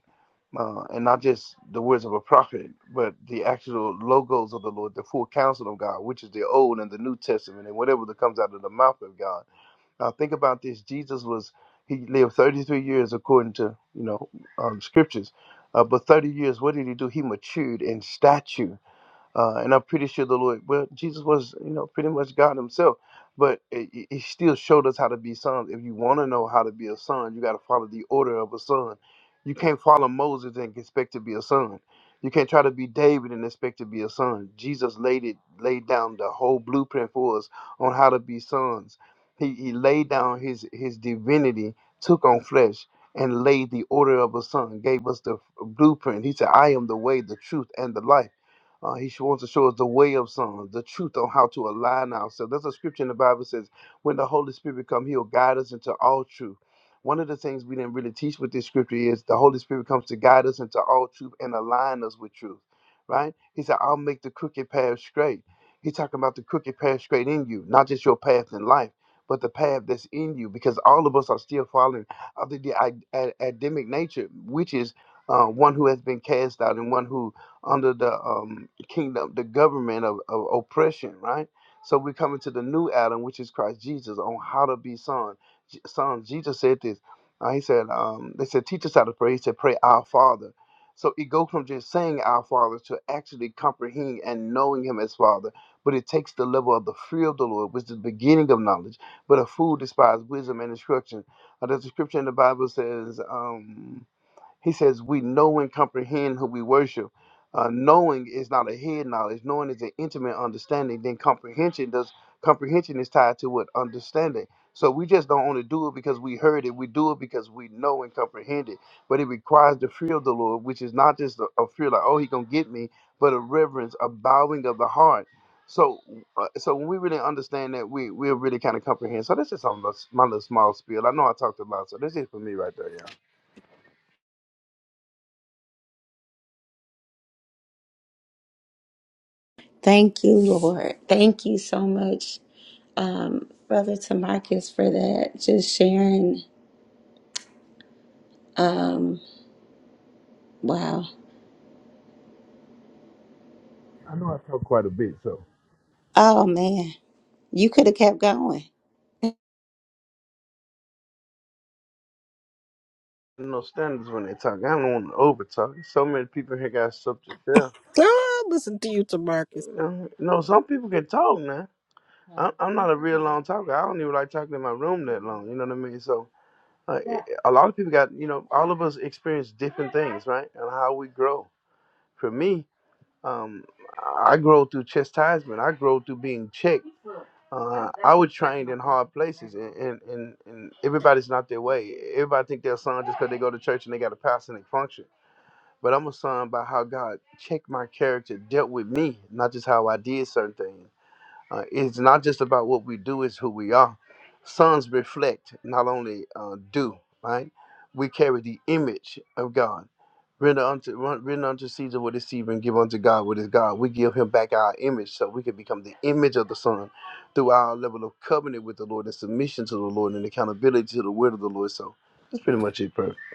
Speaker 14: uh, and not just the words of a prophet, but the actual logos of the Lord, the full counsel of God, which is the Old and the New Testament, and whatever that comes out of the mouth of God now think about this: Jesus was he lived 33 years according to you know um, scriptures, uh, but 30 years. What did he do? He matured in stature uh, and I'm pretty sure the Lord, well, Jesus was, you know, pretty much God Himself, but it, it it still showed us how to be sons. If you want to know how to be a son, you got to follow the order of a son. You can't follow Moses and expect to be a son. You can't try to be David and expect to be a son. Jesus laid it, laid down the whole blueprint for us on how to be sons. He, he laid down his his divinity, took on flesh, and laid the order of a son. Gave us the blueprint. He said, "I am the way, the truth, and the life." Uh, he sh- wants to show us the way of sons, the truth on how to align ourselves. There's a scripture in the Bible that says, when the Holy Spirit come, he'll guide us into all truth. One of the things we didn't really teach with this scripture is the Holy Spirit comes to guide us into all truth and align us with truth, right? He said, I'll make the crooked path straight. He's talking about the crooked path straight in you, not just your path in life, but the path that's in you, because all of us are still following after the ad- ad- Adamic nature, which is uh, one who has been cast out and one who under the um, kingdom, the government of, of oppression, right? So we're coming to the new Adam, which is Christ Jesus, on how to be son. J- Son, Jesus said this. Uh, he said, um, they said, teach us how to pray. He said, pray our Father. So it goes from just saying our Father to actually comprehending and knowing Him as Father. But it takes the level of the fear of the Lord, which is the beginning of knowledge. But a fool despises wisdom and instruction. Uh, there's a scripture in the Bible says, um, he says, We know and comprehend who we worship. Uh, knowing is not a head knowledge. Knowing is an intimate understanding. Then comprehension does comprehension is tied to what understanding. So we just don't only do it because we heard it. We do it because we know and comprehend it. But it requires the fear of the Lord, which is not just a, a fear like, oh, he gonna get me, but a reverence, a bowing of the heart. So, uh, so when we really understand that, we we really kind of comprehend. So this is on my little small spiel. I know I talked a lot, so this is for me right there, yeah.
Speaker 1: Thank you, Lord. Thank you so much, um, Brother Tamarcus, for that. Just sharing. Um, wow.
Speaker 14: Bit, so.
Speaker 1: Oh, man. You could have kept going.
Speaker 14: no standards when they talk. I don't want to over talk. So many people here got subject there.
Speaker 8: Oh, listen to you, Tamarcus.
Speaker 14: You know, no, some people can talk, man. I'm, I'm not a real long talker. I don't even like talking in my room that long. You know what I mean? So, like, a lot of people got, you know, all of us experience different things, right? And how we grow. For me, um, I grow through chastisement. I grow through being checked. Uh, was trained in hard places, and, and, and, and everybody's not their way. Everybody think their son go to church and they got a pastor and they function. But I'm a son about how God checked my character, dealt with me, not just how I did certain things. Uh, it's not just about what we do, it's who we are. Sons reflect, not only uh, do, right? We carry the image of God. Render unto, run- render unto Caesar what is Caesar and give unto God what is God. We give him back our image so we can become the image of the Son through our level of covenant with the Lord and submission to the Lord and accountability to the word of the Lord. So that's pretty much it, bro.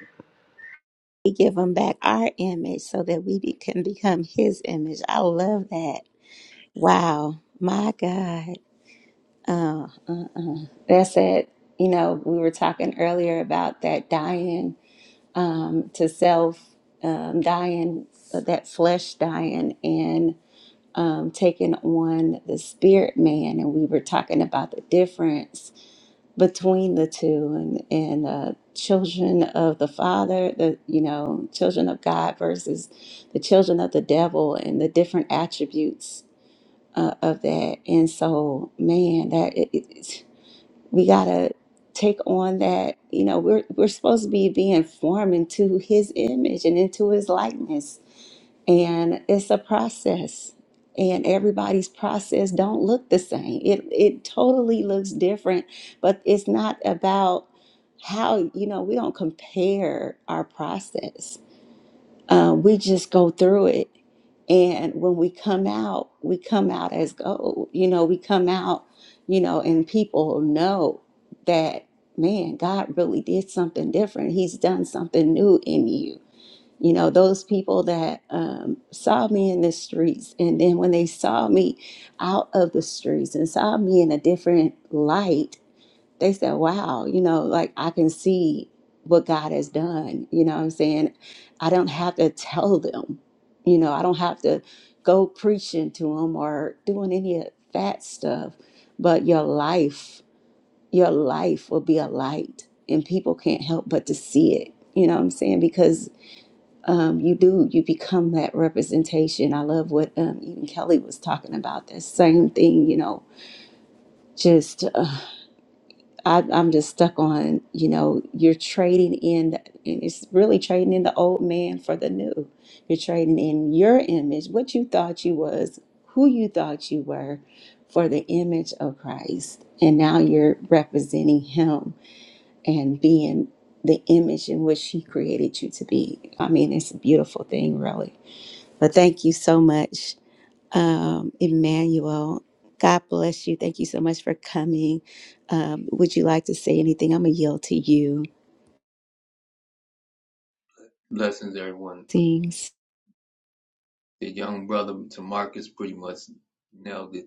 Speaker 1: We give him back our image so that we be- can become his image. I love that. Wow. My God. Uh, uh, uh. That's it. You know, we were talking earlier about that dying um, to self, um, dying, uh, that flesh dying, and um, taking on the spirit man. And we were talking about the difference between the two and and uh, children of the father the you know children of god versus the children of the devil and the different attributes uh, of that and so man that it, it, it's- we gotta take on that you know we're we're supposed to be being formed into his image and into his likeness and it's a process and everybody's process don't look the same it it totally looks different but it's not about how you know we don't compare our process uh, we just go through it and when we come out we come out as gold you know we come out you know and people know that man god really did something different he's done something new in you you know those people that um, saw me in the streets and then when they saw me out of the streets and saw me in a different light they said wow you know like i can see what god has done you know what i'm saying i don't have to tell them you know i don't have to go preaching to them or doing any of that stuff but your life your life will be a light and people can't help but to see it you know what i'm saying because um, you do you become that representation i love what um, even kelly was talking about that same thing you know just uh, I, i'm just stuck on you know you're trading in the, and it's really trading in the old man for the new you're trading in your image what you thought you was who you thought you were for the image of christ and now you're representing him and being the image in which he created you to be i mean it's a beautiful thing really but thank you so much, um, Emmanuel. God bless you. Thank you so much for coming. Um, would you like to say anything? I'm going to yield to you.
Speaker 15: Blessings, everyone.
Speaker 1: Things
Speaker 15: The young brother to Marcus pretty much nailed it,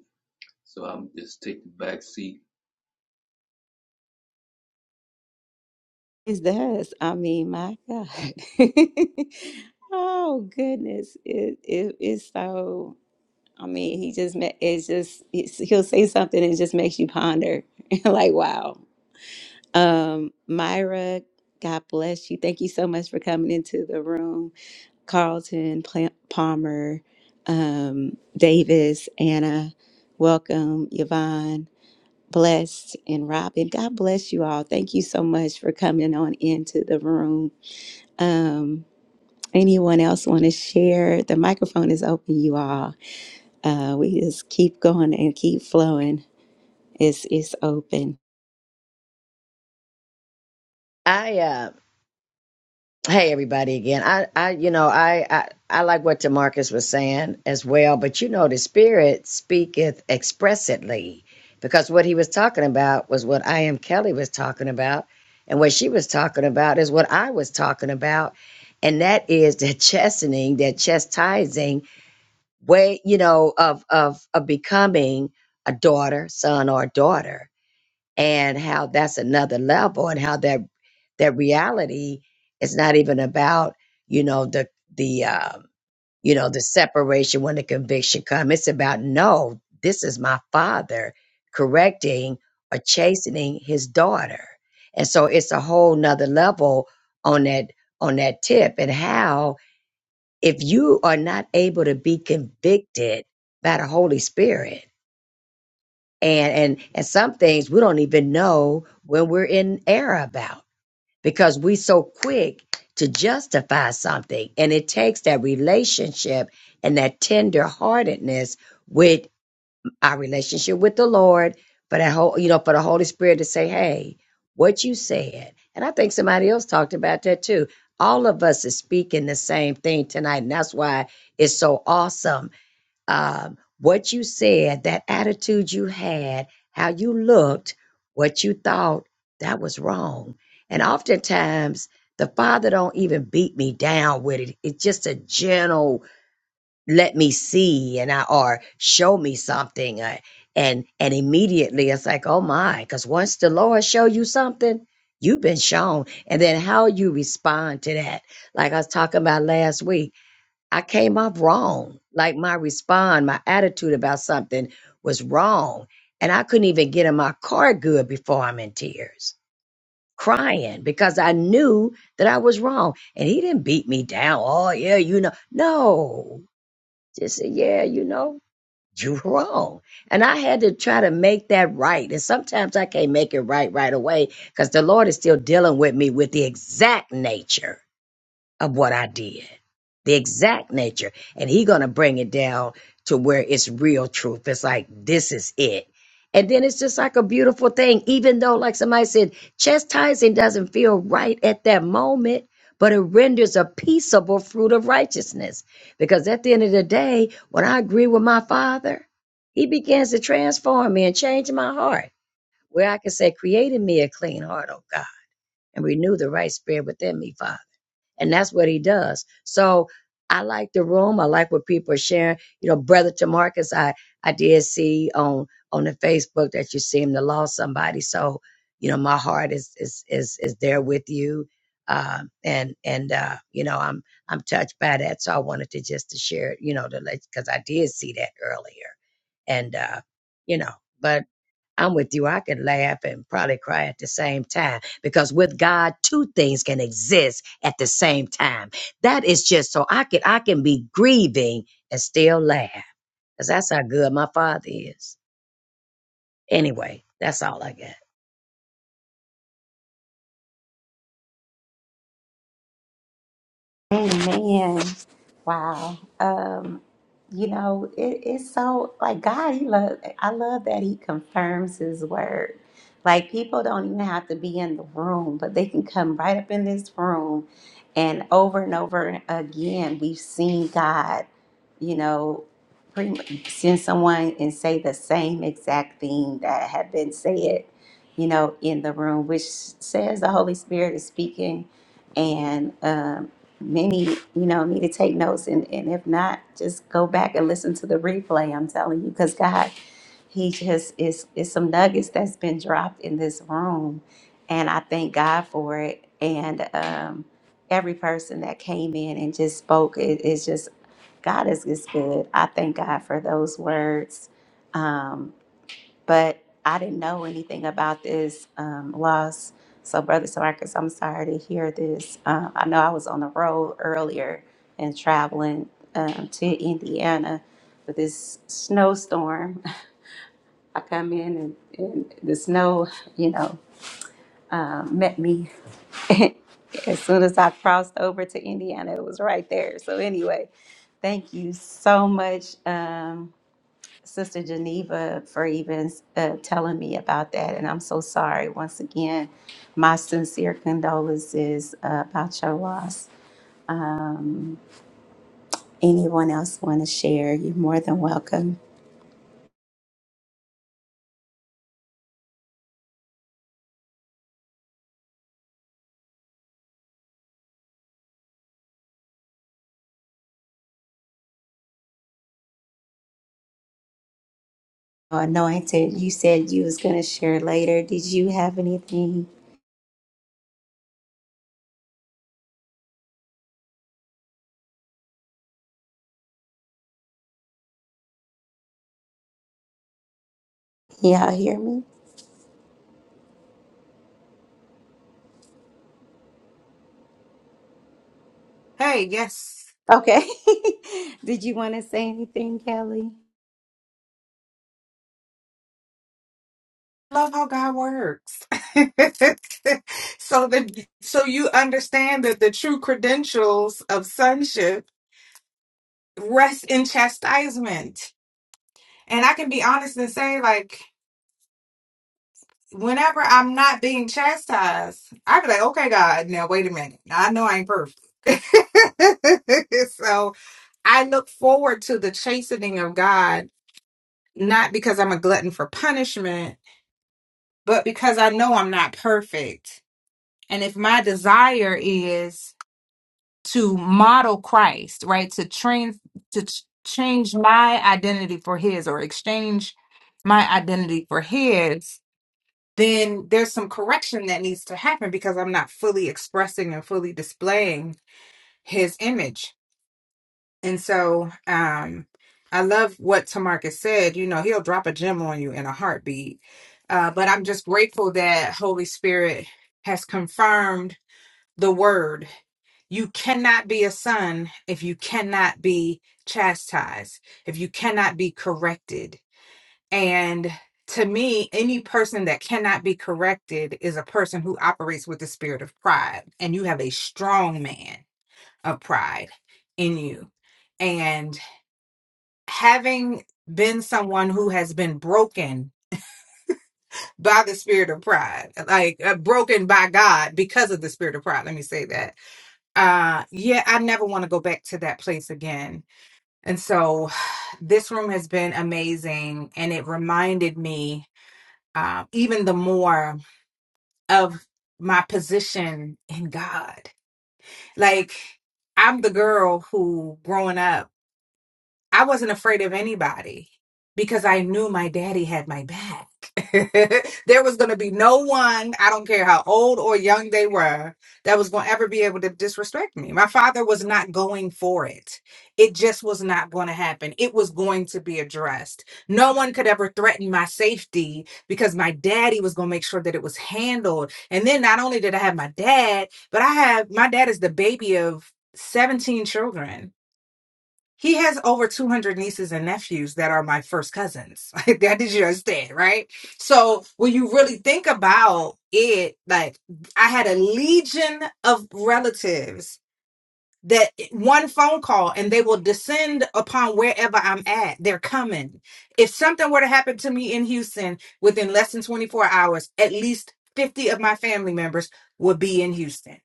Speaker 15: so I'm just taking back seat.
Speaker 1: is this. I mean, my God. <laughs> oh, goodness. It, it, it's so, I mean, he just, ma- it's just, it's, he'll say something and it just makes you ponder. <laughs> like, wow. Um, Myra, God bless you. Thank you so much for coming into the room. Carlton, Pla- Palmer, um, Davis, Anna, welcome, Yvonne, blessed, and Robin. God bless you all. Thank you so much for coming on into the room. Um, anyone else want to share? The microphone is open, you all. Uh, we just keep going and keep flowing. It's it's open.
Speaker 5: I am. Hey everybody again. I, I you know, I, I I like what Demarcus was saying as well, but you know the spirit speaketh expressly because what he was talking about was what I am Kelly was talking about, and what she was talking about is what I was talking about, and that is the chastening, that chastising way, you know, of of of becoming a daughter, son, or daughter and how that's another level and how that that reality is not even about you know the the um, you know the separation when the conviction comes it's about no this is my father correcting or chastening his daughter and so it's a whole nother level on that on that tip and how if you are not able to be convicted by the holy spirit and and and some things we don't even know when we're in error about because we so quick to justify something and it takes that relationship and that tenderheartedness with our relationship with the lord for that whole you know for the holy spirit to say hey what you said and i think somebody else talked about that too all of us is speaking the same thing tonight and that's why it's so awesome um, what you said, that attitude you had, how you looked, what you thought, that was wrong. And oftentimes, the father don't even beat me down with it. It's just a gentle let me see and I or show me something. uh, and and immediately it's like, oh my, because once the Lord show you something, you've been shown. And then how you respond to that. Like I was talking about last week. I came off wrong. Like my respond, my attitude about something was wrong. And I couldn't even get in my car good before I'm in tears, crying because I knew that I was wrong. And he didn't beat me down. Oh, yeah, you know. No, just said, yeah, you know, you're <laughs> wrong. And I had to try to make that right. And sometimes I can't make it right right away because the Lord is still dealing with me with the exact nature of what I did the exact nature and he gonna bring it down to where it's real truth it's like this is it and then it's just like a beautiful thing even though like somebody said chastising doesn't feel right at that moment but it renders a peaceable fruit of righteousness because at the end of the day when i agree with my father he begins to transform me and change my heart where i can say create in me a clean heart oh god and renew the right spirit within me father and that's what he does. So I like the room. I like what people are sharing. You know, brother Tamarcus, I, I did see on on the Facebook that you seem to lost somebody. So, you know, my heart is is is is there with you. Um and and uh, you know, I'm I'm touched by that. So I wanted to just to share it, you know, to let because I did see that earlier. And uh, you know, but I'm with you. I can laugh and probably cry at the same time because with God, two things can exist at the same time. That is just so I can I can be grieving and still laugh because that's how good my Father is. Anyway, that's all I got.
Speaker 1: Amen. Wow. Um, you know, it, it's so like God, he love I love that he confirms his word. Like people don't even have to be in the room, but they can come right up in this room and over and over again we've seen God, you know, pretty much send someone and say the same exact thing that had been said, you know, in the room, which says the Holy Spirit is speaking and um, many, you know, need to take notes. And, and if not, just go back and listen to the replay. I'm telling you, because God, He just is, is some nuggets that's been dropped in this room. And I thank God for it. And um, every person that came in and just spoke, it, it's just, God is, is good. I thank God for those words. Um, but I didn't know anything about this um, loss. So, Brother Marcus, I'm sorry to hear this. Um, I know I was on the road earlier and traveling um, to Indiana with this snowstorm. <laughs> I come in and, and the snow, you know, um, met me. <laughs> as soon as I crossed over to Indiana, it was right there. So, anyway, thank you so much. Um, Sister Geneva for even uh, telling me about that. And I'm so sorry. Once again, my sincere condolences uh, about your loss. Um, anyone else want to share? You're more than welcome. Anointed, you said you was going to share later. Did you have anything? Y'all hear me?
Speaker 10: Hey, yes.
Speaker 1: Okay. <laughs> Did you want to say anything, Kelly?
Speaker 10: Love how God works. <laughs> so that so you understand that the true credentials of sonship rest in chastisement. And I can be honest and say, like, whenever I'm not being chastised, I be like, okay, God, now wait a minute. Now, I know I ain't perfect. <laughs> so I look forward to the chastening of God, not because I'm a glutton for punishment, but because I know I'm not perfect. And if my desire is to model Christ, right, to train, to ch- change my identity for His or exchange my identity for His, then there's some correction that needs to happen because I'm not fully expressing and fully displaying his image. And so um, I love what Tamarcus said. You know, he'll drop a gem on you in a heartbeat. Uh, but I'm just grateful that Holy Spirit has confirmed the word. You cannot be a son if you cannot be chastised, if you cannot be corrected and to me, any person that cannot be corrected is a person who operates with the spirit of pride. And you have a strong man of pride in you. And having been someone who has been broken by the spirit of pride, like uh, broken by God because of the spirit of pride, let me say that. Uh, yeah, I never want to go back to that place again. And so <sighs> this room has been amazing. And it reminded me uh, even the more. of my position in God. Like I'm the girl who growing up I wasn't afraid of anybody because I knew my daddy had my back. <laughs> there was going to be no one, I don't care how old or young they were, that was going to ever be able to disrespect me. My father was not going for it. It just was not going to happen. It was going to be addressed. No one could ever threaten my safety because my daddy was going to make sure that it was handled. And then not only did I have my dad, but I have my dad is the baby of 17 children. He has over 200 nieces and nephews that are my first cousins. <laughs> Like, that did you understand, right? So when you really think about it, like I had a legion of relatives that eh, one phone call and they will descend upon wherever I'm at. They're coming. If something were to happen to me in Houston within less than 24 hours, at least 50 of my family members would be in Houston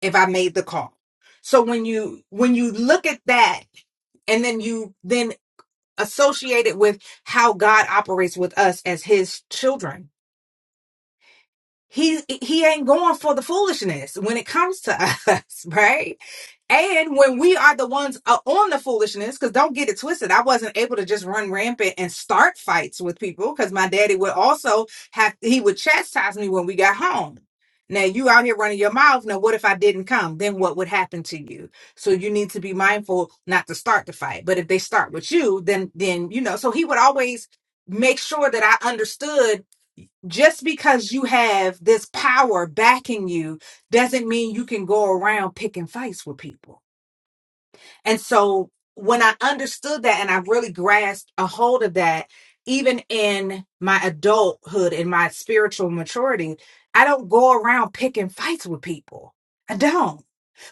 Speaker 10: if I made the call. So when you when you look at that and then you then associate it with how God operates with us as his children. He he ain't going for the foolishness when it comes to <laughs> us, right? And when we are the ones uh, on the foolishness, because don't get it twisted, I wasn't able to just run rampant and start fights with people because my daddy would also have, he would chastise me when we got home. Now you out here running your mouth. Now, what if I didn't come? Then what would happen to you? So you need to be mindful not to start the fight. But if they start with you, then, then, you know, so he would always make sure that I understood just because you have this power backing you doesn't mean you can go around picking fights with people and so when I understood that and I really grasped a hold of that, even in my adulthood and my spiritual maturity, I don't go around picking fights with people. I don't.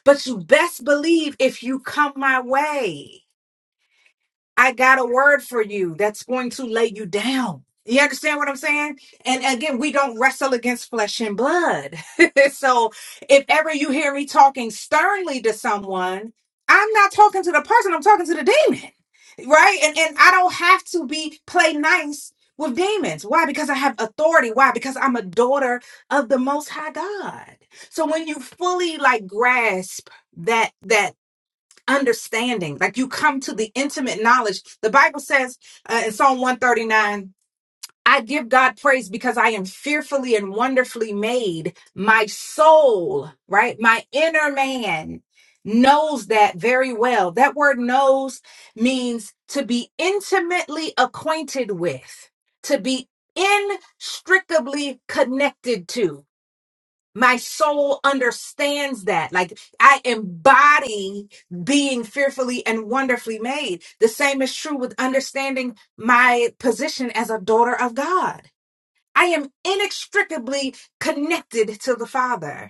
Speaker 10: But you best believe if you come my way. I got a word for you that's going to lay you down. You understand what I'm saying? And again, we don't wrestle against flesh and blood. <laughs> so if ever you hear me talking sternly to someone, I'm not talking to the person, I'm talking to the demon. Right? And and I don't have to be play nice with demons. Why? Because I have authority. Why? Because I'm a daughter of the most high God. So when you fully like grasp that that understanding. Like you come to the intimate knowledge. The Bible says uh, in Psalm 139, I give God praise because I am fearfully and wonderfully made. My soul, right? My inner man knows that very well. That word knows means to be intimately acquainted with, to be inextricably connected to my soul understands that. Like I embody being fearfully and wonderfully made. The same is true with understanding my position as a daughter of God. I am inextricably connected to the Father.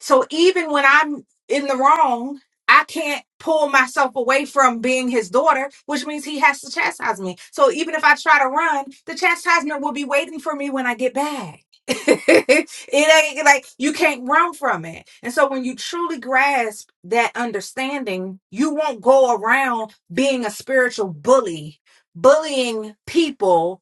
Speaker 10: So even when I'm in the wrong, I can't pull myself away from being his daughter, which means he has to chastise me. So even if I try to run, the chastisement will be waiting for me when I get back. <laughs> it ain't like you can't run from it. And so when you truly grasp that understanding, you won't go around being a spiritual bully, bullying people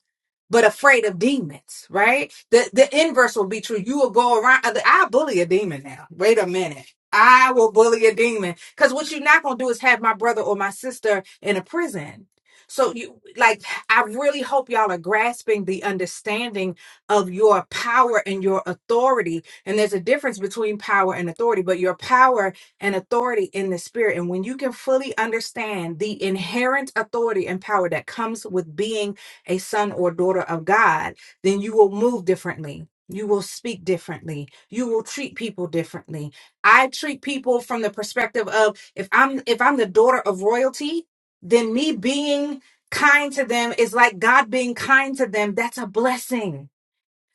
Speaker 10: but afraid of demons, right? The the inverse will be true. You will go around. I bully a demon now. Wait a minute. I will bully a demon because what you're not gonna do is have my brother or my sister in a prison. So you like, I really hope y'all are grasping the understanding of your power and your authority. And there's a difference between power and authority, but your power and authority in the spirit. And when you can fully understand the inherent authority and power that comes with being a son or daughter of God, then you will move differently. You will speak differently. You will treat people differently. I treat people from the perspective of if I'm if I'm the daughter of royalty, then me being kind to them is like God being kind to them. That's a blessing.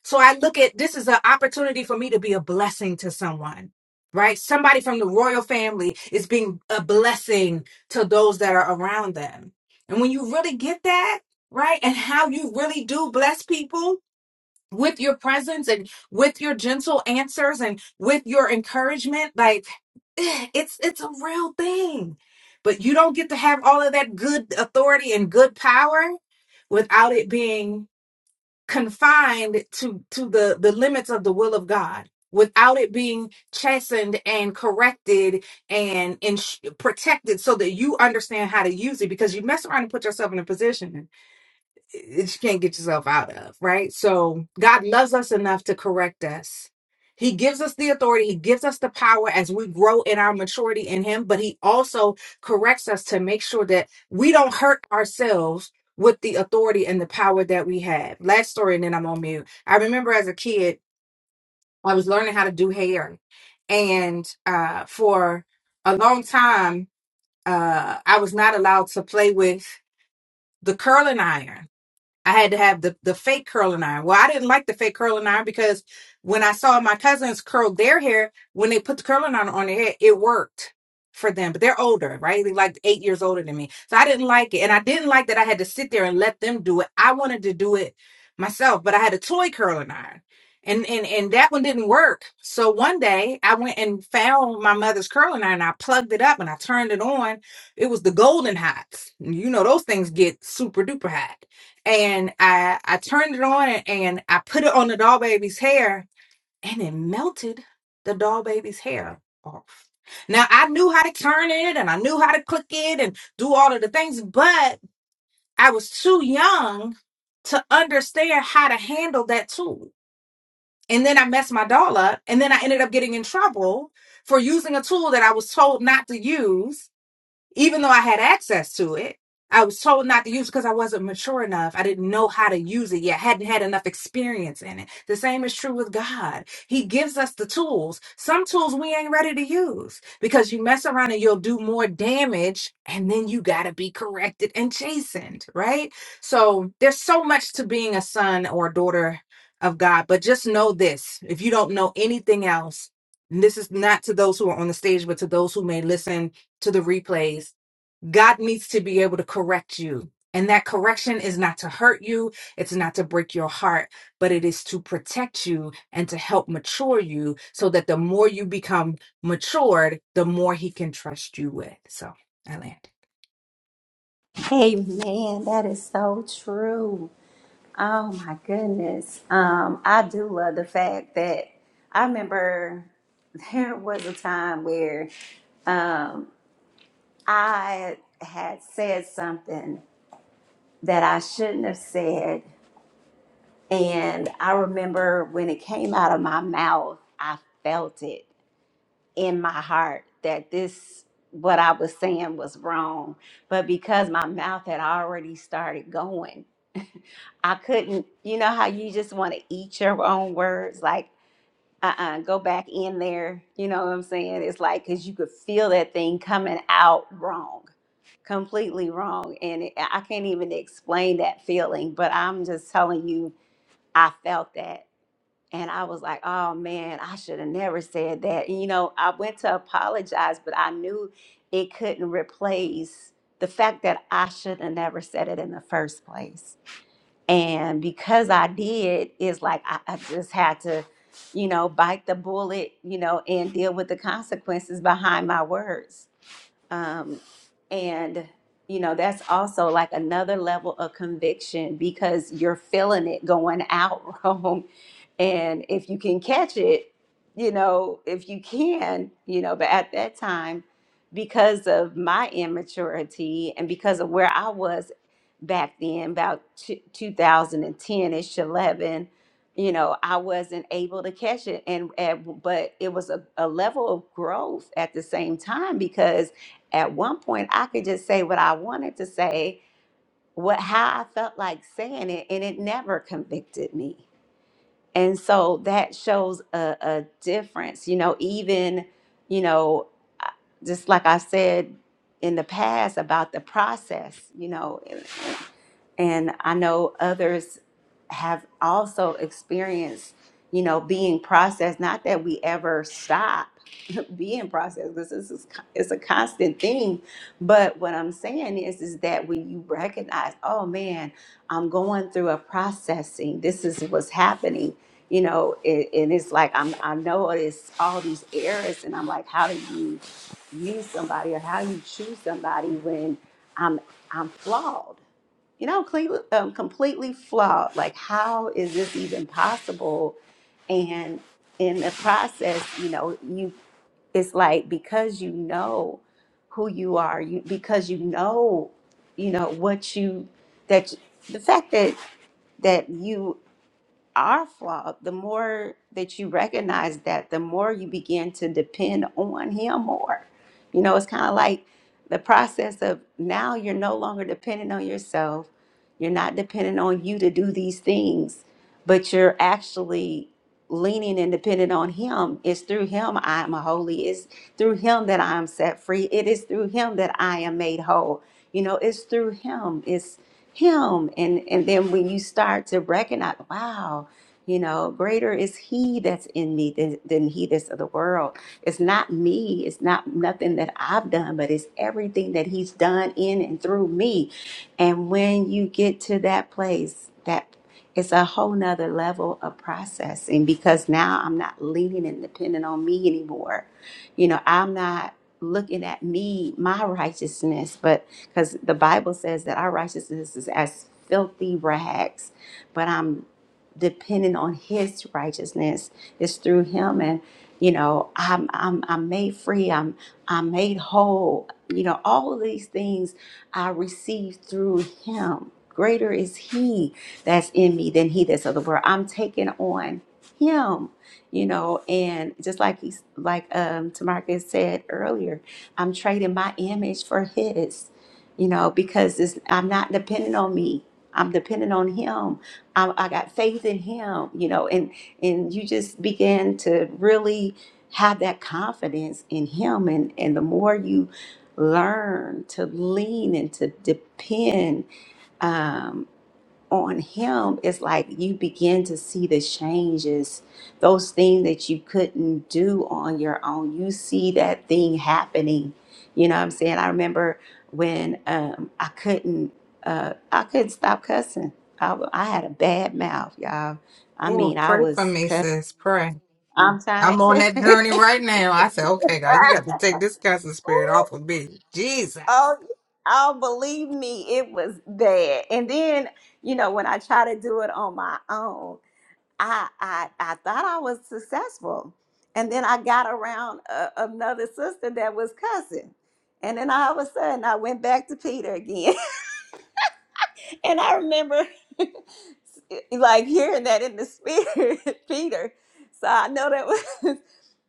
Speaker 10: So I look at this is an opportunity for me to be a blessing to someone, right? Somebody from the royal family is being a blessing to those that are around them. And when you really get that, right, and how you really do bless people with your presence and with your gentle answers and with your encouragement, like <sighs> it's it's a real thing. But you don't get to have all of that good authority and good power without it being confined to to the the limits of the will of God without it being chastened and corrected and, and protected so that you understand how to use it because you mess around and put yourself in a position that you can't get yourself out of, right? So God loves us enough to correct us. He gives us the authority, He gives us the power as we grow in our maturity in Him, but He also corrects us to make sure that we don't hurt ourselves with the authority and the power that we have. Last story, and then I'm on mute. I remember as a kid, I was learning how to do hair, and uh, for a long time, uh, I was not allowed to play with the curling iron I had to have the, the fake curling iron. Well, I didn't like the fake curling iron because when I saw my cousins curl their hair, when they put the curling iron on their head, it worked for them. But they're older, right? They're like eight years older than me. So I didn't like it. And I didn't like that I had to sit there and let them do it. I wanted to do it myself, but I had a toy curling iron. And, and and that one didn't work. So one day I went and found my mother's curling iron. I plugged it up and I turned it on. It was the golden hots. You know those things get super duper hot and I I turned it on and I put it on the doll baby's hair and it melted the doll baby's hair off. Now I knew how to turn it and I knew how to click it and do all of the things, but I was too young to understand how to handle that tool. And then I messed my doll up and then I ended up getting in trouble for using a tool that I was told not to use even though I had access to it, I was told not to use it because I wasn't mature enough. I didn't know how to use it yet. hadn't had enough experience in it. The same is true with God. He gives us the tools. Some tools we ain't ready to use because you mess around and you'll do more damage and then you got to be corrected and chastened, right? So there's so much to being a son or a daughter of God, but just know this. If you don't know anything else, and this is not to those who are on the stage, but to those who may listen to the replays, God needs to be able to correct you. And that correction is not to hurt you, it's not to break your heart, but it is to protect you and to help mature you so that the more you become matured, the more He can trust you with. So I land.
Speaker 1: Hey, man, that is so true. Oh my goodness. Um, I do love the fact that I remember there was a time where um, I had said something that I shouldn't have said. And I remember when it came out of my mouth, I felt it in my heart that this, what I was saying was wrong. But because my mouth had already started going, I couldn't, you know how you just want to eat your own words? Like, uh-uh go back in there you know what i'm saying it's like because you could feel that thing coming out wrong completely wrong and it, i can't even explain that feeling but i'm just telling you i felt that and i was like oh man i should have never said that and, you know i went to apologize but i knew it couldn't replace the fact that i should have never said it in the first place and because I did, it's like I, I just had to, you know, bite the bullet, you know, and deal with the consequences behind my words. Um, and, you know, that's also like another level of conviction because you're feeling it going out, <laughs> Rome. And if you can catch it, you know, if you can, you know, but at that time, because of my immaturity and because of where I was back then, about t- two- 2010 ish, 11, you know, I wasn't able to catch it. And, and but it was a, a level of growth at the same time because at one point I could just say what I wanted to say, what how I felt like saying it, and it never convicted me and so that shows a, a difference, you know, even, you know, I- just like I said in the past about the process, you know, and, and I know others have also experienced, you know, being processed, not that we ever stop be in process because this is it's a constant thing. But what I'm saying is is that when you recognize, oh man, I'm going through a processing. This is what's happening. You know, it, and it's like I'm I notice all these errors, and I'm like, how do you use somebody or how you choose somebody when I'm I'm flawed? You know, completely, um, completely flawed. Like, how is this even possible? And in the process, you know, you it's like because you know who you are you because you know you know what you that the fact that that you our flaw, the more that you recognize that, the more you begin to depend on Him more. You know, it's kind of like the process of now you're no longer dependent on yourself. You're not dependent on you to do these things, but you're actually leaning and dependent on Him. It's through Him I am holy. It's through Him that I am set free. It is through Him that I am made whole. You know, it's through Him. It's him and and then when you start to recognize wow you know greater is he that's in me than, than he that's of the world it's not me it's not nothing that i've done but it's everything that he's done in and through me and when you get to that place that it's a whole nother level of processing because now i'm not leaning and depending on me anymore you know i'm not looking at me my righteousness but because the Bible says that our righteousness is as filthy rags, but I'm depending on his righteousness. It's through him and you know, I'm I'm I'm made free, I'm I'm made whole. You know, all of these things I receive through him. Greater is he that's in me than he that's of the world. I'm taking on him, you know, and just like he's like um Tamarcus said earlier, I'm trading my image for his you know, because it's, I'm not dependent on me. I'm dependent on him. I, I got faith in him, you know, and and you just begin to really have that confidence in him, and and the more you learn to lean and to depend, um, on him it's like you begin to see the changes those things that you couldn't do on your own you see that thing happening you know what i'm saying i remember when um, i couldn't uh, i couldn't stop cussing I, w- I had a bad mouth y'all i
Speaker 10: Oh,
Speaker 1: mean i
Speaker 10: pray for
Speaker 1: was
Speaker 10: me,
Speaker 1: cussing
Speaker 10: sis. Pray.
Speaker 1: i'm trying
Speaker 10: I'm
Speaker 1: to
Speaker 10: on that
Speaker 1: tell
Speaker 10: journey
Speaker 1: you.
Speaker 10: right now. I said, okay, God, you
Speaker 1: <laughs>
Speaker 10: got to take this cussing spirit off of me. Jesus.
Speaker 1: oh oh believe me it was bad and then you know when i try to do it on my own I I I thought I was successful, and then I got around a, another sister that was cussing, and then all of a sudden I went back to Peter again, <laughs> and I remember <laughs> like hearing that in the spirit, <laughs> Peter. So I know that was. <laughs>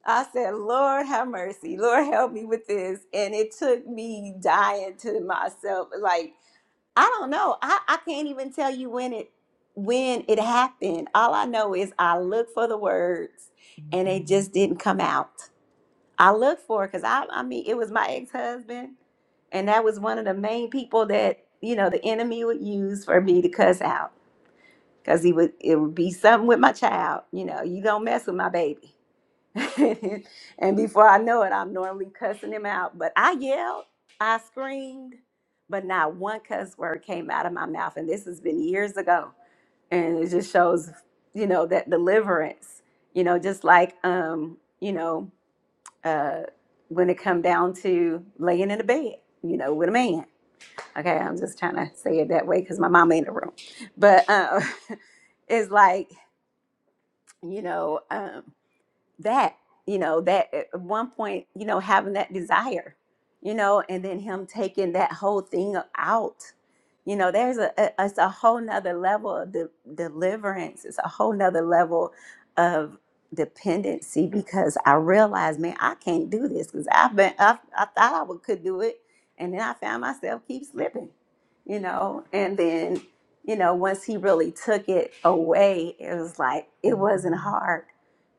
Speaker 1: I said, Lord, have mercy. Lord, help me with this. And it took me dying to myself. Like, I don't know. I, I can't even tell you when it when it happened. All I know is I looked for the words and they just didn't come out. I looked for it because I I mean it was my ex-husband and that was one of the main people that, you know, the enemy would use for me to cuss out. Cause he would it would be something with my child, you know, you don't mess with my baby. <laughs> and before I know it, I'm normally cussing him out. But I yelled, I screamed, but not one cuss word came out of my mouth. And this has been years ago. And it just shows, you know, that deliverance, you know, just like, um, you know, uh, when it come down to laying in a bed, you know, with a man. Okay, I'm just trying to say it that way because my mama in the room. But um, <laughs> it's like, you know, um, that you know that eh, at one point you know having that desire you know and then him taking that whole thing out you know there's a, a it's a whole nother level of de- deliverance it's a whole nother level of dependency because i realized man i can't do this because i've been I, I thought i would, could do it and then i found myself keep slipping you know and then you know once he really took it away it was like it wasn't hard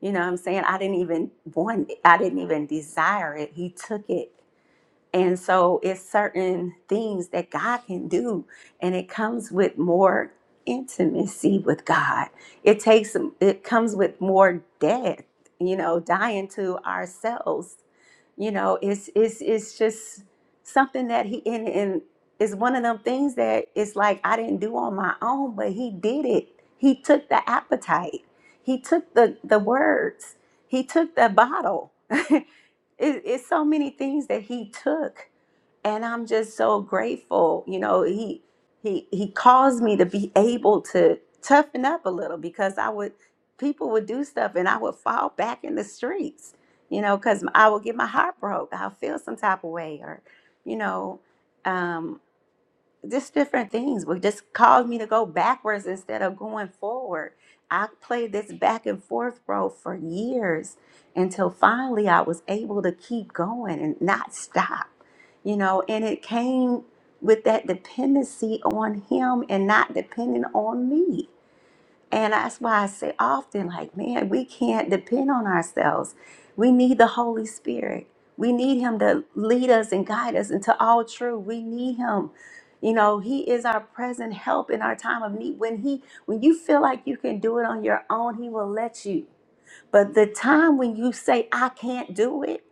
Speaker 1: you know what I'm saying? I didn't even want it. I didn't even desire it. He took it. And so it's certain things that God can do. And it comes with more intimacy with God. It takes it comes with more death, you know, dying to ourselves you know, it's it's it's just something that he and and it's one of them things that it's like I didn't do on my own, but he did it. He took the appetite. He took the the words. He took the bottle. <laughs> it, it's so many things that he took and I'm just so grateful. You know, he he he caused me to be able to toughen up a little because I would people would do stuff and I would fall back in the streets. You know, because I would get my heart broke. I'll feel some type of way, or you know. um, just different things would just cause me to go backwards instead of going forward. I played this back and forth role for years until finally I was able to keep going and not stop, you know, and it came with that dependency on him and not depending on me. And that's why I say often, like, man, we can't depend on ourselves. We need the Holy Spirit. We need Him to lead us and guide us into all truth. We need Him. You know, He is our present help in our time of need. When He, when you feel like you can do it on your own, He will let you. But the time when you say, I can't do it,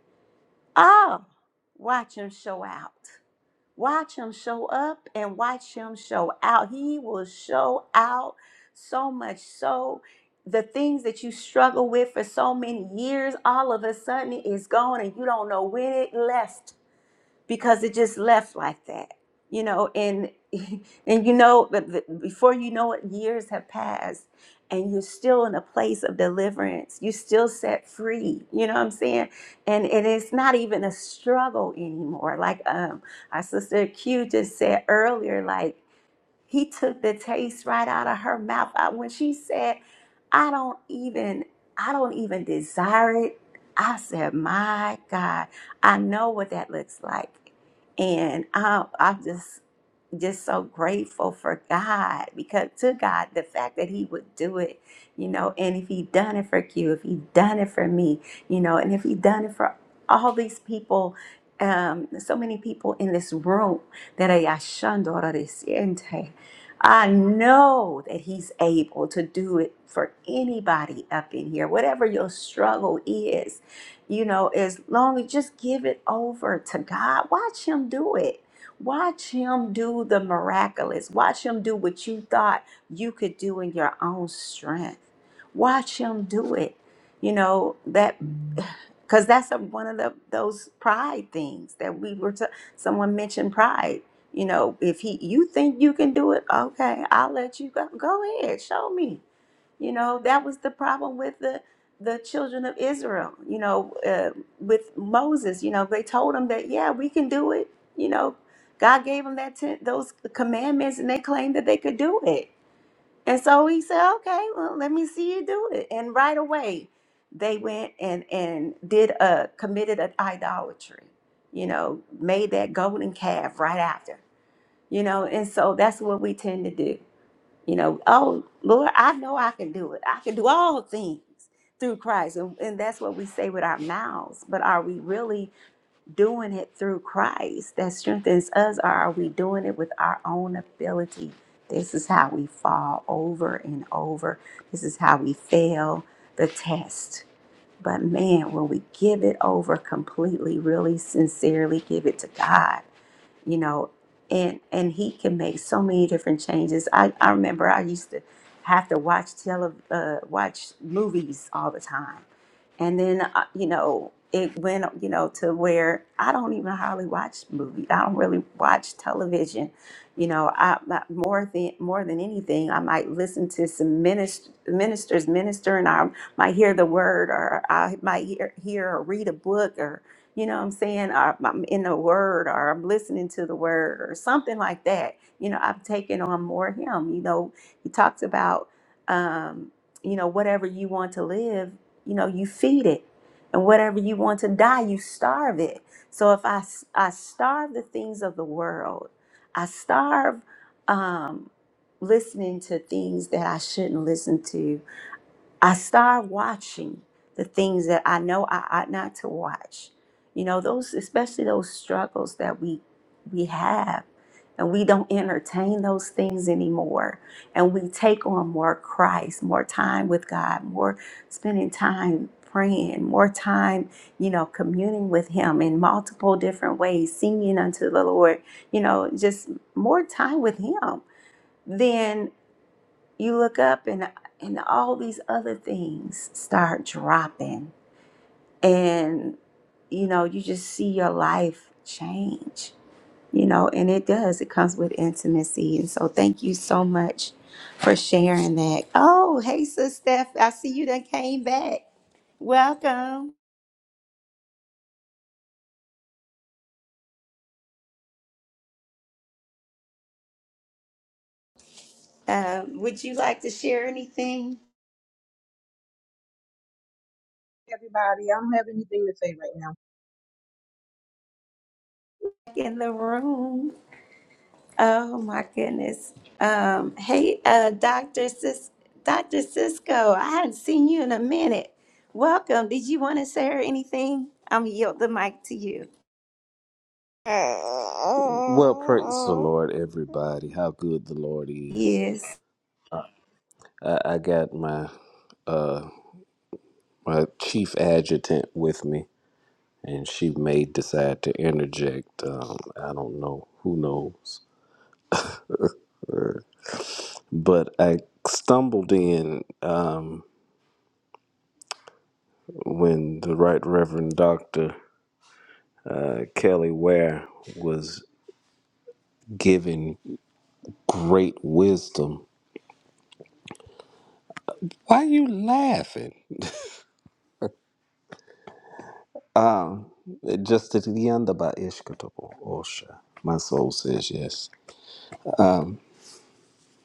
Speaker 1: oh, watch Him show out. Watch him show up and watch him show out. He will show out so much so the things that you struggle with for so many years all of a sudden it's gone and you don't know when it left because it just left like that you know and <laughs> and you know but the- before you know it years have passed and you're still in a place of deliverance you're still set free you know what i'm saying and and it's not even a struggle anymore like um our sister q just said earlier like he took the taste right out of her mouth. I, when she said, "I don't even, I don't even desire it," I said, "My God, I know what that looks like," and I, I'm just just so grateful for God because to God the fact that He would do it, you know, and if He done it for you, if He done it for me, you know, and if He done it for all these people, um, so many people in this room that are yashandorarisiente, I know that He's able to do it for anybody up in here, whatever your struggle is, you know, as long as just give it over to God, watch Him do it Watch him do the miraculous. Watch him do what you thought you could do in your own strength. Watch him do it. You know that because that's a, one of the those pride things that we were. To, someone mentioned pride. You know, if he you think you can do it, okay, I'll let you go. Go ahead, show me. You know, that was the problem with the the children of Israel, you know, uh, with Moses, you know, they told him that yeah, we can do it. You know, God gave them that ten, those commandments and they claimed that they could do it. And so he said, "Okay, well, let me see you do it." And right away, they went and and did a committed an idolatry. You know, made that golden calf right after. You know, and so that's what we tend to do you know, oh Lord, I know I can do it. I can do all things through Christ. And, and that's what we say with our mouths. But are we really doing it through Christ that strengthens us, or are we doing it with our own ability? This is how we fall over and over. This is how we fail the test. But man, when we give it over completely, really sincerely give it to God you know and and he can make so many different changes i i remember i used to have to watch tele uh, watch movies all the time and then uh, you know it went you know to where i don't even hardly watch movies i don't really watch television you know i I- more than more than anything i might listen to some minist- ministers minister and i might hear the word or i might hear, hear or read a book you know what I'm saying? Or I'm in the word or I'm listening to the word or something like that. You know, I've taken on more of him. You know, he talks about, um, you know, whatever you want to live, you know, you feed it. And whatever you want to die, you starve it. So if I, s- I starve the things of the world, I starve um, listening to things that I shouldn't listen to I start watching the things that I know I ought not to watch. You know, those especially those struggles that we we have and we don't entertain those things anymore and we take on more Christ, more time with God, more spending time praying, more time, you know, communing with him in multiple different ways, singing unto the Lord, you know, just more time with him. Then you look up and and all these other things start dropping and you know you just see your life change you know and it does it comes with intimacy and so thank you so much for sharing that oh hey sis steph i see you done came back welcome um, would you like to share anything
Speaker 4: Everybody, I don't have anything to say right now.
Speaker 1: in the room Oh my goodness. Um, hey, uh, Dr. Sis- Dr. Cisco, I hadn't seen you in a minute. Welcome. Did you want to say or anything? I'm gonna yield the mic to you.
Speaker 16: Well, praise the Lord, everybody. How good the Lord is.
Speaker 1: Yes.
Speaker 16: I, I got my uh my chief adjutant with me, and she may decide to interject. Um, I don't know. Who knows? Or- But I stumbled in um, when the Right Reverend Doctor uh, Kelly Ware was giving great wisdom. Why are you laughing? Ah, justifyandaba ishkatopo osha. My soul says yes.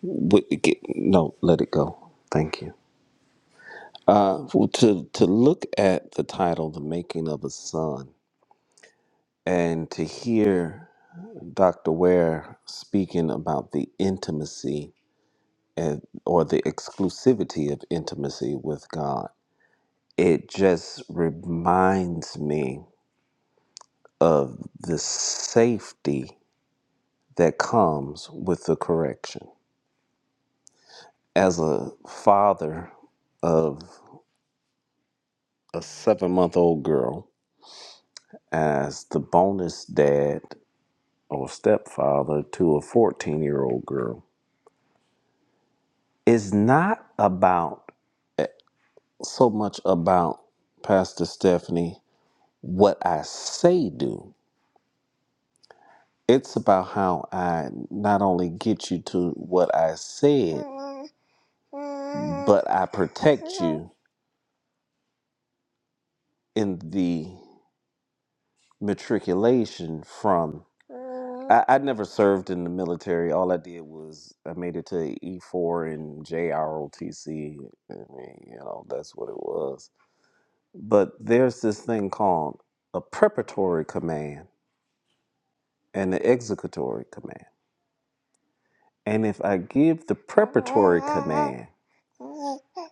Speaker 16: We, get, no, let it go. Thank you. Uh, well, to to look at the title, "The Making of a Son," and to hear Dr. Ware speaking about the intimacy and, or the exclusivity of intimacy with God, it just reminds me of the safety that comes with the correction as a father of a seven month old girl, as the bonus dad or stepfather to a 14 year old girl, is not about so much about Pastor Stephanie, what I say do. It's about how I not only get you to what I said, but I protect you in the matriculation from. I, I never served in the military. All I did was I made it to E four and JROTC. I mean, you know, that's what it was. But there's this thing called a preparatory command and an executory command. And if I give the preparatory command,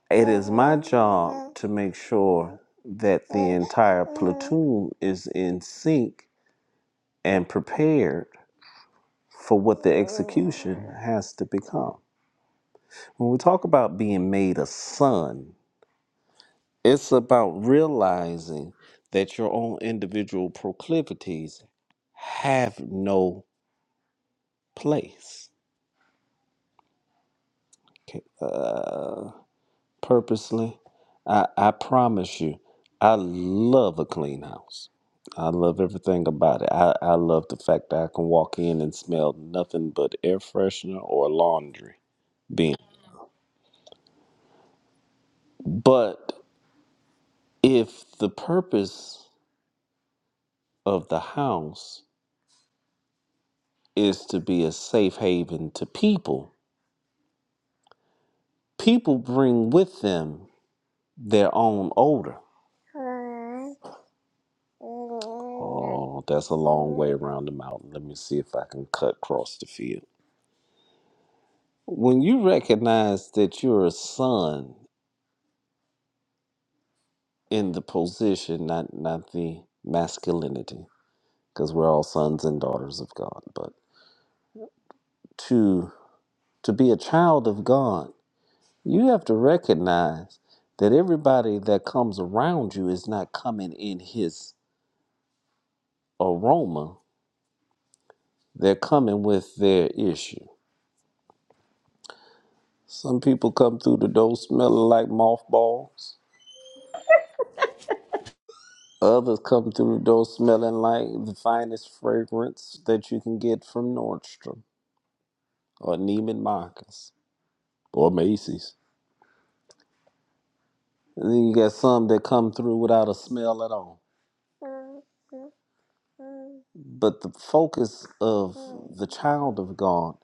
Speaker 16: it is my job to make sure that the entire platoon is in sync and prepared for what the Mm. execution has to become. When we talk about being made a son, it's about realizing that your own individual proclivities have no place. Okay. Uh, purposely, I, I promise you, I love a clean house. I love everything about it. I, I love the fact that I can walk in and smell nothing but air freshener or laundry being. But if the purpose of the house is to be a safe haven to people, people bring with them their own odor. Oh, that's a long way around the mountain. Let me see if I can cut across the field. When you recognize that you're a son in the position, not not the masculinity, because we're all sons and daughters of God, but to to be a child of God You have to recognize that everybody that comes around you is not coming in his aroma. They're coming with their issue. Some people come through the door smelling like mothballs. Others come through the door smelling like the finest fragrance that you can get from Nordstrom or Neiman Marcus or Macy's. And then you got some that come through without a smell at all. But the focus of the child of God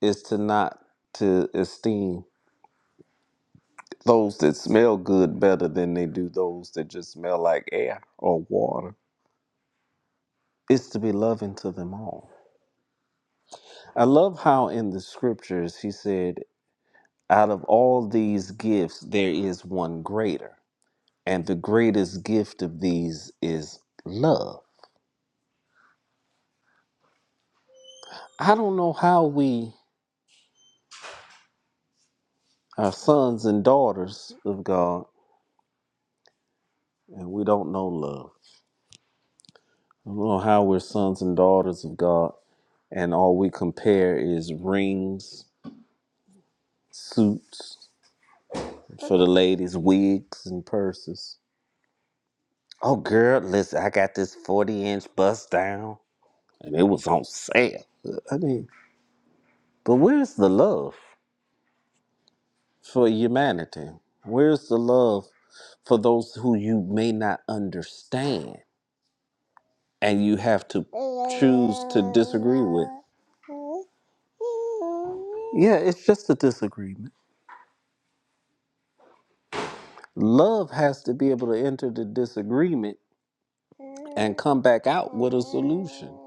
Speaker 16: is to not to esteem those that smell good better than they do those that just smell like air or water. It's to be loving to them all. I love how in the scriptures he said, out of all these gifts, there is one greater. And the greatest gift of these is love. I don't know how we are sons and daughters of God and we don't know love. I don't know how we're sons and daughters of God and all we compare is rings, suits for the ladies, wigs, and purses. Oh, girl, listen, I got this 40 inch bust down, and it was on sale. I mean, but where's the love for humanity? Where's the love for those who you may not understand and you have to choose to disagree with? <laughs> Yeah, it's just a disagreement. Love has to be able to enter the disagreement and come back out with a solution.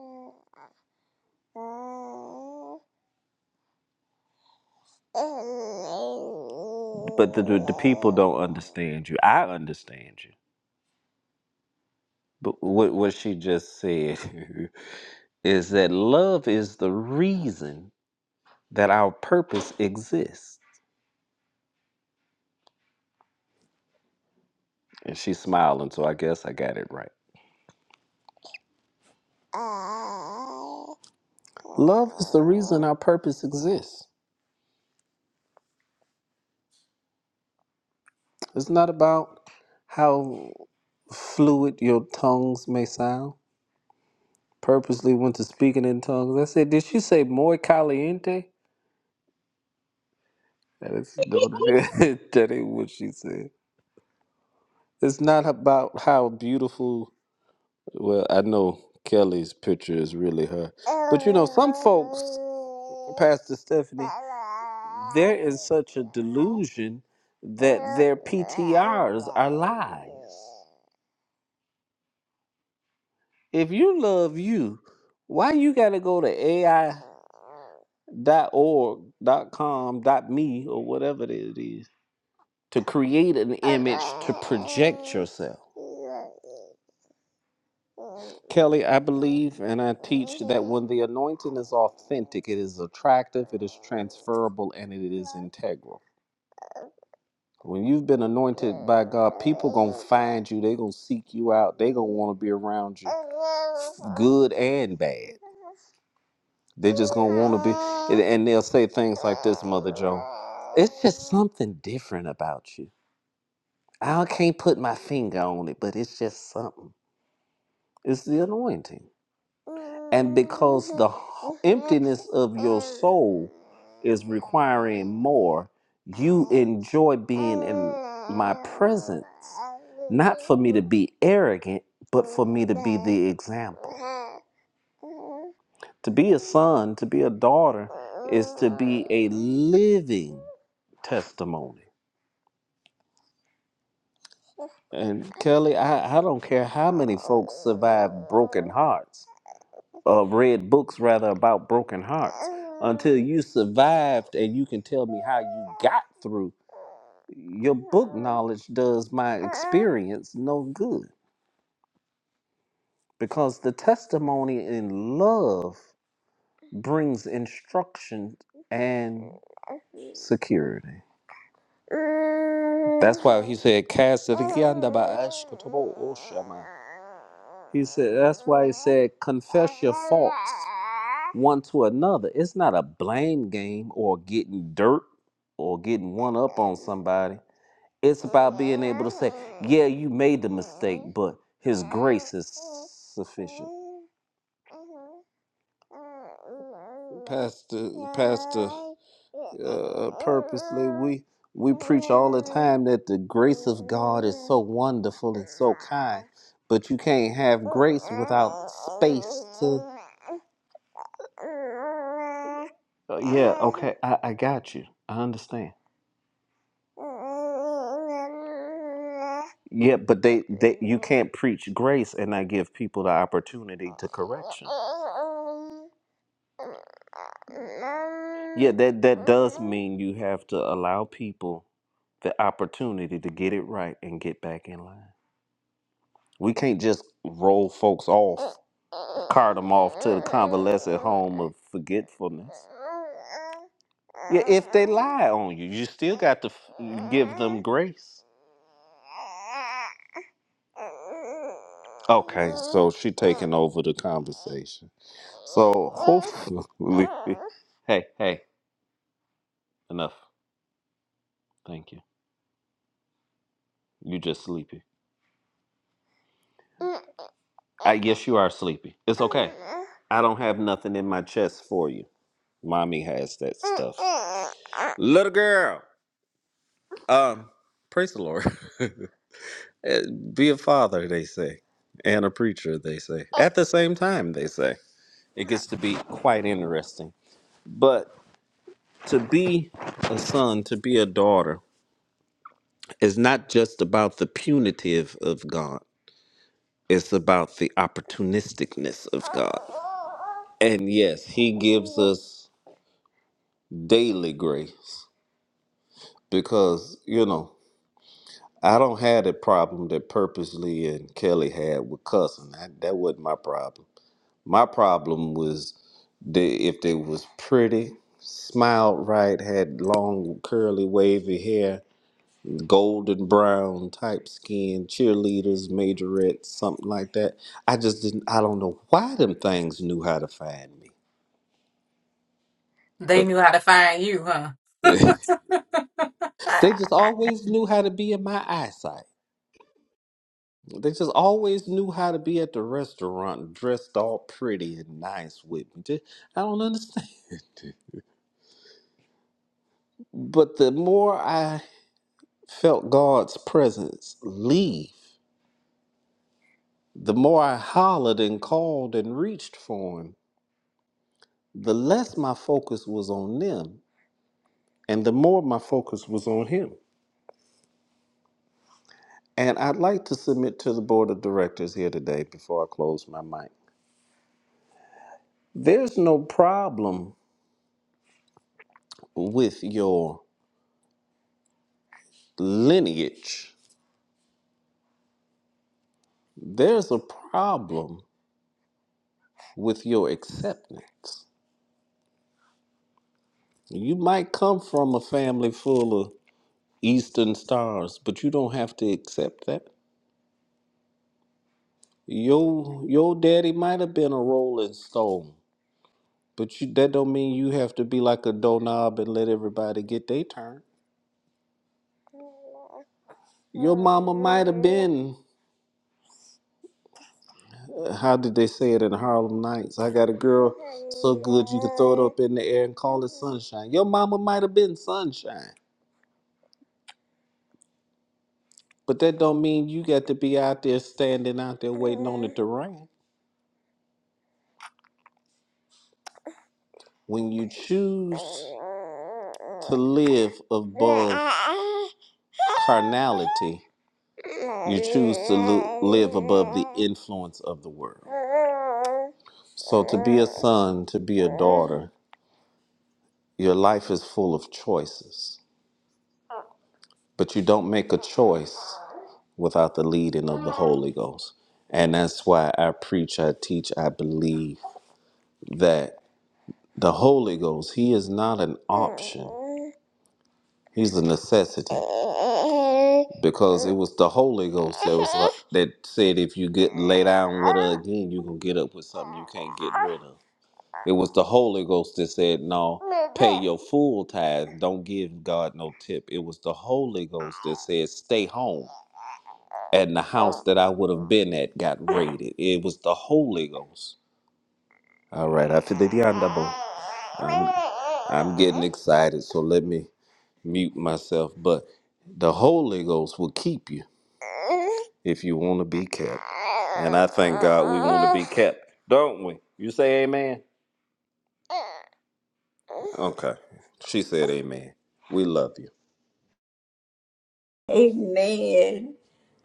Speaker 16: But the, the, the people don't understand you. I understand you. But what, what she just said <laughs> is that love is the reason that our purpose exists. And she's smiling, so I guess I got it right. Love is the reason our purpose exists. It's not about how fluid your tongues may sound. Purposely went to speaking in tongues. I said, Did she say more caliente? That is no, <laughs> that ain't what she said. It's not about how beautiful. Well, I know Kelly's picture is really her. But you know, some folks, Pastor Stephanie, they're in such a delusion that their PTRs are lies. If you love you, why you gotta go to AI dot org dot com dot me or whatever it is to create an image to project yourself. Kelly, I believe and I teach that when the anointing is authentic, it is attractive, it is transferable, and it is integral. When you've been anointed by God, people gonna find you, they gonna seek you out, they gonna wanna be around you, good and bad. They just gonna want to be, and and they'll say things like this, Mother Joe. It's just something different about you. I can't put my finger on it, but it's just something. It's the anointing, and because the h- emptiness of your soul is requiring more, you enjoy being in my presence, not for me to be arrogant, but for me to be the example. To be a son, to be a daughter, is to be a living testimony. And Kelly, I, I don't care how many folks survive broken hearts, or read books rather about broken hearts. Until you survived and you can tell me how you got through, your book knowledge does my experience no good. Because the testimony in love brings instruction and security. That's why he said, Cast it again, the by Ashkatabo Oshama." He said, That's why he said, Confess your faults one to another. It's not a blame game or getting dirt or getting one up on somebody. It's about being able to say, Yeah, you made the mistake, but His grace is sufficient. Pastor, Pastor, uh, purposely we we preach all the time that the grace of God is so wonderful and so kind, but you can't have grace without space to. Uh, yeah, okay, I, I got you. I understand. Yeah, but they, they you can't preach grace and not give people the opportunity to correction. Yeah, that that does mean you have to allow people the opportunity to get it right and get back in line. We can't just roll folks off, cart them off to the convalescent home of forgetfulness. Yeah, if they lie on you, you still got to f- give them grace. Okay, so she taking over the conversation. So hopefully, <laughs> hey, hey, enough. Thank you. You just sleepy. I guess you are sleepy. It's okay. I don't have nothing in my chest for you. Mommy has that stuff. Little girl. Um, praise the Lord. <laughs> Be a father, they say, and a preacher, they say. At the same time, they say. It gets to be quite interesting. But to be a son, to be a daughter, is not just about the punitive of God. It's about the opportunisticness of God. And yes, he gives us daily grace because, you know. I don't have the problem that Purposely and Kelly had with cussing. That, that wasn't my problem. My problem was they, if they was pretty, smiled right, had long curly wavy hair, golden brown type skin, cheerleaders, majorettes, something like that. I just didn't. I don't know why them things knew how to find me,
Speaker 10: They
Speaker 16: but
Speaker 10: knew how to find you, huh?
Speaker 16: <laughs> they just always knew how to be in my eyesight. They just always knew how to be at the restaurant dressed all pretty and nice with me. Ju- I don't understand. <laughs> But the more I felt God's presence leave, the more I hollered and called and reached for Him, the less my focus was on them and the more my focus was on Him. And I'd like to submit to the board of directors here today before I close my mic. There's no problem with your lineage There's a problem with your acceptance. You might come from a family full of Eastern stars, but you don't have to accept that. Your your daddy might have been a Rolling Stone, but you, that don't mean you have to be like a doorknob and let everybody get their turn. Your mama might have been. uh, How did they say it in Harlem Nights? I got a girl so good you can throw it up in the air and call it sunshine. Your mama might have been sunshine. But that don't mean you got to be out there standing out there waiting on it to rain. When you choose to live above carnality, you choose to lo- live above the influence of the world. So, to be a son, to be a daughter, your life is full of choices, but you don't make a choice without the leading of the Holy Ghost. And that's why I preach, I teach, I believe that. The Holy Ghost, He is not an option. He's a necessity. Because it was the Holy Ghost that was like, that said, if you get lay down with her again, you gonna get up with something you can't get rid of. It was the Holy Ghost that said, no, pay your full tithe. Don't give God no tip. It was the Holy Ghost that said, stay home. And the house that I would have been at got raided. It was the Holy Ghost. All right, after the Diandabo, I'm, I'm getting excited, so let me mute myself. But the Holy Ghost will keep you if you want to be kept. And I thank God we want to be kept, don't we? You say amen? Okay. She said amen. We love you.
Speaker 1: Amen.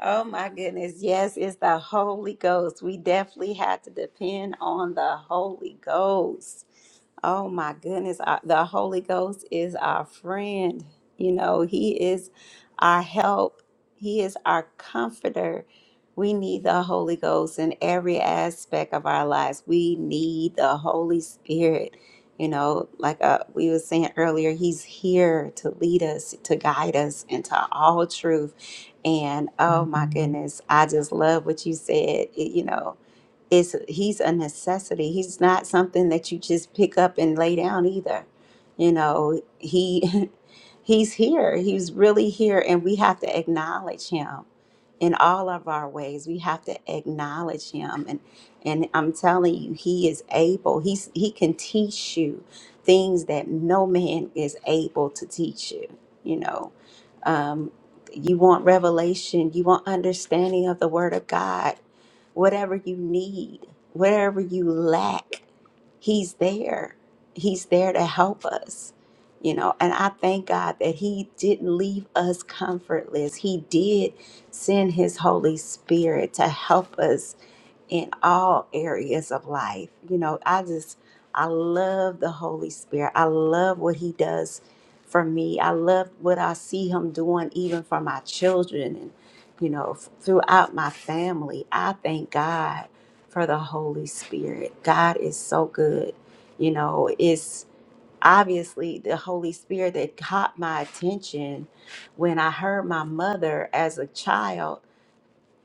Speaker 1: Oh my goodness. Yes, it's the Holy Ghost. We definitely had to depend on the Holy Ghost. Oh my goodness, I- the Holy Ghost is our friend. You know, He is our help, He is our comforter. We need the Holy Ghost in every aspect of our lives. We need the Holy Spirit. You know, like uh, we were saying earlier, He's here to lead us, to guide us into all truth. And oh my goodness, I just love what you said. It- you know, is he's a necessity. He's not something that you just pick up and lay down either. You know, he <laughs> he's here. He's really here and we have to acknowledge him in all of our ways. We have to acknowledge him and and I'm telling you he is able. He's he can teach you things that no man is able to teach you, you know. Um you want revelation, you want understanding of the word of God whatever you need, whatever you lack, He's there. He's there to help us, you know. And I thank God that He didn't leave us comfortless. He did send His Holy Spirit to help us in all areas of life. You know, I just, I love the Holy Spirit. I love what He does for me. I love what I see Him doing even for my children and, you know, f- throughout my family. I thank God for the Holy Spirit. God is so good. You know, it's obviously the Holy Spirit that caught my attention when I heard my mother as a child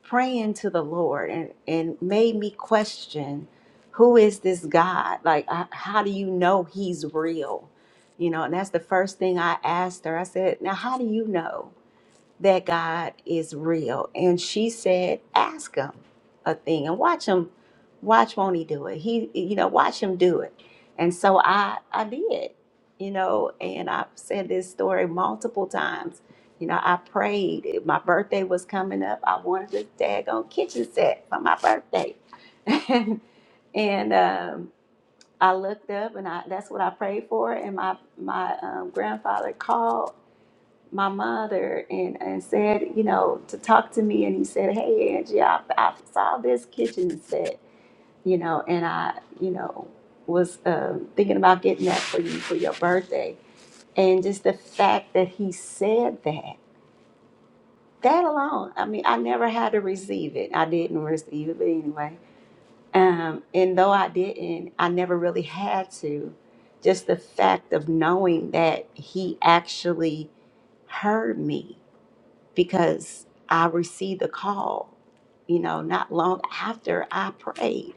Speaker 1: praying to the Lord and, and made me question who is this God? Like, I, how do you know he's real? You know, and that's the first thing I asked her. I said, Now, how do you know? that God is real. And she said, ask him a thing and watch him, watch won't he do it? He, you know, watch him do it. And so I, I did, you know, and I've said this story multiple times. You know, I prayed. My birthday was coming up. I wanted this daggone kitchen set for my birthday. <laughs> And, and um, I looked up and I, that's what I prayed for. And my, my um, grandfather called my mother and, and said, you know, to talk to me. And he said, Hey, Angie, I, I saw this kitchen set, you know, and I, you know, was um, thinking about getting that for you for your birthday. And just the fact that he said that, that alone, I mean, I never had to receive it. I didn't receive it, but anyway. Um, and though I didn't, I never really had to. Just the fact of knowing that he actually heard me because I received a call, you know, not long after I prayed.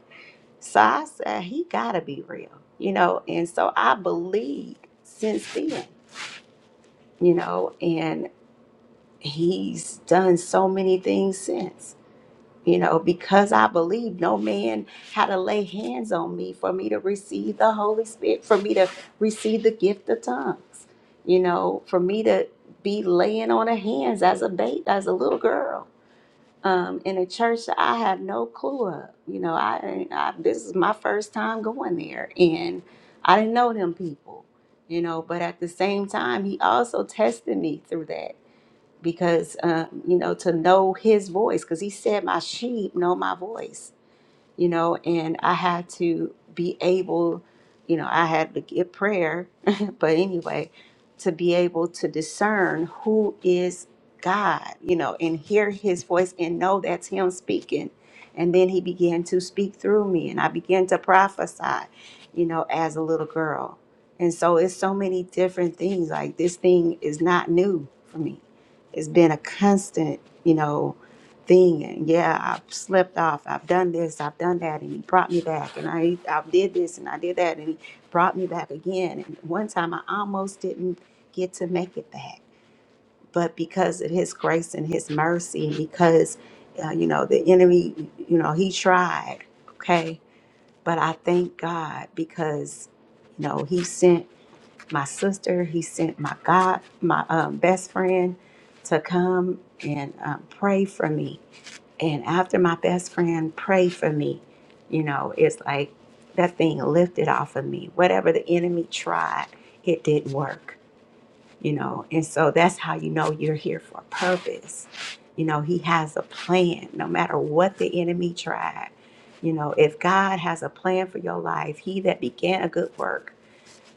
Speaker 1: So I said, He got to be real, you know, and so I believed since then, you know, and He's done so many things since. You know, because I believed no man had to lay hands on me for me to receive the Holy Spirit, for me to receive the gift of tongues, you know, for me to be laying on of hands as a bait, as a little girl um, in a church that I have no clue of. You know, I, I this is my first time going there, and I didn't know them people. You know, but at the same time, he also tested me through that because um, you know to know his voice because he said, "My sheep know my voice." you know, and I had to be able, you know, I had to get prayer, <laughs> but anyway, to be able to discern who is God, you know, and hear his voice and know that's him speaking. And then he began to speak through me, and I began to prophesy, you know, as a little girl. And so it's so many different things. Like this thing is not new for me, it's been a constant, you know thing and yeah i've slept off i've done this i've done that and he brought me back and i i did this and i did that and he brought me back again and one time i almost didn't get to make it back but because of his grace and his mercy and because uh, you know the enemy you know he tried okay but i thank god because you know he sent my sister he sent my god my um, best friend to come and um, pray for me and after my best friend prayed for me, you know, it's like that thing lifted off of me. Whatever the enemy tried, it didn't work, you know. And so that's how you know you're here for a purpose. You know, he has a plan no matter what the enemy tried. You know, if God has a plan for your life, he that began a good work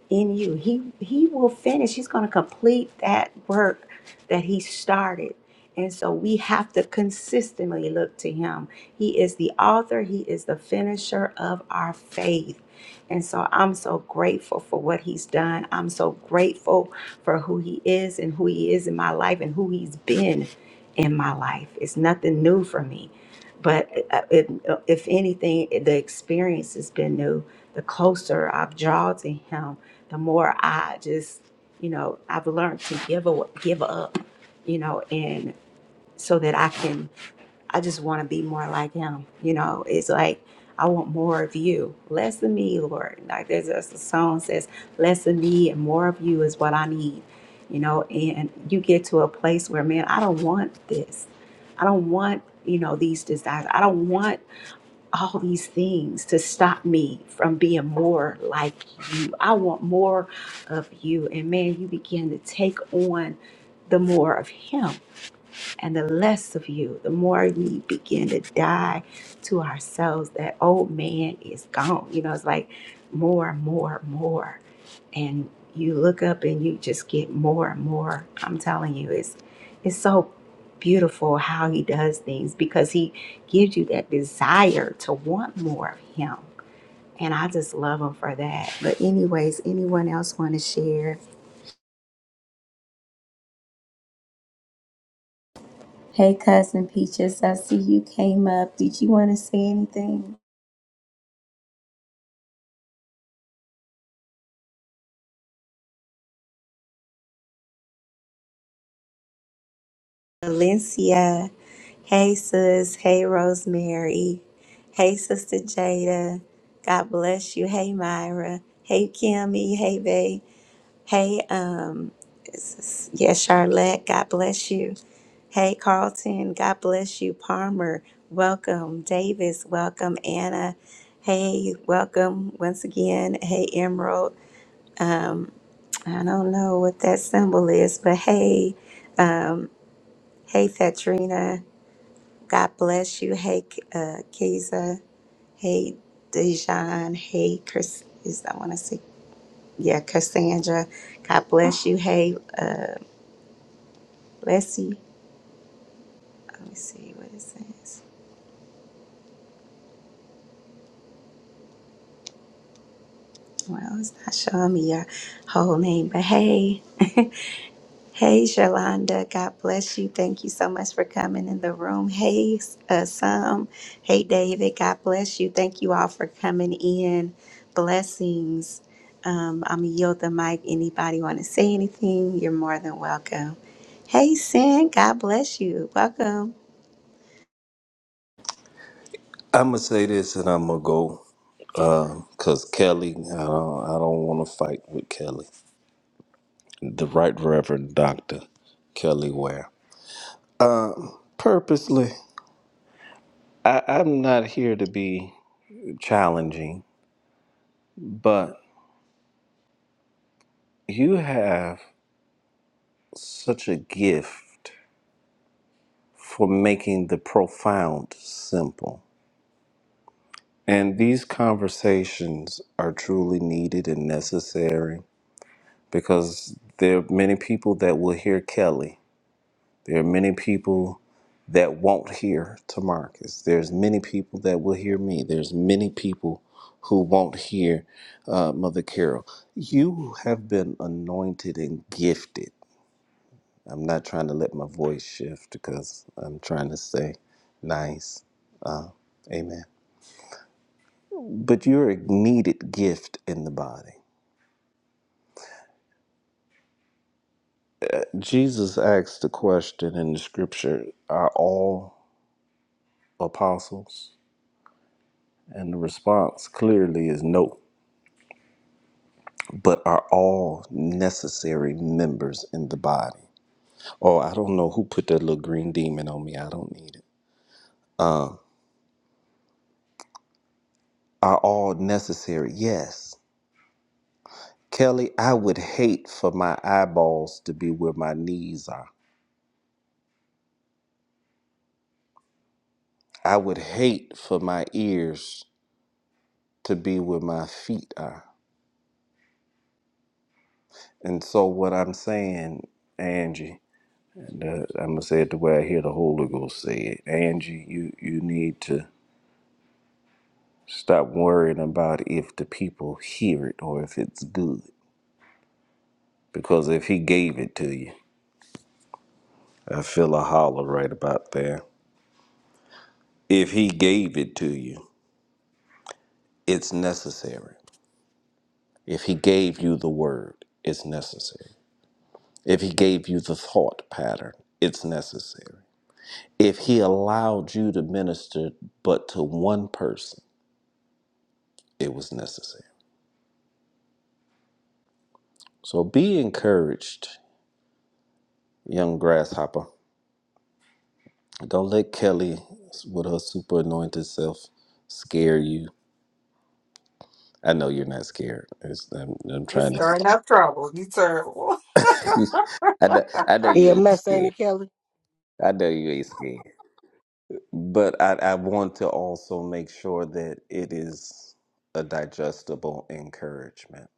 Speaker 1: in you. He he will finish. He's going to complete that work that he started. And so we have to consistently look to him. He is the author, he is the finisher of our faith. And so I'm so grateful for what he's done. I'm so grateful for who he is and who he is in my life and who he's been in my life. It's nothing new for me. But uh, it, if anything, the experience has been new. The closer I've drawn to him, the more I just, you know, I've learned to give a, give up, you know, and so that I can, I just want to be more like him. You know, it's like, I want more of you, less of me, Lord. Like there's a song says, less of me and more of you is what I need, you know, and you get to a place where, man, I don't want this. I don't want, you know, these desires. I don't want all these things to stop me from being more like you. I want more of you. And man, you begin to take on the more of Him and the less of you, the more we begin to die to ourselves, that old man is gone. You know, it's like more, more, more. And you look up and you just get more and more. I'm telling you, it's it's so beautiful how he does things because he gives you that desire to want more of him. And I just love him for that. But anyways, anyone else want to share? Hey, cousin Peaches, I see you came up. Did you want to say anything? Valencia. Hey, sis. Hey, Rosemary. Hey, Sister Jada. God bless you. Hey, Myra. Hey, Kimmy. Hey, Bay. Hey, um, yes, yeah, Charlotte. God bless you. Hey, Carlton. God bless you. Palmer. Welcome. Davis. Welcome. Anna. Hey, welcome once again. Hey, Emerald. Um, I don't know what that symbol is, but hey, um, hey, Katrina. God bless you. Hey, K- uh, Keza. Hey, Dejan. Hey, Chris. Is I want to say, yeah, Cassandra. God bless you. Hey, uh, Leslie. Let me see what it says. Well, it's not showing me your whole name, but hey. <laughs> Hey, Shalonda. God bless you. Thank you so much for coming in the room. Hey, uh, Sam. Hey, David. God bless you. Thank you all for coming in. Blessings. Um, I'm going to yield the mic. Anybody want to say anything? You're more than welcome. Hey, Sin. God bless you. Welcome.
Speaker 16: I'm going to say this and I'm going to go because Kelly, I don't, I don't want to fight with Kelly. The Right Reverend Dr. Kelly Ware. Purposely. I, I'm not here to be challenging, but you have such a gift for making the profound simple. And these conversations are truly needed and necessary because there are many people that will hear Kelly There are many people that won't hear to Marcus. There's many people that will hear me. There's many people who won't hear uh, Mother Carol. You have been anointed and gifted. I'm not trying to let my voice shift because I'm trying to say nice. Amen. But you're a needed gift in the body. Jesus asked the question in the scripture Are all apostles? And the response clearly is no. but are all necessary members in the body. Oh, I don't know who put that little green demon on me. I don't need it. Are all necessary? Yes. Kelly, I would hate for my eyeballs to be where my knees are. I would hate for my ears to be where my feet are. And so, what I'm saying, Angie, and, uh, I'm gonna say it the way I hear the Holy Ghost say it. Angie, you you need to Stop worrying about if the people hear it or if it's good. Because if he gave it to you, I feel a holler right about there. If he gave it to you, it's necessary. If he gave you the word, it's necessary. If he gave you the thought pattern, it's necessary. If he allowed you to minister but to one person, it was necessary. So be encouraged, young grasshopper. Don't let Kelly with her super anointed self scare you. I know you're not scared. It's, I'm, I'm
Speaker 10: You
Speaker 16: trying
Speaker 10: stirring
Speaker 16: to.
Speaker 10: up trouble. You turn.
Speaker 16: <laughs> I know, I know you
Speaker 8: Yeah,
Speaker 16: ain't
Speaker 8: Miss
Speaker 16: scared.
Speaker 8: Annie Kelly.
Speaker 16: I know you ain't scared. But I, I want to also make sure that it is a digestible encouragement.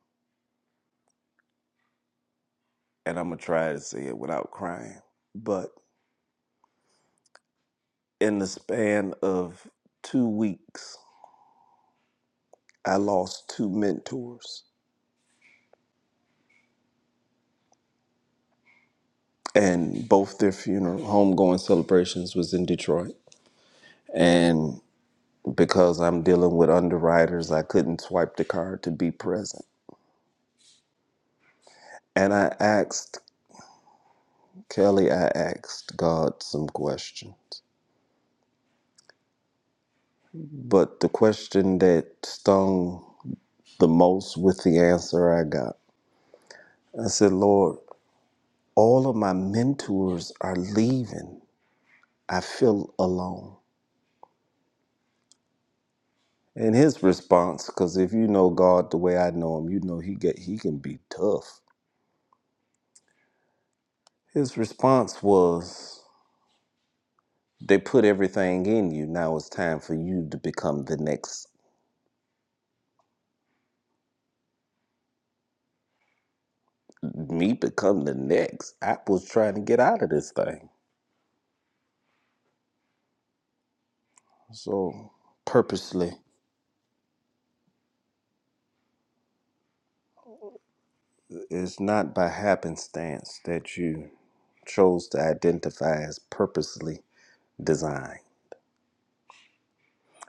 Speaker 16: And I'm going to try to say it without crying. But in the span of two weeks, I lost two mentors. and both their funeral homegoing celebrations was in Detroit. And because I'm dealing with underwriters, I couldn't swipe the card to be present. And I asked Kelly, I asked God some questions. But the question that stung the most with the answer I got, I said, Lord, all of my mentors are leaving. I feel alone. And his response, because if you know God the way I know him, you know he get he can be tough. His response was, They put everything in you. Now it's time for you to become the next. Me become the next. I was trying to get out of this thing. So, purposely, it's not by happenstance that you chose to identify as purposely designed.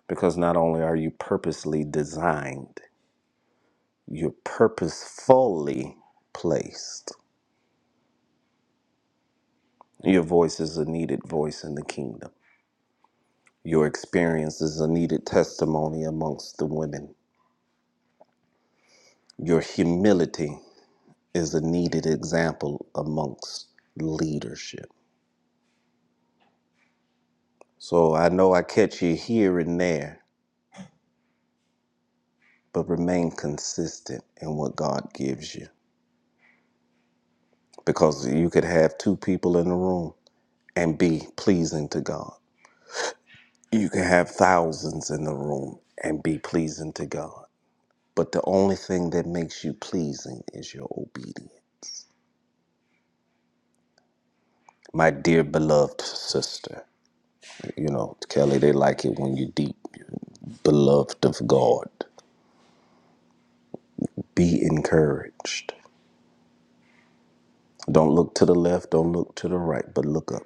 Speaker 16: Because not only are you purposely designed, you're purposefully placed. Your voice is a needed voice in the kingdom. Your experience is a needed testimony amongst the women. Your humility is a needed example amongst leadership. So I know I catch you here and there, but remain consistent in what God gives you. Because you could have two people in the room and be pleasing to God. You can have thousands in the room and be pleasing to God. But the only thing that makes you pleasing is your obedience. My dear beloved sister, You know, Kelly, they like it when you're deep, beloved of God. Be encouraged. Don't look to the left, don't look to the right, but look up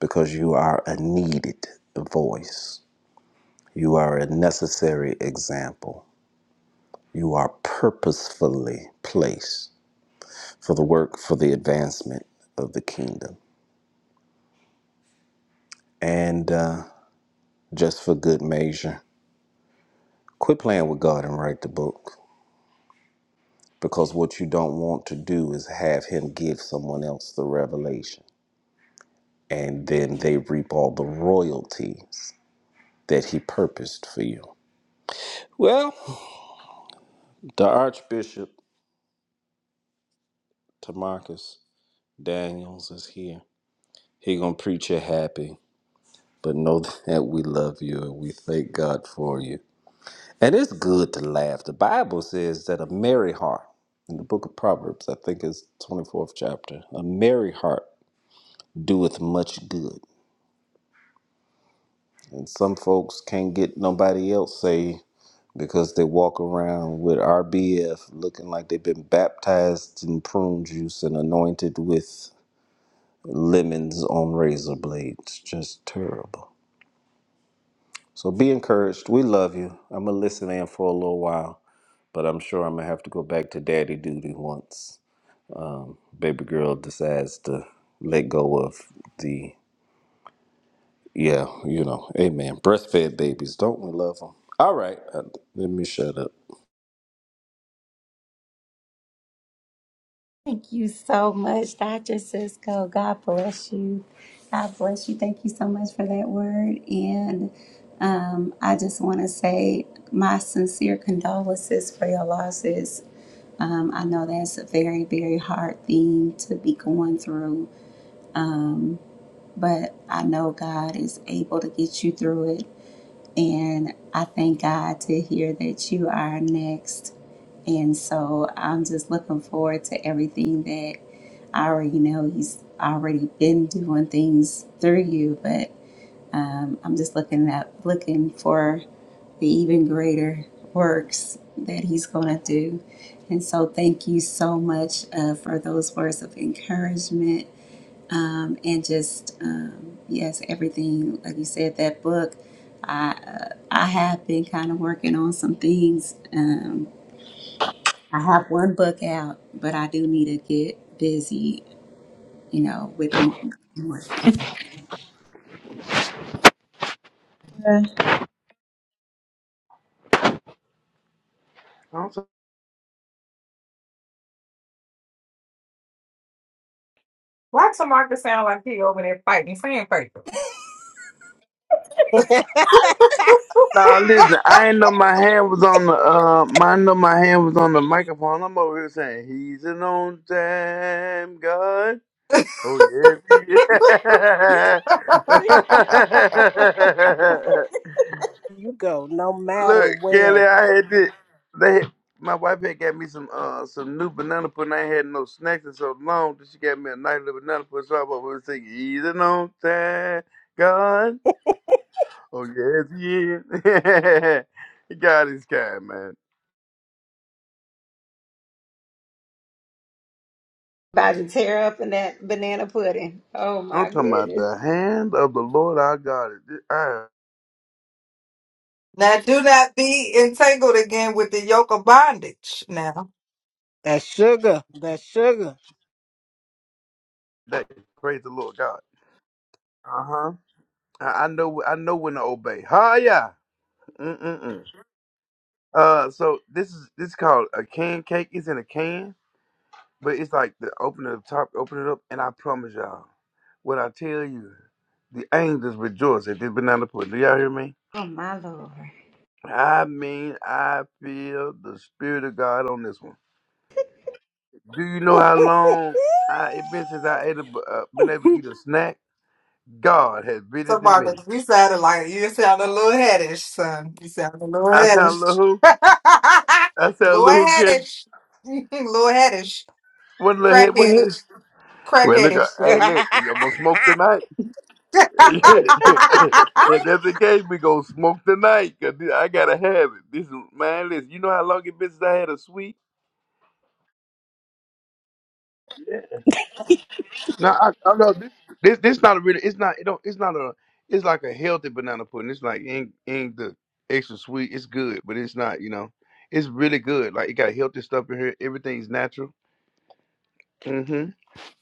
Speaker 16: because you are a needed voice. You are a necessary example. You are purposefully placed for the work, for the advancement of the kingdom. And uh, just for good measure, quit playing with God and write the book because what you don't want to do is have Him give someone else the revelation and then they reap all the royalties that he purposed for you. Well, the Archbishop Tamarcus Daniels is here. He gonna preach you happy, but know <laughs> that we love you and we thank God for you. And it's good to laugh. The Bible says that a merry heart, in the book of Proverbs, I think it's 24th chapter, a merry heart doeth much good. And some folks can't get nobody else say because they walk around with RBF looking like they've been baptized in prune juice and anointed with lemons on razor blades. Just terrible. So be encouraged. We love you. I'm going to listen in for a little while, but I'm sure I'm going to have to go back to daddy duty once baby girl decides to let go of the, yeah, you know, amen. Breastfed babies, don't we love them? All right, uh, let me shut up.
Speaker 1: Thank you so much, Dr. Cisco. God bless you. God bless you. Thank you so much for that word. And um, I just want to say my sincere condolences for your losses. Um, I know that's a very, very hard thing to be going through, um, but I know God is able to get you through it. And I thank God to hear that you are next. And so I'm just looking forward to everything that I already know He's already been doing things through you, but um, I'm just looking up, looking for the even greater works that He's going to do. And so thank you so much uh, for those words of encouragement um, and just um, yes, everything like you said, that book. I uh, I have been kind of working on some things. Um, I have one book out, but I do need to get busy, you know, with more. more. <laughs> Uh,
Speaker 10: Why Tamarcus sound like he over there fighting sandpaper?
Speaker 8: <laughs>
Speaker 14: Now listen, I ain't know my hand was on the uh, my, I know my hand was on the microphone. I'm over here saying, "He's an on time God." Oh yeah, he is. <laughs>
Speaker 10: <laughs>
Speaker 8: you go, no matter
Speaker 14: Look, Kelly,
Speaker 8: where.
Speaker 14: I had this. They, my wife had got me some uh some new banana pudding. I ain't had no snacks in so long that she got me a nice little banana pudding. So I'm over here singing, "He's an on time God." Oh yes, he is. <laughs> God is kind, man.
Speaker 1: About to tear up in that banana pudding. Oh
Speaker 14: I'm
Speaker 1: my
Speaker 14: talking about
Speaker 1: goodness.
Speaker 14: the hand of the Lord our God. is this- Uh,
Speaker 10: now do not be entangled again with the yoke of bondage. Now,
Speaker 8: That sugar, that sugar.
Speaker 14: that praise the Lord God. Uh huh. I, I know. I know when to obey. Ha yeah. Mm mm mm. Uh, so this is this is called a can cake. It's in a can, but it's like the open it up top, open it up, and I promise y'all, what I tell you, the angels rejoice at this banana pudding. Do y'all hear me?
Speaker 1: Oh my lord.
Speaker 14: I mean, I feel the spirit of God on this one. Do you know how long I it been since I ate a b- uh, been able to eat a snack? God has visited me.
Speaker 10: Tamarcus, you sounded like you sound a little headish, son. You sound a little
Speaker 14: I sound a little
Speaker 10: headish,
Speaker 14: who?
Speaker 10: <laughs>
Speaker 14: I sound a
Speaker 10: little
Speaker 14: little who kid.
Speaker 10: headish, <laughs> little headish,
Speaker 14: One little head, one head.
Speaker 10: crackheadish,
Speaker 14: Well, look, uh,
Speaker 10: crackheadish.
Speaker 14: hey,
Speaker 8: <laughs>
Speaker 14: look, I'm gonna smoke tonight. <laughs> if
Speaker 10: <laughs>
Speaker 14: that's the case, we gonna smoke tonight. Cause I gotta have it. This is man, listen. You know how long it been since I had a sweet? Yeah.
Speaker 8: <laughs>
Speaker 14: No, I, I know this, this. This not a really. It's not. It don't. It's not a. It's like a healthy banana pudding. It's like ain't ain't the extra sweet. It's good, but it's not. You know, it's really good. Like it got healthy stuff in here. Everything's natural. Hmm.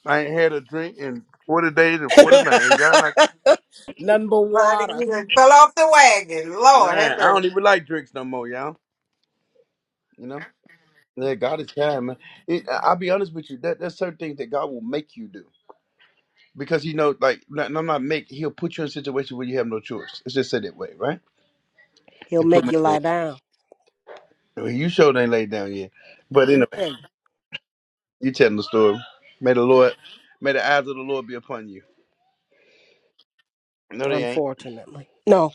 Speaker 14: I ain't had a drink in 40 days and 40 nights. And God, like,
Speaker 8: None but
Speaker 10: Mighty,
Speaker 8: water.
Speaker 10: you fell off the wagon. Lord,
Speaker 14: man,
Speaker 10: have
Speaker 14: I
Speaker 10: mercy.
Speaker 14: don't even like drinks no more, y'all. You know? Yeah, God is kind, man. It, I- I'll be honest with you. That, there's certain things that God will make you do. Because he know, like, not, I'm not make, he'll put you in a situation where you have no choice. Let's just say that way, right?
Speaker 8: He'll
Speaker 14: He put
Speaker 8: make
Speaker 14: me
Speaker 8: you
Speaker 14: in
Speaker 8: lie down.
Speaker 14: that way. You sure ain't laid down yet. But anyway,
Speaker 8: Yeah,
Speaker 14: you telling the story. May the Lord, may the eyes of the Lord be upon you. No, they
Speaker 8: unfortunately. No,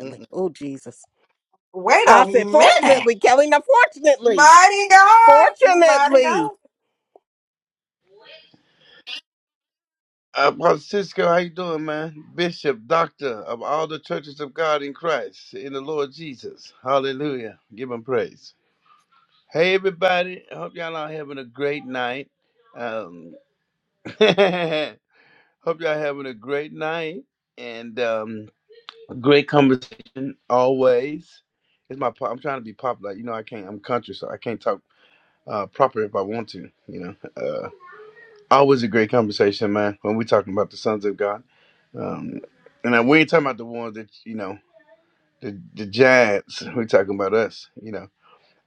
Speaker 14: ain't.
Speaker 8: Oh, Jesus.
Speaker 10: Wait a
Speaker 8: I said,
Speaker 10: minute.
Speaker 8: fortunately, Kelly, not fortunately.
Speaker 10: Mighty God, mighty
Speaker 8: Fortunately.
Speaker 10: God.
Speaker 14: Uh, Brother how you doing, man? Bishop, doctor of all the churches of God in Christ, in the Lord Jesus. Hallelujah. Give him praise. Hey, everybody. I hope y'all are having a great night. Um, <laughs> hope y'all having a great night and um, a great conversation always. It's my. po- I'm trying to be popular. You know, I can't. I'm country, so I can't talk uh, proper if I want to. You know. Uh, Always a great conversation, man. When we're talking about the sons of God, um, and I- we ain't talking about the ones that you know, the the giants. We're <laughs> talking about us, you know.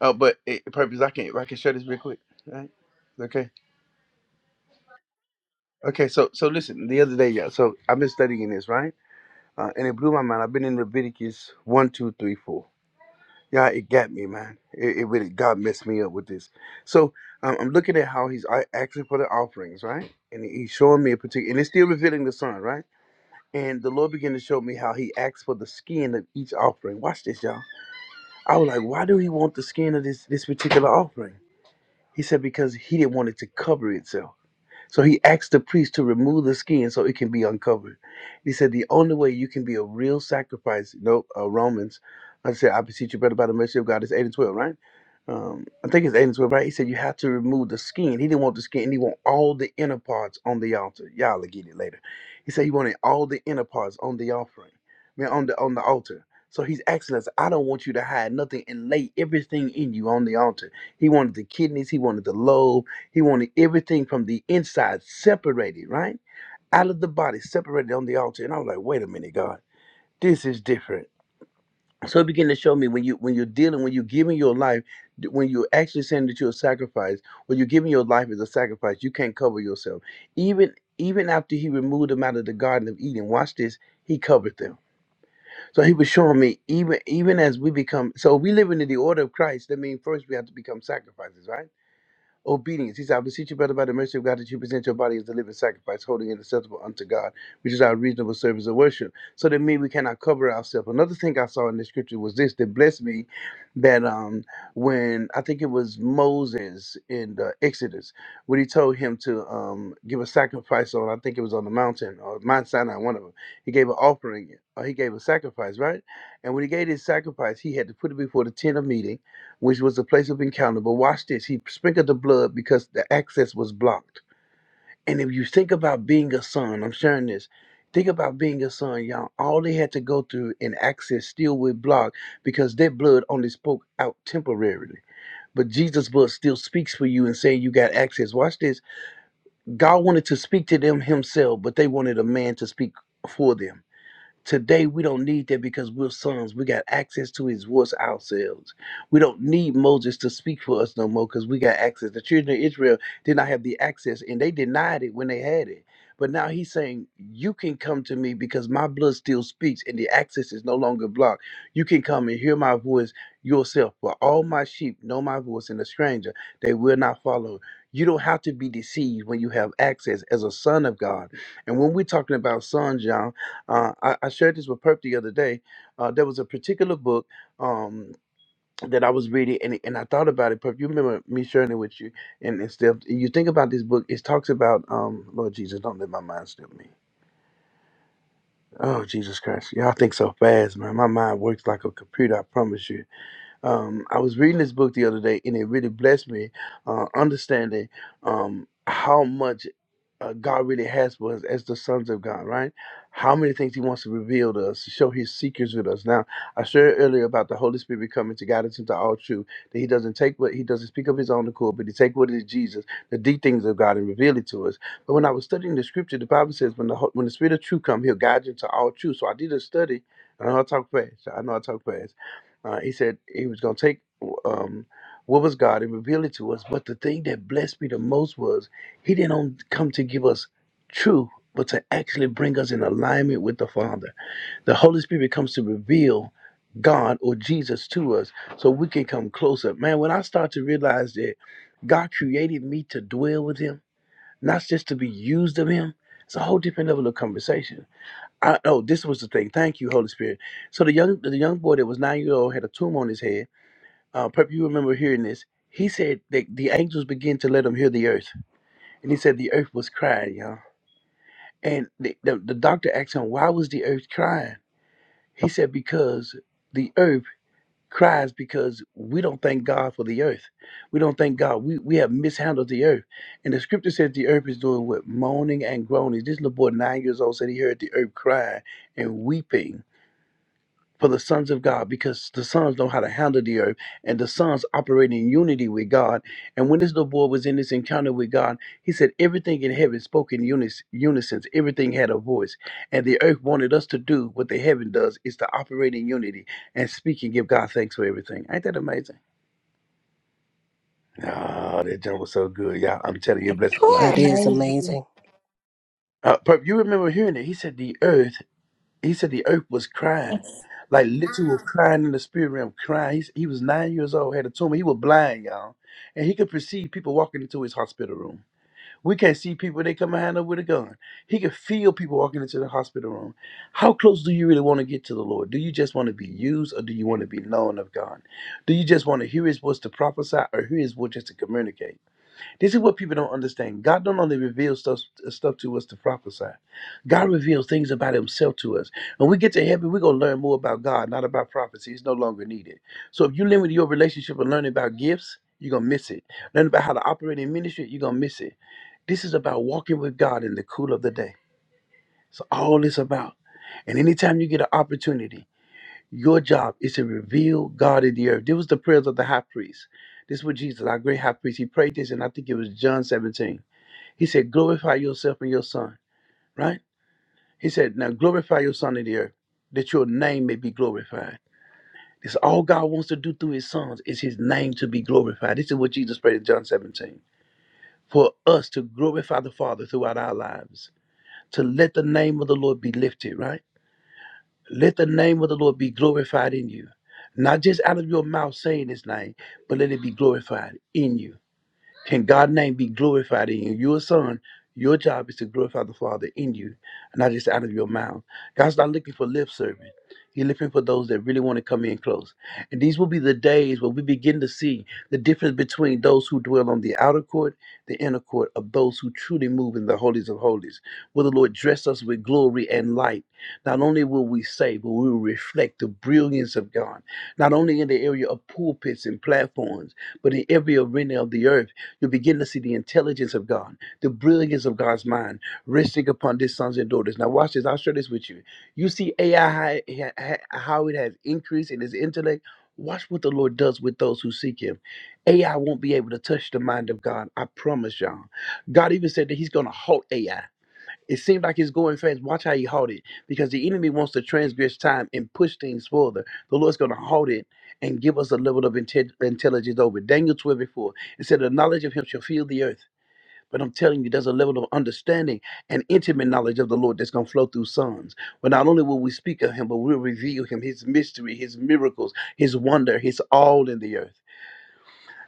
Speaker 14: Oh, but it, purpose. I can if I can share this real quick. Right? Okay. Okay. So so listen. The other day, yeah. So I've been studying this, right? Uh, and it blew my mind. I've been in Leviticus one, two, three, four. Yeah, it got me, man. It, it really God messed me up with this. So um, I'm looking at how he's a- asking for the offerings, right? And he's showing me a particular, and it's still revealing the son, right? And the Lord began to show me how He asked for the skin of each offering. Watch this, y'all. I was like, why do He want the skin of this this particular offering? He said because He didn't want it to cover itself. So he asked the priest to remove the skin so it can be uncovered. He said, The only way you can be a real sacrifice, no, uh, Romans, like I said, I beseech you, brother, by the mercy of God, it's 8 and 12, right? Um, I think it's 8 and 12, right? He said, You have to remove the skin. He didn't want the skin, he want all the inner parts on the altar. Y'all will get it later. He said, He wanted all the inner parts on the offering, I mean, on the, on the altar. So he's asking us, I don't want you to hide nothing and lay everything in you on the altar. He wanted the kidneys, he wanted the lobes. He wanted everything from the inside separated, right? Out of the body, separated on the altar. And I was like, wait a minute, God, this is different. So it began to show me when you when you're dealing, when you're giving your life, d- when you're actually saying that you're a sacrifice, when you're giving your life as a sacrifice, you can't cover yourself. Even even after he removed them out of the Garden of Eden, watch this, he covered them. So he was showing me even even as we become so we live into the order of Christ, that means first we have to become sacrifices, right? obedience. He said, I beseech you, brother, by the mercy of God, that you present your body as a living sacrifice, holy and acceptable unto God, which is our reasonable service of worship, so that me we cannot cover ourselves. Another thing I saw in the scripture was this that blessed me that um when I think it was Moses in the Exodus, when he told him to um give a sacrifice on, I think it was on the mountain or Mount Sinai, one of them. He gave an offering, or he gave a sacrifice, right? And when he gave his sacrifice, he had to put it before the tent of meeting which was the place of encounter. But watch this. He sprinkled the blood because the access was blocked. And if you think about being a son, I'm sharing this. Think about being a son, y'all. All they had to go through and access still was blocked because their blood only spoke out temporarily. But Jesus' blood still speaks for you and saying you got access. Watch this. God wanted to speak to them himself, but they wanted a man to speak for them Today, we don't need that because we're sons. We got access to his voice ourselves. We don't need Moses to speak for us no more because we got access. The children of Israel did not have the access and they denied it when they had it. But now he's saying, You can come to me because my blood still speaks and the access is no longer blocked. You can come and hear my voice yourself. For all my sheep know my voice and a stranger, they will not follow. You don't have to be deceived when you have access as a son of God. And when we're talking about sons, y'all, uh, I, I shared this with Perp the other day. Uh, there was a particular book um, that I was reading, and and I thought about it. Perp, you remember me sharing it with you, and and still, you think about this book. It talks about um, Lord Jesus. Don't let my mind slip me. Oh Jesus Christ, y'all think so fast, man. My mind works like a computer. I promise you. Um, I was reading this book the other day, and it really blessed me, uh, understanding um, how much uh, God really has for us as the sons of God, right? How many things He wants to reveal to us, to show His secrets with us. Now, I shared earlier about the Holy Spirit coming to guide us into all truth. That He doesn't take what He doesn't speak of His own accord, but He take what is Jesus, the deep things of God, and reveal it to us. But when I was studying the Scripture, the Bible says, "When the ho- when the Spirit of truth come, He'll guide you into all truth." So I did a study. and I know I talk fast. I know I talk fast uh, he said he was going to take um, what was God and reveal it to us. But the thing that blessed me the most was he didn't only come to give us truth, but to actually bring us in alignment with the Father. The Holy Spirit comes to reveal God or Jesus to us so we can come closer. Man, when I start to realize that God created me to dwell with Him, not just to be used of Him, it's a whole different level of conversation. I, oh, this was the thing. Thank you, Holy Spirit. So the young the young boy that was nine years old had a tumor on his head. Uh, Perp, you remember hearing this? He said that the angels began to let him hear the earth, and he said the earth was crying, y'all. And the, the the doctor asked him, "Why was the earth crying?" He said, "Because the earth." cries because we don't thank God for the earth. We don't thank God. We we have mishandled the earth. And the scripture says the earth is doing what? Moaning and groaning. This little boy nine years old said he heard the earth crying and weeping for the sons of God because the sons know how to handle the earth and the sons operate in unity with God. And when this little boy was in this encounter with God, he said everything in heaven spoke in unis- unison, everything had a voice. And the earth wanted us to do what the heaven does is to operate in unity and speak and give God thanks for everything. Ain't that amazing? Oh, that jump was so good. y'all. I'm telling you, it blessed my life.
Speaker 8: That is amazing.
Speaker 14: Uh, Perp, you remember hearing it. He said the earth He said the earth was crying, like literally was crying in the spirit realm, crying. He, he was nine years old, had a tumor. He was blind, y'all, and he could perceive people walking into his hospital room. We can't see people; they come behind us with a gun. He could feel people walking into the hospital room. How close do you really want to get to the Lord? Do you just want to be used, or do you want to be known of God? Do you just want to hear His voice to prophesy, or hear His voice just to communicate? This is what people don't understand. God don't only reveal stuff, stuff to us to prophesy. God reveals things about himself to us. When we get to heaven, we're going to learn more about God, not about prophecy. It's no longer needed. So if you limit your relationship and learning about gifts, you're going to miss it. Learn about how to operate in ministry, you're going to miss it. This is about walking with God in the cool of the day. It's all it's about. And anytime you get an opportunity, your job is to reveal God in the earth. This was the prayers of the high priest. This was Jesus, our great high priest. He prayed this, and I think it was John 17. He said, Glorify yourself and your son, right? He said, Now glorify your son in the earth, that your name may be glorified. This all God wants to do through his sons is his name to be glorified. This is what Jesus prayed in John 17. For us to glorify the Father throughout our lives, to let the name of the Lord be lifted, right? Let the name of the Lord be glorified in you. Not just out of your mouth saying his name, but let it be glorified in you. Can God's name be glorified in you? You're a son. Your job is to glorify the Father in you, and not just out of your mouth. God's not looking for lip service. He's looking for those that really want to come in close. And these will be the days where we begin to see the difference between those who dwell on the outer court, the inner court, of those who truly move in the holies of holies. Will the Lord dress us with glory and light? Not only will we say, but we will reflect the brilliance of God, not only in the area of pulpits and platforms, but in every arena of the earth you begin to see the intelligence of God, the brilliance of God's mind resting upon these sons and daughters. Now, watch this. I'll share this with you. You see AI, how how- how it has increased in its intellect. Watch what the Lord does with those who seek Him. AI won't be able to touch the mind of God. I promise y'all. God even said that He's going to halt AI. It seemed like it's going fast. Watch how he halt it, because the enemy wants to transgress time and push things further. The Lord's going to halt it and give us a level of inte- intelligence over. it. Daniel 12 before it said, "The knowledge of Him shall fill the earth." But I'm telling you, there's a level of understanding and intimate knowledge of the Lord that's going to flow through sons. But not only will we speak of Him, but we'll reveal Him, His mystery, His miracles, His wonder, His all in the earth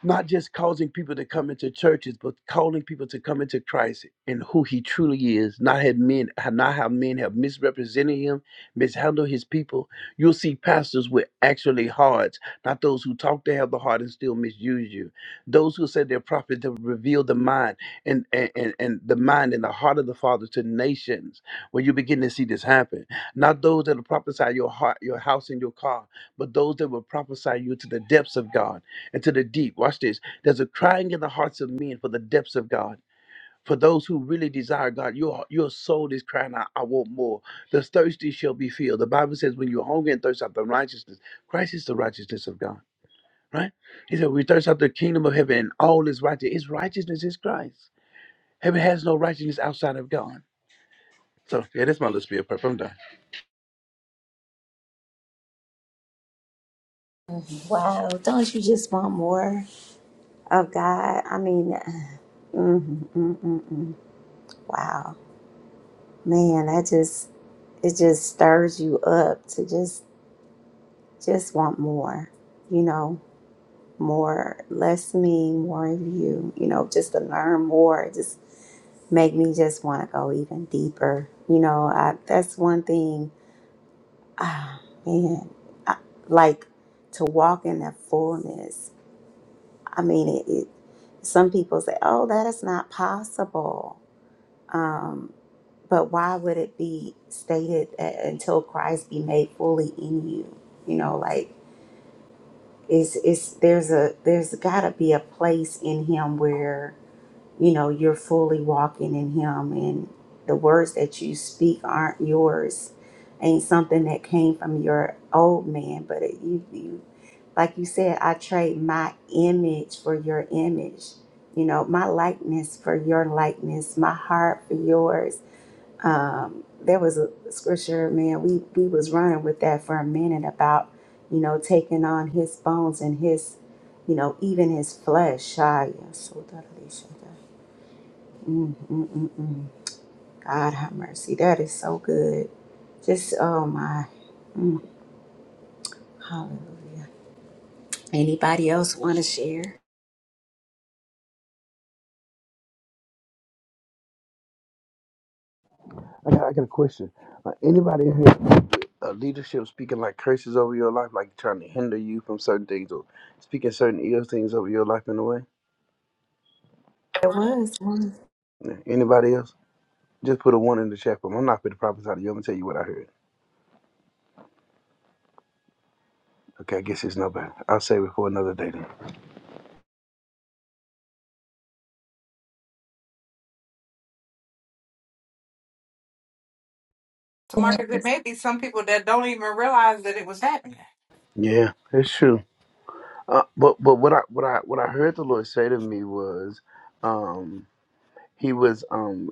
Speaker 14: not just causing people to come into churches, but calling people to come into Christ and who He truly is. Not have men, not how men have misrepresented Him, mishandled His people. You'll see pastors with actually hearts, not those who talk they have the heart and still misuse you. Those who said they're prophets to reveal the mind and and and, and the mind and the heart of the Father to nations. When you begin to see this happen, not those that will prophesy your heart, your house, and your car, but those that will prophesy you to the depths of God into the deep. Watch this. There's a crying in the hearts of men for the depths of God. For those who really desire God, your, your soul is crying out, I want more. The thirsty shall be filled. The Bible says, when you're hungry and thirst after righteousness, Christ is the righteousness of God, right? He said, we thirst after the kingdom of heaven and all is righteous. His righteousness is Christ. Heaven has no righteousness outside of God. So, yeah, that's my little spiel. Prep. I'm done.
Speaker 1: Wow. Don't you just want more of God? I mean, mm, mm, mm, mm. wow. Man, that just it just stirs you up to just just want more, you know, more less me, more of you, you know, just to learn more. It just make me just want to go even deeper. You know, I, that's one thing. Ah, man, I, like to walk in that fullness. I mean, it, it. Some people say, "Oh, that is not possible." Um, But why would it be stated that until Christ be made fully in you? You know, like it's it's there's a there's got to be a place in Him where you know you're fully walking in Him, and the words that you speak aren't yours, ain't something that came from your old man, but it, you you like you said, I trade my image for your image. You know, my likeness for your likeness, my heart for yours um, there was a scripture, man, we, we was running with that for a minute about, you know, taking on his bones and his, you know, even his flesh. Ah, yeah, so that is- Mm, mm, mm, mm. God have mercy. That is so good. Just, oh my. Mm, hallelujah. Anybody else want to share?
Speaker 14: I got, I got a question. Uh, anybody in here, uh, leadership speaking like curses over your life, like trying to hinder you from certain things or speaking certain ill things over your life in a way?
Speaker 1: There was one.
Speaker 14: Yeah. Anybody else? Just put a one in the chat room. I'm not going to prophesy to you. I'm going to tell you what I heard. Okay, I guess it's nobody. I'll save it for another day then.
Speaker 10: To market, there may be some people that don't even realize that it was happening.
Speaker 14: Yeah, it's true. Uh, but but what I what I what I heard the Lord say to me was, um, he was um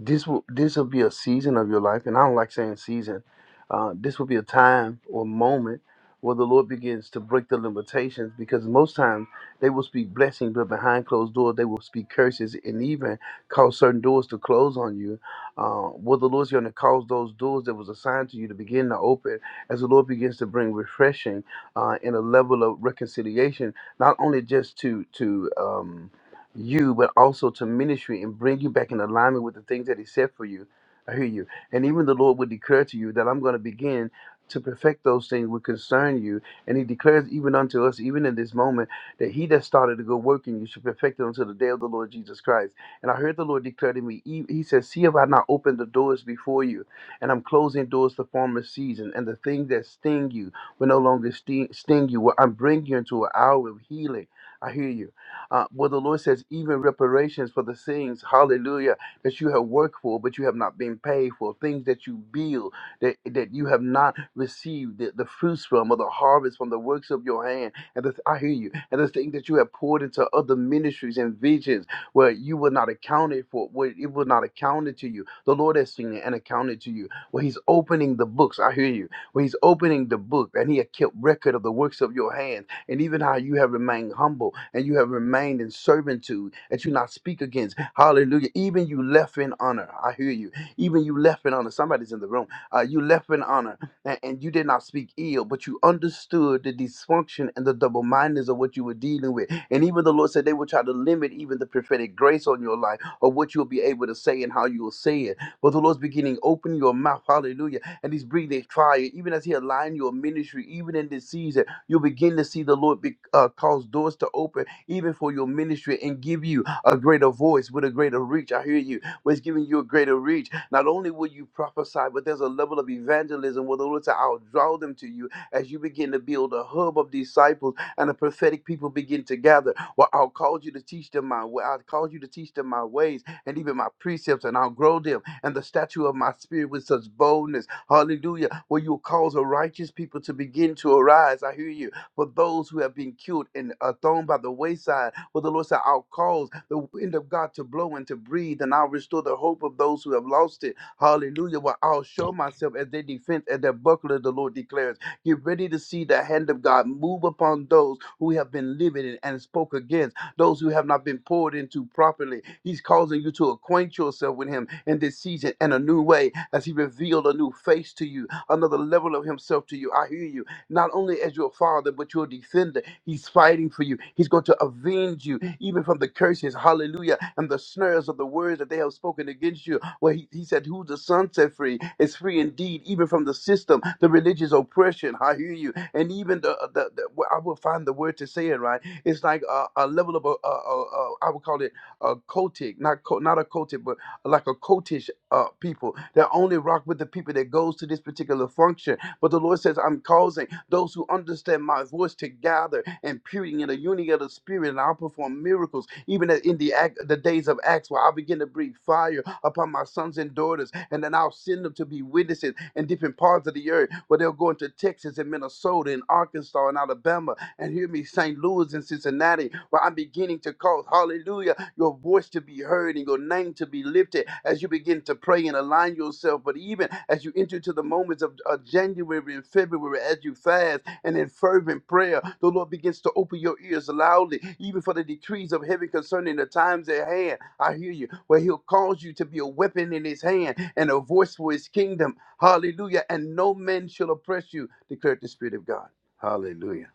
Speaker 14: this will this will be a season of your life, and I don't like saying season. Uh, this will be a time or moment where the Lord begins to break the limitations, because most times they will speak blessings, but behind closed doors they will speak curses, and even cause certain doors to close on you. Uh, where the Lord's going to cause those doors that was assigned to you to begin to open, as the Lord begins to bring refreshing uh, and a level of reconciliation, not only just to to um, you, but also to ministry and bring you back in alignment with the things that He said for you. I hear you. And even the Lord would declare to you that I'm going to begin to perfect those things which concern you. And He declares even unto us, even in this moment, that He that started a good work in you should perfect it until the day of the Lord Jesus Christ. And I heard the Lord declare to me, He he says, See if I not opened the doors before you, and I'm closing doors to former season, and the things that sting you will no longer sting, sting you. Well, I'm bringing you into an hour of healing. I hear you uh, where the Lord says, even reparations for the things, hallelujah, that you have worked for, but you have not been paid for, things that you build, that, that you have not received the, the fruits from, or the harvest from the works of your hand. And the, I hear you. And the things that you have poured into other ministries and visions where you were not accounted for, where it was not accounted to you. The Lord has seen it and accounted to you. Where He's opening the books, I hear you. Where He's opening the book and He had kept record of the works of your hand and even how you have remained humble and you have remained in servitude that you not speak against. Hallelujah. Even you left in honor. I hear you. Even you left in honor. Somebody's in the room. Uh, you left in honor and, and you did not speak ill, but you understood the dysfunction and the double mindedness of what you were dealing with. And even the Lord said they will try to limit even the prophetic grace on your life or what you'll be able to say and how you'll say it. But the Lord's beginning, open your mouth, hallelujah, and He's breathing fire, even as He align your ministry, even in this season you begin to see the Lord be, uh, cause doors to open even for your ministry and give you a greater voice with a greater reach. I hear you. But it's giving you a greater reach. Not only will you prophesy, but there's a level of evangelism where the Lord said, I'll draw them to you as you begin to build a hub of disciples and the prophetic people begin to gather. Well, I'll cause you to teach them my way. I'll cause you to teach them my ways and even my precepts, and I'll grow them and the statue of my spirit with such boldness Hallelujah. Where you will cause a righteous people to begin to arise. I hear you. For those who have been killed and are thrown by the wayside, where the Lord said, I'll cause the wind of God to blow and to breathe, and I'll restore the hope of those who have lost it. Hallelujah. Where I'll show myself as their defense and their buckler, the Lord declares. Get ready to see the hand of God move upon those who have been living and spoke against those who have not been poured into properly. He's causing you to acquaint yourself with Him in this season in a new way as He revealed a new face to you, another level of Himself to you. I hear you. Not only as your Father, but your defender. He's fighting for you. He's going to avenge you, even from the curses, hallelujah, and the snares of the words that they have spoken against you. Where He, he said, Who the Son set free is free indeed, even from the system, the religious oppression. I hear you and even the, the, the wh- I will find the word to say it right. It's like a, a level of a, a, a, a I would call it a cultic, not co- not a cultic, but like a cultish uh, people that only rock with the people that goes to this particular function. But the Lord says, I'm causing those who understand my voice to gather and puting in the unity of the spirit, and I'll perform miracles, even in the act, the days of Acts, where I begin to breathe fire upon my sons and daughters, and then I'll send them to be witnesses in different parts of the earth where they'll go into Texas and Minnesota and Arkansas and Alabama and hear me, St. Louis and Cincinnati, where I'm beginning to cause, hallelujah, your voice to be heard and your name to be lifted as you begin to pray and align yourself. But even as you enter to the moments of, of January and February, as you fast and in fervent prayer, the Lord begins to open your ears loudly, even for the decrees of heaven concerning the times at hand I hear you. Where he'll cause you to be a weapon in his hand and a voice for his kingdom. Hallelujah. And no man shall oppress you, declared the Spirit of God. Hallelujah.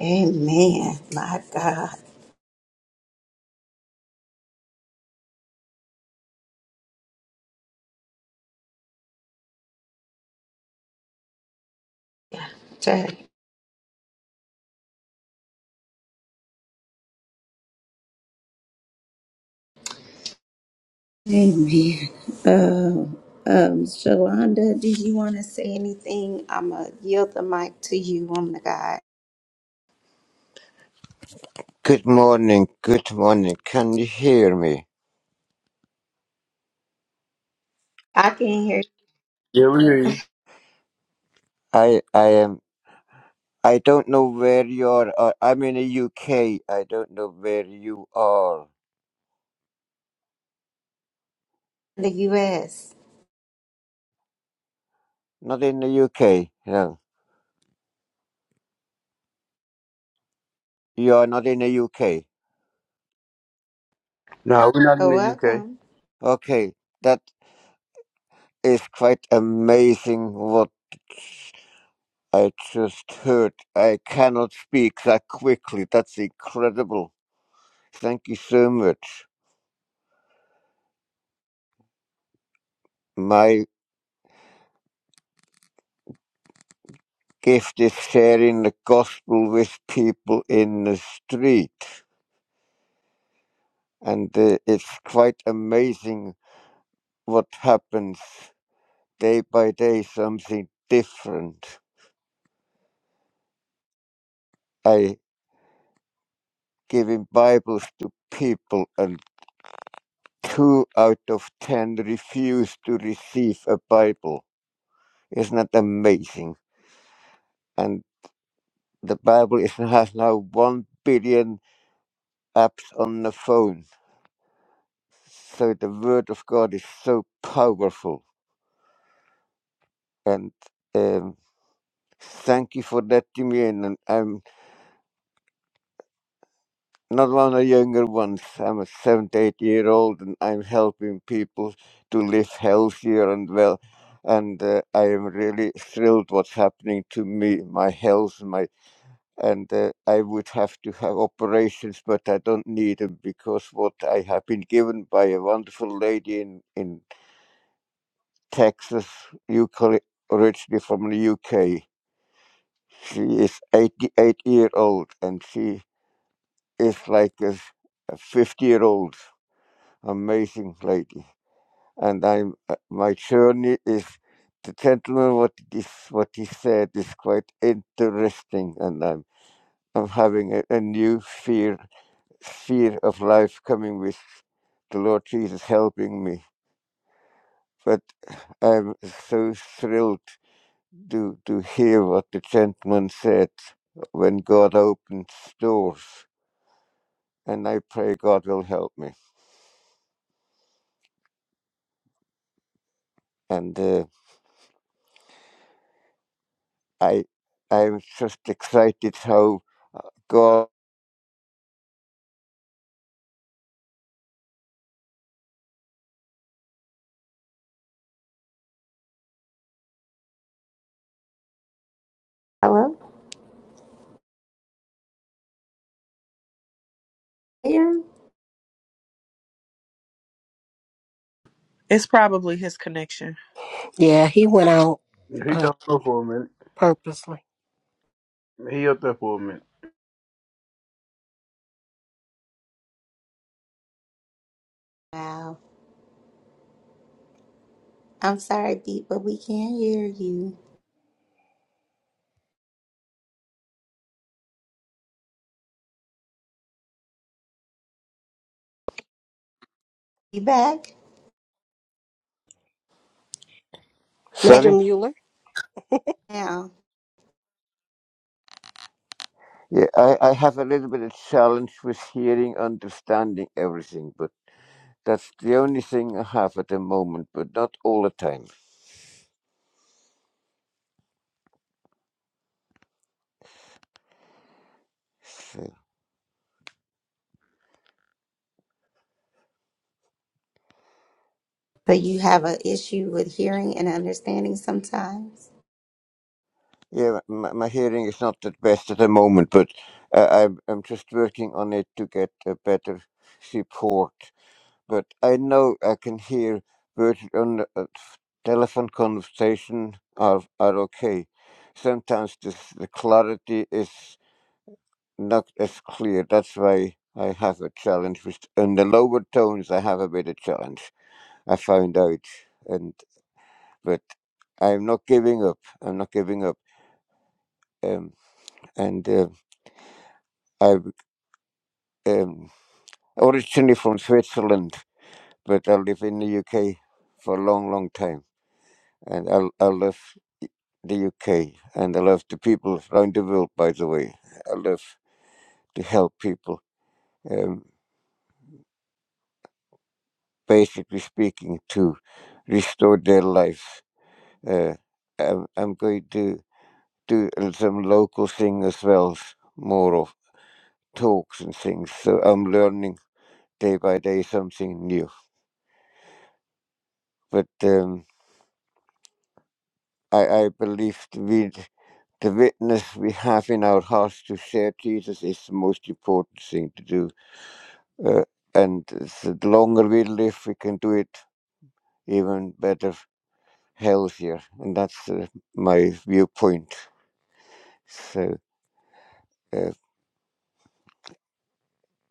Speaker 1: Amen. My God. Amen. Uh, um, Shalonda, did you want to say anything? I'm going to yield the mic to you, woman of God.
Speaker 17: Good morning, good morning. Can you hear me?
Speaker 1: I can hear
Speaker 14: Yeah, we hear you.
Speaker 17: I I am I don't know where you are. Uh, I'm in the UK. I don't know where you are.
Speaker 1: the U.S.
Speaker 17: Not in the UK. No. You are not in the UK.
Speaker 14: No, we're not in
Speaker 1: So
Speaker 14: the UK.
Speaker 1: welcome.
Speaker 17: Okay. That is quite amazing what I just heard. I cannot speak that quickly. That's incredible. Thank you so much. My gift is sharing the gospel with people in the street. and uh, it's quite amazing what happens day by day something different i giving bibles to people and two out of ten refuse to receive a bible isn't that amazing and the bible is, has now one billion apps on the phone so the word of god is so powerful and um, thank you for letting me in and i'm not one of the younger ones. I'm a 78 year old and I'm helping people to live healthier and well. And uh, I am really thrilled what's happening to me, my health, my and uh, I would have to have operations, but I don't need them because what I have been given by a wonderful lady in in Texas, UK, originally from the UK. She is 88 year old and she is like a 50 year old amazing lady. And I'm uh, my journey is the gentleman what this what he said is quite interesting, and I'm I'm having a, a new fear fear of life coming with the Lord Jesus helping me. But I'm so thrilled to to hear what the gentleman said when God opens doors, and I pray God will help me. And uh, I I'm just excited how God.
Speaker 1: Hello? Here?
Speaker 18: It's probably his connection.
Speaker 8: Yeah, he went out
Speaker 14: He
Speaker 8: uh,
Speaker 14: got up for a minute.
Speaker 8: purposely.
Speaker 14: He up there for a minute.
Speaker 1: Wow. I'm sorry, Beat, but we can't hear you. You back? Hey,
Speaker 8: Mr.
Speaker 17: Sorry?
Speaker 8: Mueller,
Speaker 1: now.
Speaker 17: Yeah, I, I have a little bit of challenge with hearing, understanding everything, but that's the only thing I have at the moment, but not all the time. So,
Speaker 1: So you have an issue with hearing and understanding sometimes?
Speaker 17: yeah, my, my hearing is not the best at the moment, but uh, I'm, I'm just working on it to get a better support. But I know I can hear words on the uh, telephone conversation are, are okay. Sometimes this, the clarity is not as clear. That's why I have a challenge with on the lower tones. I have a bit of challenge. I found out, and but I'm not giving up. I'm not giving up. Um, and uh, I'm um, originally from Switzerland, but I live in the UK for a long, long time, and I I love the UK, and I love the people around the world. By the way, I love to help people. Um, basically speaking, to restore their lives. Uh, I'm, I'm going to do some local thing as well, s- more of talks and things. So I'm learning day by day something new. But um, I, I believe the, wit- the witness we have in our hearts to share Jesus is the most important thing to do. Uh, and it's the longer we live, we can do it even better, healthier. And that's uh, my viewpoint. So. uh,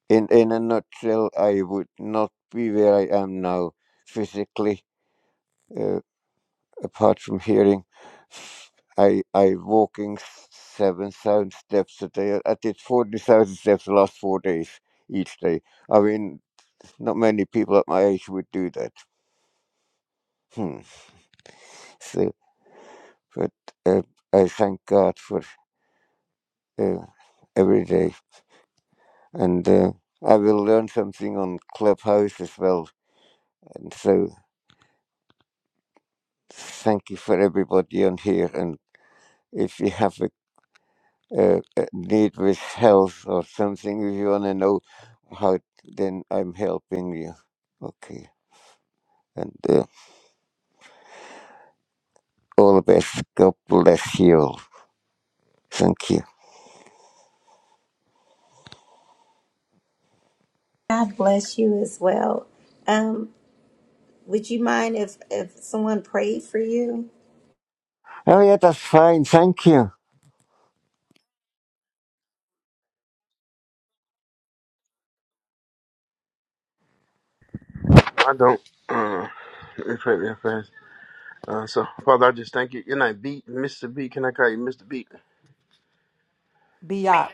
Speaker 17: in in a nutshell, I would not be where I am now physically, uh, apart from hearing. I I walking seven thousand steps a day. I did forty thousand steps the last four days each day. I mean, not many people at my age would do that. Hmm. So, but uh, I thank God for uh, every day, and uh, I will learn something on Clubhouse as well. And so, thank you for everybody on here and if you have a, a, a need with health or something, if you want to know how, then I'm helping you. Okay. And uh, all the best. God bless you all. Thank you.
Speaker 1: God bless you as well. Um, would you mind if, if someone prayed for you?
Speaker 17: Oh, yeah, that's fine. Thank you.
Speaker 14: I don't. Uh, it pray real fast. Uh, so, Father, I just thank you. You're not beat, Mr. B. Can I call you Mr. B?
Speaker 10: Biatch.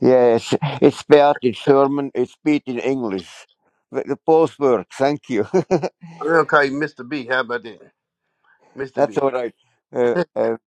Speaker 17: Yes, it's bad in German, it's bad in English. But the both work. Thank you.
Speaker 14: I'm going to call you Mr. B. How about that?
Speaker 17: <laughs>
Speaker 14: Mr.
Speaker 17: that's
Speaker 14: B.
Speaker 17: all right. Uh, uh,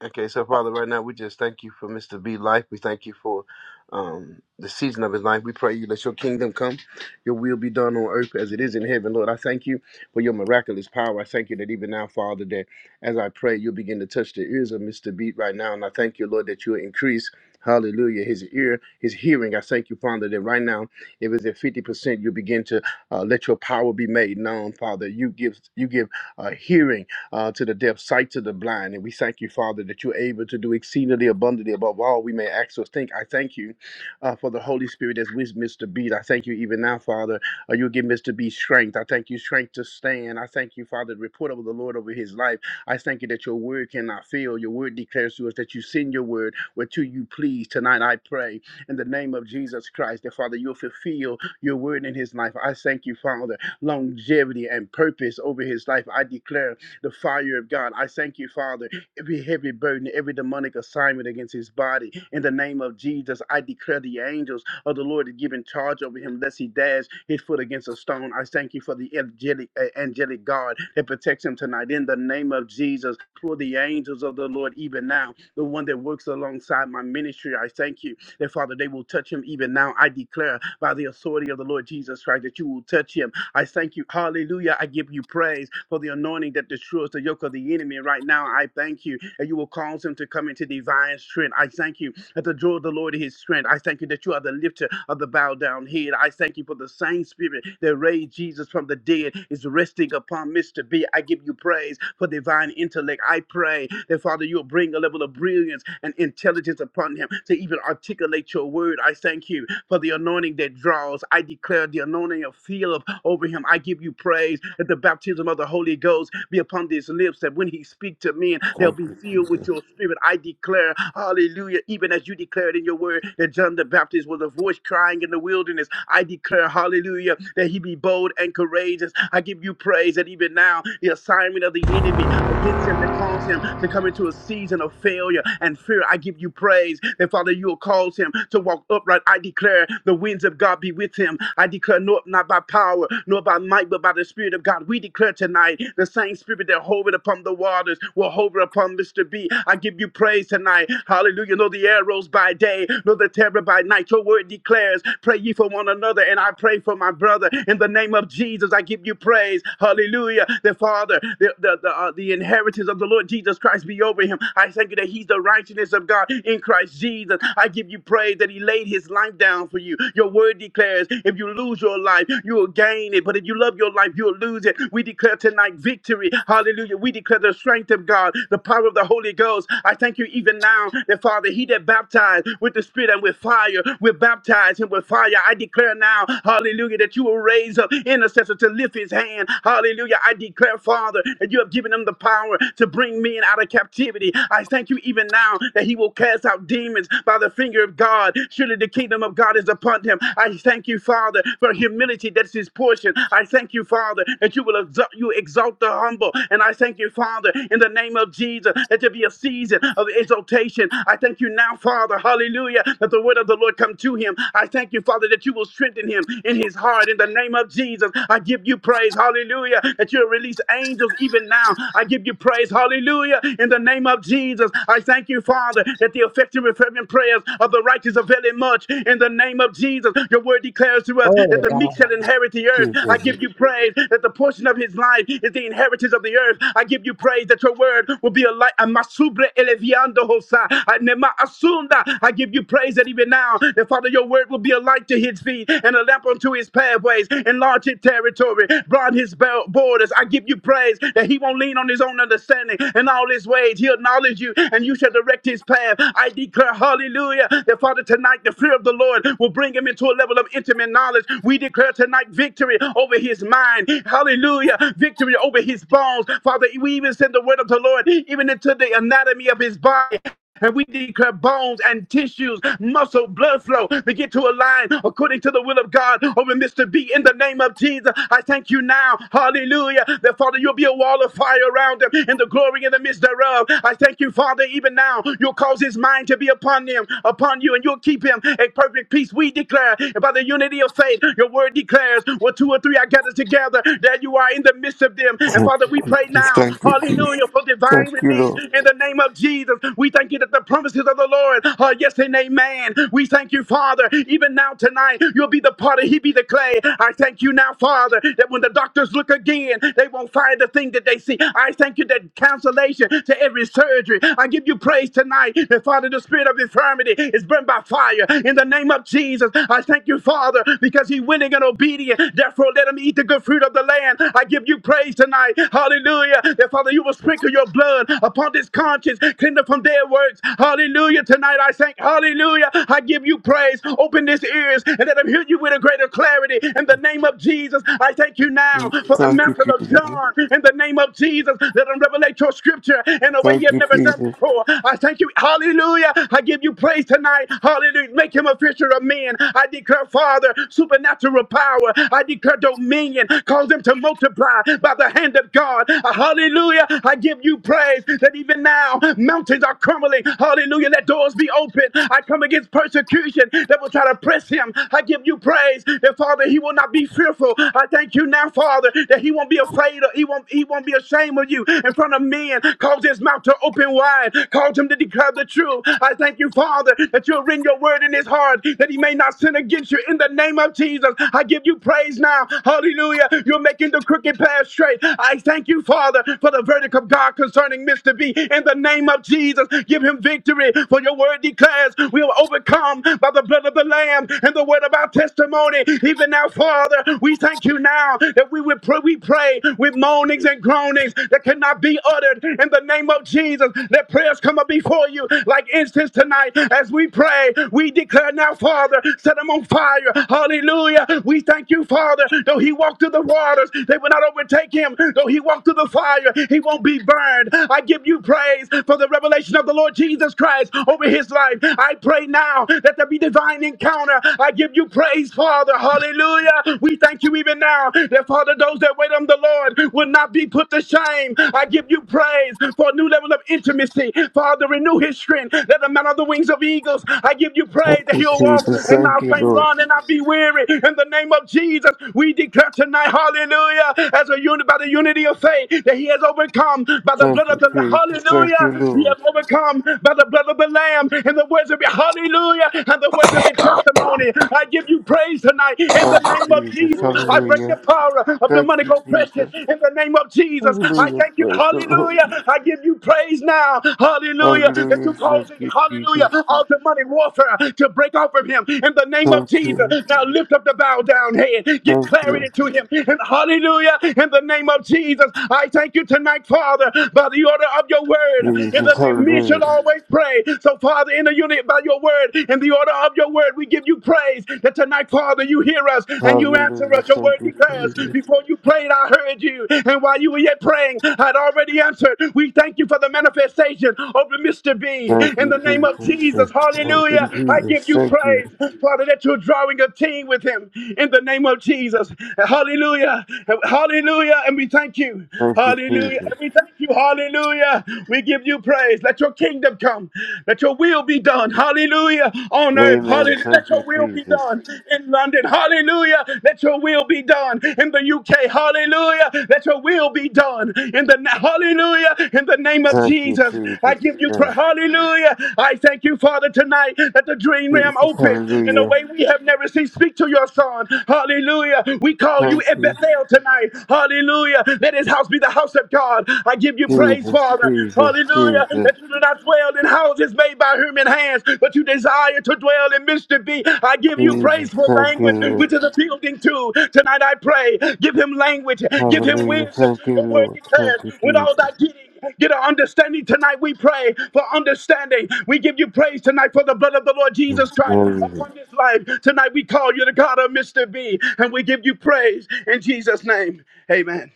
Speaker 14: Okay, so Father, right now we just thank you for Mr. B life. We thank you for um, the season of his life. We pray you let your kingdom come, your will be done on earth as it is in heaven. Lord, I thank you for your miraculous power. I thank you that even now, Father, that as I pray, you'll begin to touch the ears of Mr. B right now. And I thank you, Lord, that you'll increase. Hallelujah. His ear, his hearing. I thank you, Father, that right now, if it's at 50%, you begin to uh, let your power be made known, Father. You give you give uh, hearing uh, to the deaf, sight to the blind. And we thank you, Father, that you're able to do exceedingly abundantly above all we may ask or think. I thank you uh, for the Holy Spirit that's with Mr. Beat. I thank you even now, Father. Uh, you'll give Mr. B strength. I thank you, strength to stand. I thank you, Father, the report of the Lord over his life. I thank you that your word cannot fail. Your word declares to us that you send your word whereto you please. Tonight I pray in the name of Jesus Christ that, Father, you'll fulfill your word in his life. I thank you, Father, longevity and purpose over his life. I declare the fire of God. I thank you, Father. Every heavy burden, every demonic assignment against his body. In the name of Jesus, I declare the angels of the Lord to give in charge over him, lest he dash his foot against a stone. I thank you for the angelic, uh, angelic God that protects him tonight. In the name of Jesus, for the angels of the Lord, even now, the one that works alongside my ministry, I thank you that Father, they will touch him even now. I declare by the authority of the Lord Jesus Christ that you will touch him I thank you. Hallelujah. I give you praise for the anointing that destroys the yoke of the enemy. Right now, I thank you. And you will cause him to come into divine strength. I thank you at the joy of the Lord is his strength. I thank you that you are the lifter of the bowed down head. I thank you for the same spirit that raised Jesus from the dead is resting upon Mr. B. I give you praise for divine intellect. I pray that, Father, you'll bring a level of brilliance and intelligence upon him to even articulate your word. I thank you for the anointing that draws. I declare the anointing of Philip over him. I give you praise that the baptism of the Holy Ghost be upon his lips, that when he speak to men, they'll
Speaker 17: thank
Speaker 14: be
Speaker 17: you.
Speaker 14: filled with your spirit. I declare, hallelujah even as you declared in your word that John the Baptist was a voice crying in the wilderness. I declare, hallelujah, that he be bold and courageous. I give you praise that even now the assignment of the enemy against him that caused him to come into a season of failure and fear. I give you praise that Father, you will cause him to walk upright. I declare the winds of God be with him. I declare not, not by power, nor by might, but by the Spirit of God. We declare tonight the same Spirit that hovered upon the waters will hover upon Mr. B. I give you praise tonight. Hallelujah Hallelujah. Know the arrows by day, know the terror by night. Your word declares, pray ye for one another. And I pray for my brother. In the name of Jesus, I give you praise. Hallelujah. The Father, the, the, the, uh, the inheritance of the Lord Jesus Christ be over him. I thank you that he's the righteousness of God in Christ Jesus. I give you praise that he laid his life down for you. Your word declares, if you lose your life, you will gain it. But if you love your life, you'll lose it. We declare tonight victory. Hallelujah. We declare the strength of God, the power of the Holy Ghost. I thank you even now down. That Father, he that baptized with the Spirit and with fire, will baptize him with fire. I declare now, hallelujah, that you will raise up intercessor to lift his hand. Hallelujah. I declare, Father, that you have given him the power to bring men out of captivity. I thank you even now that he will cast out demons by the finger of God. Surely the kingdom of God is upon him. I thank you, Father, for humility that's his portion. I thank you, Father, that you will exalt, you exalt the humble. And I thank you, Father, in the name of Jesus, that there be a season of exaltation exaltation. I thank you now, Father, hallelujah, that the word of the Lord come to him. I thank you, Father, that you will strengthen him in his heart in the name of Jesus. I give you praise, hallelujah, that you'll release angels even now. I give you praise, hallelujah, in the name of Jesus. I thank you, Father, that the effective and fervent prayers of the righteous avail it much in the name of Jesus. Your word declares to us
Speaker 5: Glory
Speaker 14: that
Speaker 5: to
Speaker 14: the meek
Speaker 5: God.
Speaker 14: shall inherit the earth. I
Speaker 17: Jesus.
Speaker 14: give you praise that the portion of his life is the inheritance of the earth. I give you praise that your word will be a light, a masubre Leviando Hosa, Anema Asunda. I give you praise that even now, and Father, your word will be a light to his feet and a lamp unto his pathways. Enlarge his territory, broaden his bel- borders. I give you praise that he won't lean on his own understanding. In all his ways, he'll acknowledge you, and you shall direct his path. I declare, hallelujah, that Father, tonight the fear of the Lord will bring him into a level of intimate knowledge. We declare tonight victory over his mind. Hallelujah. Victory over his bones. Father, we even send the word of the Lord even into the anatomy anatomy of his body. And we declare bones and tissues, muscle, blood flow begin to align according to the will of God over Mr. B in the name of Jesus. I thank you now. Hallelujah. That Father, you'll be a wall of fire around them in the glory in the midst thereof. I thank you, Father, even now. You'll cause his mind to be upon him, upon you, and you'll keep him a perfect peace. We declare by the unity of faith, your word declares, where two or three are gathered together, that you are in the midst of them. And Father, we pray now,
Speaker 17: Thank you, Jesus.
Speaker 14: hallelujah, for
Speaker 17: Thank
Speaker 14: divine
Speaker 17: you,
Speaker 14: release
Speaker 17: Lord.
Speaker 14: in in the name of Jesus. We thank you that the promises of the Lord are yes and amen. We thank you, Father, even now tonight, you'll be the potter, he be the clay. I thank you now, Father, that when the doctors look again, they won't find the thing that they see. I thank you that cancellation to every surgery. I give you praise tonight that, Father, the spirit of infirmity is burned by fire. In the name of Jesus, I thank you, Father, because he willing and obedient. Therefore, let him eat the good fruit of the land. I give you praise tonight. Hallelujah. That, Father, you will sprinkle your blood upon this conscience, cleaned up from dead works. Hallelujah. Tonight I thank, hallelujah. I give you praise. Open this ears and let them hear you with a greater clarity. In the name of Jesus, I thank you now for the
Speaker 17: Thank you,
Speaker 14: mantle of
Speaker 17: Jesus.
Speaker 14: John. In the name of Jesus, let them revelate your scripture in a way
Speaker 17: Thank
Speaker 14: you've
Speaker 17: you,
Speaker 14: never done
Speaker 17: Jesus.
Speaker 14: before. I thank you. Hallelujah. I give you praise tonight. Hallelujah. Make him a fisher of men. I declare, Father, supernatural power. I declare dominion. Cause them to multiply by the hand of God. Hallelujah. I give you praise praise that even now mountains are crumbling. Hallelujah. Let doors be open. I come against persecution that will try to press him. I give you praise that Father, he will not be fearful. I thank you now, Father, that he won't be afraid or he won't he won't be ashamed of you in front of men. Cause his mouth to open wide. Cause him to declare the truth. I thank you, Father, that you'll written your word in his heart that he may not sin against you in the name of Jesus. I give you praise now. Hallelujah. You're making the crooked path straight. I thank you, Father, for the verdict of God. God, concerning Mr. B. In the name of Jesus, give him victory. For your word declares we will overcome by the blood of the Lamb and the word of our testimony. Even now, Father, we thank you now that we would pray, we pray with moanings and groanings that cannot be uttered. In the name of Jesus, let prayers come up before you like incense tonight. As we pray, we declare now, Father, set them on fire. Hallelujah. We thank you, Father. Though he walked through the waters, they will not overtake him. Though he walked through the fire, he won't won't be burned. I give you praise for the revelation of the Lord Jesus Christ over his life. I pray now that there be divine encounter. I give you praise, Father. Hallelujah. We thank you even now that, Father, those that wait on the Lord will not be put to shame. I give you praise for a new level of intimacy. Father, renew his strength. Let him mount on the wings of eagles. I give you
Speaker 17: Thank
Speaker 14: praise that
Speaker 17: you,
Speaker 14: he'll walk
Speaker 17: Jesus.
Speaker 14: and
Speaker 17: Thank
Speaker 14: not
Speaker 17: you,
Speaker 14: faint,
Speaker 17: Lord.
Speaker 14: run and not be weary. In the name of Jesus, we declare tonight, hallelujah, as a unit by the unity of faith, that he has overcome by the
Speaker 17: Thank
Speaker 14: blood of
Speaker 17: you,
Speaker 14: the
Speaker 17: Jesus. Thank you,
Speaker 14: Hallelujah. We
Speaker 17: Lord.
Speaker 14: have overcome by the blood of the Lamb and the words of your Hallelujah and the words of your testimony. I give you praise tonight in the
Speaker 17: Thank you,
Speaker 14: name of
Speaker 17: Jesus.
Speaker 14: Jesus. I break
Speaker 8: Whoa.
Speaker 14: the
Speaker 17: Hallelujah.
Speaker 14: power of
Speaker 17: Thank
Speaker 14: demonic
Speaker 17: you,
Speaker 14: oppression
Speaker 17: Jesus.
Speaker 14: in the name of Jesus. I
Speaker 17: Hallelujah.
Speaker 14: thank you.
Speaker 17: Praise the Lord.
Speaker 14: Hallelujah. I give you praise now. Hallelujah. That you're
Speaker 17: Hallelujah. Thank
Speaker 14: causing,
Speaker 17: you, Jesus.
Speaker 14: hallelujah, all demonic warfare to break off of him in the name of
Speaker 17: Thank
Speaker 14: Jesus.
Speaker 17: you.
Speaker 14: Now lift up the bow down head. Give
Speaker 17: Thank you,
Speaker 14: clarity to him. And hallelujah. In the name of Jesus. I thank thank you tonight, Father, by the order of your word. In the
Speaker 17: Jesus.
Speaker 14: name, men should
Speaker 17: Hallelujah.
Speaker 14: always pray. So, Father, in the unit by your word, in the order of your word, we give you praise that tonight, Father, you hear us and you answer
Speaker 17: Hallelujah.
Speaker 14: us. Your
Speaker 17: Thank
Speaker 14: word
Speaker 17: you,
Speaker 14: declares,
Speaker 17: Jesus.
Speaker 14: before you prayed, I heard you. And while you were yet praying, I'd already answered. We thank you for the manifestation of Mr. B.
Speaker 17: Thank
Speaker 14: In
Speaker 17: you,
Speaker 14: the name of
Speaker 17: Jesus. Thank
Speaker 14: Jesus, hallelujah.
Speaker 17: you,
Speaker 14: I give
Speaker 17: Jesus.
Speaker 14: you
Speaker 17: Thank you.
Speaker 14: praise, Father, that you're drawing a team with him. In the name of Jesus, hallelujah, hallelujah. And we thank you.
Speaker 17: Thank you,
Speaker 14: Hallelujah.
Speaker 17: Jesus.
Speaker 14: And we thank you. Hallelujah. We give you praise. Let your kingdom come. Let your will be done. Hallelujah. On earth.
Speaker 17: Amen.
Speaker 14: Hallelujah.
Speaker 17: Thank
Speaker 14: Let
Speaker 17: you,
Speaker 14: your will be
Speaker 17: Jesus.
Speaker 14: done in London. Hallelujah. Let your will be done in the UK. Hallelujah. Let your will be done in the na- Hallelujah. In the name of
Speaker 17: Thank you,
Speaker 14: Jesus. I
Speaker 17: Jesus.
Speaker 14: give you
Speaker 17: Thank
Speaker 14: praise. Hallelujah. I thank you, Father, tonight that the dream
Speaker 17: you,
Speaker 14: realm
Speaker 17: Jesus.
Speaker 14: opened in a
Speaker 17: Hallelujah.
Speaker 14: way we have never seen. Speak to your son. Hallelujah. We call you
Speaker 17: Thank
Speaker 14: at
Speaker 17: you.
Speaker 14: Bethel tonight. Hallelujah. Let his house be the house of God. I give you praise,
Speaker 17: Jesus,
Speaker 14: Father.
Speaker 17: Jesus,
Speaker 14: Hallelujah.
Speaker 17: Jesus,
Speaker 14: That you do not dwell in houses made by human hands, but you desire to dwell in Mr. B. I give you
Speaker 17: Jesus,
Speaker 14: praise for
Speaker 17: thank you,
Speaker 14: language,
Speaker 17: Lord.
Speaker 14: which is a building too. Tonight I pray. Give him language. Give him
Speaker 17: Hallelujah,
Speaker 14: wisdom.
Speaker 17: thank you,
Speaker 14: the word
Speaker 17: Lord. Thank
Speaker 14: declares,
Speaker 17: you,
Speaker 14: with all thy
Speaker 17: Jesus.
Speaker 14: getting, get an understanding tonight. We pray for understanding. We give you praise tonight for the blood of the Lord
Speaker 17: Mm,
Speaker 14: Jesus Christ upon
Speaker 17: Hallelujah.
Speaker 14: his life. Tonight we call you the God of Mr. B. And we give you praise in Jesus' name. Amen.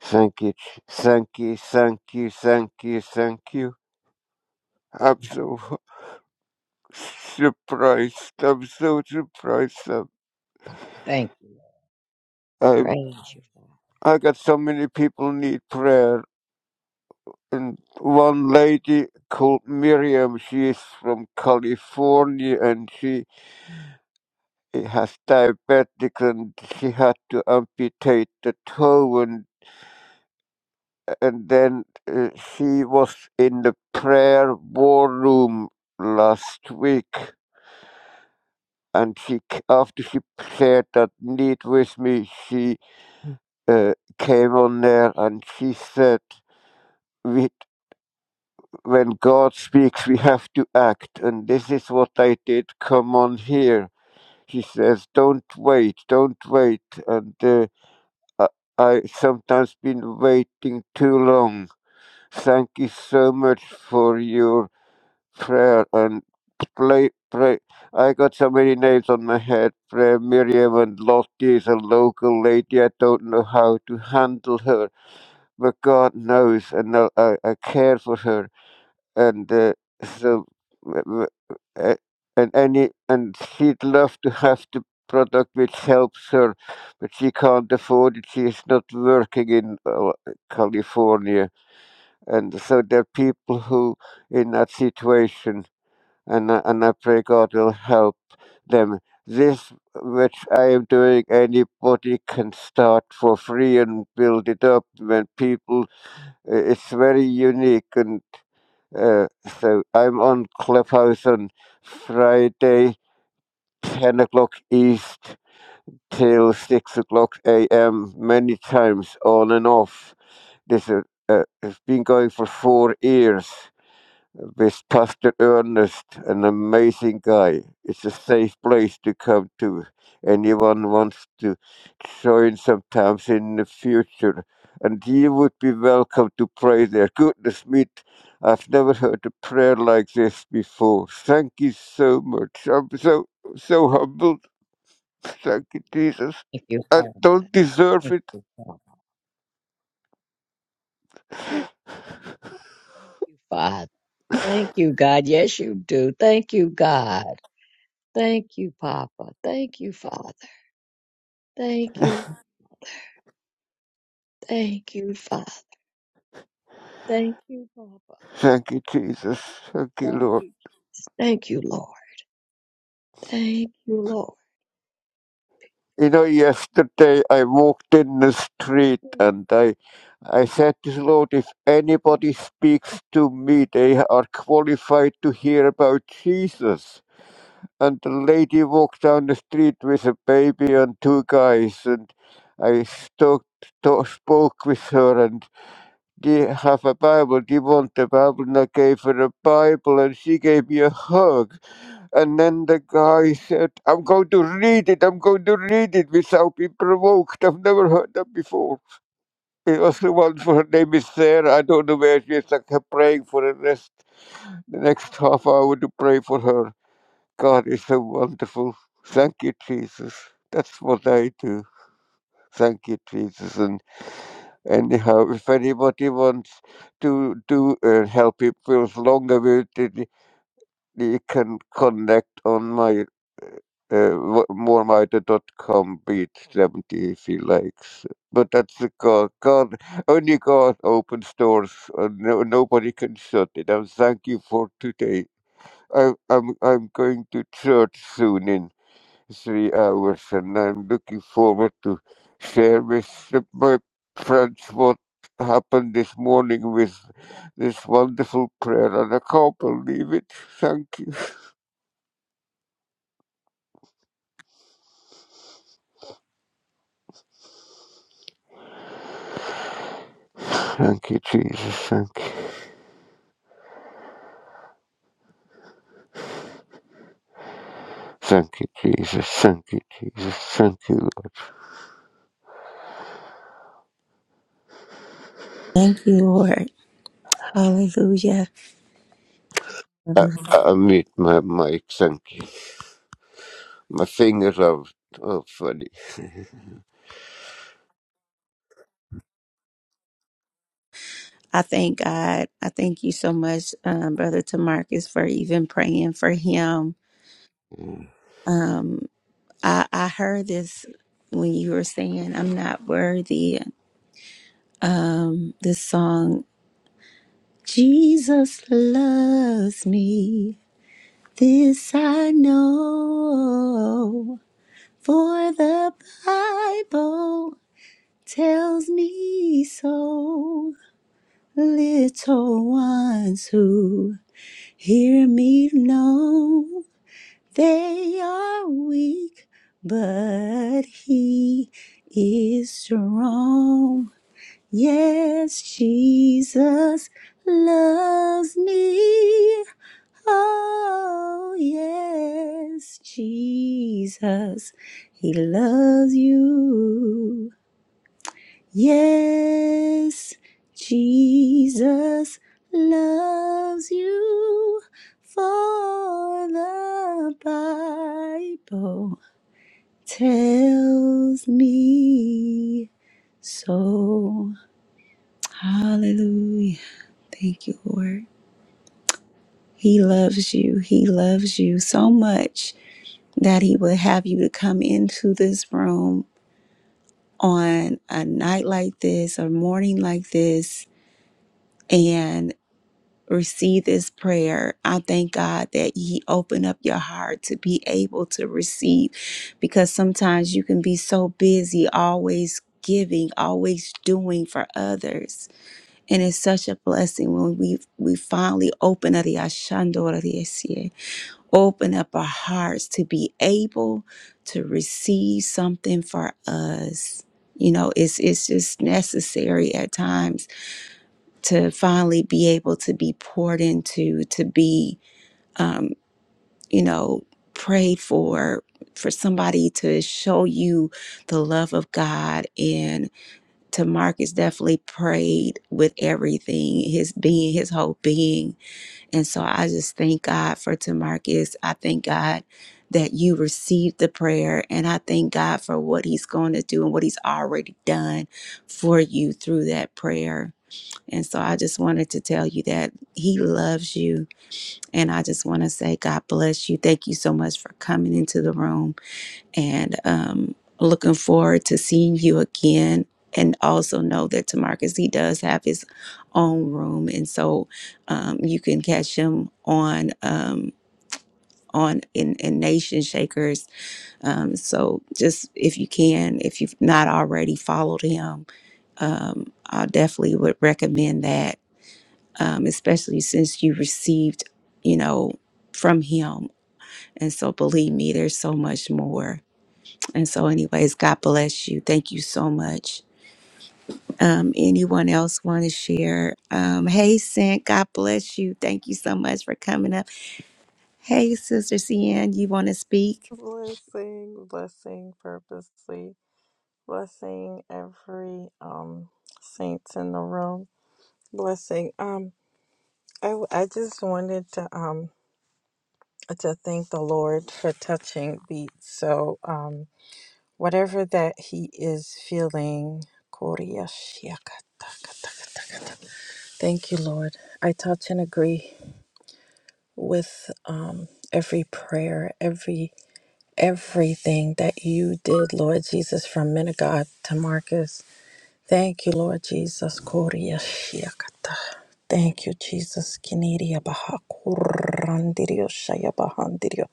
Speaker 17: Thank you, Je- thank you, thank you, thank you, thank you. I'm so <laughs> surprised. I'm so surprised. I'm,
Speaker 5: Thank you.
Speaker 17: I'm,
Speaker 5: Praise you, Father.
Speaker 17: I got so many people need prayer. And one lady called Miriam, she is from California, and she He has diabetic and she had to amputate the toe and, and then uh, she was in the prayer war room last week and she c- after she shared that need with me she uh, came on there and she said we, when god speaks we have to act and this is what i did come on here she says don't wait don't wait and uh, I, I sometimes been waiting too long. Thank you so much for your prayer and play pray. I got so many names on my head. Prayer Miriam and Lottie is a local lady. I don't know how to handle her, but God knows, and I, I, I care for her and uh, <laughs> so w- w- a- and any and she'd love to have the product which helps her, but she can't afford it. She is not working in uh, California, and so there are people who in that situation, and I, and I pray God will help them. This which I am doing, anybody can start for free and build it up. When people, uh, it's very unique, and. Uh, so I'm on Clubhouse on Friday, 10 o'clock East till 6 o'clock AM, many times on and off. This, uh, uh, it's been going for four years. This Pastor Ernest, an amazing guy. It's a safe place to come to. Anyone wants to join sometimes in the future, and you would be welcome to pray there. Goodness me, I've never heard a prayer like this before. Thank you so much. I'm so so humbled. Thank you, Jesus.
Speaker 5: Thank you,
Speaker 17: I
Speaker 5: Father.
Speaker 17: don't deserve
Speaker 5: Thank
Speaker 17: it.
Speaker 5: you, Father. Thank you, Father. Thank you, God. Yes, you do. Thank you, God. Thank you, Papa. Thank you, Father. Thank you. Thank you, Father. Thank you, Papa.
Speaker 17: Thank you, Jesus. Thank you,
Speaker 5: Thank
Speaker 17: Lord.
Speaker 5: you. Jesus. Thank you, Lord. Thank you, Lord.
Speaker 17: You know, yesterday I walked in the street and I I said to Lord, if
Speaker 5: Mhm.
Speaker 17: anybody speaks to me, they are qualified to hear about Jesus. And the lady walked down the street with a baby and two guys, and I stuck, to- spoke with her, and they have a Bible. They want the Bible, and I gave her a Bible, and she gave me a hug. And then the guy said, I'm going to read it, I'm going to read it without being provoked. I've never heard that before. It was the one for her name is Sarah. I don't know where she is. Like her praying for the rest, the next half hour to pray for her. God is so wonderful. Thank you, Jesus. That's what I do. Thank you, Jesus. And anyhow, if anybody wants to do uh, help people longer with it, you can connect on my Uh, w- Morminder dot com beat 73 likes. But that's the God. God, only God opens doors, and no, nobody can shut it. And thank you for today. I, I'm I'm going to church soon in three hours, and I'm looking forward to share with the- my friends what happened this morning with this wonderful prayer, and I can't believe it. Thank you, <laughs> thank you, Jesus, thank you. Thank you, Jesus. Thank you, Jesus. Thank you.
Speaker 1: Thank you, Lord. Hallelujah.
Speaker 17: I,
Speaker 1: Mhm.
Speaker 17: I mute my mic. Thank you. My fingers are, are funny.
Speaker 1: I thank God. I thank you so much, um, Brother Tamarcus, for even praying for him. Um, I, I heard this when you were saying, I'm not worthy. Um, this song, Jesus loves me. This I know, for the Bible tells me so. Little ones who Hear me know they are weak, but he is strong. Yes, Jesus loves me. Oh, yes, Jesus, he loves you. Yes, Jesus loves you, for the Bible tells me so. Hallelujah. Thank you, Lord. He loves you. He loves you so much that He would have you to come into this room on a night like this, a morning like this. receive this prayer. I thank God that He opened up your heart to be able to receive because sometimes you can be so busy, always giving, always doing for others. And it's such a blessing when we we finally open up the ashandora de ese, open up our hearts to be able to receive something for us. You know, it's it's just necessary at times to finally be able to be poured into, to be, um, you know, prayed for, for somebody to show you the love of God. And to Marcus, definitely prayed with everything, his being, his whole being. And so I just thank God for to Marcus. I thank God that you received the prayer. And I thank God for what he's going to do and what he's already done for you through that prayer. And so I just wanted to tell you that he loves you. And I just want to say, God bless you. Thank you so much for coming into the room and um, looking forward to seeing you again. And also know that Tamarcus, he does have his own room. And so um, you can catch him on. Um, on in, in Nation Shakers. Um, so just if you can, if you've not already followed him, um, I definitely would recommend that um, especially since you received, you know, from Him. And so, believe me, there's so much more. And so, anyways, God bless you. Thank you so much. Um, anyone else want to share? Um, hey, Sint, God bless you. Thank you so much for coming up. Hey, Sister Cian, you want to speak?
Speaker 19: blessing, blessing purposely, blessing every um saints in the room, blessing. Um, I I just wanted to um to thank the Lord for touching beat. So um, whatever that he is feeling, thank you, Lord. I touch and agree with um every prayer, every everything that you did, Lord Jesus, from Minigod to Marcus. Thank you, Lord Jesus. Korea shiakata. Thank you, Jesus. Kineria baha kurandirio shaya bahandirio.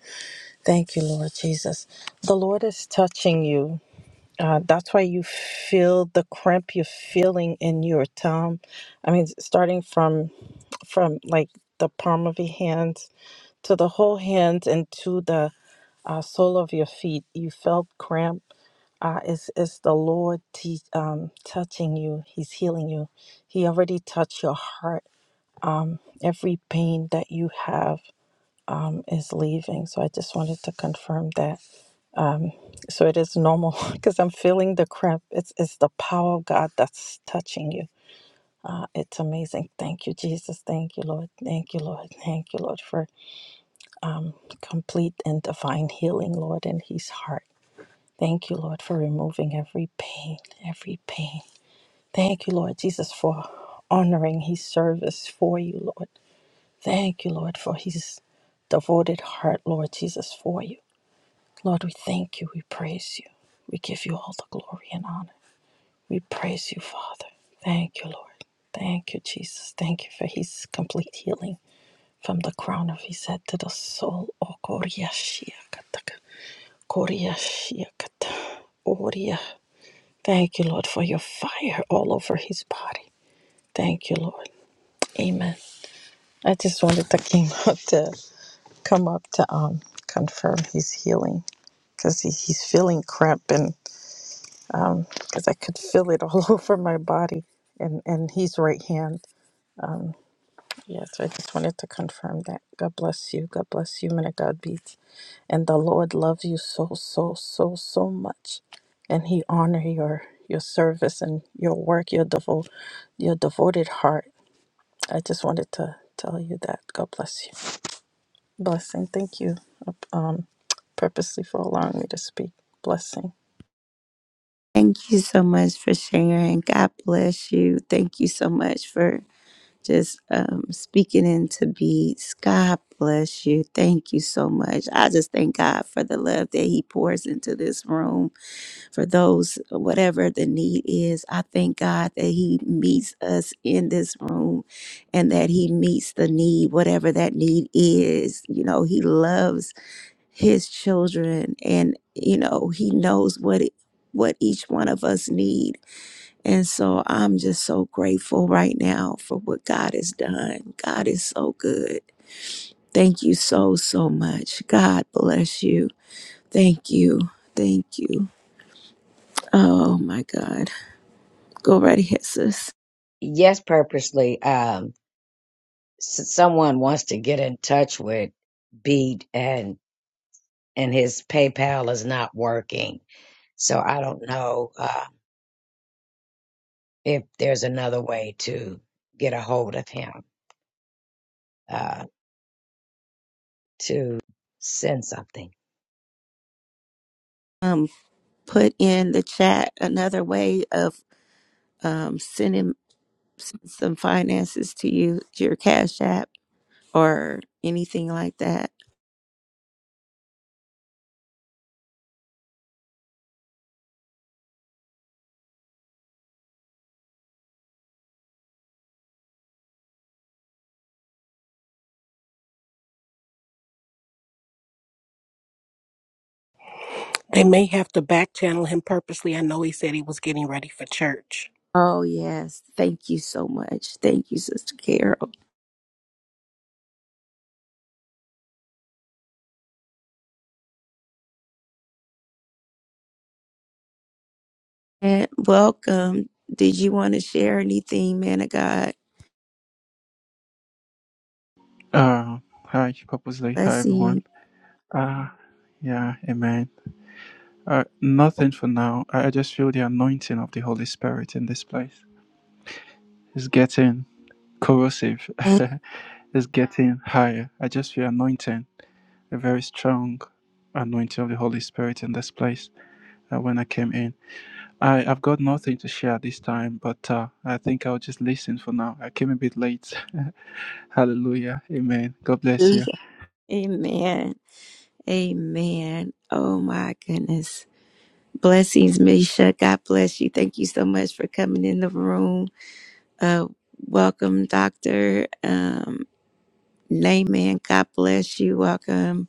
Speaker 19: Thank you, Lord Jesus. The Lord is touching you. Uh, that's why you feel the cramp you're feeling in your tongue. I mean, starting from from like the palm of your hands to the whole hands and to the uh, sole of your feet. You felt cramp. Uh, it's, it's the Lord te- um, touching you. He's healing you. He already touched your heart. Every pain that you have um, is leaving. So I just wanted to confirm that. So it is normal <laughs> because I'm feeling the cramp. It's, it's the power of God that's touching you. Uh, It's amazing. Thank you, Jesus. Thank you, Lord. Thank you, Lord. Thank you, Lord, for complete and divine healing, Lord, in his heart. Thank you, Lord, for removing every pain, every pain. Thank you, Lord Jesus, for honoring his service for you, Lord. Thank you, Lord, for his devoted heart, Lord Jesus, for you. Lord, we thank you. We praise you. We give you all the glory and honor. We praise you, Father. Thank you, Lord. Thank you, Jesus. Thank you for his complete healing from the crown of his head to the sole. Oh, Koryashiakataka. Koryashiakata. Thank you, Lord, for your fire all over his body. Thank you, Lord. Amen. I just wanted the king <laughs> to come up to um confirm his healing because he, he's feeling cramping because I could feel it all <laughs> over my body and and his right hand. Yeah, so I just wanted to confirm that. God bless you. God bless you, man of God beats. And the Lord loves you so, so, so, so much. And he honor your your service and your work, your devo your devoted heart I just wanted to tell you that. God bless you. Blessing. Thank you um, purposely for allowing me to speak. Blessing.
Speaker 1: Thank you so much for sharing. God bless you. Thank you so much for just um, speaking into beats. God bless you. Thank you so much. I just thank God for the love that He pours into this room for those, whatever the need is. I thank God that He meets us in this room and that He meets the need, whatever that need is. You know, He loves His children and, you know, He knows what, it, what each one of us need and so I'm just so grateful right now for what God has done. God is so good. Thank you so, so much. God bless you. Thank you. Thank you. Oh my God. Go right ahead, sis.
Speaker 5: Yes, purposely. Um, s- someone wants to get in touch with Beat, and and his PayPal is not working. So I don't know uh, if there's another way to get a hold of him uh, to send something.
Speaker 1: Um, put in the chat another way of um, sending s- some finances to you, your Cash App or anything like that.
Speaker 8: they may have to back channel him purposely. I know he said he was getting ready for church.
Speaker 1: Oh, yes. Thank you so much. Thank you, Sister Carol. And welcome. Did you want to share anything, man of God?
Speaker 20: Uh, hi, purposely. Hi, everyone.
Speaker 1: Blessing.
Speaker 20: Uh, yeah, amen. Uh, nothing for now. I I just feel the anointing of the Holy Spirit in this place. It's getting corrosive. <laughs> it's getting higher. I just feel anointing, a very strong anointing of the Holy Spirit in this place. Uh, when I came in, I have got nothing to share this time, but uh, I think I'll just listen for now. I came a bit late. <laughs> Hallelujah, amen. God bless you.
Speaker 1: Hallelujah. Amen. Amen. Oh my goodness. Blessings, Misha. God bless you. Thank you so much for coming in the room. Uh, welcome, Doctor um, Layman. God bless you. Welcome.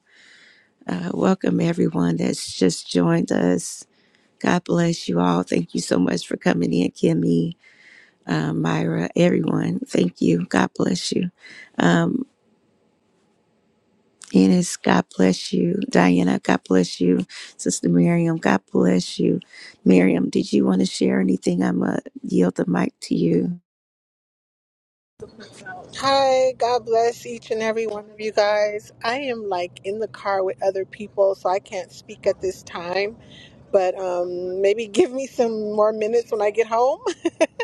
Speaker 1: Uh, welcome everyone that's just joined us. God bless you all. Thank you so much for coming in, Kimmy. uh, Myra, everyone. Thank you. God bless you. Um, Ennis, God bless you. Diana, God bless you. Sister Miriam, God bless you. Miriam, did you want to share anything? I'm going to yield the mic to you.
Speaker 21: Hi, God bless each and every one of you guys. I am like in the car with other people, so I can't speak at this time, but um, maybe <laughs> give me some more minutes when I get home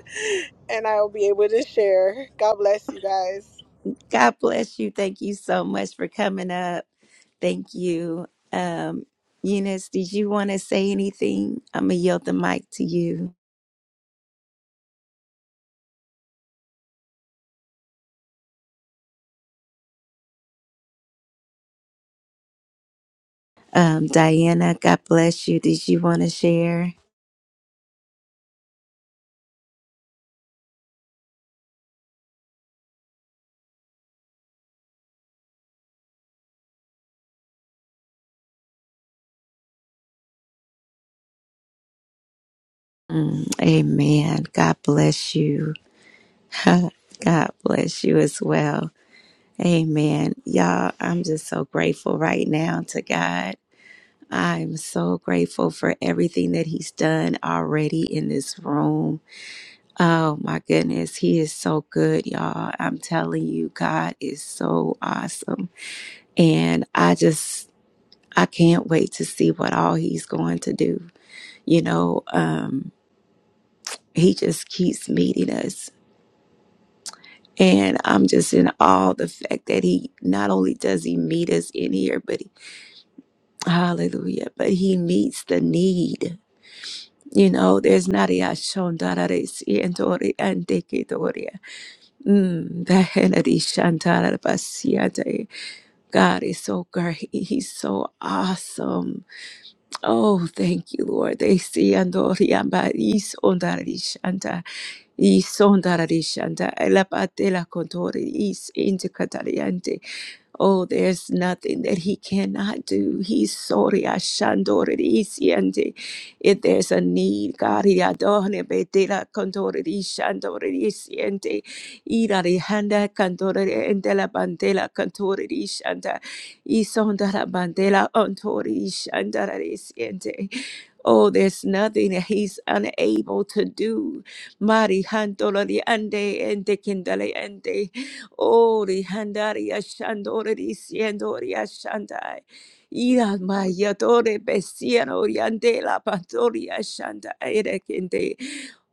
Speaker 21: <laughs> and I'll be able to share. God bless you guys.
Speaker 1: God bless you. Thank you so much for coming up. Thank you. Um, Eunice, did you want to say anything? I'm going to yield the mic to you. Um, Diana, God bless you. Did you want to share? Mm, amen. God bless you. <laughs> God bless you as well. Amen. Y'all, I'm just so grateful right now to God. I'm so grateful for everything that He's done already in this room. Oh my goodness, He is so good, y'all. I'm telling you, God is so awesome. And I just, I can't wait to see what all He's going to do. You know, um, He just keeps meeting us And I'm just in awe of the fact that he not only does he meet us in here, but he, hallelujah, but he meets the need. You know, there's not a shondarare sientori antekitoria. Mm, the henadi shantarabasiate. God is so great. He's so awesome. Oh, thank you, Lord. They see andoria ba is ondarari shanta. I sondarishanta elapatela contori is intercatariante Oh, there's nothing that he cannot do. He's sorry. Ashandorisiende. If there's a need, God, he adorne betela condorishandorisiende. Irarihanda candorende la bandela cantorishanda. Isondara bandela ontorishandarisiende. Oh, there's nothing that he's unable to do. Mari handolari ande ende kindale ende. Ori handari ashandore disiendori ashandai. Ira mayatore besiano oriente la pantori ashanda erekende.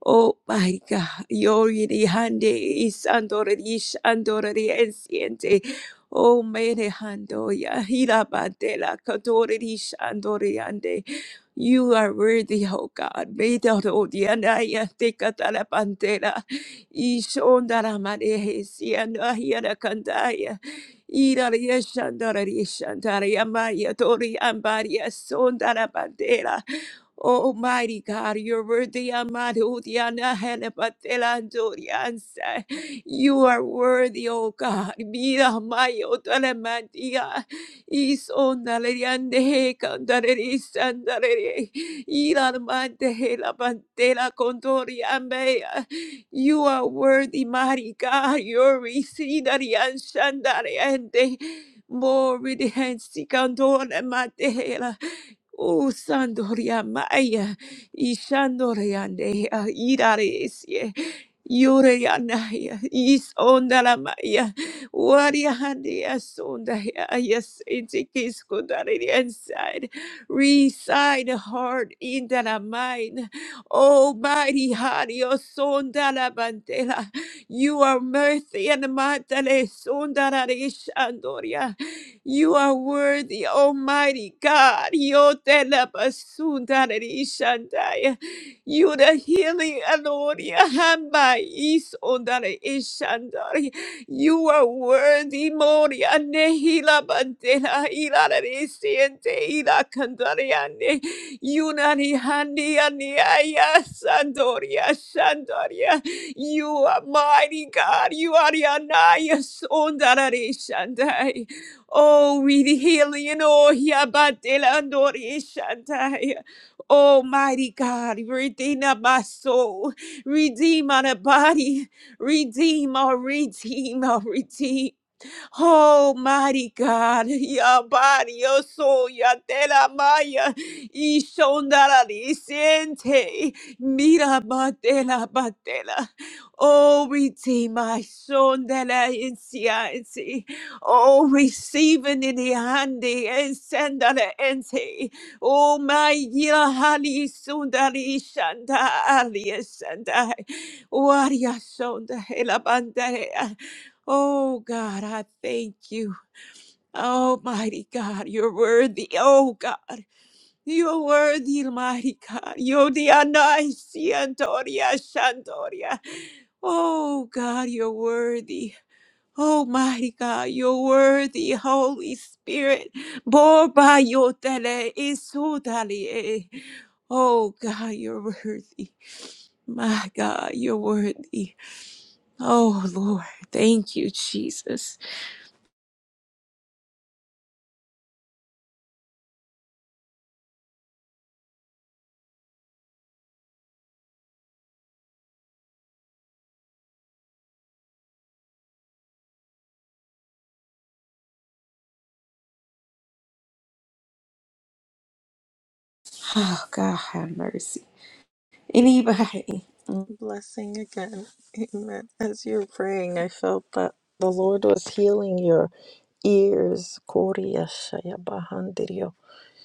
Speaker 1: Oh my God, yori hande isandore di shandore enciente. Oh mene hando ya hira bandela katore di ande. You are worthy, oh God. Made out of the anaya Ishondara Manehesi and Ahiana Kandaya. Ira Yeshandara Yeshandara Yamaya tori Ishondaramandehesianahiarakandaya. Irarieshandararieshandarayamaya bandera. Oh, mighty God, you're worthy. Amado Diana Helapatela Doriansa. You are worthy, O God. Mira mayo telemantia. Is on the Leriande Candaris and the Lere. Ilamante Helapatela Contoria Mea. You are worthy, mighty God. You're Risidari and Shandari and the more with the hands, Candor and Matela. O Sandoria Maya, Ishandoreandea, Iraresie, Yoreanaya, Isondaramaya, Wariahandea Sondaya, yes, Itikiskundaria inside. Reside heart in the mind. Almighty Hario Sondarabantela, you are mercy and Matale Sondararishandoria. You are worthy, Almighty God. Yotelabasundararishandaya. You the healing Anoria Hamba Isondare Ishandari. You are worthy, Moria Nehila Bandela Ilara Siente Ila Candariane. Unani Handia Niaya Sandoria Sandoria. You are mighty God. You are Yanaya Sondare Shandai. Oh, we the healing. Oh, Hiabatela Nori Shantai. Almighty God, redeem my soul, redeem my body, redeem, oh, redeem, oh, redeem. Oh, mighty God, <laughs> your body, your soul, your tela maya, ishondara siente, mira batela batela. Oh, redeem my son de la inciense. Oh, receiving in the hand and send the ente. Oh, my yila hali sundari shanda alias and I. Waria son de la helabandea. Oh God, I thank you. Almighty God, you're worthy. Oh God, you're worthy, Almighty God. Yo dianaisi Antonia Shantoria. Oh God, you're worthy. Almighty God, you're worthy, Holy Spirit. Borba yotele isutalie. Oh God, you're worthy. My God, you're worthy. Oh Lord, thank you, Jesus. Oh, God have mercy. Anybody?
Speaker 19: Blessing again. Amen. As you were praying, I felt that the Lord was healing your ears. Korea shaya bahandirio.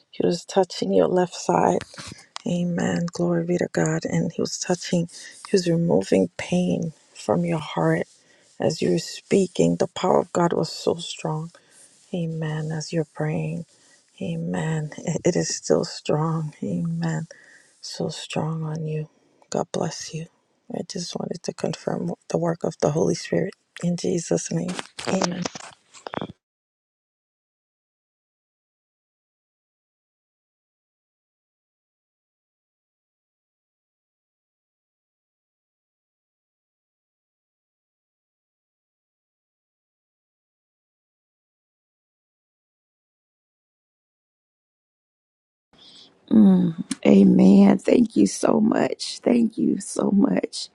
Speaker 19: He was touching your left side. Amen. Glory be to God. And He was touching, He was removing pain from your heart. As you were speaking, the power of God was so strong Amen. As you're praying, Amen. It it is still strong. Amen. So strong on you. God bless you. I just wanted to confirm the work of the Holy Spirit in Jesus' name. Amen.
Speaker 1: Mm, amen. Thank you so much. Thank you so much.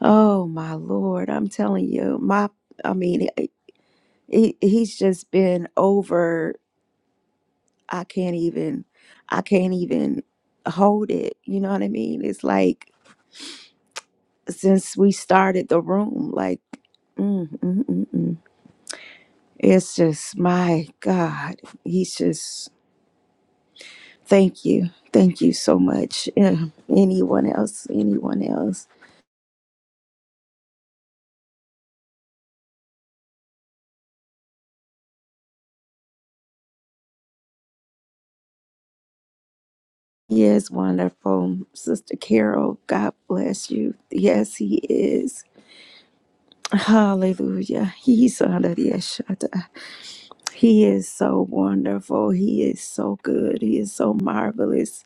Speaker 1: Oh, my Lord. I'm telling you, my, I mean, he, he's just been over. I can't even, I can't even hold it. You know what I mean? It's like since we started the room, like, mm, mm, mm, mm. mm. it's just, my God, he's just Thank you. Thank you so much. <laughs> Uh, Anyone else? Anyone else? He is wonderful. Sister Carol, God bless you. Yes, he is. Hallelujah. He's under the Ashata. He is so wonderful. He is so good. He is so marvelous.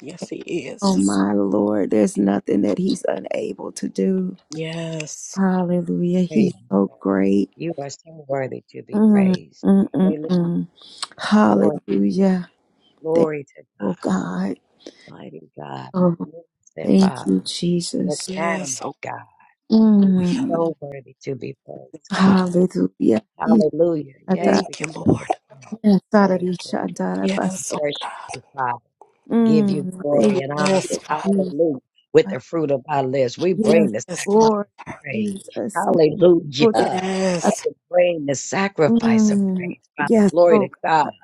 Speaker 8: Yes, he
Speaker 1: Oh
Speaker 8: is.
Speaker 1: my Lord, there's nothing that he's unable to do.
Speaker 8: Yes.
Speaker 1: Hallelujah.
Speaker 5: Praise
Speaker 1: He's
Speaker 5: the
Speaker 1: so
Speaker 5: Lord.
Speaker 1: great.
Speaker 5: You are so worthy to be
Speaker 1: Mm,
Speaker 5: praised.
Speaker 1: mm, mm,
Speaker 5: Hallelujah.
Speaker 1: mm.
Speaker 5: Glory,
Speaker 1: Hallelujah. Thank
Speaker 5: glory to
Speaker 1: you,
Speaker 5: God.
Speaker 1: oh God.
Speaker 5: Mighty God,
Speaker 1: Oh,
Speaker 5: magnificent
Speaker 1: thank
Speaker 5: Father,
Speaker 1: you, Jesus.
Speaker 8: Yes.
Speaker 5: magnanimous
Speaker 8: Oh,
Speaker 5: God,
Speaker 1: Mm.
Speaker 5: so worthy to be praised, Father.
Speaker 1: Hallelujah.
Speaker 5: Hallelujah. Yes,
Speaker 1: Irata-
Speaker 5: we
Speaker 8: thank you,
Speaker 5: can
Speaker 8: Lord.
Speaker 5: take a pause,
Speaker 1: yes,
Speaker 5: praise for it.
Speaker 8: Yes, oh
Speaker 5: worship
Speaker 8: God.
Speaker 5: you, Father. Give you
Speaker 1: Mm. Thank
Speaker 5: glory and honor.
Speaker 8: Yes,
Speaker 1: you,
Speaker 8: Father.
Speaker 1: Jesus.
Speaker 5: Hallelujah. With the fruit of our lips, we
Speaker 1: Yes,
Speaker 5: bring the
Speaker 8: Yes, Father.
Speaker 5: sacrifice
Speaker 1: Lord
Speaker 5: of praise.
Speaker 1: Jesus. Lord,
Speaker 5: Hallelujah.
Speaker 1: uh,
Speaker 5: We
Speaker 8: Yes.
Speaker 5: can bring the sacrifice of
Speaker 1: Mm.
Speaker 5: praise, Father.
Speaker 1: Yes,
Speaker 5: Glory to
Speaker 1: oh
Speaker 5: God.
Speaker 1: God.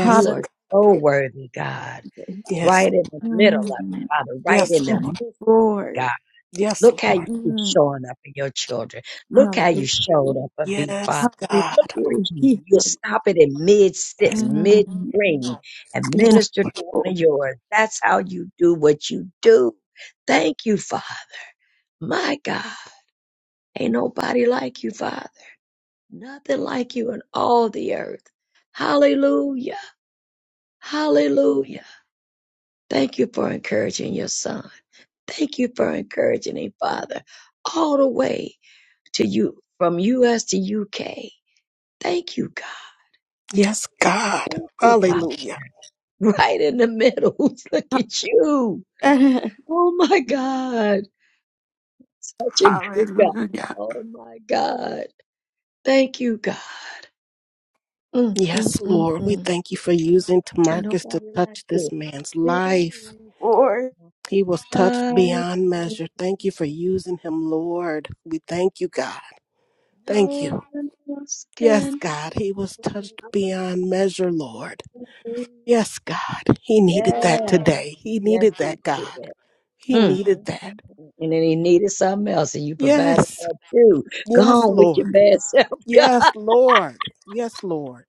Speaker 5: You are so worthy, God.
Speaker 8: Yes.
Speaker 5: Right in the middle of it,
Speaker 1: Mm.
Speaker 5: Father. Right in
Speaker 8: Yes,
Speaker 5: the
Speaker 1: Yes,
Speaker 8: Lord.
Speaker 5: midst of it,
Speaker 1: Lord.
Speaker 5: God.
Speaker 8: Yes,
Speaker 5: Look how you
Speaker 8: Lord.
Speaker 5: keep
Speaker 1: Mm.
Speaker 5: showing up for your children. Look how you
Speaker 1: Hallelujah.
Speaker 5: showed up for Big
Speaker 8: Yes,
Speaker 5: Father. Look
Speaker 8: God.
Speaker 5: what you
Speaker 1: Hallelujah.
Speaker 5: do. You'll stop it in mid
Speaker 8: Yes.
Speaker 5: sitting, mid
Speaker 1: Mm.
Speaker 5: stream, and
Speaker 8: Yes,
Speaker 1: Yes,
Speaker 5: minister to one
Speaker 1: Lord.
Speaker 5: of yours. That's how you do what you do. Thank you, Father. My God. Ain't nobody like you, Father. Nothing like you in all the earth. Hallelujah. Hallelujah. Thank you for encouraging your son. Thank you for encouraging him, Father, all the way to you from US to UK. Thank you, God.
Speaker 8: yes, God.
Speaker 5: Ooh, <laughs> wow.
Speaker 8: Hallelujah.
Speaker 5: Right in the middle. <laughs> Look at you.
Speaker 1: <laughs>
Speaker 5: Oh my God. Such a good God.
Speaker 6: Hallelujah.
Speaker 5: Oh my God. Thank you, God. Mm, mm,
Speaker 8: Yes,
Speaker 5: mm,
Speaker 8: Lord. We
Speaker 5: mm.
Speaker 8: thank you for using
Speaker 5: Ain't
Speaker 8: Tamarcus to
Speaker 5: nobody like
Speaker 8: touch
Speaker 5: you.
Speaker 8: this man's
Speaker 5: There
Speaker 8: life.
Speaker 5: is
Speaker 1: Lord.
Speaker 8: He was touched
Speaker 5: nobody.
Speaker 8: beyond measure. Thank you for using him, Lord. We thank you, God. Thank
Speaker 5: No
Speaker 8: you.
Speaker 5: one else
Speaker 8: Yes,
Speaker 5: can.
Speaker 8: God. He was touched beyond measure, Lord. Yes, God. He needed
Speaker 5: Yes.
Speaker 8: that today. He
Speaker 5: Yes,
Speaker 8: needed
Speaker 5: he
Speaker 8: that,
Speaker 5: did.
Speaker 8: God. He
Speaker 5: Mm,
Speaker 8: needed
Speaker 5: mm, mm,
Speaker 8: that.
Speaker 5: mm. And then he needed something else, and you provided
Speaker 8: Yes.
Speaker 5: that too. Go
Speaker 8: Yes,
Speaker 5: on with your
Speaker 8: Lord.
Speaker 5: bad <laughs> self, God.
Speaker 8: Yes, Lord. Yes, Lord.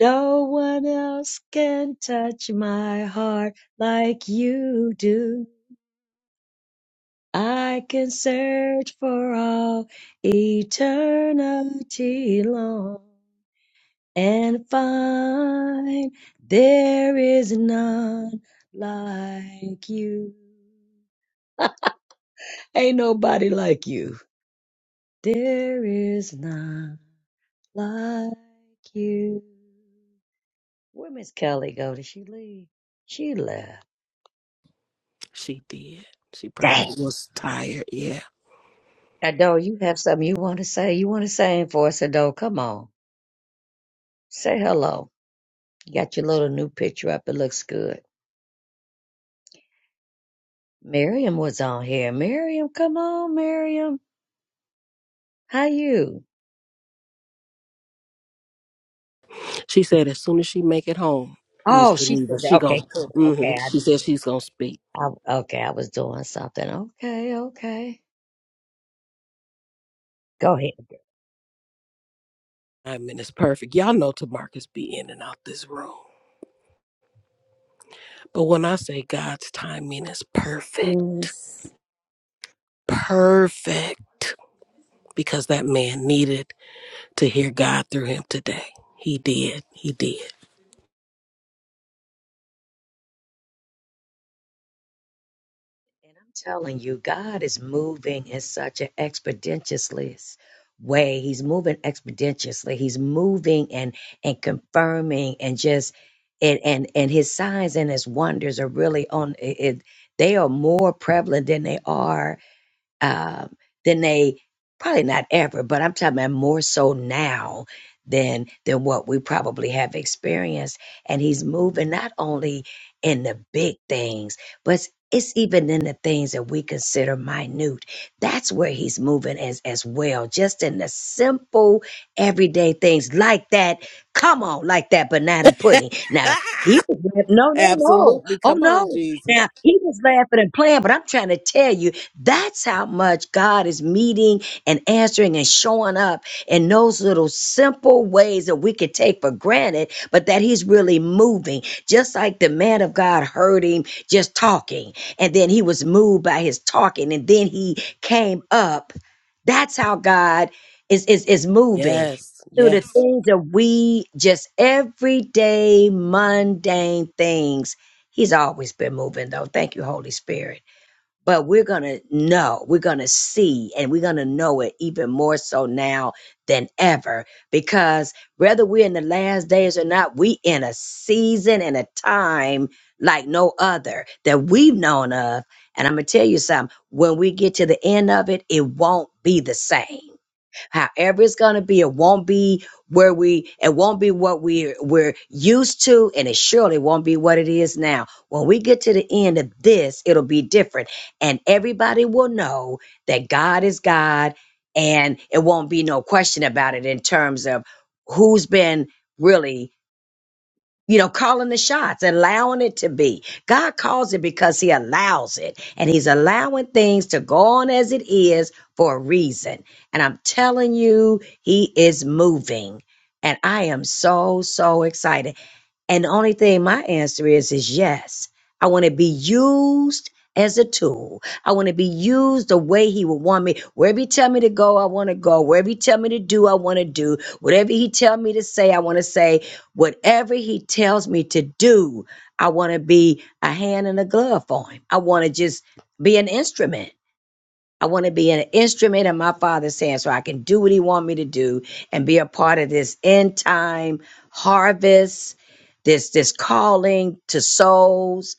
Speaker 5: No one else can touch my heart like you do. I can search for all eternity long and find there is none like you. <laughs> Ain't nobody like you. There is none. like you. Where Miss Kelly go? Did she leave? She left.
Speaker 8: She did. She
Speaker 5: Dang.
Speaker 8: probably was tired. Yeah.
Speaker 5: Ado, you have something you want to say? You want to sing for us, Ado? Come on. Say hello. You got your little new picture up. It looks good. Miriam was on here. Miriam, come on, Miriam. How you?
Speaker 8: She said as soon as she make it home, Miss
Speaker 5: Oh, she
Speaker 8: Geneva,
Speaker 5: said that.
Speaker 8: she gon'
Speaker 5: Okay, cool.
Speaker 8: hmm
Speaker 5: Okay,
Speaker 8: she said she's gonna speak.
Speaker 5: I, I okay, I was doing something. Okay, okay. Go ahead.
Speaker 8: I mean, it's perfect. Y'all know Tamarcus be in and out this room. But when I say God's timing is perfect,
Speaker 1: Yes,
Speaker 8: perfect because that man needed to hear God through him today. He did. He did.
Speaker 5: And I'm telling you, God is moving in such an expeditiously way. He's moving expeditiously. He's moving and and confirming and just and and and his signs and his wonders are really on it. it- They are more prevalent than they are um, than they probably not ever, but I'm talking about more so now than than what we probably have experienced. And he's moving not only in the big things, but it's it's even in the things that we consider minute. That's where he's moving as as well, just in the simple everyday things like that. Come on, like that banana
Speaker 8: <laughs>
Speaker 5: pudding. Now he was laugh- no, no, no.
Speaker 8: Absolutely.
Speaker 5: Oh
Speaker 8: Come on,
Speaker 5: no.
Speaker 8: Jesus.
Speaker 5: Now he was laughing and playing, but I'm trying to tell you that's how much God is meeting and answering and showing up in those little simple ways that we could take for granted, but that He's really moving. Just like the man of God heard him just talking, and then he was moved by his talking, and then he came up. That's how God is is, is moving
Speaker 8: Yes.
Speaker 5: through the
Speaker 8: Yes.
Speaker 5: things that we just everyday mundane things. He's always been moving though. Thank you, Holy Spirit but we're going to know, we're going to see, and we're going to know it even more so now than ever. Because whether we're in the last days or not, we in a season and a time like no other that we've known of. And I'm going to tell you something when we get to the end of it, it won't be the same. However it's gonna be, it won't be where we it won't be what we we're used to, and it surely won't be what it is now. When we get to the end of this, it'll be different. And everybody will know that God is God and it won't be no question about it in terms of who's been really you know, calling the shots, allowing it to be. God calls it because He allows it. And He's allowing things to go on as it is for a reason. And I'm telling you, He is moving. And I am so, so excited. And the only thing my answer is is yes. I want to be used as a tool. I want to be used the way he would want me. Wherever he tell me to go, I want to go. Wherever he tell me to do, I want to do. Whatever he tell me to say, I want to say. Whatever he tells me to do, I want to be a hand and a glove for him. I want to just be an instrument. I want to be an instrument in my father's hand so I can do what he wants me to do and be a part of this end time harvest, this this calling to souls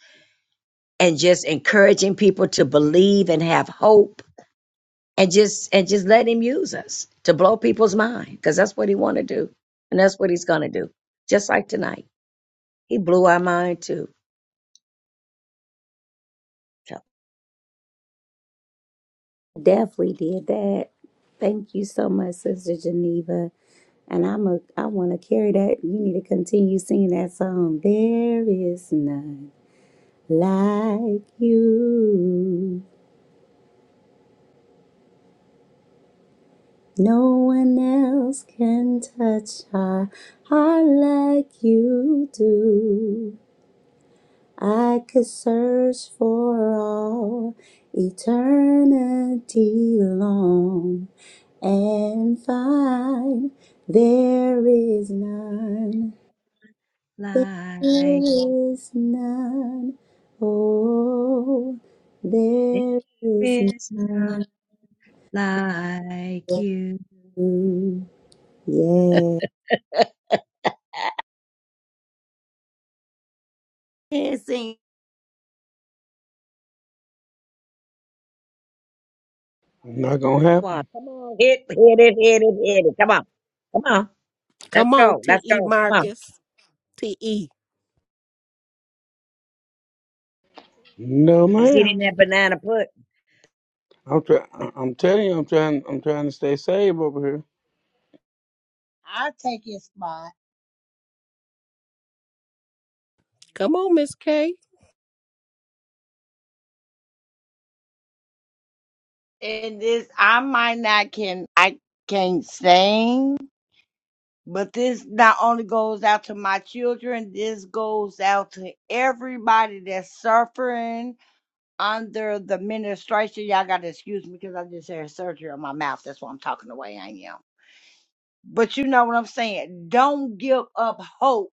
Speaker 5: and just encouraging people to believe and have hope and just and just let him use us to blow people's mind because that's what he want to do and that's what he's going to do. Just like tonight. He blew our mind too. So,
Speaker 1: definitely did that. Thank you so much, Sister Geneva. And I'm a I want to carry that. You need to continue singing that song. There is none like you. No one else can touch our heart like you do. I could search for all eternity long and find there is none, there
Speaker 5: Like
Speaker 1: is none, oh, there is
Speaker 5: there is none
Speaker 1: none.
Speaker 5: like
Speaker 1: Yes,
Speaker 5: you.
Speaker 1: Yes, sing.
Speaker 14: Not gonna
Speaker 5: Come
Speaker 14: happen.
Speaker 5: on, come on, hit, hit it, hit it, hit it. Come on, come on. Let's
Speaker 8: Come on,
Speaker 5: go, let's
Speaker 8: T.E.
Speaker 5: go. Come on.
Speaker 8: Marcus. T.E.
Speaker 14: No,
Speaker 5: He's eating
Speaker 14: ma'am.
Speaker 5: that banana put.
Speaker 14: I'm try- I'm telling you, I'm trying. I'm trying to stay safe over here.
Speaker 22: i take his spot.
Speaker 8: Come on, Miss K.
Speaker 22: And this, I might not can, I can't sing, but this not only goes out to my children, this goes out to everybody that's suffering under the ministration. Y'all got to excuse me because I just had surgery on my mouth. That's why I'm talking the way I am. But you know what I'm saying? Don't give up hope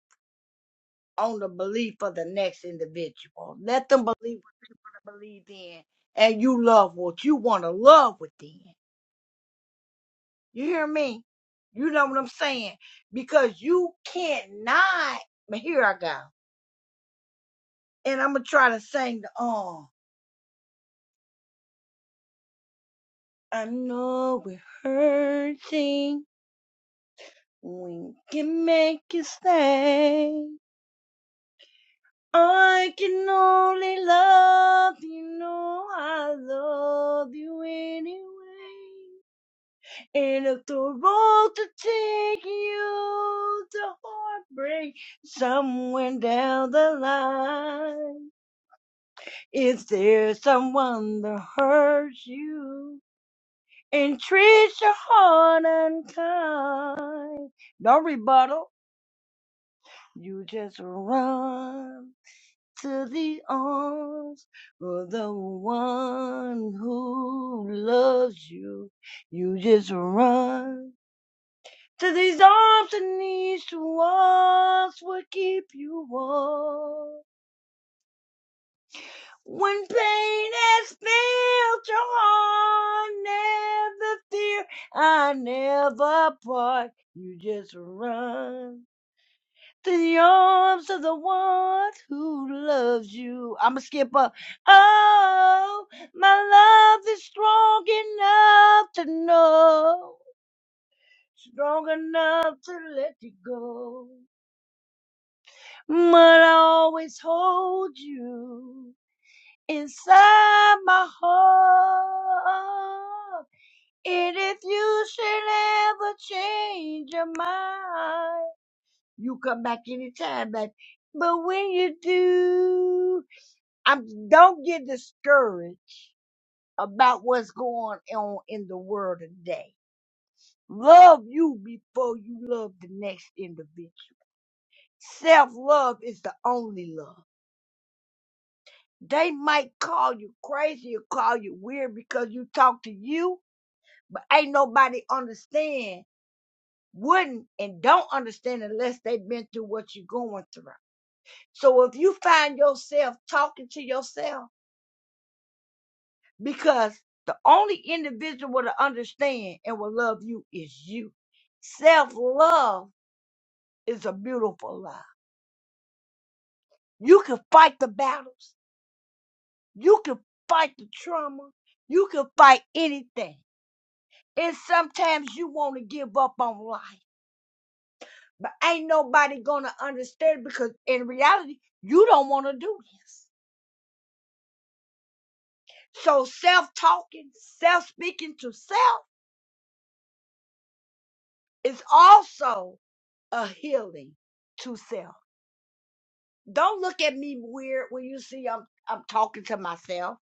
Speaker 22: on the belief of the next individual. Let them believe what they believe in, and you love what you want to love within. You hear me? You know what I'm saying? Because you can't not. But here I go. And I'm going to try to sing the Oh, I know we're hurting. We can make you stay. I can only love you. Know I love you anyway. And if the road to take you to heartbreak, somewhere down the line. Is there someone that hurts you and treats your heart unkind? No rebuttal. You just run to the arms of the one who loves you. You just run to these arms and these walls will keep you warm. When pain has filled your heart, never fear, I never part. You just run to the arms of the one who loves you. I'm a skipper. Oh, my love is strong enough to know, strong enough to let you go. But I always hold you. inside my heart. And if you should ever change your mind, you come back anytime, baby. But when you do, I'm don't get discouraged about what's going on in the world today. Love you before you love the next individual. Self love is the only love. They might call you crazy or call you weird because you talk to you, but ain't nobody understand wouldn't and don't understand unless they've been through what you're going through so if you find yourself talking to yourself because the only individual will understand and will love you is you self-love is a beautiful love you can fight the battles you can fight the trauma you can fight anything and sometimes you want to give up on life But ain't nobody gonna understand because in reality, you don't wanna do this. So self talking, self speaking to self is also a healing to self. Don't look at me weird when you see I'm I'm talking to myself.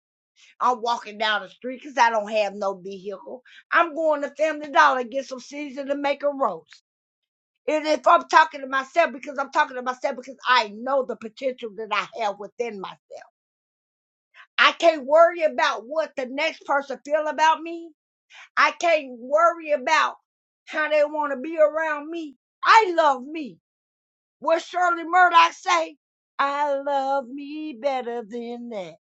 Speaker 22: I'm walking down the street because I don't have no vehicle. I'm going to Family Dollar and get some season to make a roast. And if I'm talking to myself because I'm talking to myself because I know the potential that I have within myself. I can't worry about what the next person feel about me. I can't worry about how they want to be around me. I love me. What Shirley Murdoch say? I love me better than that.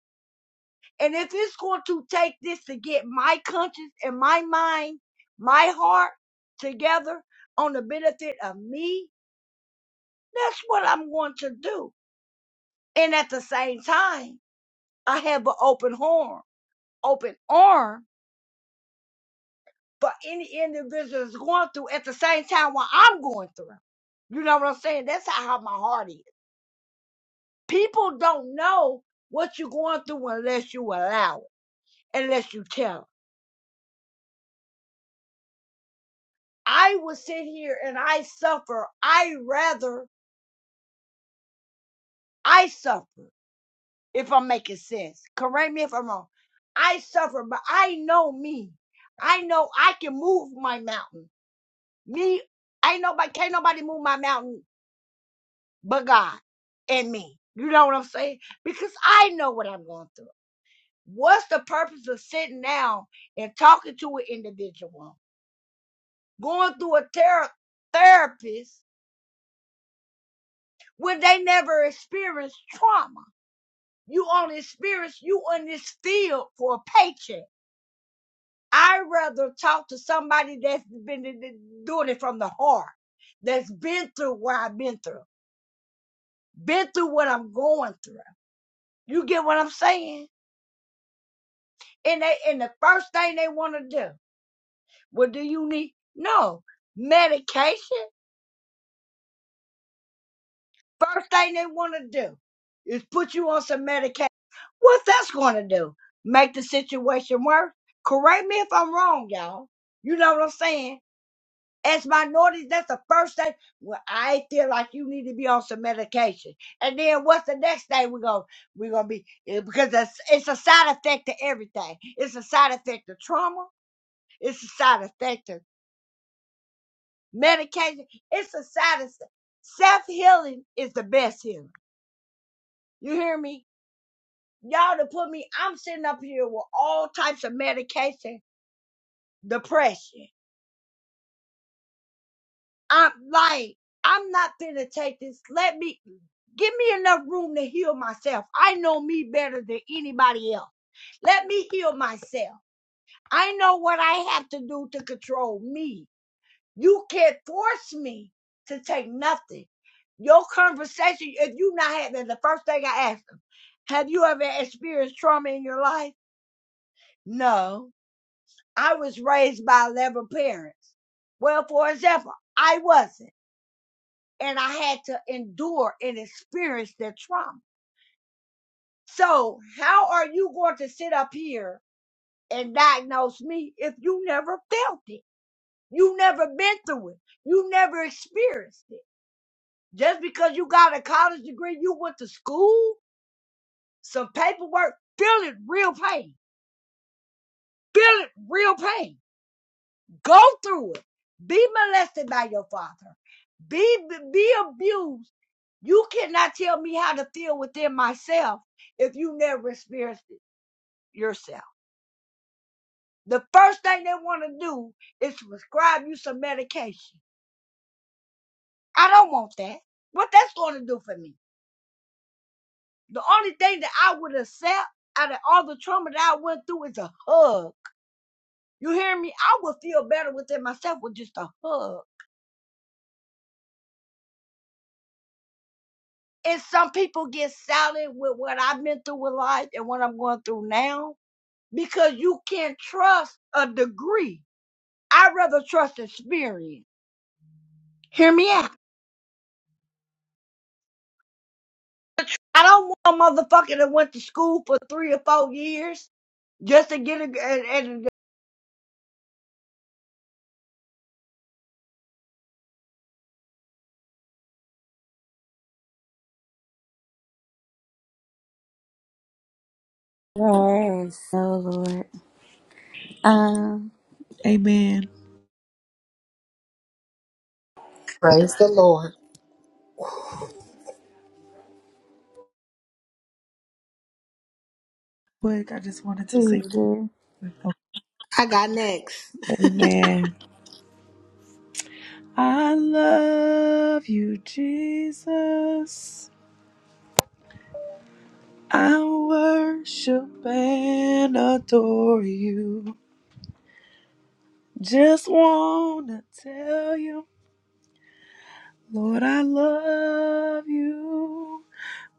Speaker 22: And if it's going to take this to get my conscience and my mind, my heart together on the benefit of me, that's what I'm going to do. And at the same time, I have an open horn, open arm For any individual is going through at the same time what I'm going through. You know what I'm saying? That's how hard my heart is. People don't know what you're going through unless you allow it, unless you tell 'em. I will sit here and I suffer. I rather I suffer if I'm making sense. Correct me if I'm wrong. I suffer, but I know me. I know I can move my mountain. Me, I know, but can't nobody move my mountain but God and me. You know what I'm saying? Because I know what I'm going through. What's the purpose of sitting down and talking to an individual, going through a ther- therapist when they never experienced trauma? You only experience you in this field for a paycheck. I'd rather talk to somebody that's been in the- doing it from the heart, that's been through what I've been through, been through what I'm going through. You get what I'm saying? and they and the first thing they want to do well do you need no medication first thing they want to do is put you on some medication What's that's going to do make the situation worse correct me if i'm wrong y'all you know what i'm saying as minorities that's the first thing well i feel like you need to be on some medication and then what's the next thing we're going to we're going to be eh, because it's, it's a side effect to everything it's a side effect to trauma it's a side effect to medication. It's a side effect. Self healing is the best healing. You hear me? Y'all to put me, I'm sitting up here with all types of medication, depression. I'm like, I'm not gonna take this. Let me give me enough room to heal myself. I know me better than anybody else. Let me heal myself. I know what I have to do to control me. You can't force me to take nothing. Your conversation, if you not had that, the first thing I asked them, have you ever experienced trauma in your life? No. I was raised by 11 parents. Well, for example, I wasn't, and I had to endure and experience that trauma. So, how are you going to sit up here and diagnose me if you never felt it? You never been through it. You never experienced it. Just because you got a college degree, you went to school, some paperwork, feel it real pain. Feel it real pain. Go through it. Be molested by your father. Be be abused. You cannot tell me how to feel within myself if you never experienced it yourself. The first thing they want to do is prescribe you some medication. I don't want that. What that's going to do for me? The only thing that I would accept out of all the trauma that I went through is a hug. You hear me? I would feel better within myself with just a hug. And some people get silent with what I've been through with life and what I'm going through now because you can't trust a degree. I'd rather trust experience. Hear me out. I don't want a motherfucker that went to school for three or four years just to get a, and and.
Speaker 1: yes, oh Lord, um,
Speaker 18: Amen.
Speaker 8: Praise the Lord.
Speaker 18: Quick, I just wanted to say
Speaker 1: please, Lord,
Speaker 21: I got next.
Speaker 18: amen. I love you, Jesus. I worship and adore you. Just wanna tell you, Lord, I love you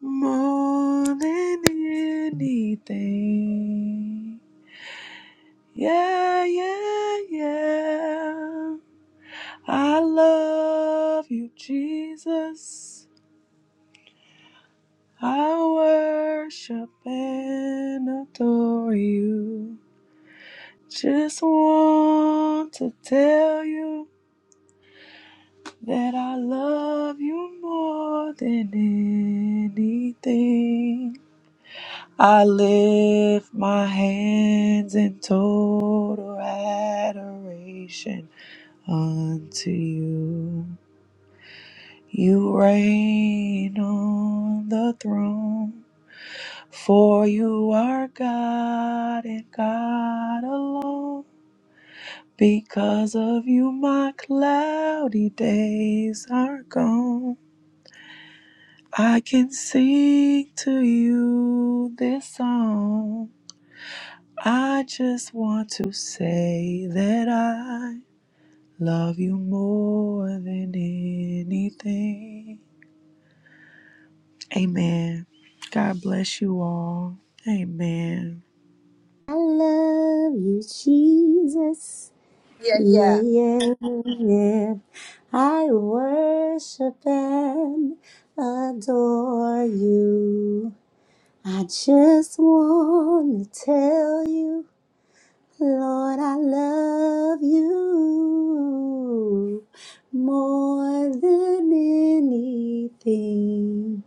Speaker 18: more than anything. Yeah, yeah, yeah. I love you, Jesus. I worship and adore you. Just want to tell you that I love you more than anything. I lift my hands in total adoration unto you. You reign on the throne. For you are God and God alone. Because of you, my cloudy days are gone. I can sing to you this song. I just want to say that I love you more than anything. Amen. God bless you all. Amen.
Speaker 1: I love you, Jesus.
Speaker 21: Yeah,
Speaker 1: Yeah,
Speaker 21: yeah.
Speaker 1: yeah, yeah. I worship and adore you. I just want to tell you, Lord, I love you more than anything.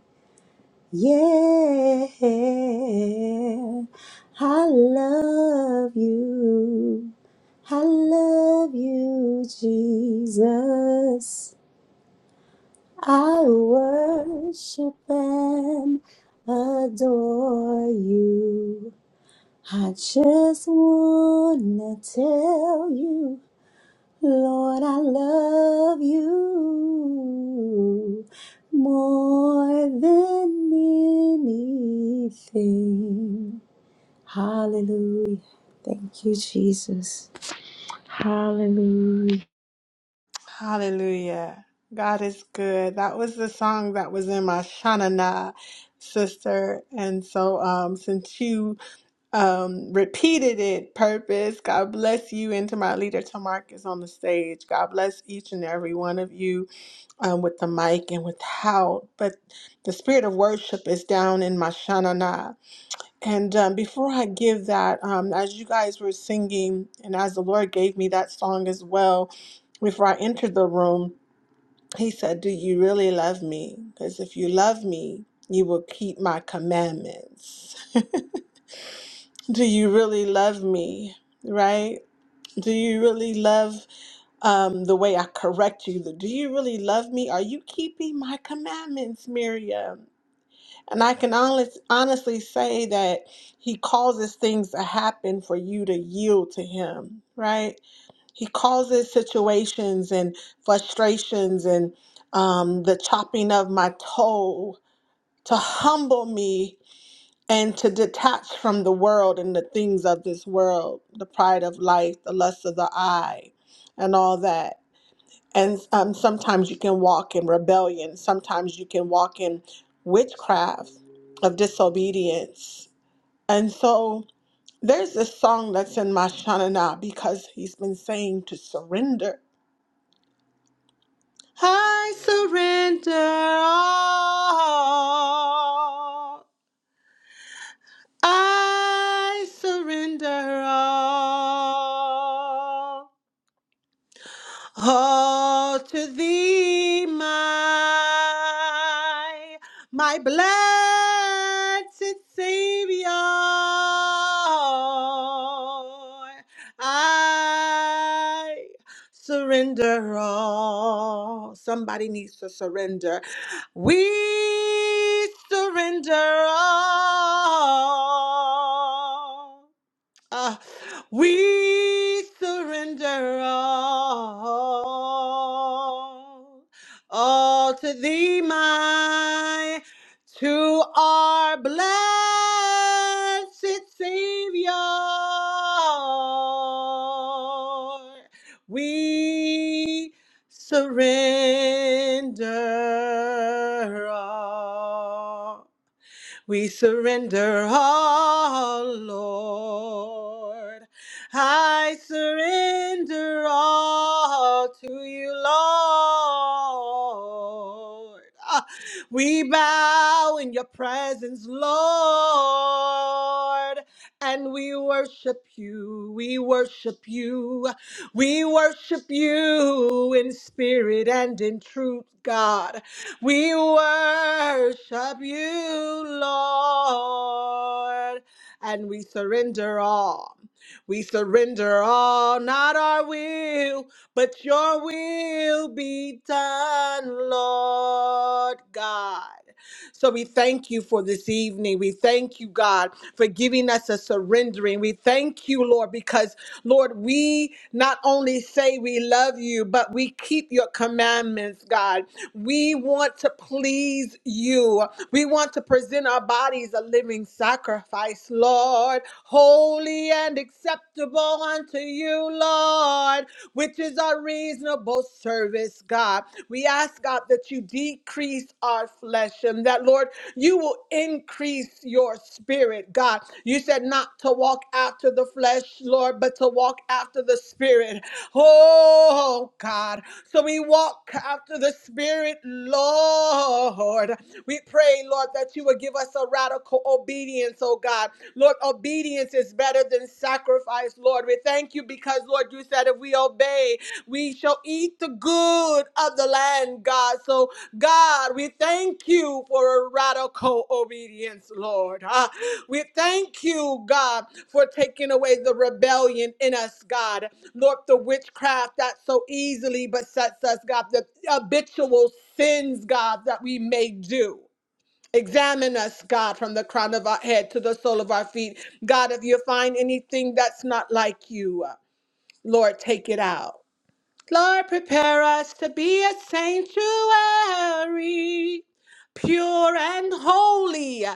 Speaker 1: Yeah, I love you. I love you, Jesus. I worship and adore you. I just wanna tell you. Lord, I love you more than anything. Hallelujah. Thank you, Jesus. Hallelujah.
Speaker 21: Hallelujah. God is good. That was the song that was in my Shanana sister. And so um, since you um, repeated it, purpose. God bless you, and to my leader, Tamarcus, on the stage. God bless each and every one of you um, with the mic and with how. But the spirit of worship is down in my shanana. And um, before I give that, um, as you guys were singing, and as the Lord gave me that song as well, before I entered the room, He said, Do you really love me? Because if you love me, you will keep my commandments. <laughs> do you really love me right do you really love um, the way i correct you do you really love me are you keeping my commandments miriam and i can honest, honestly say that he causes things to happen for you to yield to him right he causes situations and frustrations and um, the chopping of my toe to humble me and to detach from the world and the things of this world, the pride of life, the lust of the eye, and all that. And um, sometimes you can walk in rebellion, sometimes you can walk in witchcraft of disobedience. And so there's this song that's in my Shanana because he's been saying to surrender. I surrender all. I surrender all. All to thee, my, my blessed Savior. I surrender all. Somebody needs to surrender. We surrender all. Uh, we surrender all, all to thee, my, to our blessed Savior. We surrender all. We surrender all, Lord. I surrender all to you, Lord. Ah, We bow in your presence, Lord, and we worship you. We worship you. We worship you in spirit and in truth, God. We worship you, Lord, and we surrender all. We surrender all, not our will, but your will be done, Lord God. So we thank you for this evening. We thank you, God, for giving us a surrendering. We thank you, Lord, because, Lord, we not only say we love you, but we keep your commandments, God. We want to please you. We want to present our bodies a living sacrifice, Lord, holy and acceptable unto you, Lord, which is our reasonable service, God. We ask, God, that you decrease our flesh and that, Lord, you will increase your spirit, God. You said not to walk after the flesh, Lord, but to walk after the spirit. Oh, God. So we walk after the Spirit, Lord. We pray, Lord, that you would give us a radical obedience, oh God. Lord, obedience is better than sacrifice, Lord. We thank you because, Lord, you said if we obey, we shall eat the good of the land, God. So, God, we thank you for a radical obedience, Lord. Ah, we thank you, God, for taking away the rebellion in us, God. Lord, the witchcraft that so easily besets us, God, the habitual sins, God, that we may do. Examine us, God, from the crown of our head to the sole of our feet. God, if you find anything that's not like you, Lord, take it out. Lord, prepare us to be a sanctuary, pure and holy,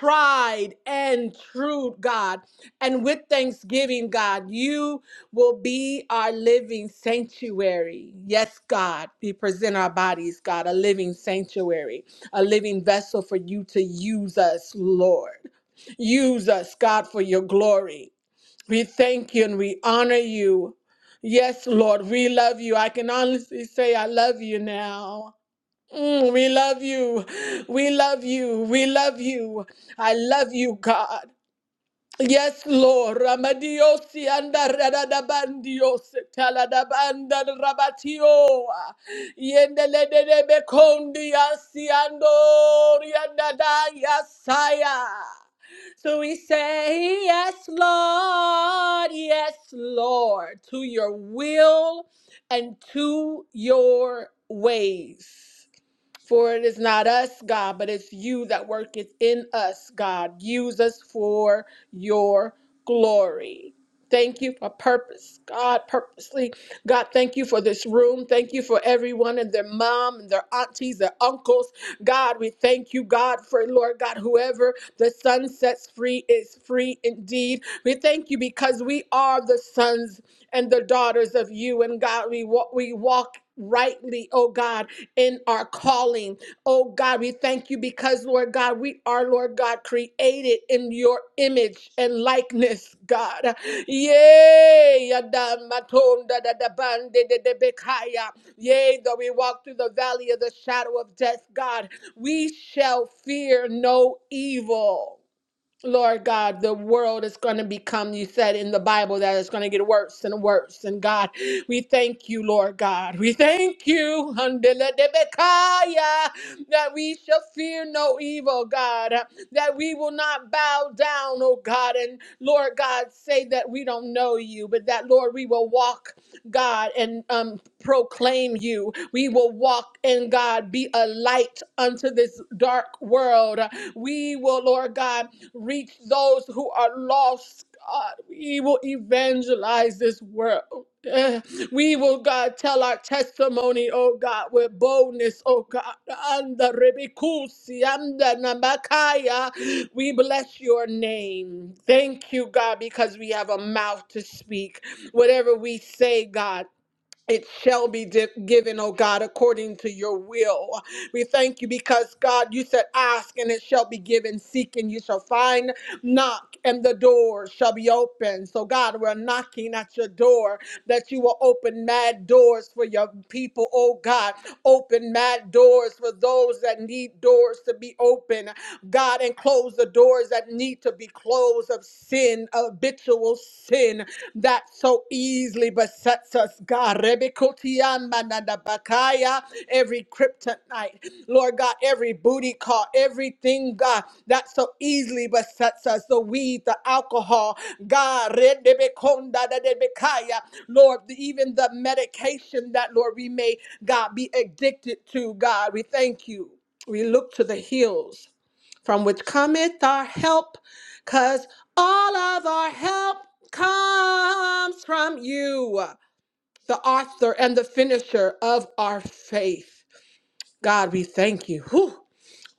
Speaker 21: tried and true, God. And with thanksgiving, God, you will be our living sanctuary. Yes, God, we present our bodies, God, a living sanctuary, a living vessel for you to use us, Lord. Use us, God, for your glory. We thank you and we honor you. Yes, Lord, we love you. I can honestly say I love you now. Mm, we love you. We love you. We love you. I love you, God. Yes, Lord. Ramadiosi anda radadabandiose taladabanda rabatioa. Yendeledebe kondiasi andoriandadaya saya. So we say, Yes, Lord, yes, Lord, to your will and to your ways. For it is not us, God, but it's you that worketh in us, God. Use us for your glory. Thank you for purpose, God, purposely. God, thank you for this room. Thank you for everyone and their mom and their aunties, their uncles. God, we thank you, God, for Lord God, whoever the sun sets free is free indeed. We thank you because we are the sons and the daughters of you. And God, we walk, we walk rightly, oh God in our calling. Oh God, we thank you because, Lord God, we are, Lord God, created in your image and likeness, God. Yea, yada matonda da da bande de de bekaya. Yea, though we walk through the valley of the shadow of death, God, we shall fear no evil. Lord God, the world is going to become, you said in the Bible, that it's going to get worse and worse. And God, we thank you, Lord God. We thank you, Handeledebekaya, that we shall fear no evil, God, that we will not bow down, oh God. And Lord God, say that we don't know you, but that, Lord, we will walk, God, and um, proclaim you. We will walk in God, be a light unto this dark world. We will, Lord God, reach those who are lost, God. We will evangelize this world. Eh, We will, God, tell our testimony, oh God, with boldness, oh God. Anda rebikusi, anda namakaya. We bless your name. Thank you, God, because we have a mouth to speak. Whatever we say, God, it shall be di- given, oh God, according to your will. We thank you because, God, you said, Ask and it shall be given, seek and you shall find, Knock and the door shall be open. So, God, we're knocking at your door that you will open mad doors for your people, oh God. Open mad doors for those that need doors to be open. God, and close the doors that need to be closed of sin, habitual sin that so easily besets us, God. Rebikotiamanadabakaya, Every kryptonite. Lord God, every booty call, everything, God, that so easily besets us the weed, the alcohol, God, Lord, even the medication that, Lord, we may, God, be addicted to, God, we thank you. We look to the hills from which cometh our help, because all of our help comes from you, the author and the finisher of our faith. God, we thank you. Whew.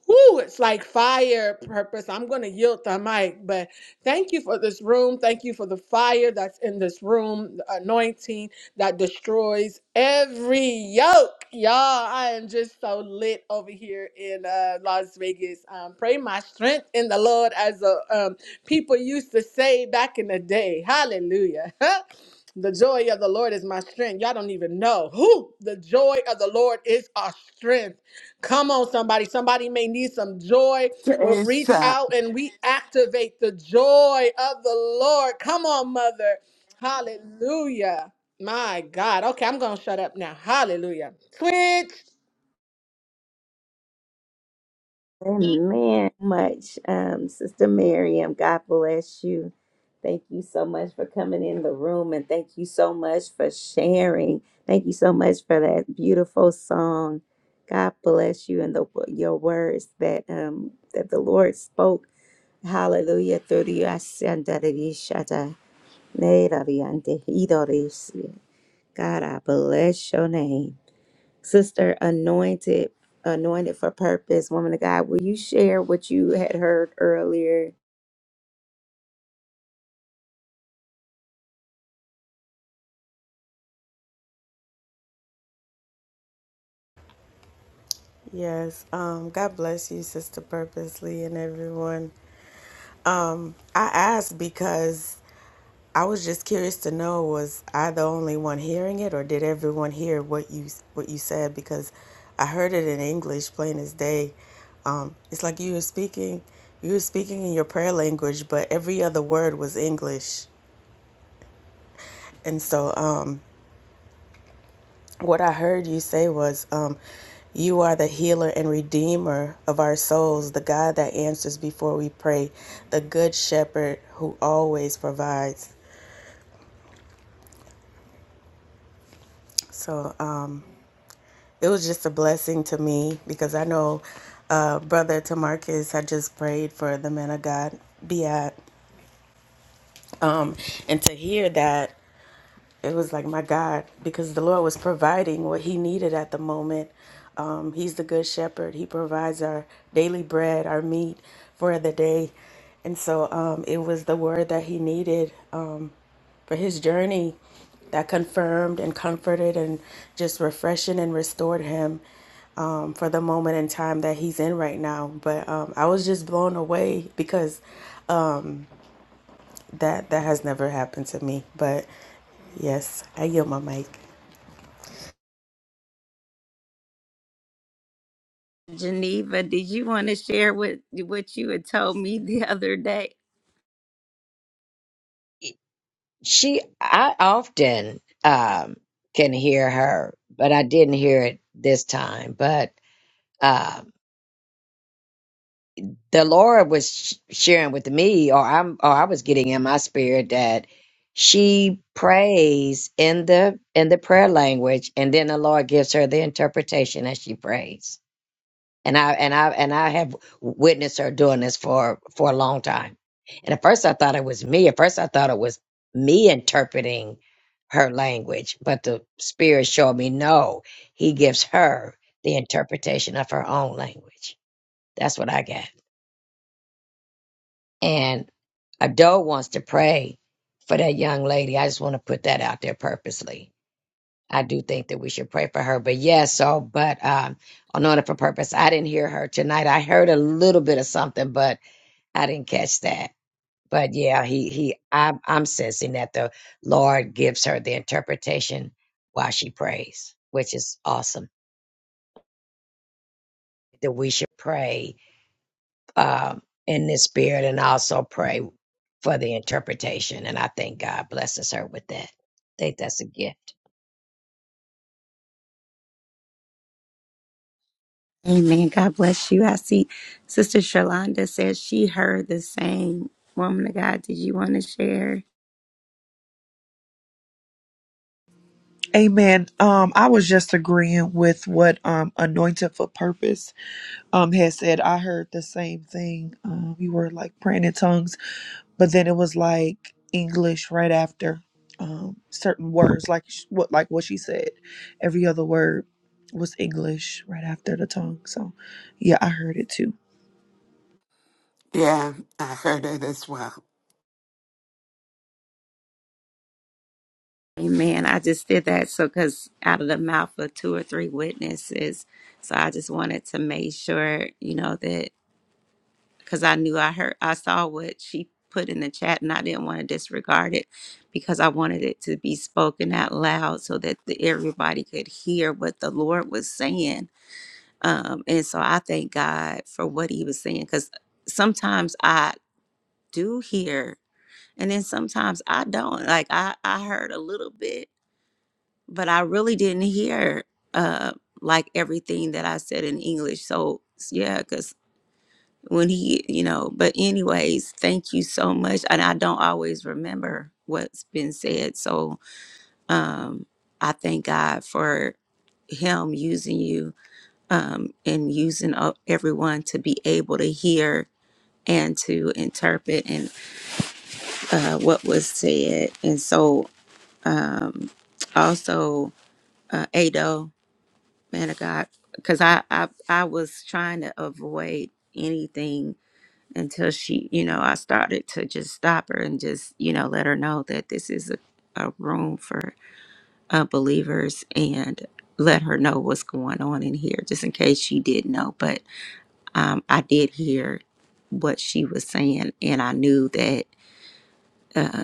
Speaker 21: Woo, it's like fire purpose. I'm going to yield the mic, but thank you for this room. Thank you for the fire that's in this room, the anointing that destroys every yoke. Y'all, I am just so lit over here in uh, Las Vegas. Um, pray my strength in the Lord, as the um, people used to say back in the day. Hallelujah. <laughs> The joy of the Lord is my strength. Y'all don't even know who the joy of the Lord is our strength. Come on, somebody. Somebody may need some joy. We'll
Speaker 6: Praise
Speaker 21: reach
Speaker 6: God.
Speaker 21: out and we activate the joy of the Lord. Come on, mother. Hallelujah. My God. Okay, I'm going to shut up now. Hallelujah. Switch.
Speaker 1: Amen. Much, um, Sister Miriam. God bless you. Thank you so much for coming in the room, and thank you so much for sharing. Thank you so much for that beautiful song. God bless you and the your words that um that the Lord spoke. Hallelujah through the God, I bless your name. Sister Anointed, Anointed for Purpose, Woman of God, will you share what you had heard earlier?
Speaker 11: Yes. Um, God bless you, Sister Purposely, and everyone. Um, I asked because I was just curious to know was I the only one hearing it, or did everyone hear what you what you said? Because I heard it in English, plain as day. Um, it's like you were speaking, you were speaking in your prayer language, but every other word was English, and so um, What I heard you say was, um, You are the healer and redeemer of our souls, the God that answers before we pray, the good shepherd who always provides. So um, it was just a blessing to me because I know uh, Brother Tamarcus had just prayed for the man of God, Biat. Um, and to hear that it was like my God, because the Lord was providing what He needed at the moment. Um, he's the Good Shepherd. He provides our daily bread, our meat for the day, and so um, it was the word that He needed um, for His journey that confirmed and comforted and just refreshing and restored him um, for the moment in time that he's in right now. But um, I was just blown away because that that has never happened to me. But yes, I yield my mic.
Speaker 1: Geneva, did you want to share what what you had told me the other day?
Speaker 5: She, I often um, can hear her, but I didn't hear it this time. But um, the Lord was sh- sharing with me, or I'm, or I was getting in my spirit that she prays in the in the prayer language, and then the Lord gives her the interpretation as she prays. and I and I and I have witnessed her doing this for for a long time. And at first, I thought it was me. At first, I thought it was me interpreting her language, but the spirit showed me no. He gives her the interpretation of her own language. That's what I got. And Ado wants to pray for that young lady. I just want to put that out there purposely I do think that we should pray for her. But yes, so but um on order for purpose, I didn't hear her tonight. I heard a little bit of something, but I didn't catch that. But yeah, he he I'm I'm sensing that the Lord gives her the interpretation while she prays, which is awesome. That we should pray um in this spirit and also pray for the interpretation. And I think God blesses her with that. I think that's a gift.
Speaker 1: Amen. God bless you. I see Sister Shalonda says she heard the same. Woman of God, did you want to share?
Speaker 18: Amen. Um, I was just agreeing with what um Anointed for Purpose um had said. I heard the same thing. Um, we were like praying in tongues, but then it was like English right after um certain words, like sh- what like what she said. Every other word was English right after the tongue. So, yeah, I heard it too.
Speaker 6: Yeah, I heard it as well.
Speaker 1: Amen. I just did that so because out of the mouth of two or three witnesses. So I just wanted to make sure, you know, that because I knew I heard I saw what she put in the chat and I didn't want to disregard it because I wanted it to be spoken out loud so that the, everybody could hear what the Lord was saying. Um, and so I thank God for what he was saying because sometimes I do hear and then sometimes I don't. Like I, I heard a little bit, but I really didn't hear uh, like everything that I said in English. So yeah, cause when he, you know, but anyways, thank you so much. And I don't always remember what's been said. So um I thank God for him using you um and using uh, everyone to be able to hear and to interpret and uh what was said. And so um also uh Ado, man of God, because I, I I was trying to avoid anything until she, you know, I started to just stop her and just, you know, let her know that this is a, a room for uh, believers and let her know what's going on in here, just in case she didn't know. But um, I did hear what she was saying, and I knew that. uh,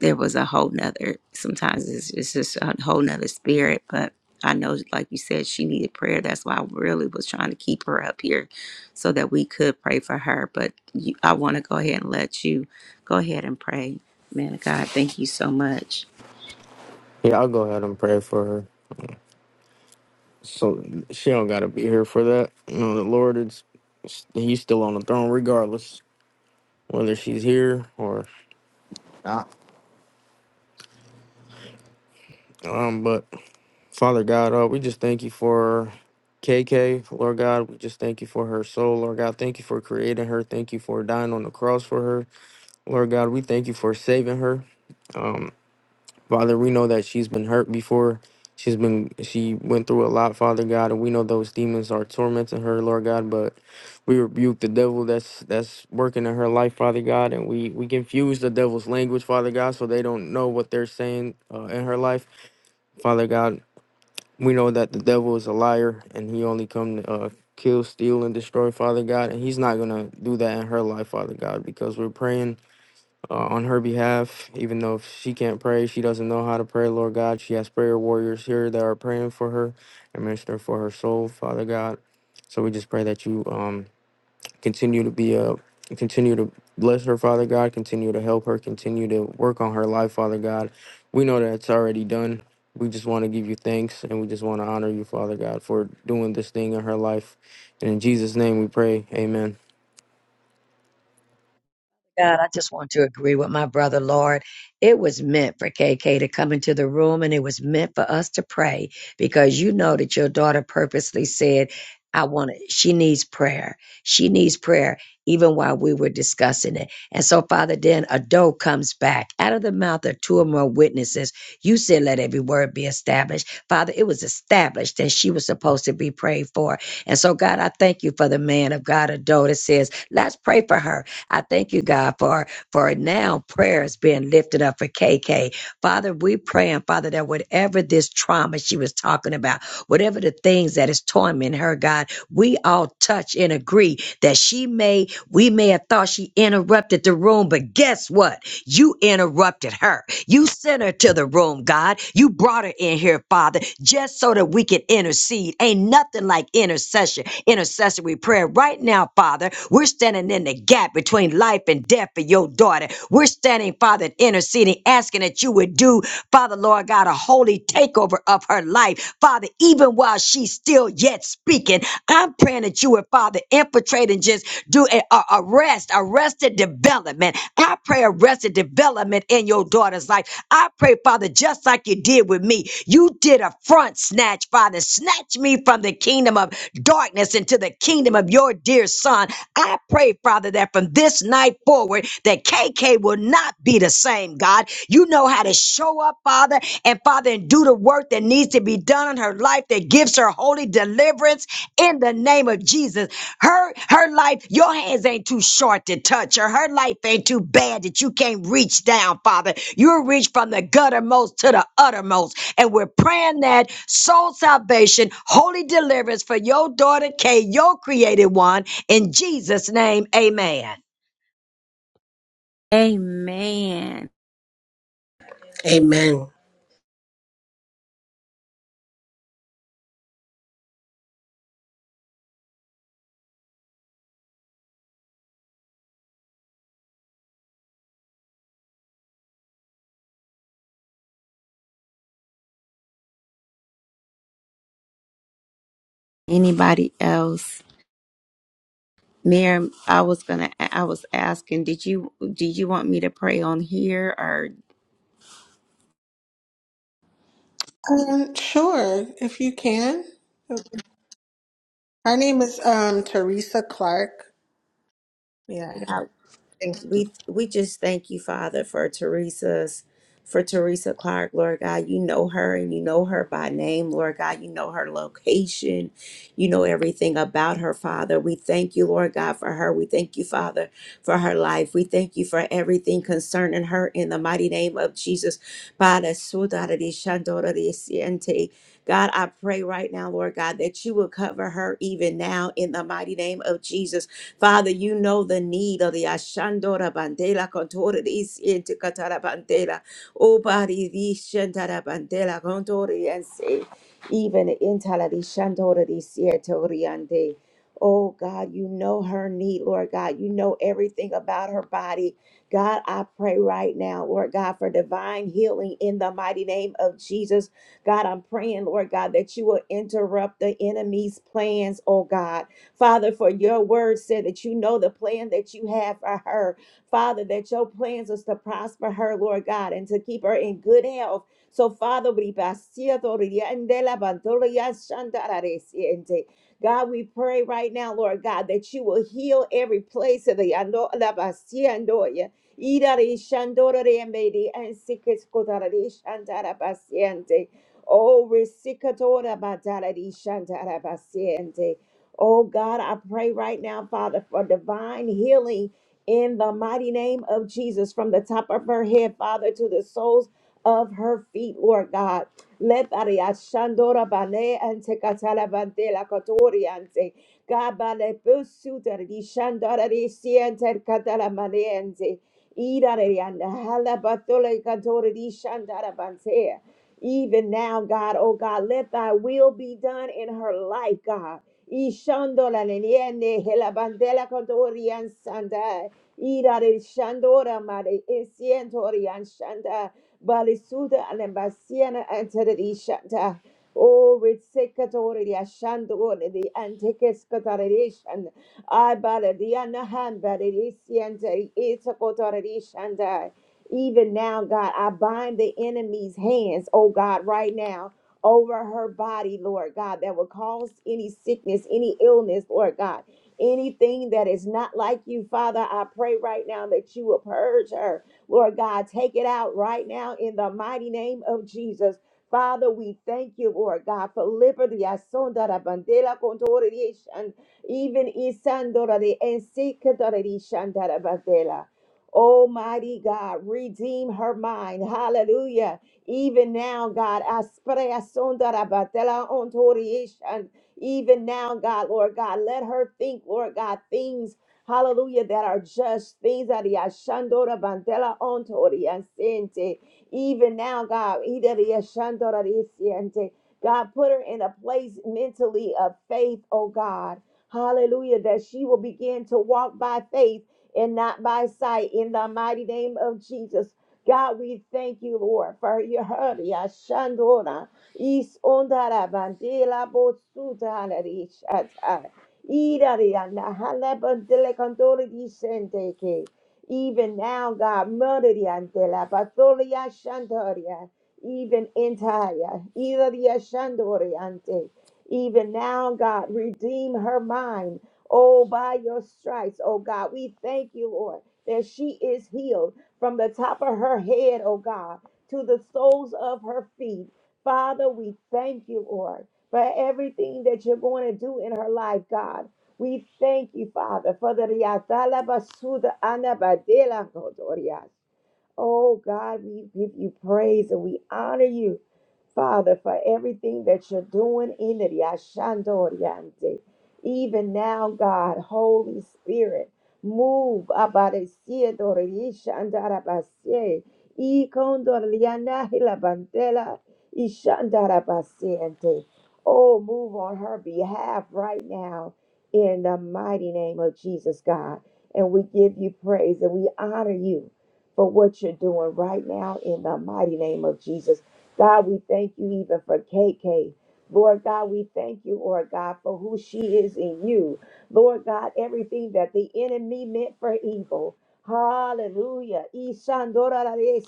Speaker 1: there was a whole nother sometimes it's, it's just a whole nother spirit but i know like you said she needed prayer that's why i really was trying to keep her up here so that we could pray for her but you, i want to go ahead and let you go ahead and pray man of god thank you so much
Speaker 23: Yeah, I'll go ahead and pray for her. So she don't gotta be here for that. You know, the Lord is He's still on the throne regardless. Whether she's here or um, but Father God, uh, we just thank you for KK, Lord God. We just thank you for her soul, Lord God. Thank you for creating her. Thank you for dying on the cross for her, Lord God. We thank you for saving her. Um, Father, we know that she's been hurt before. She's been she went through a lot, Father God, and we know those demons are tormenting her, Lord God, but we rebuke the devil that's that's working in her life, Father God, and we we confuse the devil's language, Father God, so they don't know what they're saying uh, in her life. Father God, we know that the devil is a liar and he only come to uh, kill, steal and destroy, Father God, and he's not going to do that in her life, Father God, because we're praying uh, on her behalf, even though if she can't pray, she doesn't know how to pray, Lord God. She has prayer warriors here that are praying for her and minister for her soul, Father God. So we just pray that you um, continue to be a continue to bless her, Father God, continue to help her, continue to work on her life, Father God. We know that it's already done. We just want to give you thanks and we just want to honor you, Father God, for doing this thing in her life. And in Jesus' name we pray. Amen.
Speaker 5: God, I just want to agree with my brother, Lord. It was meant for KK to come into the room and it was meant for us to pray because you know that your daughter purposely said, I want it. She needs prayer. She needs prayer, even while we were discussing it. And so, Father, then a doe comes back out of the mouth of two or more witnesses. You said, let every word be established. Father, it was established and she was supposed to be prayed for. And so, God, I thank you for the man of God, Ado, that says, let's pray for her. I thank you, God, for for now prayers being lifted up for KK. Father, we pray and Father, that whatever this trauma she was talking about, whatever the things that is tormenting her, God, we all touch and agree that she may, we may have thought she interrupted the room, but guess what? You interrupted her. You sent her to the room, God. You brought her in here, Father, just so that we could intercede. Ain't nothing like intercession, intercessory prayer. Right now, Father, we're standing in the gap between life and death for your daughter. We're standing, Father, interceding, asking that you would do, Father, Lord God, a holy takeover of her life. Father, even while she's still yet speaking, I'm praying that you would, Father, infiltrate and just do a, a- arrest, arrested development. I pray arrested development in your daughter's life. I pray, Father, just like you did with me, you did a front snatch, Father. Snatch me from the kingdom of darkness into the kingdom of your dear son. I pray, Father, that from this night forward, that KK will not be the same, God. You know how to show up, Father, and Father, and do the work that needs to be done in her life that gives her holy deliverance in the name of Jesus. Her her life, your hands ain't too short to touch her. Her life ain't too bad that you can't reach down, Father. You reach from the guttermost to the uttermost. And we're praying that soul salvation, holy deliverance for your daughter Kay, your created one. In Jesus' name, amen.
Speaker 1: amen
Speaker 8: Amen.
Speaker 1: anybody else miriam i was gonna i was asking did you do you want me to pray on here or
Speaker 21: Um, sure, if you can. Her name is um Teresa Clark. Yeah. Thank-
Speaker 1: We we just thank you, Father, for Teresa's for Teresa Clark, Lord God. You know her and you know her by name, Lord God. You know her location. You know everything about her, Father. We thank you, Lord God, for her. We thank you, Father, for her life. We thank you for everything concerning her in the mighty name of Jesus. Padre, sudare di shandora di siente. God, I pray right now, Lord God, that you will cover her even now in the mighty name of Jesus. Father, you know the need of the Ashandora Bandela Contoris into Catara Bandela. Oh, body, the Shandara Bandela Contori and say, even in Taladi Shandora di Sietoriande. Oh God, you know her need, Lord God. You know everything about her body. God, I pray right now, Lord God, for divine healing in the mighty name of Jesus. God, I'm praying, Lord God, that you will interrupt the enemy's plans, oh God. Father, for your word said that you know the plan that you have for her. Father, that your plans is to prosper her, Lord God, and to keep her in good health. So, Father, we God, we pray right now, Lord God, that you will heal every place of the ando la basia andoya. Irare shandora remedi and sikes kotara re shandara basiente. Oh, resicatora batara di shandara basiente. Oh God, I pray right now, Father, for divine healing in the mighty name of Jesus from the top of her head, Father, to the soles of her feet, Lord God. Let Ariashandora Bane and Tekatala Bandela Catoriante. God Bale Busuta di Shandora di Siente Catala Maniente. Ida Rianda Hala Batola Catori di Shandara Bantea. Even now, God, oh God, let thy will be done in her life, God. Ishandora nene hela bandela kontorian sanda. Ira de shandora mare esientorian shanda. Balisuda alembasiana anteri Oh, ritsekatori ashandore the antekeskatarishan. I bala the anahan bala isienteri isakotori even now, God, I bind the enemy's hands, oh God, right now over her body, Lord God, that will cause any sickness, any illness, Lord God. Anything that is not like you, Father, I pray right now that you will purge her. Lord God, take it out right now in the mighty name of Jesus. Father, we thank you, Lord God, for liberty. Asonda la bandera condore di eshan, Even isandora de ensikadora di shandara bandela. Almighty God, redeem her mind. Hallelujah. Even now, God, asprea sondara batela ontoriation. even now, God, Lord God, let her think, Lord God, things, hallelujah, that are just, things that yashandora bandela ontoria even now, God, ida yashandora risiente. God, put her in a place mentally of faith, oh God. Hallelujah, that she will begin to walk by faith and not by sight in the mighty name of Jesus. God, we thank you, Lord, for your hurry. Ashandora, is ondara bandela botsuta narishata. Irariana halabandele kandori disenteke. Even now, God, murderiantela patolia shandoria. Even entire, iraria shandoriante. Even now, God, redeem her mind. Oh, by your stripes, oh God, we thank you, Lord, that she is healed from the top of her head, oh God, to the soles of her feet. Father, we thank you, Lord, for everything that you're going to do in her life, God. We thank you, Father, for the riatala basuda anabadela Oh God, we give you praise and we honor you, Father, for everything that you're doing in the Yashandoriante. Even now, God, Holy Spirit, move Abadesie Dorisha Andarabasie. Ikondoriana Hilabandela Ishandarabasiente. Oh, move on her behalf right now in the mighty name of Jesus, God. And we give you praise and we honor you for what you're doing right now in the mighty name of Jesus. God, we thank you even for KK. Lord God, we thank you, Lord God, for who she is in you. Lord God, everything that the enemy meant for evil. Hallelujah. Ishandorarese.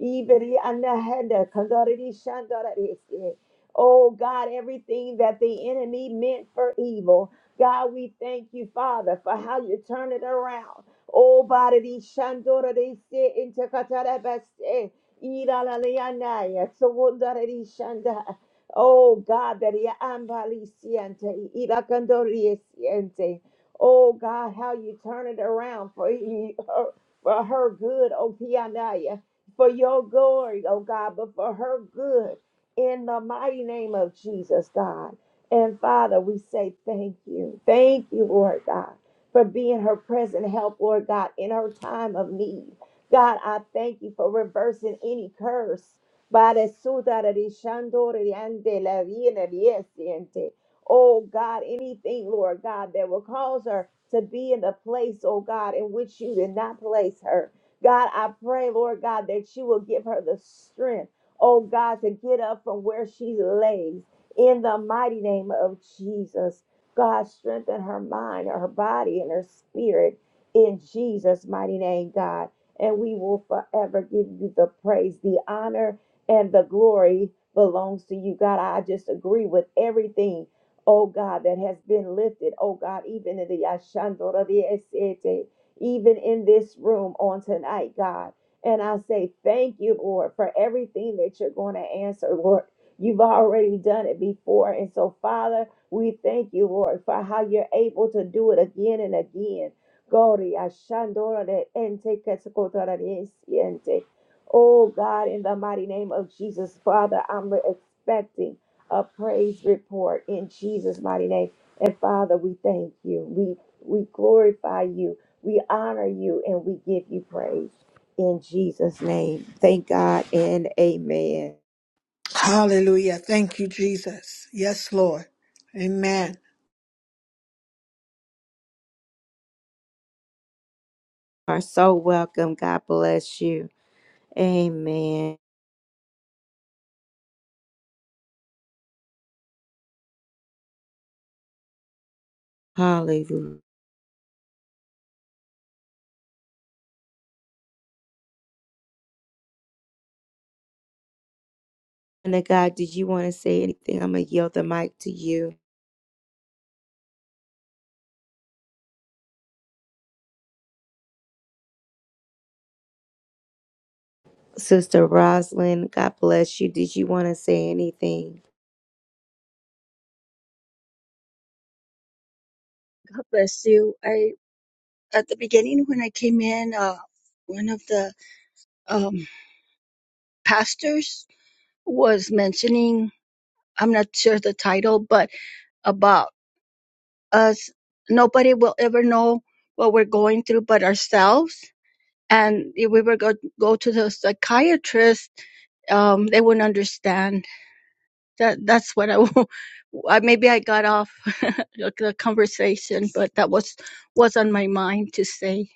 Speaker 1: Iberi anahanda kandoriri shandorarese. Oh God, everything that the enemy meant for evil. God, we thank you, Father, for how you turn it around. Oh, Baradi Shandora de Se Intercatarabaste, Ira Lalianaya, Sawundara de Shanda. Oh, God, that I am Valiciente, Ira Candoria Siente. Oh, God, how you turn it around for, he, her, for her good, oh, Pianaya, for your glory, oh, God, but for her good. In the mighty name of Jesus, God. And Father, we say thank you. Thank you, Lord God for being her present help, Lord God, in her time of need. God, I thank you for reversing any curse. Oh God, anything, Lord God, that will cause her to be in the place, oh God, in which you did not place her. God, I pray, Lord God, that you will give her the strength, oh God, to get up from where she lays in the mighty name of Jesus. God, strengthen her mind, her body, and her spirit in Jesus' mighty name, God. And we will forever give you the praise, the honor, and the glory belongs to you, God. I just agree with everything, oh God, that has been lifted, oh God, even in the Yashandora de Esete, even in this room on tonight, God. And I say thank you, Lord, for everything that you're going to answer, Lord. You've already done it before. And so, Father, we thank you, Lord, for how you're able to do it again and again. Glory, Ashandora de Ente Ketsukotora de Siente. Oh God, in the mighty name of Jesus, Father, I'm expecting a praise report in Jesus' mighty name. And Father, we thank you. We we glorify you. We honor you and we give you praise in Jesus' name. Thank God and amen.
Speaker 21: Hallelujah. Thank you, Jesus. Yes, Lord. Amen.
Speaker 1: You Are so welcome. God bless you. Amen. Hallelujah. And then, God, did you want to say anything? I'm going to yield the mic to you. Sister Rosalind, God bless you. Did you want to say anything?
Speaker 24: God bless you. I at the beginning when I came in, uh, one of the um, pastors was mentioning. I'm not sure the title, but about us. Nobody will ever know what we're going through but ourselves. And if we were go go to the psychiatrist, um, they wouldn't understand. That that's what I. w- <laughs> I maybe I got off <laughs> the the conversation, but that was was on my mind to say.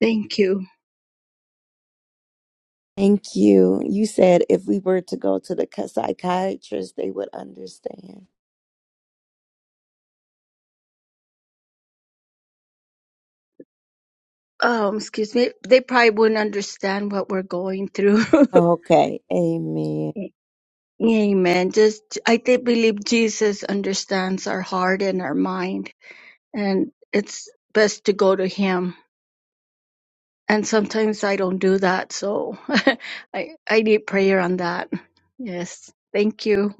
Speaker 24: Thank you.
Speaker 1: Thank you. You said if we were to go to the c- psychiatrist, they would understand.
Speaker 24: um excuse me they probably wouldn't understand what we're going through
Speaker 1: Okay. Amen.
Speaker 24: <laughs> amen just i did believe jesus understands our heart and our mind and it's best to go to him and sometimes i don't do that so <laughs> i i need prayer on that yes thank you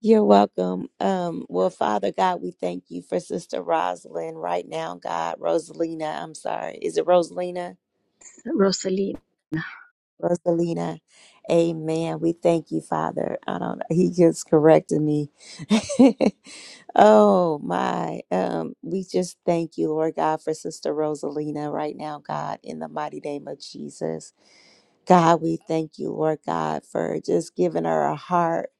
Speaker 1: You're welcome. Um, well, Father God, we thank you for Sister Rosalind right now, God. Rosalina, I'm sorry. Is it Rosalina?
Speaker 24: rosalina
Speaker 1: Rosalina. Amen. We thank you, Father. I don't <laughs> He just corrected me. <laughs> oh my. Um, we just thank you, Lord God, for Sister Rosalina right now, God, in the mighty name of Jesus. God, we thank you, Lord God, for just giving her a heart,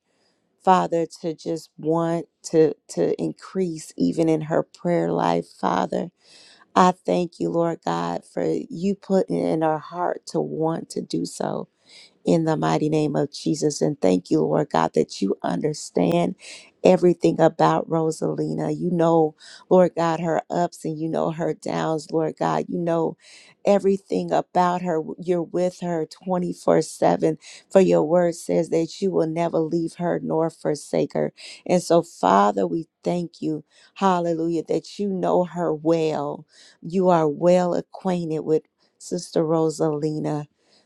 Speaker 1: Father, to just want to to increase even in her prayer life, Father. I thank you, Lord God, for you putting in her heart to want to do so in the mighty name of Jesus. And thank you, Lord God, that you understand everything about Rosalina. You know, Lord God, her ups and you know her downs, Lord God. You know everything about her. You're with her 24 7, for your word says that you will never leave her nor forsake her. And so, Father, we thank you, hallelujah, that you know her well. You are well acquainted with Sister Rosalina.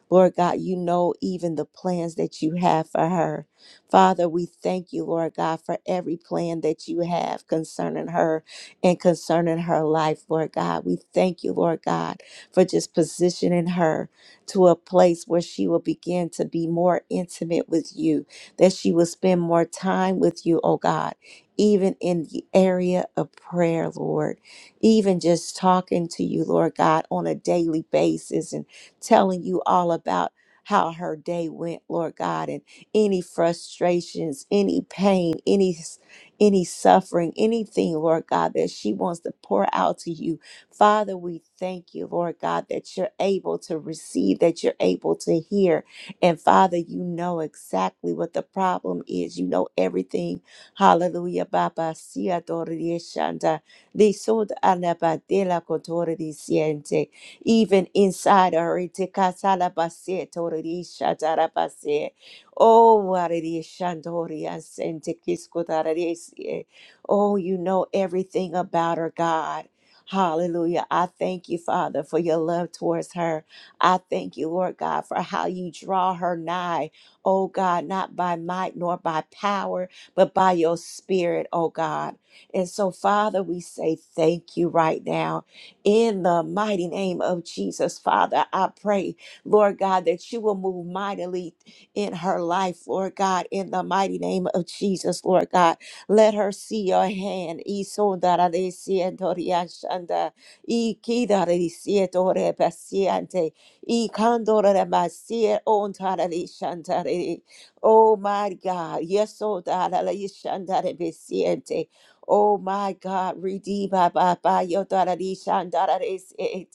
Speaker 1: Lord God, you know even the plans that you have for her. Father, we thank you, Lord God, for every plan that you have concerning her and concerning her life, Lord God. We thank you, Lord God, for just positioning her to a place where she will begin to be more intimate with you, that she will spend more time with you, oh God, even in the area of prayer, Lord. Even just talking to you, Lord God, on a daily basis and telling you all about how her day went, Lord God, and any frustrations, any pain, any any suffering, anything, Lord God, that she wants to pour out to you. Father, we thank you, Lord God, that you're able to receive, that you're able to hear. And Father, you know exactly what the problem is. You know everything. Hallelujah. Baba, sia, dore, die, shanda, di, sud, anaba, de la, cotore, di, siente even inside her. Itikasalabase, toririshadalabase. Oh, aririshandorias, entikiskodarese. oh, you know everything about her, God. Hallelujah. I thank you, Father, for your love towards her. I thank you, Lord God, for how you draw her nigh. Oh God, not by might nor by power, but by your spirit, oh God. And so, Father, we say thank you right now. In the mighty name of Jesus, Father, I pray, Lord God, that you will move mightily in her life, Lord God, in the mighty name of Jesus, Lord God. Let her see your hand. Isondarisientoriashanda, ikidarisietorepasiente, ikandoremasientararishantare. Oh my God, yes, oh God, Oh my God, redeem ba ba ba yo darari shandara is it.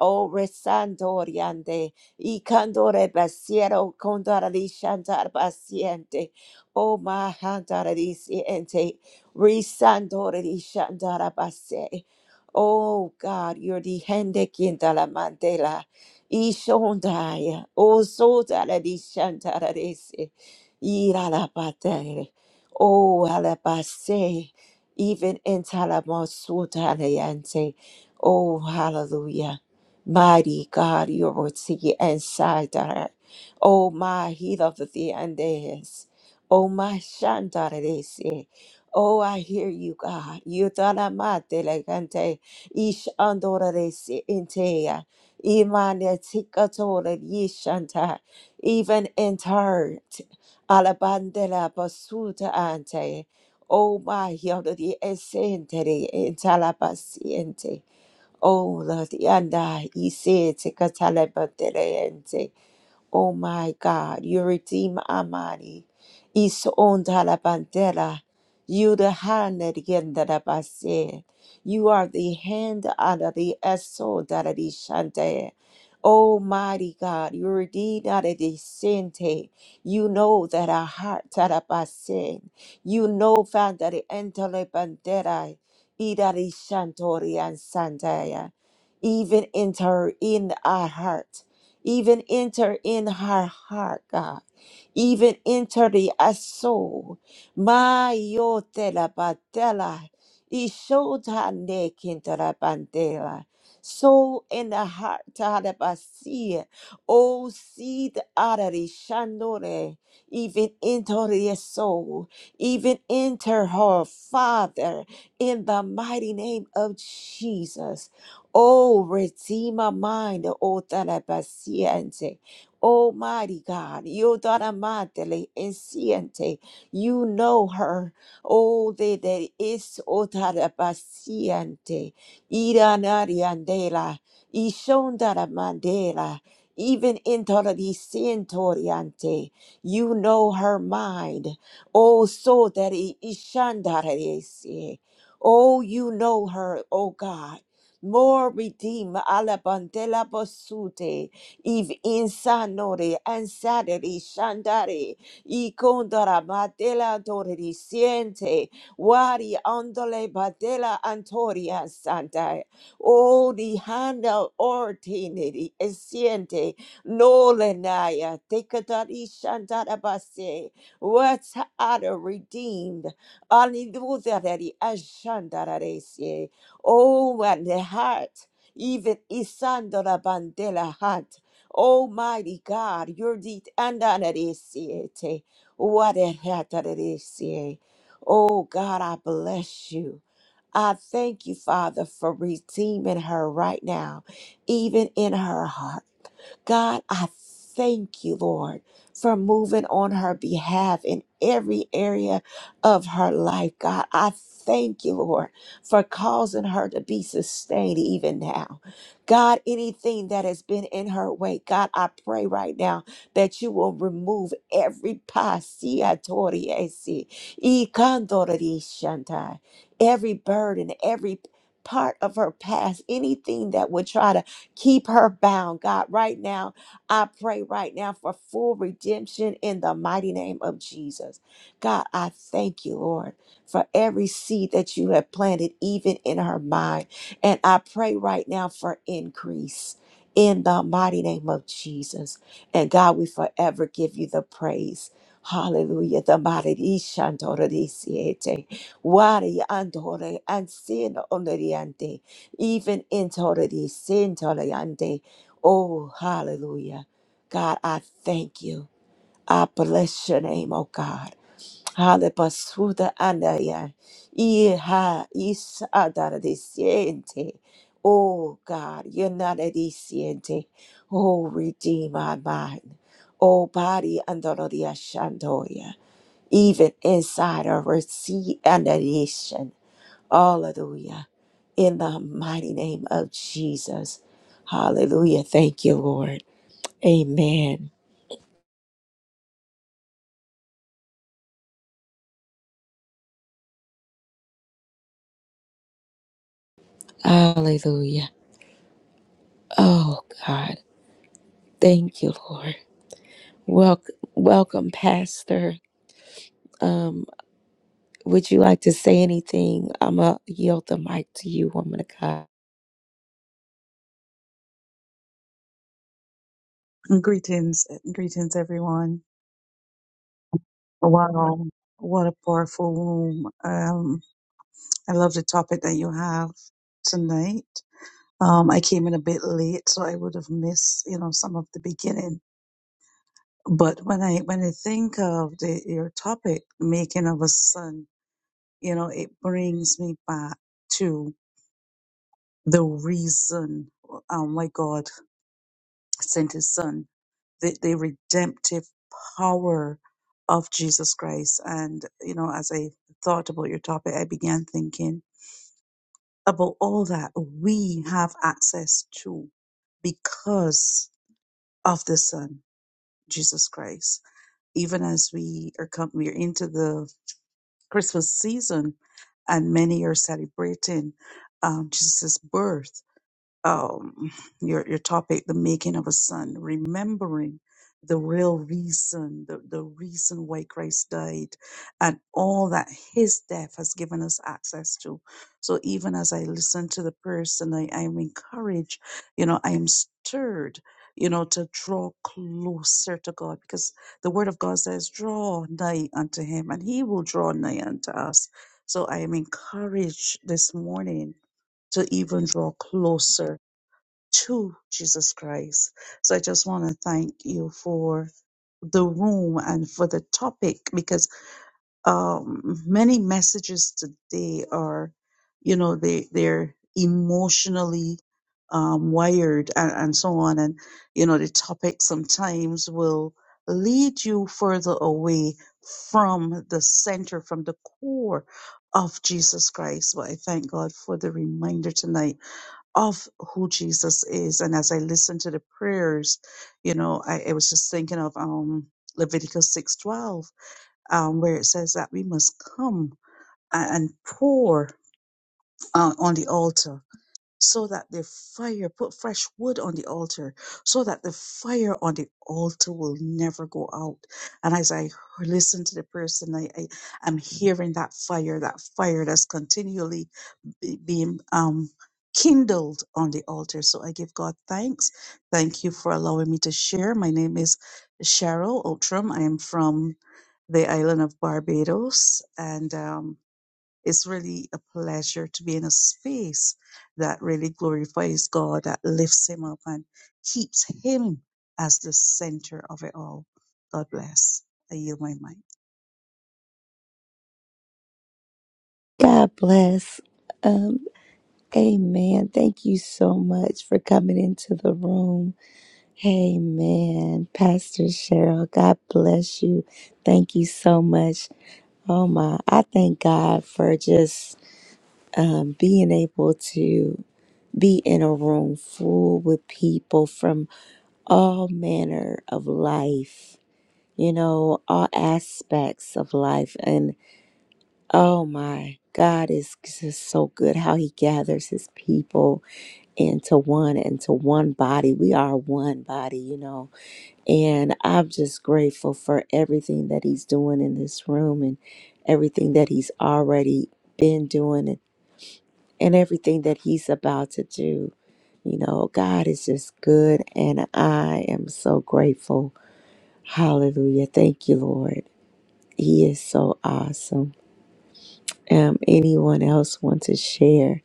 Speaker 1: Oh resandoriande, y candore basiero condarari shandar basiente. Oh my handarari siente, resandori shandara base. Oh God, you're the hende kindala mandela. Ishondaya, oh so darari shandara is. it. Ira la patere. Oh alabase even in Talamosutanayante. Oh, hallelujah. Mighty God, you are Yoroti and Sidar. Oh, my heat of the Andes. Oh, my Shandarese. Oh, I hear you, God. You talamate legante. Ish andorese intea. Imane tikatore yishanta. Even in tart. Alabandela basuta ante. Oh my, yonder the esente de entalabasiente. Oh, la dianda isente catalabaterente. Oh my God, you redeem Amari. Is on Talabandela. You the hand again that I said. You are the hand under the esso that I shante. Almighty God, you redeem out of the sente. You know that our heart that I said. You know found that the entele bandera. Idari shantori and sandaya. Even enter in our heart. Even enter in her heart, God. Even enter the uh, soul. My yo te la batela. He showed her neck into the bandela. Soul in the heart, Tadabasia. Oh, see seed artery, Shandore. Even enter the soul. Even enter her, Father, in the mighty name of Jesus. Oh, Redeemer mine, oh, Paciente. Almighty God, you madre Enciente, you know her. Oh, de de is otara paciente, iranariandela, ishondara mandela, even intoradicientoriante, you know her mind. Oh, so that ishandarese. Oh, you know her, oh God more redeem alla bandela bosute if insanore ansaderi shandare i condora madela doreri siente wari andole badela antoria santa o di handa ordinary siente nolenaya decadari shandara basse what's other redeemed Alleluia, ashandarese. Oh, and the heart, even Isandra Bandela heart. Almighty God, your deed and anarisiete. What a heart that it is, eh. Oh God, I bless you. I thank you, Father, for redeeming her right now, even in her heart. God, I thank you, Lord, for moving on her behalf in every area of her life. God, I thank you, Lord, for causing her to be sustained even now. God, anything that has been in her way, God, I pray right now that you will remove every pasia toriesi, ikandorishanta, every burden, every part of her past, anything that would try to Keep her bound, God. Right now, I pray right now for full redemption in the mighty name of Jesus. God, I thank you, Lord, for every seed that you have planted, even in her mind. And I pray right now for increase. In the mighty name of Jesus. And God, we forever give you the praise. Hallelujah. The mighty Ishantorodisiete. Wari andore ansino onoriante even in the sin to the yande. Oh, hallelujah. God, I thank you. I bless your name, oh God. Hale basuda andaya. Iha is adarisiente. Oh God, you're not adisiente. Oh, redeem my mind. Oh, body under the ashandoya even inside of her sea and Hallelujah. In the mighty name of Jesus. Hallelujah. Thank you, Lord. Amen. Hallelujah. Oh God. Thank you, Lord. Welcome welcome, Pastor. Um, would you like to say anything? I'ma yield the mic to you, woman of God.
Speaker 25: Greetings, greetings, everyone. Wow, what a powerful room. Um, I love the topic that you have tonight. Um, I came in a bit late, so I would have missed, you know, some of the beginning. But when I when I think of the, your topic, making of a son, you know, it brings me back to the reason um, why God sent His Son the, the redemptive power of Jesus Christ. And, you know, as I thought about your topic, I began thinking about all that we have access to because of the Son, Jesus Christ. Even as we are come, we are into the Christmas season, and many are celebrating um, Jesus' birth um, your your topic, the making of a son, remembering the real reason, the, the reason why Christ died, and all that His death has given us access to. So even as I listen to the person, I I am encouraged. You know, I am stirred. You know, to draw closer to God, because the Word of God says, "Draw nigh unto Him, and He will draw nigh unto us." So I am encouraged this morning to even draw closer to Jesus Christ. So I just want to thank you for the room and for the topic because um, many messages today are, you know, they they're emotionally um, wired and, and so on, and you know the topic sometimes will lead you further away from the center, from the core of Jesus Christ. But I thank God for the reminder tonight of who Jesus is. And as I listened to the prayers, you know, I, I was just thinking of um, Leviticus six twelve, um, where it says that we must come a- and pour uh, on the altar so that the fire put fresh wood on the altar so that the fire on the altar will never go out and as i listen to the person i, I am hearing that fire that fire that's continually be- being um kindled on the altar so i give god thanks thank you for allowing me to share my name is cheryl outram i am from the island of barbados and um, it's really a pleasure to be in a space that really glorifies God, that lifts Him up and keeps Him as the center of it all. God bless. I yield my mind.
Speaker 1: God bless. Um, amen. Thank you so much for coming into the room. Amen. Pastor Cheryl, God bless you. Thank you so much. Oh my, I thank God for just um, being able to be in a room full with people from all manner of life, you know, all aspects of life. And oh my, God is just so good how He gathers His people into one, into one body. We are one body, you know. And I'm just grateful for everything that he's doing in this room and everything that he's already been doing and, and everything that he's about to do. You know, God is just good and I am so grateful. Hallelujah. Thank you, Lord. He is so awesome. Um, anyone else want to share?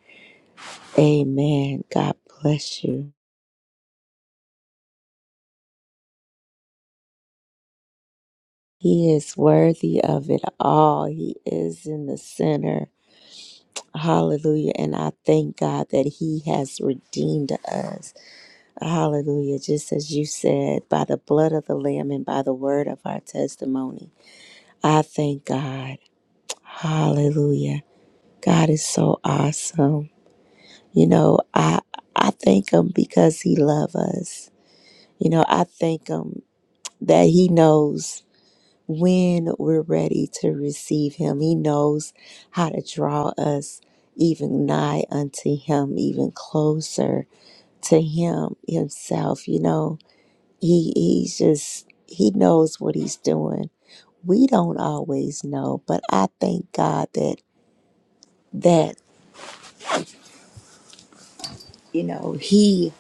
Speaker 1: Amen. God bless you. He is worthy of it all. He is in the center Hallelujah. And I thank God that He has redeemed us. Hallelujah. Just as you said, by the blood of the Lamb and by the word of our testimony. I thank God. Hallelujah. God is so awesome. You know, I I thank him because he loves us. You know, I thank him that he knows when we're ready to receive him. He knows how to draw us even nigh unto him, even closer to him himself, you know. He he's just he knows what he's doing. We don't always know, but I thank God that that, you know, he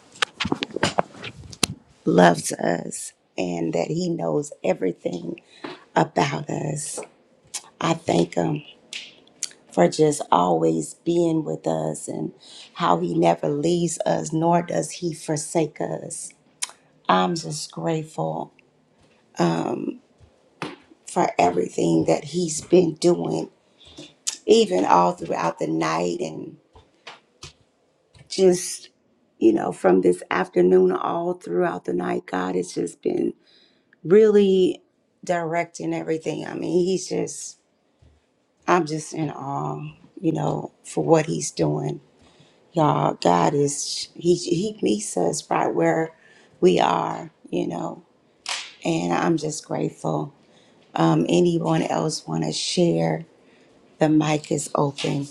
Speaker 1: loves us and that he knows everything about us. I thank him for just always being with us and how he never leaves us nor does he forsake us. I'm just grateful for everything that he's been doing, even all throughout the night and just, you know, from this afternoon all throughout the night. God has just been really directing everything. I mean, he's just, I'm just in awe, you know, for what he's doing. Y'all, God is He He meets us right where we are, you know. And I'm just grateful. Um, anyone else want to share? The mic is open.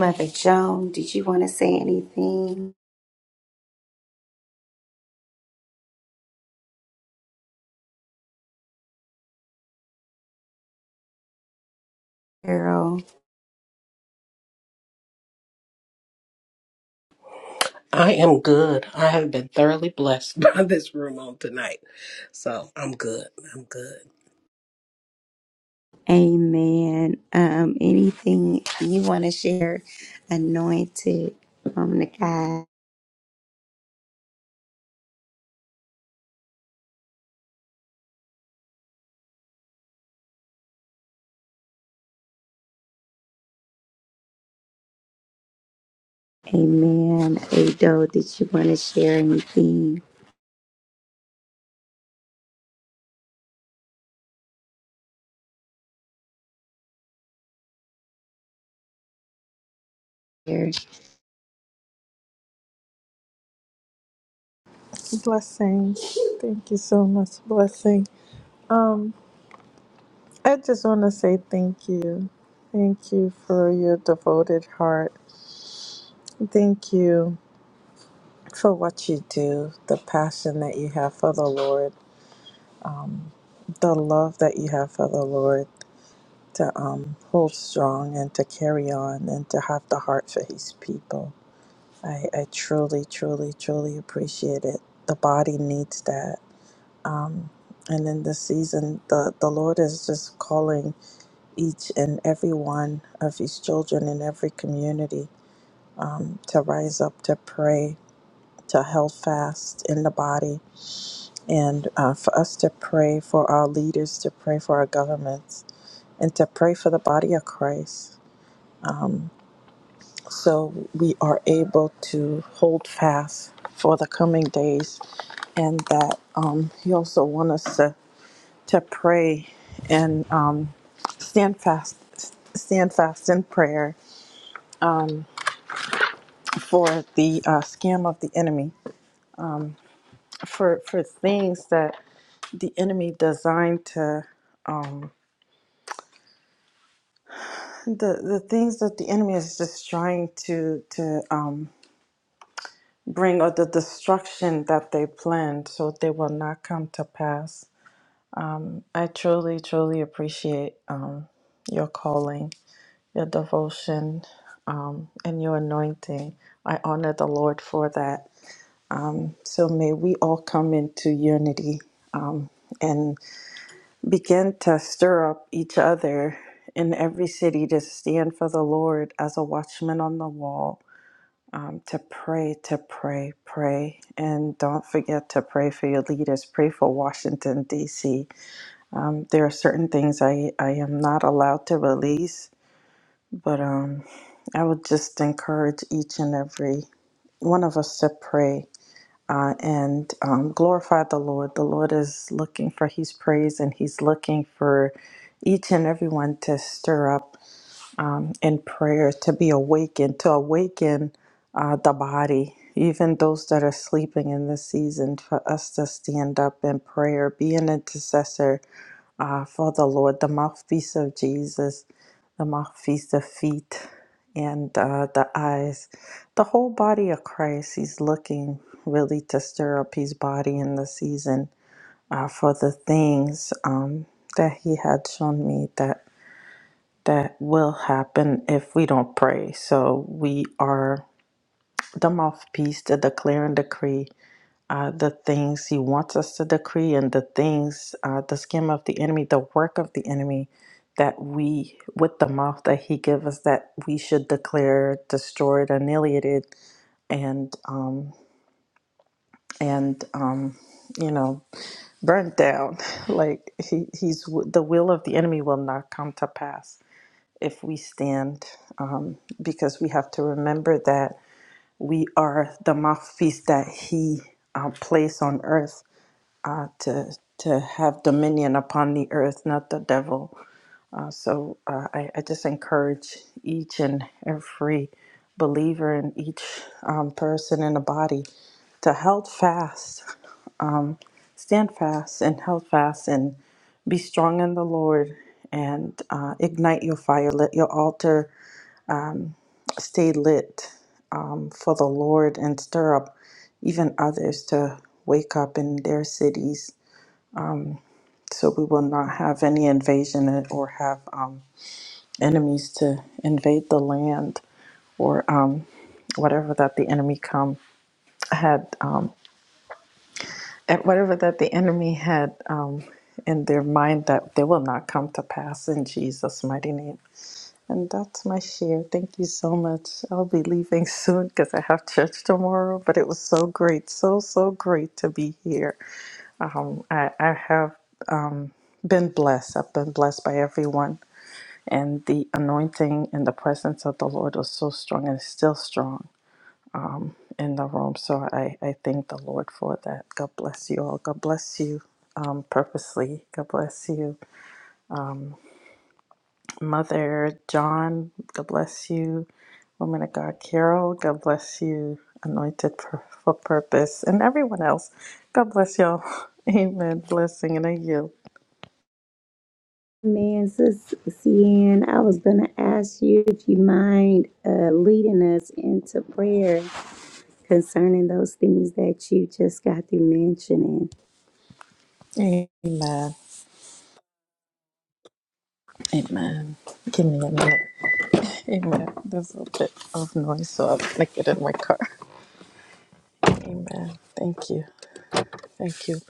Speaker 1: Mother Joan, did you want to say anything? Carol,
Speaker 8: I am good. I have been thoroughly blessed <laughs> by this room on tonight. So I'm good. I'm good.
Speaker 1: Amen. Um, anything you want to share? Anointed from the God. Amen. Ado, did you want to share anything?
Speaker 19: Blessing. Thank you so much. Blessing. Um, I just want to say thank you. Thank you for your devoted heart. Thank you for what you do, the passion that you have for the Lord, the love that you have for the Lord. to um, hold strong and to carry on and to have the heart for his people. I, I truly, truly, truly appreciate it. The body needs that. And in this season, the, the Lord is just calling each and every one of his children in every community um, to rise up, to pray, to held fast in the body, and uh, for us to pray for our leaders, to pray for our governments, and to pray for the body of Christ so we are able to hold fast for the coming days and that um, he also wants us to, to pray and um, stand fast stand fast in prayer for the uh, scam of the enemy for for things that the enemy designed to um, the the things that the enemy is just trying to to um, bring or the destruction that they planned so they will not come to pass I truly, truly appreciate um, your calling, your devotion, um, and your anointing. I honor the Lord for that. So may we all come into unity and begin to stir up each other in every city to stand for the Lord as a watchman on the wall, um, to pray, to pray, pray. And don't forget to pray for your leaders. Pray for Washington, D.C. Um, there are certain things I, I am not allowed to release, but um, I would just encourage each and every one of us to pray uh, and um, glorify the Lord. The Lord is looking for His praise and He's looking for each and everyone to stir up um, in prayer, to be awakened, to awaken uh, the body, even those that are sleeping in this season, for us to stand up in prayer, be an intercessor uh, for the Lord, the mouthpiece of Jesus, the mouthpiece, the feet, and uh, the eyes. The whole body of Christ, He's looking really to stir up His body in the season uh, for the things um, that He had shown me that that will happen if we don't pray. So we are the mouthpiece to declare and decree uh, the things he wants us to decree and the things, uh, the scheme of the enemy, the work of the enemy that we, with the mouth that he gave us, that we should declare destroyed, annihilated, and, um, and, um, you know, burnt down. <laughs> like he, he's the will of the enemy will not come to pass if we stand, um, because we have to remember that we are the mouthpiece that he uh, placed on earth to to have dominion upon the earth, not the devil. Uh, So uh, I, I just encourage each and every believer and each um, person in the body to held fast, stand fast, and held fast, and be strong in the Lord, and uh, ignite your fire. Let your altar stay lit um, for the Lord, and stir up even others to wake up in their cities, so we will not have any invasion or have. Um, enemies to invade the land or um, whatever that the enemy come had um, at whatever that the enemy had um, in their mind that they will not come to pass in Jesus' mighty name. And that's my share. Thank you so much. I'll be leaving <laughs> soon because I have church tomorrow. But it was so great, so so great to be here. Um, I, I have been blessed. I've been blessed by everyone, and the anointing and the presence of the Lord was so strong and is still strong. in the room. So I, I thank the Lord for that. God bless you all. God bless you um, purposely. God bless you, Mother John. God bless you, Woman of God Carol. God bless you, Anointed for, for Purpose, and everyone else. God bless y'all. <laughs> Amen. Blessing and a you.
Speaker 1: Man, Sis Cian, I was going to ask you if you mind uh, leading us into prayer concerning those things that you just got through mentioning.
Speaker 19: Amen. Amen. Give me a minute. Amen. There's a bit of noise, so I'm going to get in my car. <laughs> Amen. Thank you. Thank you.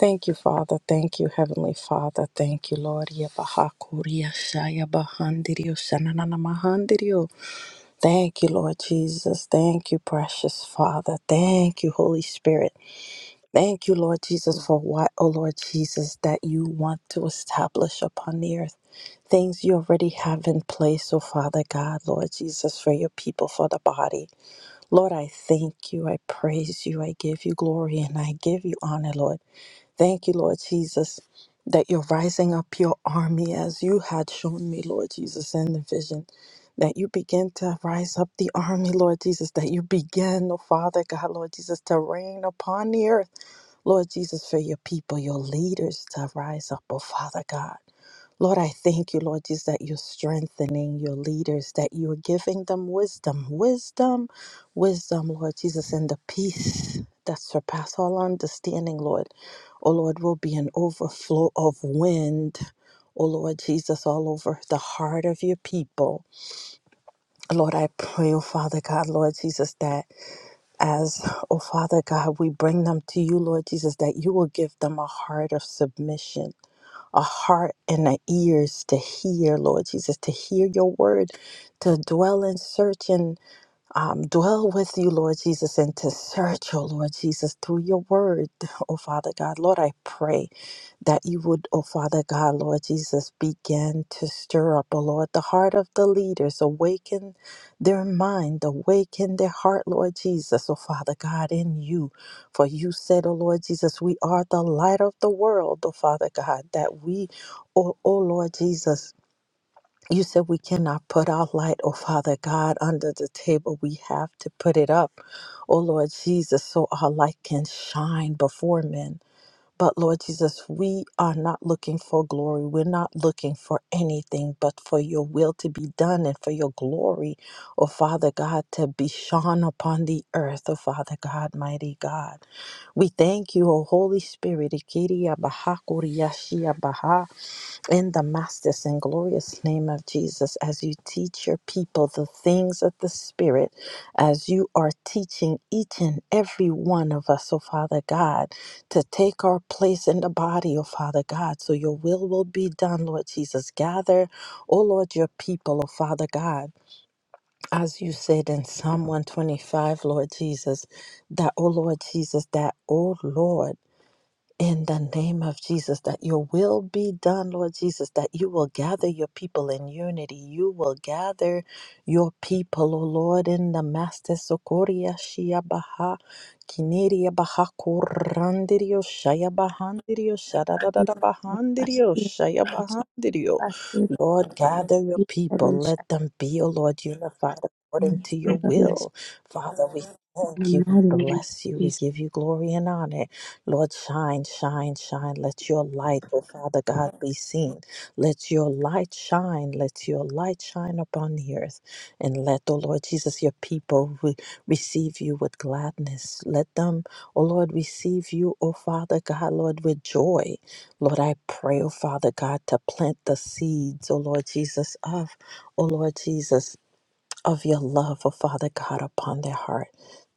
Speaker 19: Thank you, Father. Thank you, Heavenly Father. Thank you, Lord. Yabahakuria shaya bahandirio shananana mahandirio. Thank you, Lord Jesus. Thank you, precious Father. Thank you, Holy Spirit. Thank you, Lord Jesus, for what, oh Lord Jesus, that you want to establish upon the earth. Things you already have in place, oh Father God, Lord Jesus, for your people, for the body. Lord, I thank you. I praise you. I give you glory and I give you honor, Lord. Thank you, Lord Jesus, that you're rising up your army as you had shown me, Lord Jesus, in the vision. That you begin to rise up the army, Lord Jesus, that you begin, oh Father God, Lord Jesus, to reign upon the earth, Lord Jesus, for your people, your leaders to rise up, oh Father God. Lord, I thank you, Lord Jesus, that you're strengthening your leaders, that you're giving them wisdom, wisdom, wisdom, Lord Jesus, and the peace that surpasses all understanding, Lord. Oh, Lord, will be an overflow of wind, oh, Lord Jesus, all over the heart of your people. Lord, I pray, oh, Father God, Lord Jesus, that as, oh, Father God, we bring them to you, Lord Jesus, that you will give them a heart of submission a heart and a ears to hear, Lord Jesus, to hear your word, to dwell and search and um, dwell with you, Lord Jesus, and to search, oh Lord Jesus, through your word, <laughs> oh Father God. Lord, I pray that you would, oh Father God, Lord Jesus, begin to stir up, oh Lord, the heart of the leaders, awaken their mind, awaken their heart, Lord Jesus, oh Father God, in you. For you said, oh Lord Jesus, we are the light of the world, oh Father God, that we, oh, oh Lord Jesus, you said we cannot put our light, oh Father God, under the table. We have to put it up, oh Lord Jesus, so our light can shine before men. But Lord Jesus, we are not looking for glory. We're not looking for anything but for your will to be done and for your glory, oh Father God, to be shone upon the earth, oh Father God, mighty God. We thank you, O Holy Spirit. Ikiri abaha, kuriyashi abaha in the master's and glorious name of Jesus, as you teach your people the things of the Spirit, as you are teaching each and every one of us, oh Father God, to take our place in the body, oh Father God, so your will will be done, Lord Jesus. Gather, oh Lord, your people, oh Father God, as you said in Psalm 125, Lord Jesus, that, oh Lord Jesus, that, oh Lord, in the name of Jesus, that your will be done, Lord Jesus, that you will gather your people in unity. You will gather your people, O Lord, in the Master Sokoria Shia Baha, Kineria Baha Korandirio, Shaya Bahandirio, Shadadada Bahandirio, Shaya Bahandirio. Lord, gather your people. Let them be, O Lord, unified according to your will. Father, we Thank you. We bless you. We give you glory and honor. Lord, shine, shine, shine. Let your light, oh Father God, be seen. Let your light shine. Let your light shine upon the earth. And let, oh Lord Jesus, your people re- receive you with gladness. Let them, oh Lord, receive you, oh Father God, Lord, with joy. Lord, I pray, oh Father God, to plant the seeds, oh Lord Jesus, of, oh Lord Jesus of your love, oh Father God, upon their heart.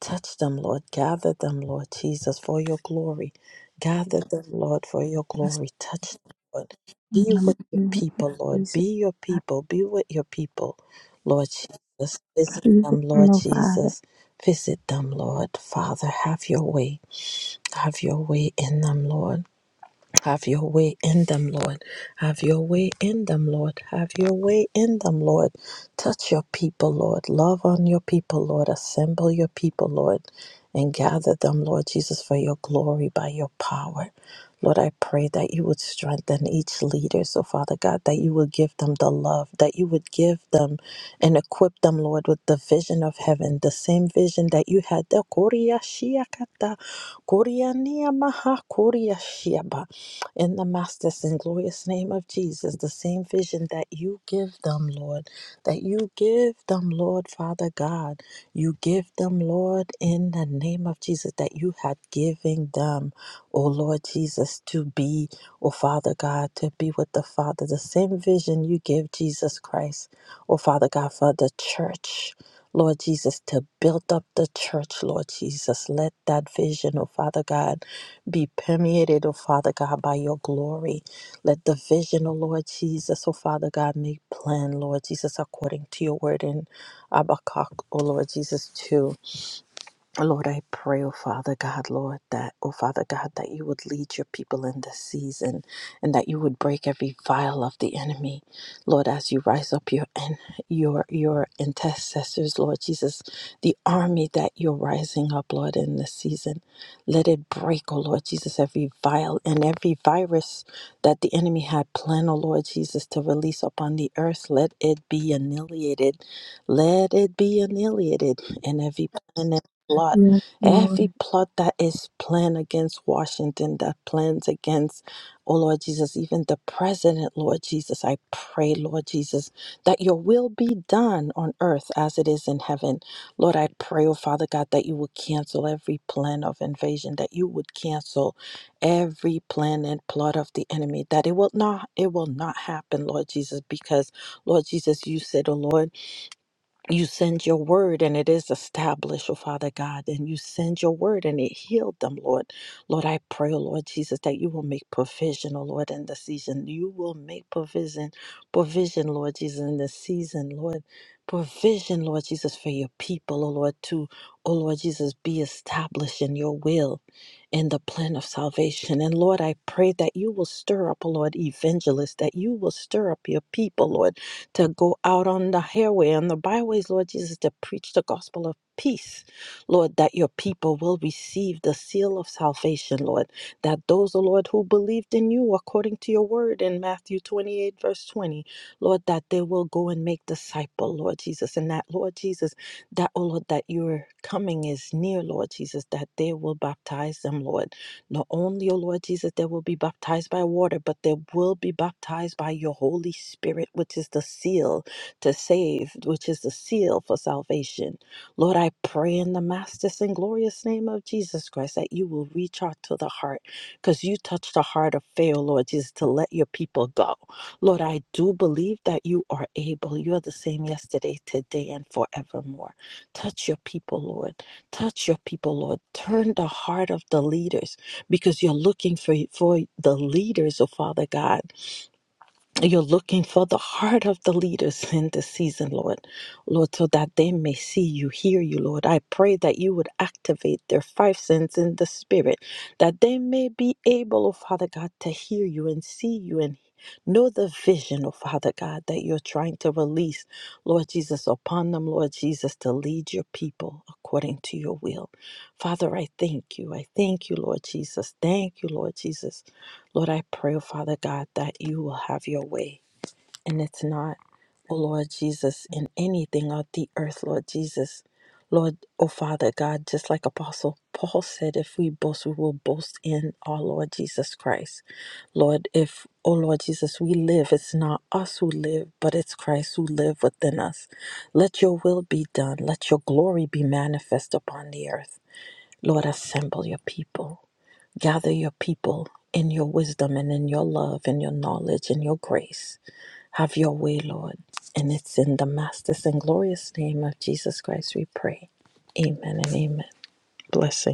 Speaker 19: Touch them, Lord. Gather them, Lord Jesus, for your glory. Gather them, Lord, for your glory. Touch them, Lord. Be with your people, Lord. Be your people. Be with your people, Lord Jesus. Visit them, Lord
Speaker 1: No, Father.
Speaker 19: Jesus. Visit them, Lord. Father, have your way. Have your way in them, Lord. Have your way in them, Lord. Have your way in them, Lord. Have your way in them, Lord. Touch your people, Lord. Love on your people, Lord. Assemble your people, Lord, and gather them, Lord Jesus, for your glory by your power. Lord, I pray that you would strengthen each leader. So, Father God, that you would give them the love, that you would give them and equip them, Lord, with the vision of heaven, the same vision that you had. The Korea Shiakata, Korea Niyamaha, Korea Shiaba. In the master's and glorious name of Jesus, the same vision that you give them, Lord, that you give them, Lord, Father God. You give them, Lord, in the name of Jesus, that you had given them oh Lord Jesus, to be, oh Father God, to be with the Father. The same vision you gave Jesus Christ, oh Father God, for the church. Lord Jesus, to build up the church, Lord Jesus. Let that vision, oh Father God, be permeated, oh Father God, by your glory. Let the vision, oh Lord Jesus, oh Father God, make plan, Lord Jesus, according to your word in Habakkuk, oh Lord Jesus, too. Lord, I pray, oh Father God, Lord, that, oh Father God, that you would lead your people in this season and that you would break every vial of the enemy. Lord, as you rise up your and your your intercessors, Lord Jesus, the army that you're rising up, Lord, in this season. Let it break, oh Lord Jesus, every vial and every virus that the enemy had planned, oh Lord Jesus, to release upon the earth. Let it be annihilated. Let it be annihilated in every plan and plot,
Speaker 1: Yes,
Speaker 19: every
Speaker 1: Lord.
Speaker 19: plot that is planned against Washington, that plans against, oh Lord Jesus, even the president, Lord Jesus, I pray, Lord Jesus, that your will be done on earth as it is in heaven. Lord, I pray, oh Father God, that you would cancel every plan of invasion, that you would cancel every plan and plot of the enemy, that it will not, it will not happen, Lord Jesus, because Lord Jesus, you said, oh Lord, you send your word and it is established, oh Father God, and you send your word and it healed them, Lord. Lord, I pray, oh Lord Jesus, that you will make provision, oh Lord, in the season. You will make provision, provision, Lord Jesus, in the season, Lord. Provision, Lord Jesus, for your people, oh Lord, to, oh Lord Jesus, be established in your will in the plan of salvation. And Lord, I pray that you will stir up, oh Lord, evangelists, that you will stir up your people, Lord to go out on the highway and the byways, Lord Jesus, to preach the gospel of peace, Lord, that your people will receive the seal of salvation, Lord, that those, O Lord, who believed in you according to your word in Matthew 28, verse 20, Lord, that they will go and make disciple, Lord Jesus, and that, Lord Jesus, that, O Lord, that your coming is near, Lord Jesus, that they will baptize them, Lord not only, O Lord Jesus, they will be baptized by water, but they will be baptized by your Holy Spirit, which is the seal to save, which is the seal for salvation. Lord, I pray in the master's and glorious name of Jesus Christ that you will reach out to the heart because you touched the heart of Pharaoh, Lord Jesus, to let your people go. Lord, I do believe that you are able. You are the same yesterday, today, and forevermore. Touch your people, Lord. Touch your people, Lord. Turn the heart of the leaders because you're looking for, for the leaders, oh Father God, you're looking for the heart of the leaders in this season, Lord. Lord, so that they may see you, hear you, Lord. I pray that you would activate their five senses in the spirit, that they may be able, oh Father God, to hear you and see you and know the vision, oh Father God, that you're trying to release, Lord Jesus, upon them, Lord Jesus, to lead your people according to your will. Father, I thank you. I thank you, Lord Jesus. Thank you, Lord Jesus. Lord, I pray, oh Father God, that you will have your way. And it's not, oh Lord Jesus, in anything of the earth, Lord Jesus. Lord, oh Father God, just like Apostle Paul said, if we boast, we will boast in our Lord Jesus Christ. Lord, if, oh Lord Jesus, we live, it's not us who live, but it's Christ who live within us. Let your will be done. Let your glory be manifest upon the earth. Lord, assemble your people. Gather your people in your wisdom and in your love and your knowledge and your grace. Have your way, Lord. And it's in the master's and glorious name of Jesus Christ we pray. Amen and amen. Blessing.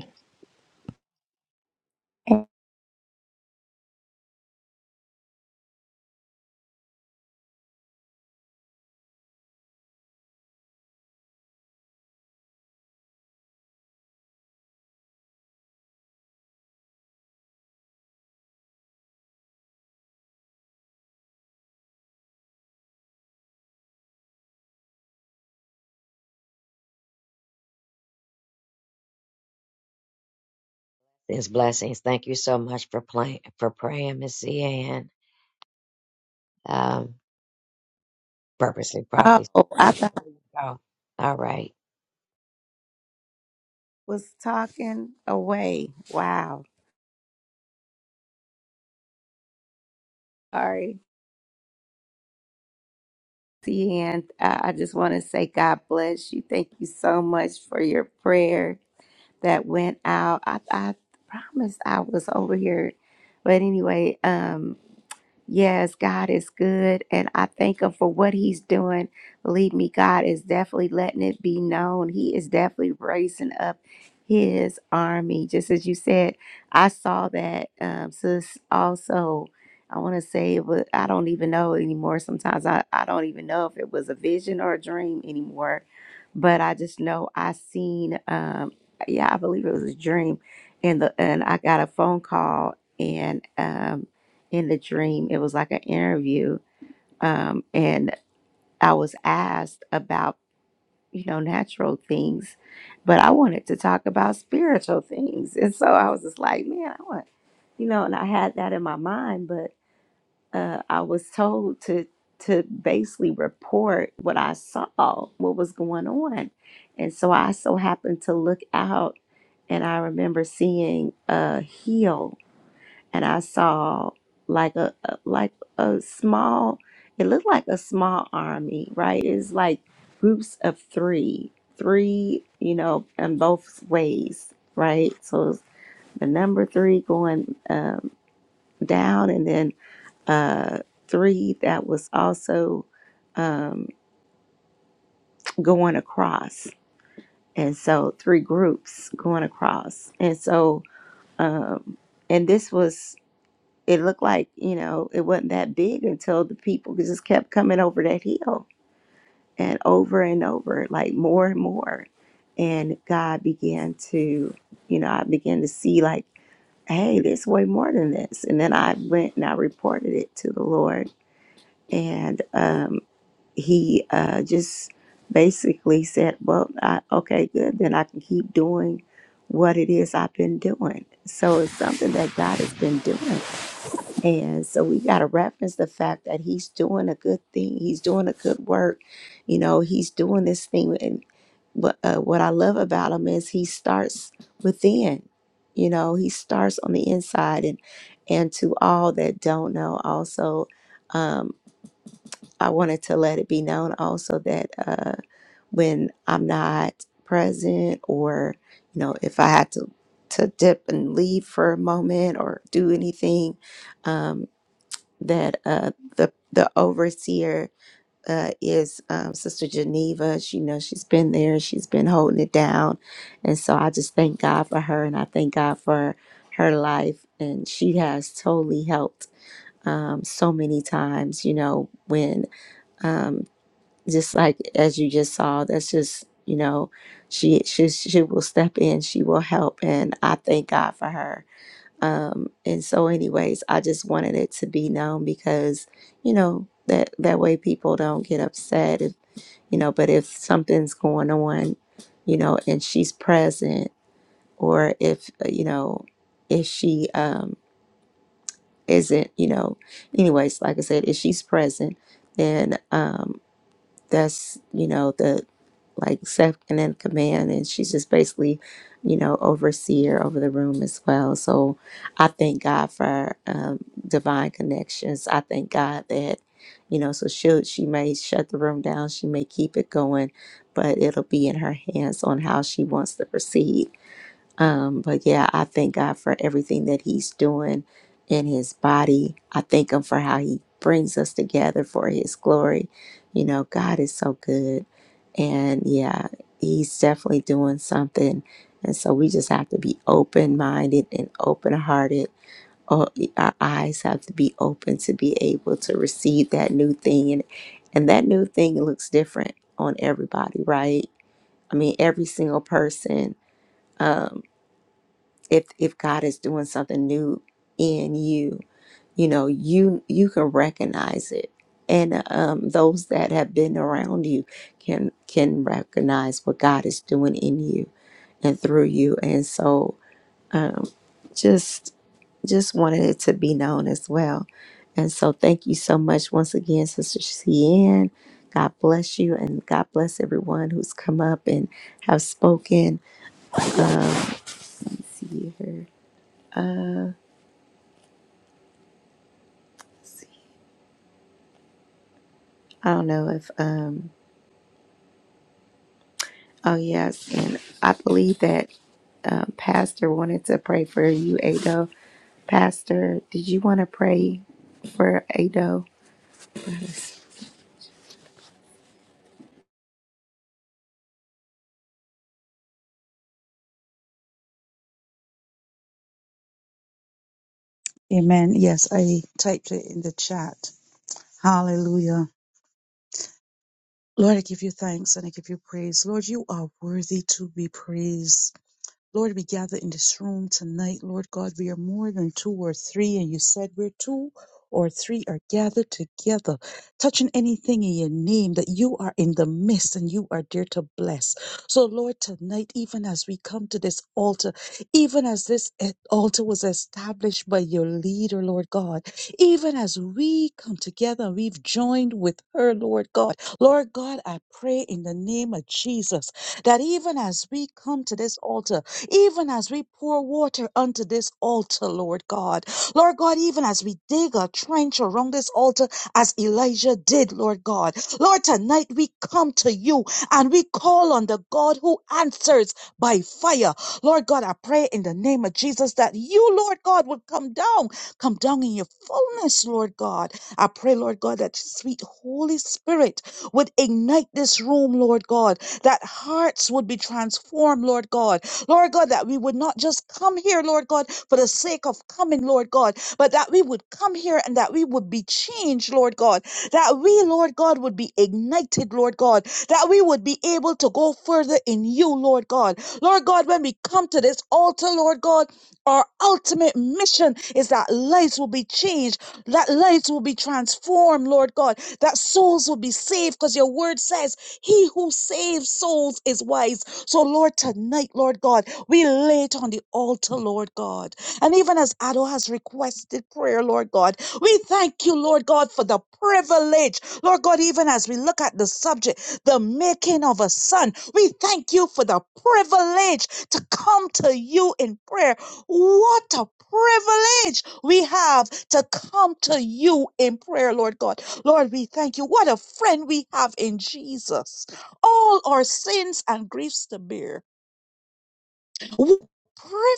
Speaker 5: There's blessings. Thank you so much for playing for praying, Miss Ann. Um, purposely probably.
Speaker 1: Oh,
Speaker 5: Yeah,
Speaker 1: I thought I
Speaker 5: There you go. All right.
Speaker 1: was talking away. Wow. Sorry. And uh, I just want to say, God bless you. Thank you so much for your prayer that went out. I, I promised I was over here. But anyway, um, Yes, God is good, and I thank Him for what He's doing. Believe me, God is definitely letting it be known. He is definitely raising up His army. Just as you said, I saw that, um, sis. Also, I want to say, it was, I don't even know anymore. Sometimes I, I don't even know if it was a vision or a dream anymore, but I just know I seen, um, yeah, I believe it was a dream, and the and I got a phone call and. Um, in the dream it was like an interview um, and i was asked about you know natural things but i wanted to talk about spiritual things and so i was just like man i want you know and i had that in my mind but uh, i was told to to basically report what i saw what was going on and so i so happened to look out and i remember seeing uh heal and I saw like a, a like a small it looked like a small army, right? It's like groups of three, three, you know, in both ways, right? So it's the number three going um, down, and then uh, three that was also um, going across, and so three groups going across, and so um, and this was it looked like you know it wasn't that big until the people just kept coming over that hill and over and over like more and more and god began to you know i began to see like hey there's way more than this and then i went and i reported it to the lord and um, he uh, just basically said well I, okay good then i can keep doing what it is i've been doing so it's something that god has been doing and so we got to reference the fact that he's doing a good thing. He's doing a good work. You know, he's doing this thing. And what, uh, what I love about him is he starts within. You know, he starts on the inside. And and to all that don't know, also, um, I wanted to let it be known also that uh, when I'm not present, or you know, if I had to to dip and leave for a moment or do anything. um, that uh, the the overseer uh, is um, Sister Geneva. She you know she's been there. She's been holding it down, and so I just thank God for her, and I thank God for her life, and she has totally helped um, so many times. You know when um, just like as you just saw, that's just you know she she she will step in, she will help, and I thank God for her um, and so, anyways, I just wanted it to be known because, you know, that that way people don't get upset if you know. But if something's going on, you know, and she's present, or if uh, you know, if she um isn't, you know, anyways, like I said, if she's present, then um that's you know the like second in command and she's just basically you know overseer over the room as well so i thank god for um, divine connections i thank god that you know so she she may shut the room down she may keep it going but it'll be in her hands on how she wants to proceed um, but yeah, I thank God for everything that He's doing in His body. I thank Him for how He brings us together for His glory. You know, God is so good. And yeah, He's definitely doing something. And so we just have to be open minded and open hearted. Oh, Our eyes have to be open to be able to receive that new thing. And, and that new thing looks different on everybody, right? I mean, every single person. um, if if God is doing something new in you, you know, you you can recognize it. And um, those that have been around you can can recognize what God is doing in you and through you. And so, uh, just just wanted it to be known as well. And so, thank you so much once again, Sister Cian. God bless you, and God bless everyone who's come up and have spoken. See her. See, I don't know if um, Oh, yes. And I believe that um, Pastor wanted to pray for you, Ado. Pastor, did you want to pray for Ado?
Speaker 25: Amen. Yes, I typed it in the chat. Hallelujah. Lord, I give you thanks and I give you praise. Lord, you are worthy to be praised. Lord, we gather in this room tonight. Lord God, we are more than two or three, and you said we're two or three are gathered together, touching anything in your name that you are in the midst and you are there to bless. So, Lord, tonight, even as we come to this altar, even as this eh, altar was established by your leader, Lord God, even as we come together, we've joined with her, Lord God. Lord God, I pray in the name of Jesus that even as we come to this altar, even as we pour water unto this altar, Lord God. Lord God, even as we dig a trench around this altar, as Elijah did, Lord God. Lord, tonight we come to you and we call on the God who answers by fire. Lord God, I pray in the name of Jesus that you, Lord God, would come down, come down in your fullness, Lord God. I pray, Lord God, that sweet Holy Spirit would ignite this room, Lord God, that hearts would be transformed, Lord God, Lord God, that we would not just come here, Lord God, for the sake of coming, Lord God, but that we would come here and that we would be changed, Lord God, that we, Lord God, would be ignited, Lord God, that we would be able to go further in you, Lord God. Lord God, when we come to this altar, Lord God, our ultimate mission is that lives will be changed, that lives will be transformed, Lord God, that souls will be saved, because your word says, He who saves souls is wise so, Lord, tonight, Lord God, we lay it on the altar, Lord God. And even as Ado has requested prayer, Lord God, we thank you, Lord God, for the privilege. Lord God, even as we look at the subject, the making of a son, we thank you for the privilege to come to you in prayer. What a privilege we have to come to you in prayer, Lord God. Lord, we thank you. What a friend we have in Jesus all our sins and griefs to bear what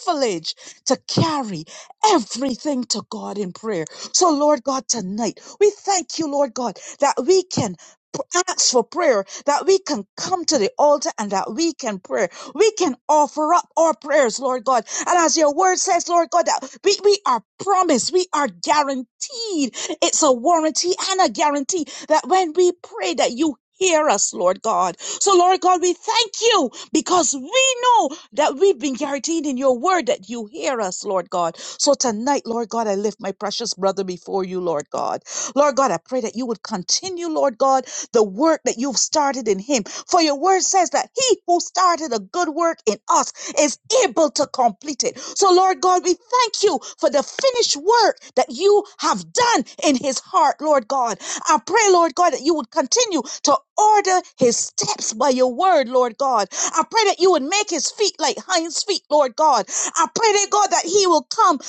Speaker 25: privilege to carry everything to God in prayer. So, Lord God, tonight we thank you, Lord God, that we can p- ask for prayer, that we can come to the altar and that we can pray. We can offer up our prayers, Lord God. And as your word says, Lord God, that we, we are promised, we are guaranteed. It's a warranty and a guarantee that when we pray that you hear us, Lord God. So Lord God, we thank you because we know that we've been guaranteed in your word that you hear us, Lord God. So tonight, Lord God, I lift my precious brother before you, Lord God. Lord God, I pray that you would continue, Lord God, the work that you've started in him. For your word says that he who started a good work in us is able to complete it. So, Lord God, we thank you for the finished work that you have done in his heart, Lord God. I pray, Lord God, that you would continue to order his steps by your word, Lord God. I pray that you would make his feet like hinds feet, Lord God. I pray dear God that he will come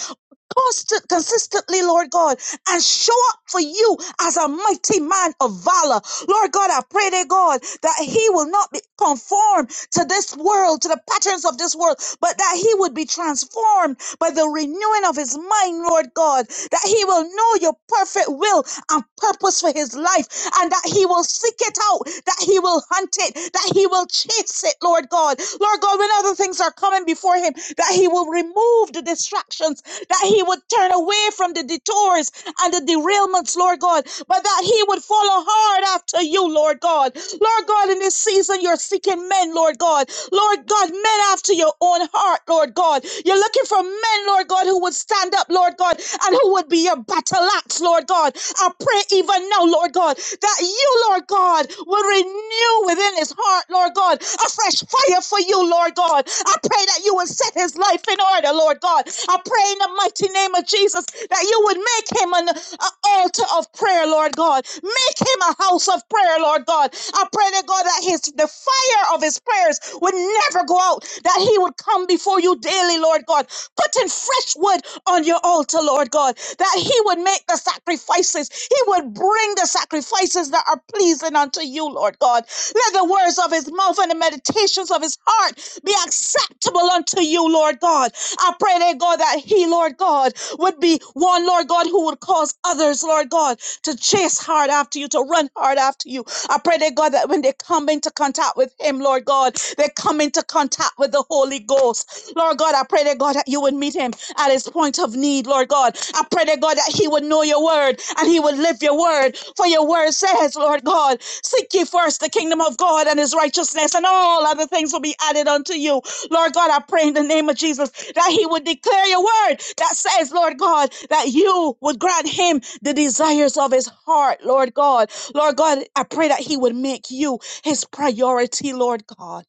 Speaker 25: constant, consistently, Lord God, and show up for you as a mighty man of valor. Lord God, I pray dear God that he will not be conformed to this world, to the patterns of this world, but that he would be transformed by the renewing of his mind, Lord God, that he will know your perfect will and purpose for his life, and that he will seek it out, that he will hunt it, that he will chase it, Lord God. Lord God, when other things are coming before him, that he will remove the distractions, that he would turn away from the detours and the derailments, Lord God, but that he would follow hard after you, Lord God. Lord God, in this season, you're seeking men, Lord God. Lord God, men after to your own heart, Lord God. You're looking for men, Lord God, who would stand up, Lord God, and who would be your battle axe, Lord God. I pray even now, Lord God, that you, Lord God, will renew within his heart, Lord God, a fresh fire for you, Lord God. I pray that you will set his life in order, Lord God. I pray in the mighty name of Jesus that you would make him an, an altar of prayer, prayer, Lord God. Make him a house of prayer, Lord God. I pray that God that his the fire of his prayers would never go out, that he would come before you daily, Lord God, putting fresh wood on your altar, Lord God, that he would make the sacrifices, he would bring the sacrifices that are pleasing unto you, Lord God. Let the words of his mouth and the meditations of his heart be acceptable acceptable unto you, Lord God. I pray, that God, that he, Lord God, would be one, Lord God, who would cause others, Lord God, to chase hard after you, to run hard after you. I pray, that God, that when they come into contact with him, Lord God, they come into contact with the Holy Ghost. Lord God, I pray, that God, that you would meet him at his point of need, Lord God. I pray, that God, that he would know your word and he would live your word. For your word says, Lord God, seek ye first the kingdom of God and his righteousness, and all other things will be added unto you. Lord God, I pray in the name of Jesus that he would declare your word that says, Lord God, that you would grant him the desires of his heart, Lord God. Lord God, I pray that he would make you his priority, Lord God.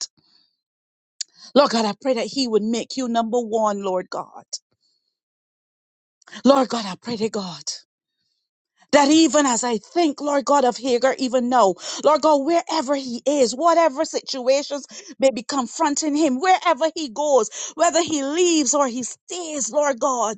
Speaker 25: Lord God, I pray that he would make you number one, Lord God. Lord God, I pray to God. that even as I think, Lord God of Hagar, even now, Lord God, wherever he is, whatever situations may be confronting him, wherever he goes, whether he leaves or he stays, Lord God,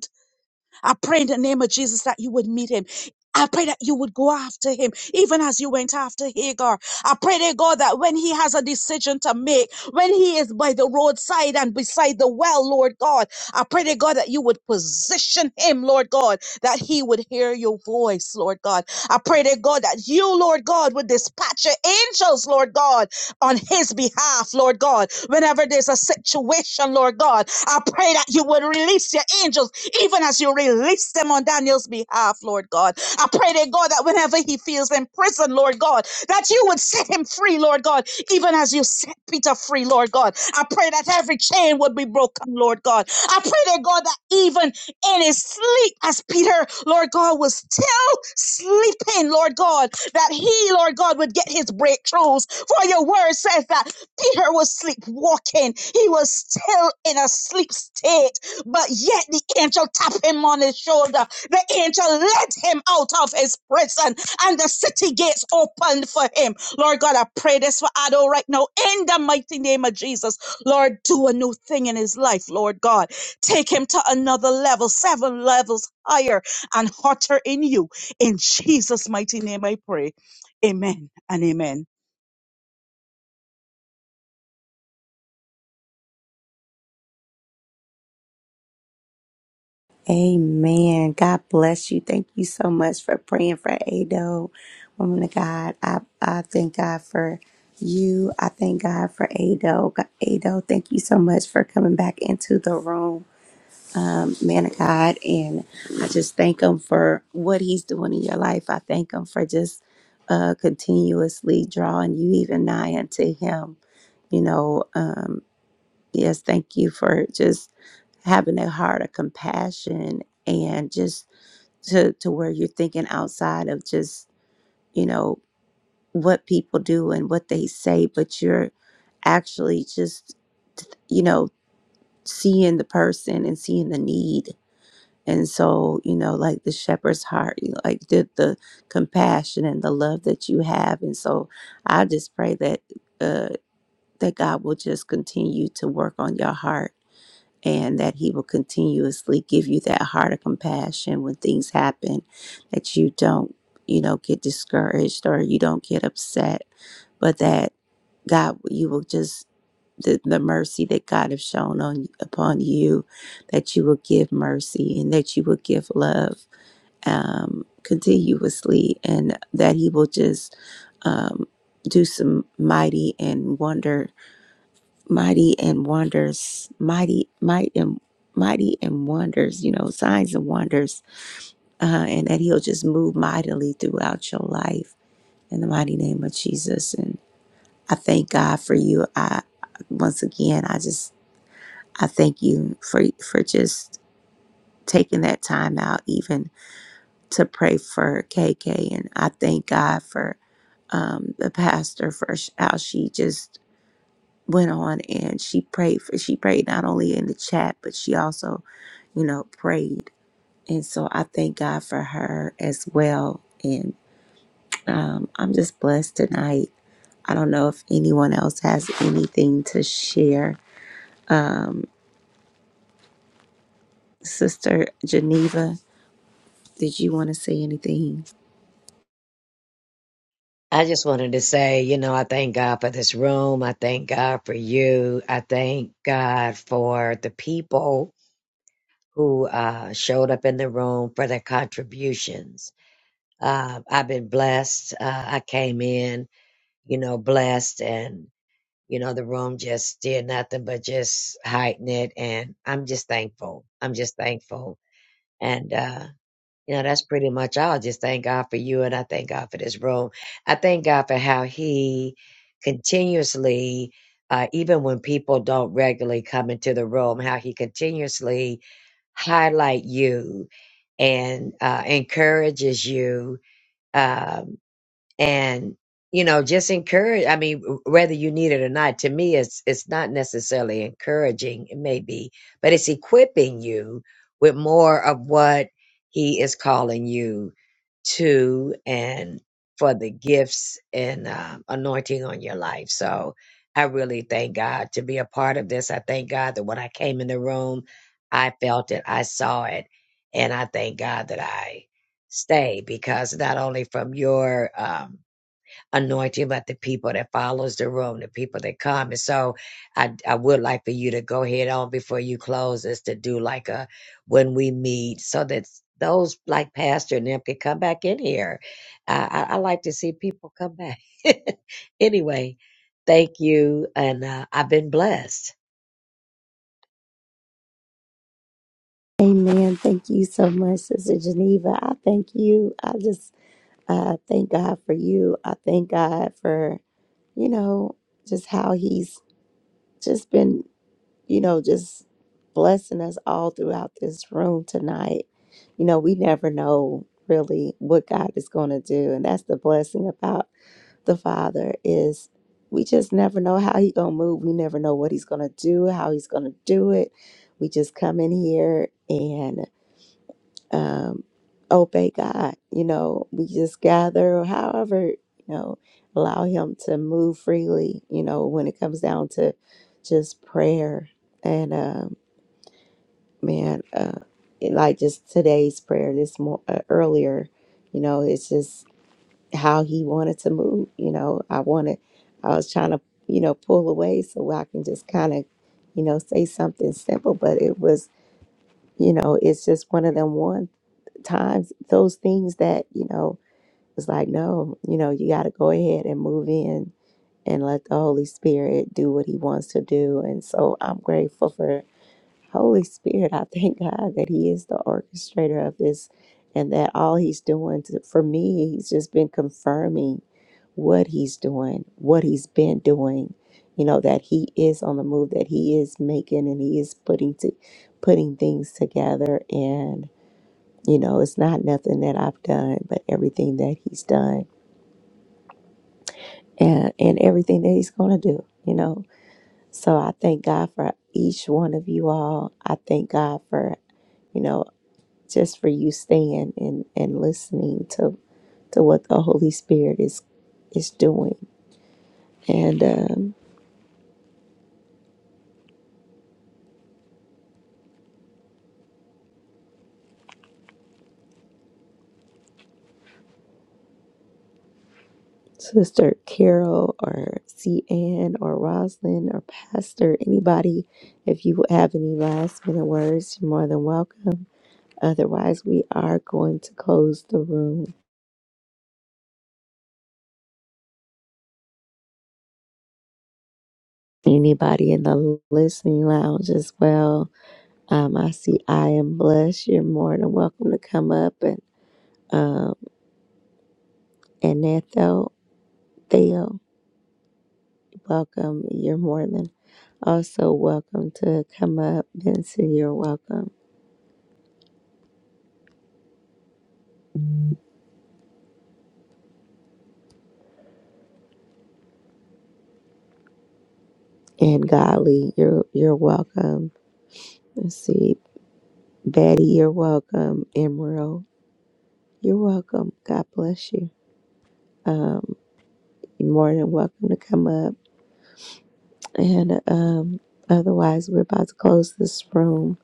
Speaker 25: I pray in the name of Jesus that you would meet him. I pray that you would go after him, even as you went after Hagar. I pray, dear God, that when he has a decision to make, when he is by the roadside and beside the well, Lord God, I pray, dear God, that you would position him, Lord God, that he would hear your voice, Lord God. I pray, dear God, that you, Lord God, would dispatch your angels, Lord God, on his behalf, Lord God. Whenever there's a situation, Lord God, I pray that you would release your angels, even as you release them on Daniel's behalf, Lord God. I pray, dear God, that whenever he feels in prison, Lord God, that you would set him free, Lord God, even as you set Peter free, Lord God. I pray that every chain would be broken, Lord God. I pray, dear God, that even in his sleep, as Peter, Lord God, was still sleeping, Lord God, that he, Lord God, would get his breakthroughs, for your word says that Peter was sleepwalking. He was still in a sleep state, but yet the angel tapped him on his shoulder. The angel led him out of his prison and the city gates opened for him. Lord God, I pray this for Ado right now in the mighty name of Jesus. Lord, do a new thing in his life, Lord God. Take him to another level, seven levels higher and hotter in you. In Jesus' mighty name, I pray. Amen and amen.
Speaker 1: Amen. God bless you. Thank you so much for praying for Ado, woman of God. I, I thank God for you. I thank God for Ado. Go- Ado, thank you so much for coming back into the room. um, man of God. And I just thank him for what he's doing in your life. I thank him for just uh, continuously drawing you even nigh unto him. You know, um, yes, thank you for just having a heart of compassion and just to, to where you're thinking outside of just, you know, what people do and what they say, but you're actually just, you know, seeing the person and seeing the need and so, you know, like the shepherd's heart, you know, like the, the compassion and the love that you have. And so I just pray that uh, that God will just continue to work on your heart and that he will continuously give you that heart of compassion when things happen, that you don't, you know, get discouraged or you don't get upset, but that God, you will just the, the mercy that God has shown on upon you, that you will give mercy and that you will give love um, continuously, and that He will just um, do some mighty and wonder, mighty and wonders, mighty, might and mighty and wonders, you know, signs and wonders, uh, and that He'll just move mightily throughout your life in the mighty name of Jesus. And I thank God for you. I once again, I just I thank you for for just taking that time out even to pray for KK and I thank God for um the pastor for sh- how she just went on and she prayed for she prayed not only in the chat but she also you know prayed and so I thank God for her as well and um I'm just blessed tonight I don't know if anyone else has anything to share um sister Geneva did you want to say anything
Speaker 5: I just wanted to say, you know, I thank God for this room. I thank God for you. I thank God for the people who uh, showed up in the room for their contributions. Uh, I've been blessed. Uh, I came in, you know, blessed, and, you know, the room just did nothing but just heighten it. And I'm just thankful. I'm just thankful. And uh, you know, that's pretty much all. Just thank God for you and I thank God for this room. I thank God for how He continuously, uh, even when people don't regularly come into the room, how He continuously highlight you and uh, encourages you. Um, and you know just encourage i mean whether you need it or not to me it's it's not necessarily encouraging it may be but it's equipping you with more of what he is calling you to and for the gifts and um anointing on your life so i really thank god to be a part of this i thank god that when i came in the room i felt it i saw it and i thank god that i stay because not only from your um anointing about the people that follows the room, the people that come. And so I, I would like for you to go ahead on before you close is to do like a when we meet so that those like Pastor and them can come back in here. I, I, I like to see people come back. <laughs> anyway, thank you. And uh, I've been blessed.
Speaker 1: Amen. Thank you so much, Sister Geneva. I thank you. I just uh, thank God for you. I thank God for, you know, just how He's just been, you know, just blessing us all throughout this room tonight. You know, we never know really what God is going to do. And that's the blessing about the Father is we just never know how He's going to move. We never know what He's going to do, how He's going to do it. We just come in here and um, obey God. You know, we just gather, or however, you know, allow Him to move freely. You know, when it comes down to just prayer and um, man, uh, it- like just today's prayer this more uh, earlier. You know, it's just how He wanted to move. You know, I wanted, I was trying to, you know, pull away so I can just kind of, you know, say something simple, but it was. You know, it's just one of them ones times those things that you know it's like no you know you got to go ahead and move in and let the holy spirit do what he wants to do and so i'm grateful for holy spirit i thank god that he is the orchestrator of this and that all he's doing to, for me he's just been confirming what he's doing what he's been doing you know that he is on the move that he is making and he is putting to putting things together and. You know, it's not nothing that I've done, but everything that He's done and, and everything that He's going to do, you know. So I thank God for each one of you all. I thank God for, you know, just for you staying and, and listening to, to what the Holy Spirit is is doing. And um, Sister Carol or C. Ann or Roslyn or Pastor, anybody, if you have any last minute words, you're more than welcome. Otherwise, we are going to close the room. Anybody in the listening lounge as well? Um, I see I am blessed. You're more than welcome to come up and um, and Ethel, Theo, welcome. You're more than also welcome to come up. Benson, you're welcome. And Golly, you're you're welcome. Let's see, Betty, you're welcome. Emerald, you're welcome. God bless you. Um, you're more than welcome to come up. And um, otherwise, we're about to close this room.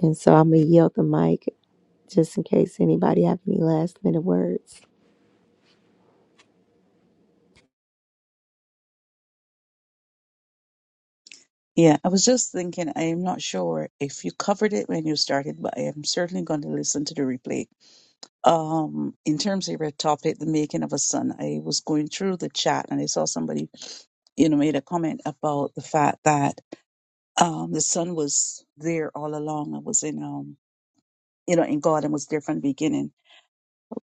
Speaker 1: And so I'm going to yield the mic just in case anybody have any last minute words.
Speaker 25: Yeah, I was just thinking, I am not sure if you covered it when you started, but I am certainly going to listen to the replay. Um, in terms of your topic, the making of a son, I was going through the chat and I saw somebody, you know, made a comment about the fact that um the son was there all along and was in um you know in God and was there from the beginning.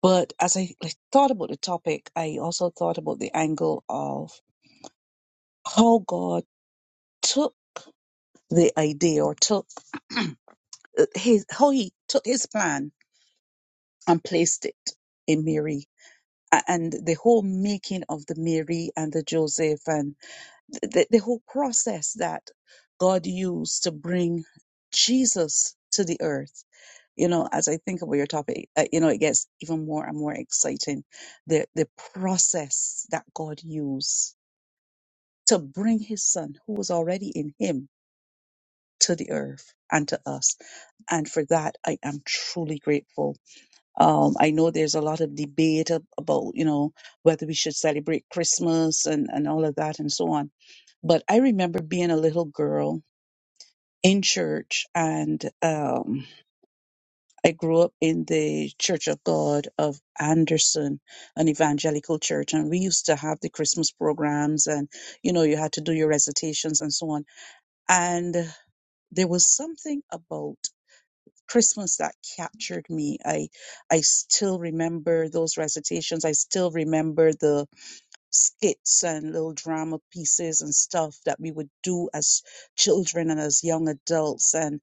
Speaker 25: But as I like, thought about the topic, I also thought about the angle of how God took the idea or took <clears throat> uh, his, how he took his plan and placed it in Mary a- and the whole making of the Mary and the Joseph and th- the, the whole process that God used to bring Jesus to the earth. You know, as I think about your topic, uh, you know, it gets even more and more exciting. The the process that God used to bring His Son, who was already in Him, to the earth and to us, and for that I am truly grateful Um, I know there's a lot of debate ab- about, you know, whether we should celebrate Christmas and, and all of that and so on. But I remember being a little girl in church and um, I grew up in the Church of God of Anderson, an evangelical church. And we used to have the Christmas programs and, you know, you had to do your recitations and so on. And there was something about Christmas that captured me. I I still remember those recitations. I still remember the skits and little drama pieces and stuff that we would do as children and as young adults and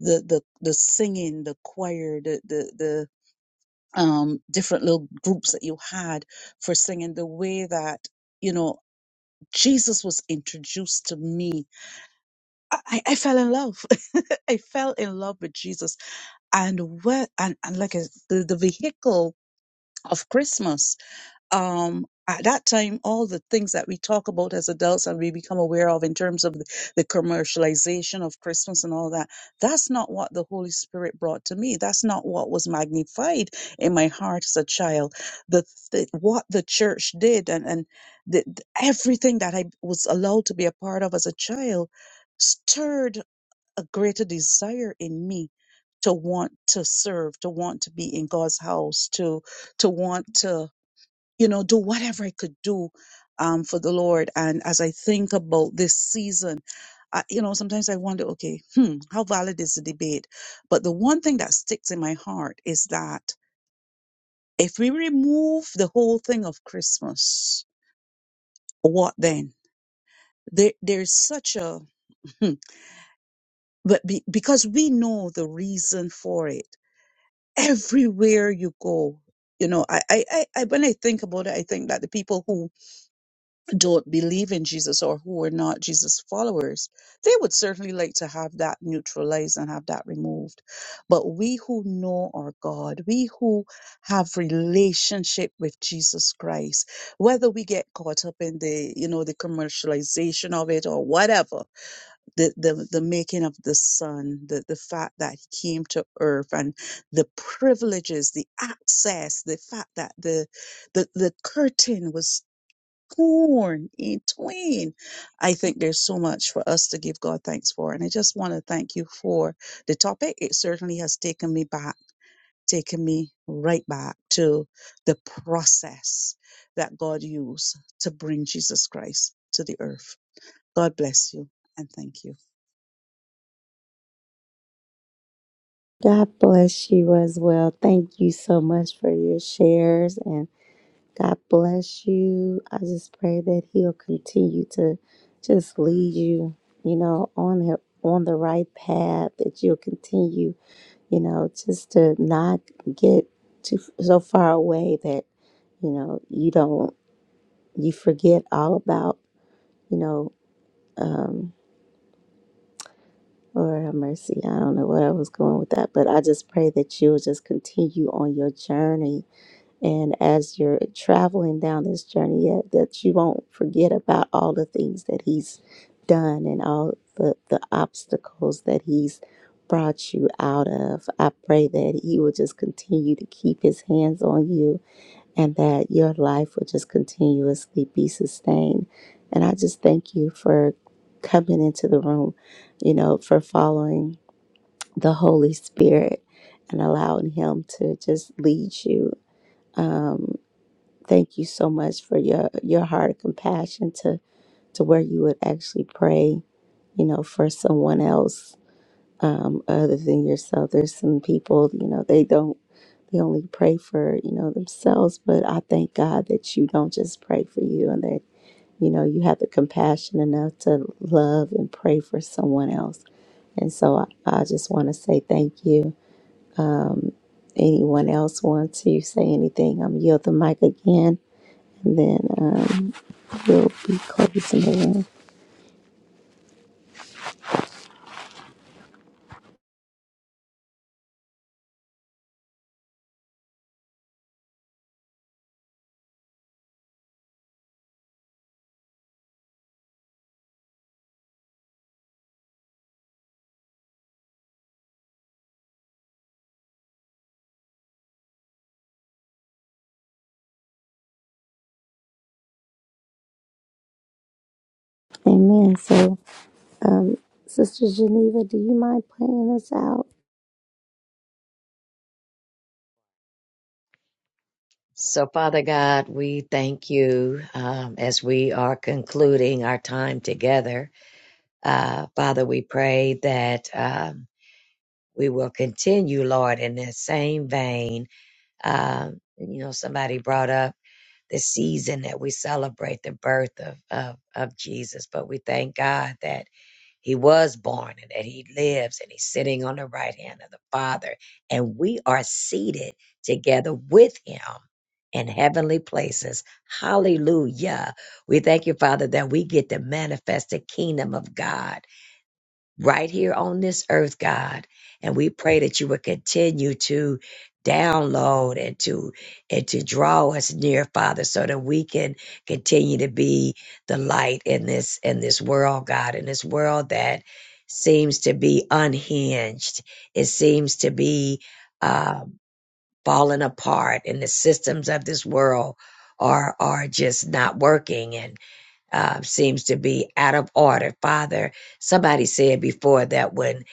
Speaker 25: the the the singing, the choir, the the the um different little groups that you had for singing the way that you know Jesus was introduced to me I, I I fell in love <laughs> I fell in love with Jesus and what and, and like a, the, the vehicle of christmas um at that time all the things that we talk about as adults and we become aware of in terms of the, the commercialization of christmas and all that that's not what the holy spirit brought to me that's not what was magnified in my heart as a child the, the what the church did and and the, the- everything that i was allowed to be a part of as a child stirred a greater desire in me to want to serve, to want to be in God's house, to to want to you know do whatever I could do um, for the Lord. And as I think about this season, I, you know, sometimes I wonder, okay, hmm, how valid is the debate? But the one thing that sticks in my heart is that if we remove the whole thing of Christmas, what then? There, there's such a <laughs> but be, because we know the reason for it everywhere you go you know I, I i I- when i think about it i think that the people who don't believe in jesus or who are not jesus followers they would certainly like to have that neutralized and have that removed but we who know our god we who have relationship with jesus christ whether we get caught up in the you know the commercialization of it or whatever the the, the making of the son the, the fact that he came to earth and the privileges the access the fact that the the, the curtain was torn in twain i think there's so much for us to give god thanks for and i just want to thank you for the topic it certainly has taken me back taken me right back to the process that god used to bring jesus christ to the earth god bless you and thank you
Speaker 1: God bless you as well. Thank you so much for your shares and God bless you. I just pray that he'll continue to just lead you, you know, on the on the right path that you'll continue, you know, just to not get too so far away that you know you don't you forget all about, you know, um, Lord have mercy. I don't know where I was going with that, but I just pray that you will just continue on your journey. And as you're traveling down this journey, yeah, that you won't forget about all the things that He's done and all the, the obstacles that He's brought you out of. I pray that He will just continue to keep His hands on you and that your life will just continuously be sustained. And I just thank you for coming into the room, you know, for following the Holy Spirit and allowing Him to just lead you. Um, thank you so much for your your heart of compassion to to where you would actually pray, you know, for someone else um, other than yourself. There's some people, you know, they don't, they only pray for, you know, themselves. But I thank God that you don't just pray for you and that, you know, you have the compassion enough to love and pray for someone else. And so I, I just want to say thank you. Um, anyone else want to say anything? I'm yield the mic again, and then um, we'll be closing the room. Amen. So, um, Sister Geneva, do you mind playing us out?
Speaker 5: So, Father God, we thank you um, as we are concluding our time together. Uh, Father, we pray that. Um, we will continue, Lord, in that same vein. Um, you know, somebody brought up the season that we celebrate the birth of, of, of Jesus, but we thank God that he was born and that he lives and he's sitting on the right hand of the Father. And we are seated together with him in heavenly places. Hallelujah. We thank you, Father, that we get to manifest the kingdom of God right here on this earth, God. And we pray that you would continue to download and to and to draw us near, Father, so that we can continue to be the light in this in this world, God, in this world that seems to be unhinged. It seems to be uh, falling apart, and the systems of this world are are just not working. and uh, seems to be out of order. Father, somebody said before that when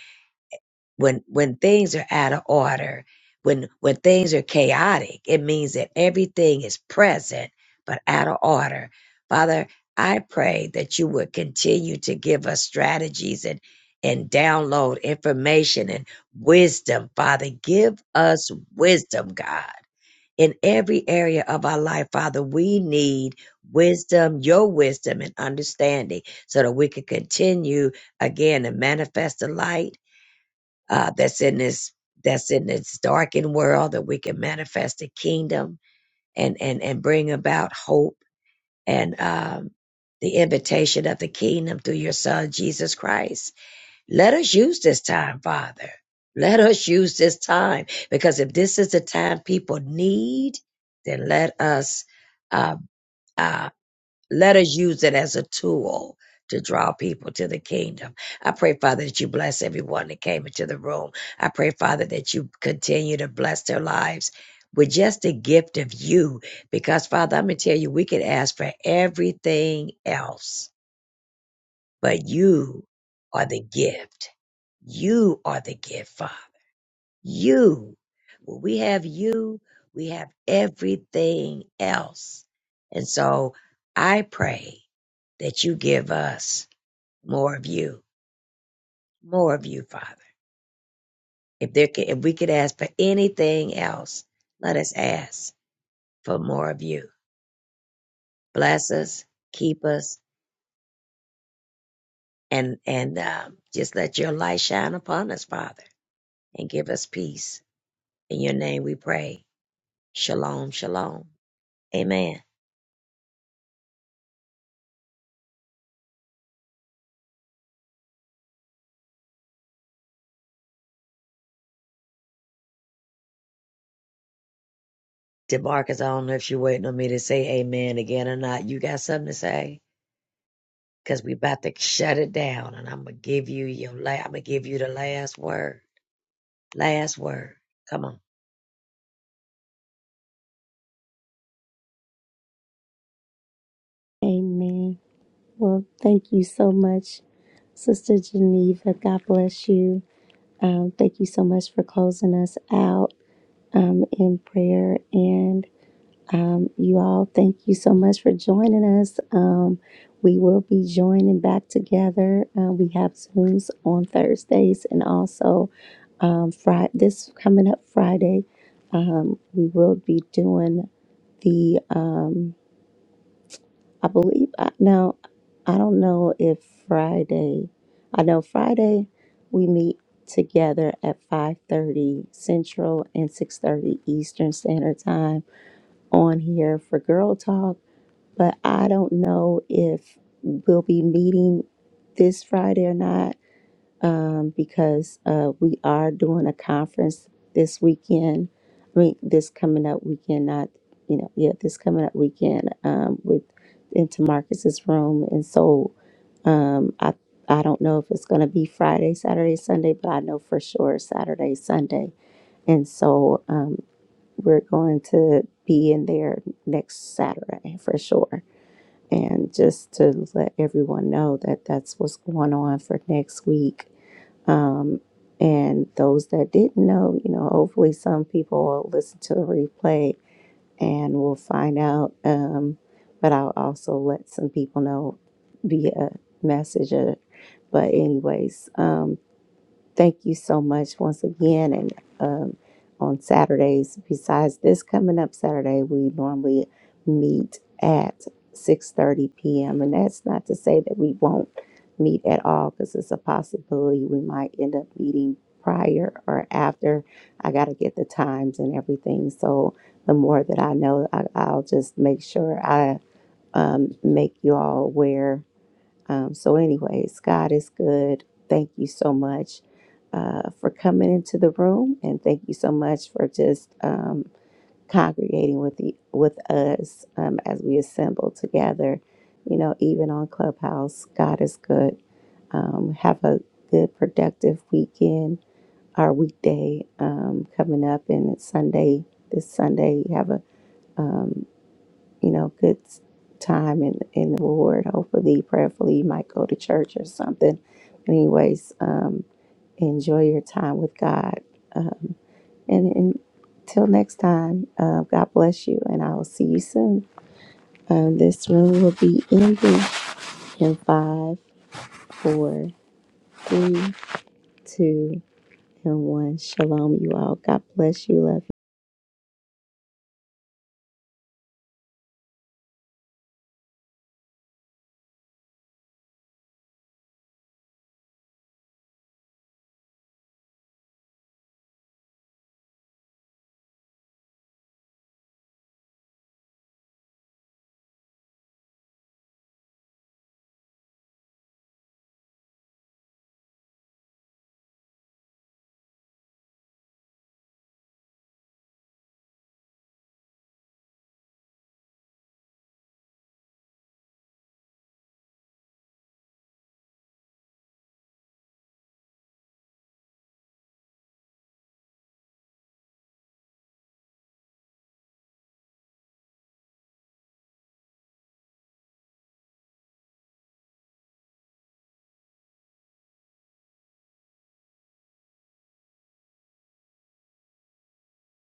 Speaker 5: when when things are out of order, when when things are chaotic, it means that everything is present but out of order. Father, I pray that you would continue to give us strategies and and download information and wisdom. Father, give us wisdom, God in every area of our life, Father, we need wisdom, your wisdom and understanding, so that we can continue again to manifest the light uh, that's in this that's in this darkened world, that we can manifest the kingdom and and and bring about hope and um, the invitation of the kingdom through your Son Jesus Christ. Let us use this time, Father. Let us use this time because if this is the time people need, then let us uh, uh, let us use it as a tool to draw people to the kingdom. I pray, Father, that you bless everyone that came into the room. I pray, Father, that you continue to bless their lives with just the gift of you. Because, Father, I'm going to tell you, we could ask for everything else, but you are the gift. You are the giver. You. When we have you, we have everything else. And so I pray that you give us more of you, more of you, Father. If there can, if we could ask for anything else, let us ask for more of you. Bless us, keep us, and and um, just let your light shine upon us, Father, and give us peace. In your name we pray. Shalom, shalom. Amen. DeMarcus, I don't know if you're waiting on me to say amen again or not. You got something to say? Because we about to shut it down and I'm going to give you your la- I'm going to give you the last word. Last word. Come on.
Speaker 1: Amen. Well, thank you so much, Sister Geneva. God bless you. Um, thank you so much for closing us out um, in prayer. And um, you all, thank you so much for joining us. Um, we will be joining back together. Uh, we have Zooms on Thursdays and also um, Friday, this coming up Friday, um, we will be doing the. Um, I believe I now I don't know if Friday I know Friday we meet together at 5:30 Central and 6:30 Eastern Standard Time on here for Girl Talk, but I don't know if we'll be meeting this Friday or not um, because uh, we are doing a conference this weekend. I mean, this coming up weekend, not you know, yeah, this coming up weekend um, with into Marcus's room, and so um, I I don't know if it's going to be Friday, Saturday, Sunday, but I know for sure Saturday, Sunday, and so um, we're going to be in there next Saturday for sure and just to let everyone know that that's what's going on for next week. Um, and those that didn't know, you know, hopefully some people will listen to the replay and will find out. Um, but I'll also let some people know via message. uh, But, anyways, um, Thank you so much once again. And um, on Saturdays, besides this coming up Saturday, we normally meet at 6:30 p.m. And that's not to say that we won't meet at all, because it's a possibility we might end up meeting prior or after. I got to get the times and everything. So the more that I know, I, I'll just make sure I um, make you all aware um, so, anyways, God is good. Thank you so much uh, for coming into the room, and thank you so much for just um, congregating with the with us um, as we assemble together. You know, even on Clubhouse, God is good. Um, have a good, productive weekend or weekday um, coming up, and it's Sunday. This Sunday, have a um, you know, good time in in the Lord. Hopefully, prayerfully, you might go to church or something. Anyways, um, enjoy your time with God. Uh, and, and until next time, uh, God bless you, and I will see you soon. Um, this room will be ending in five, four, three, two, and one. Shalom, you all. God bless you. Love.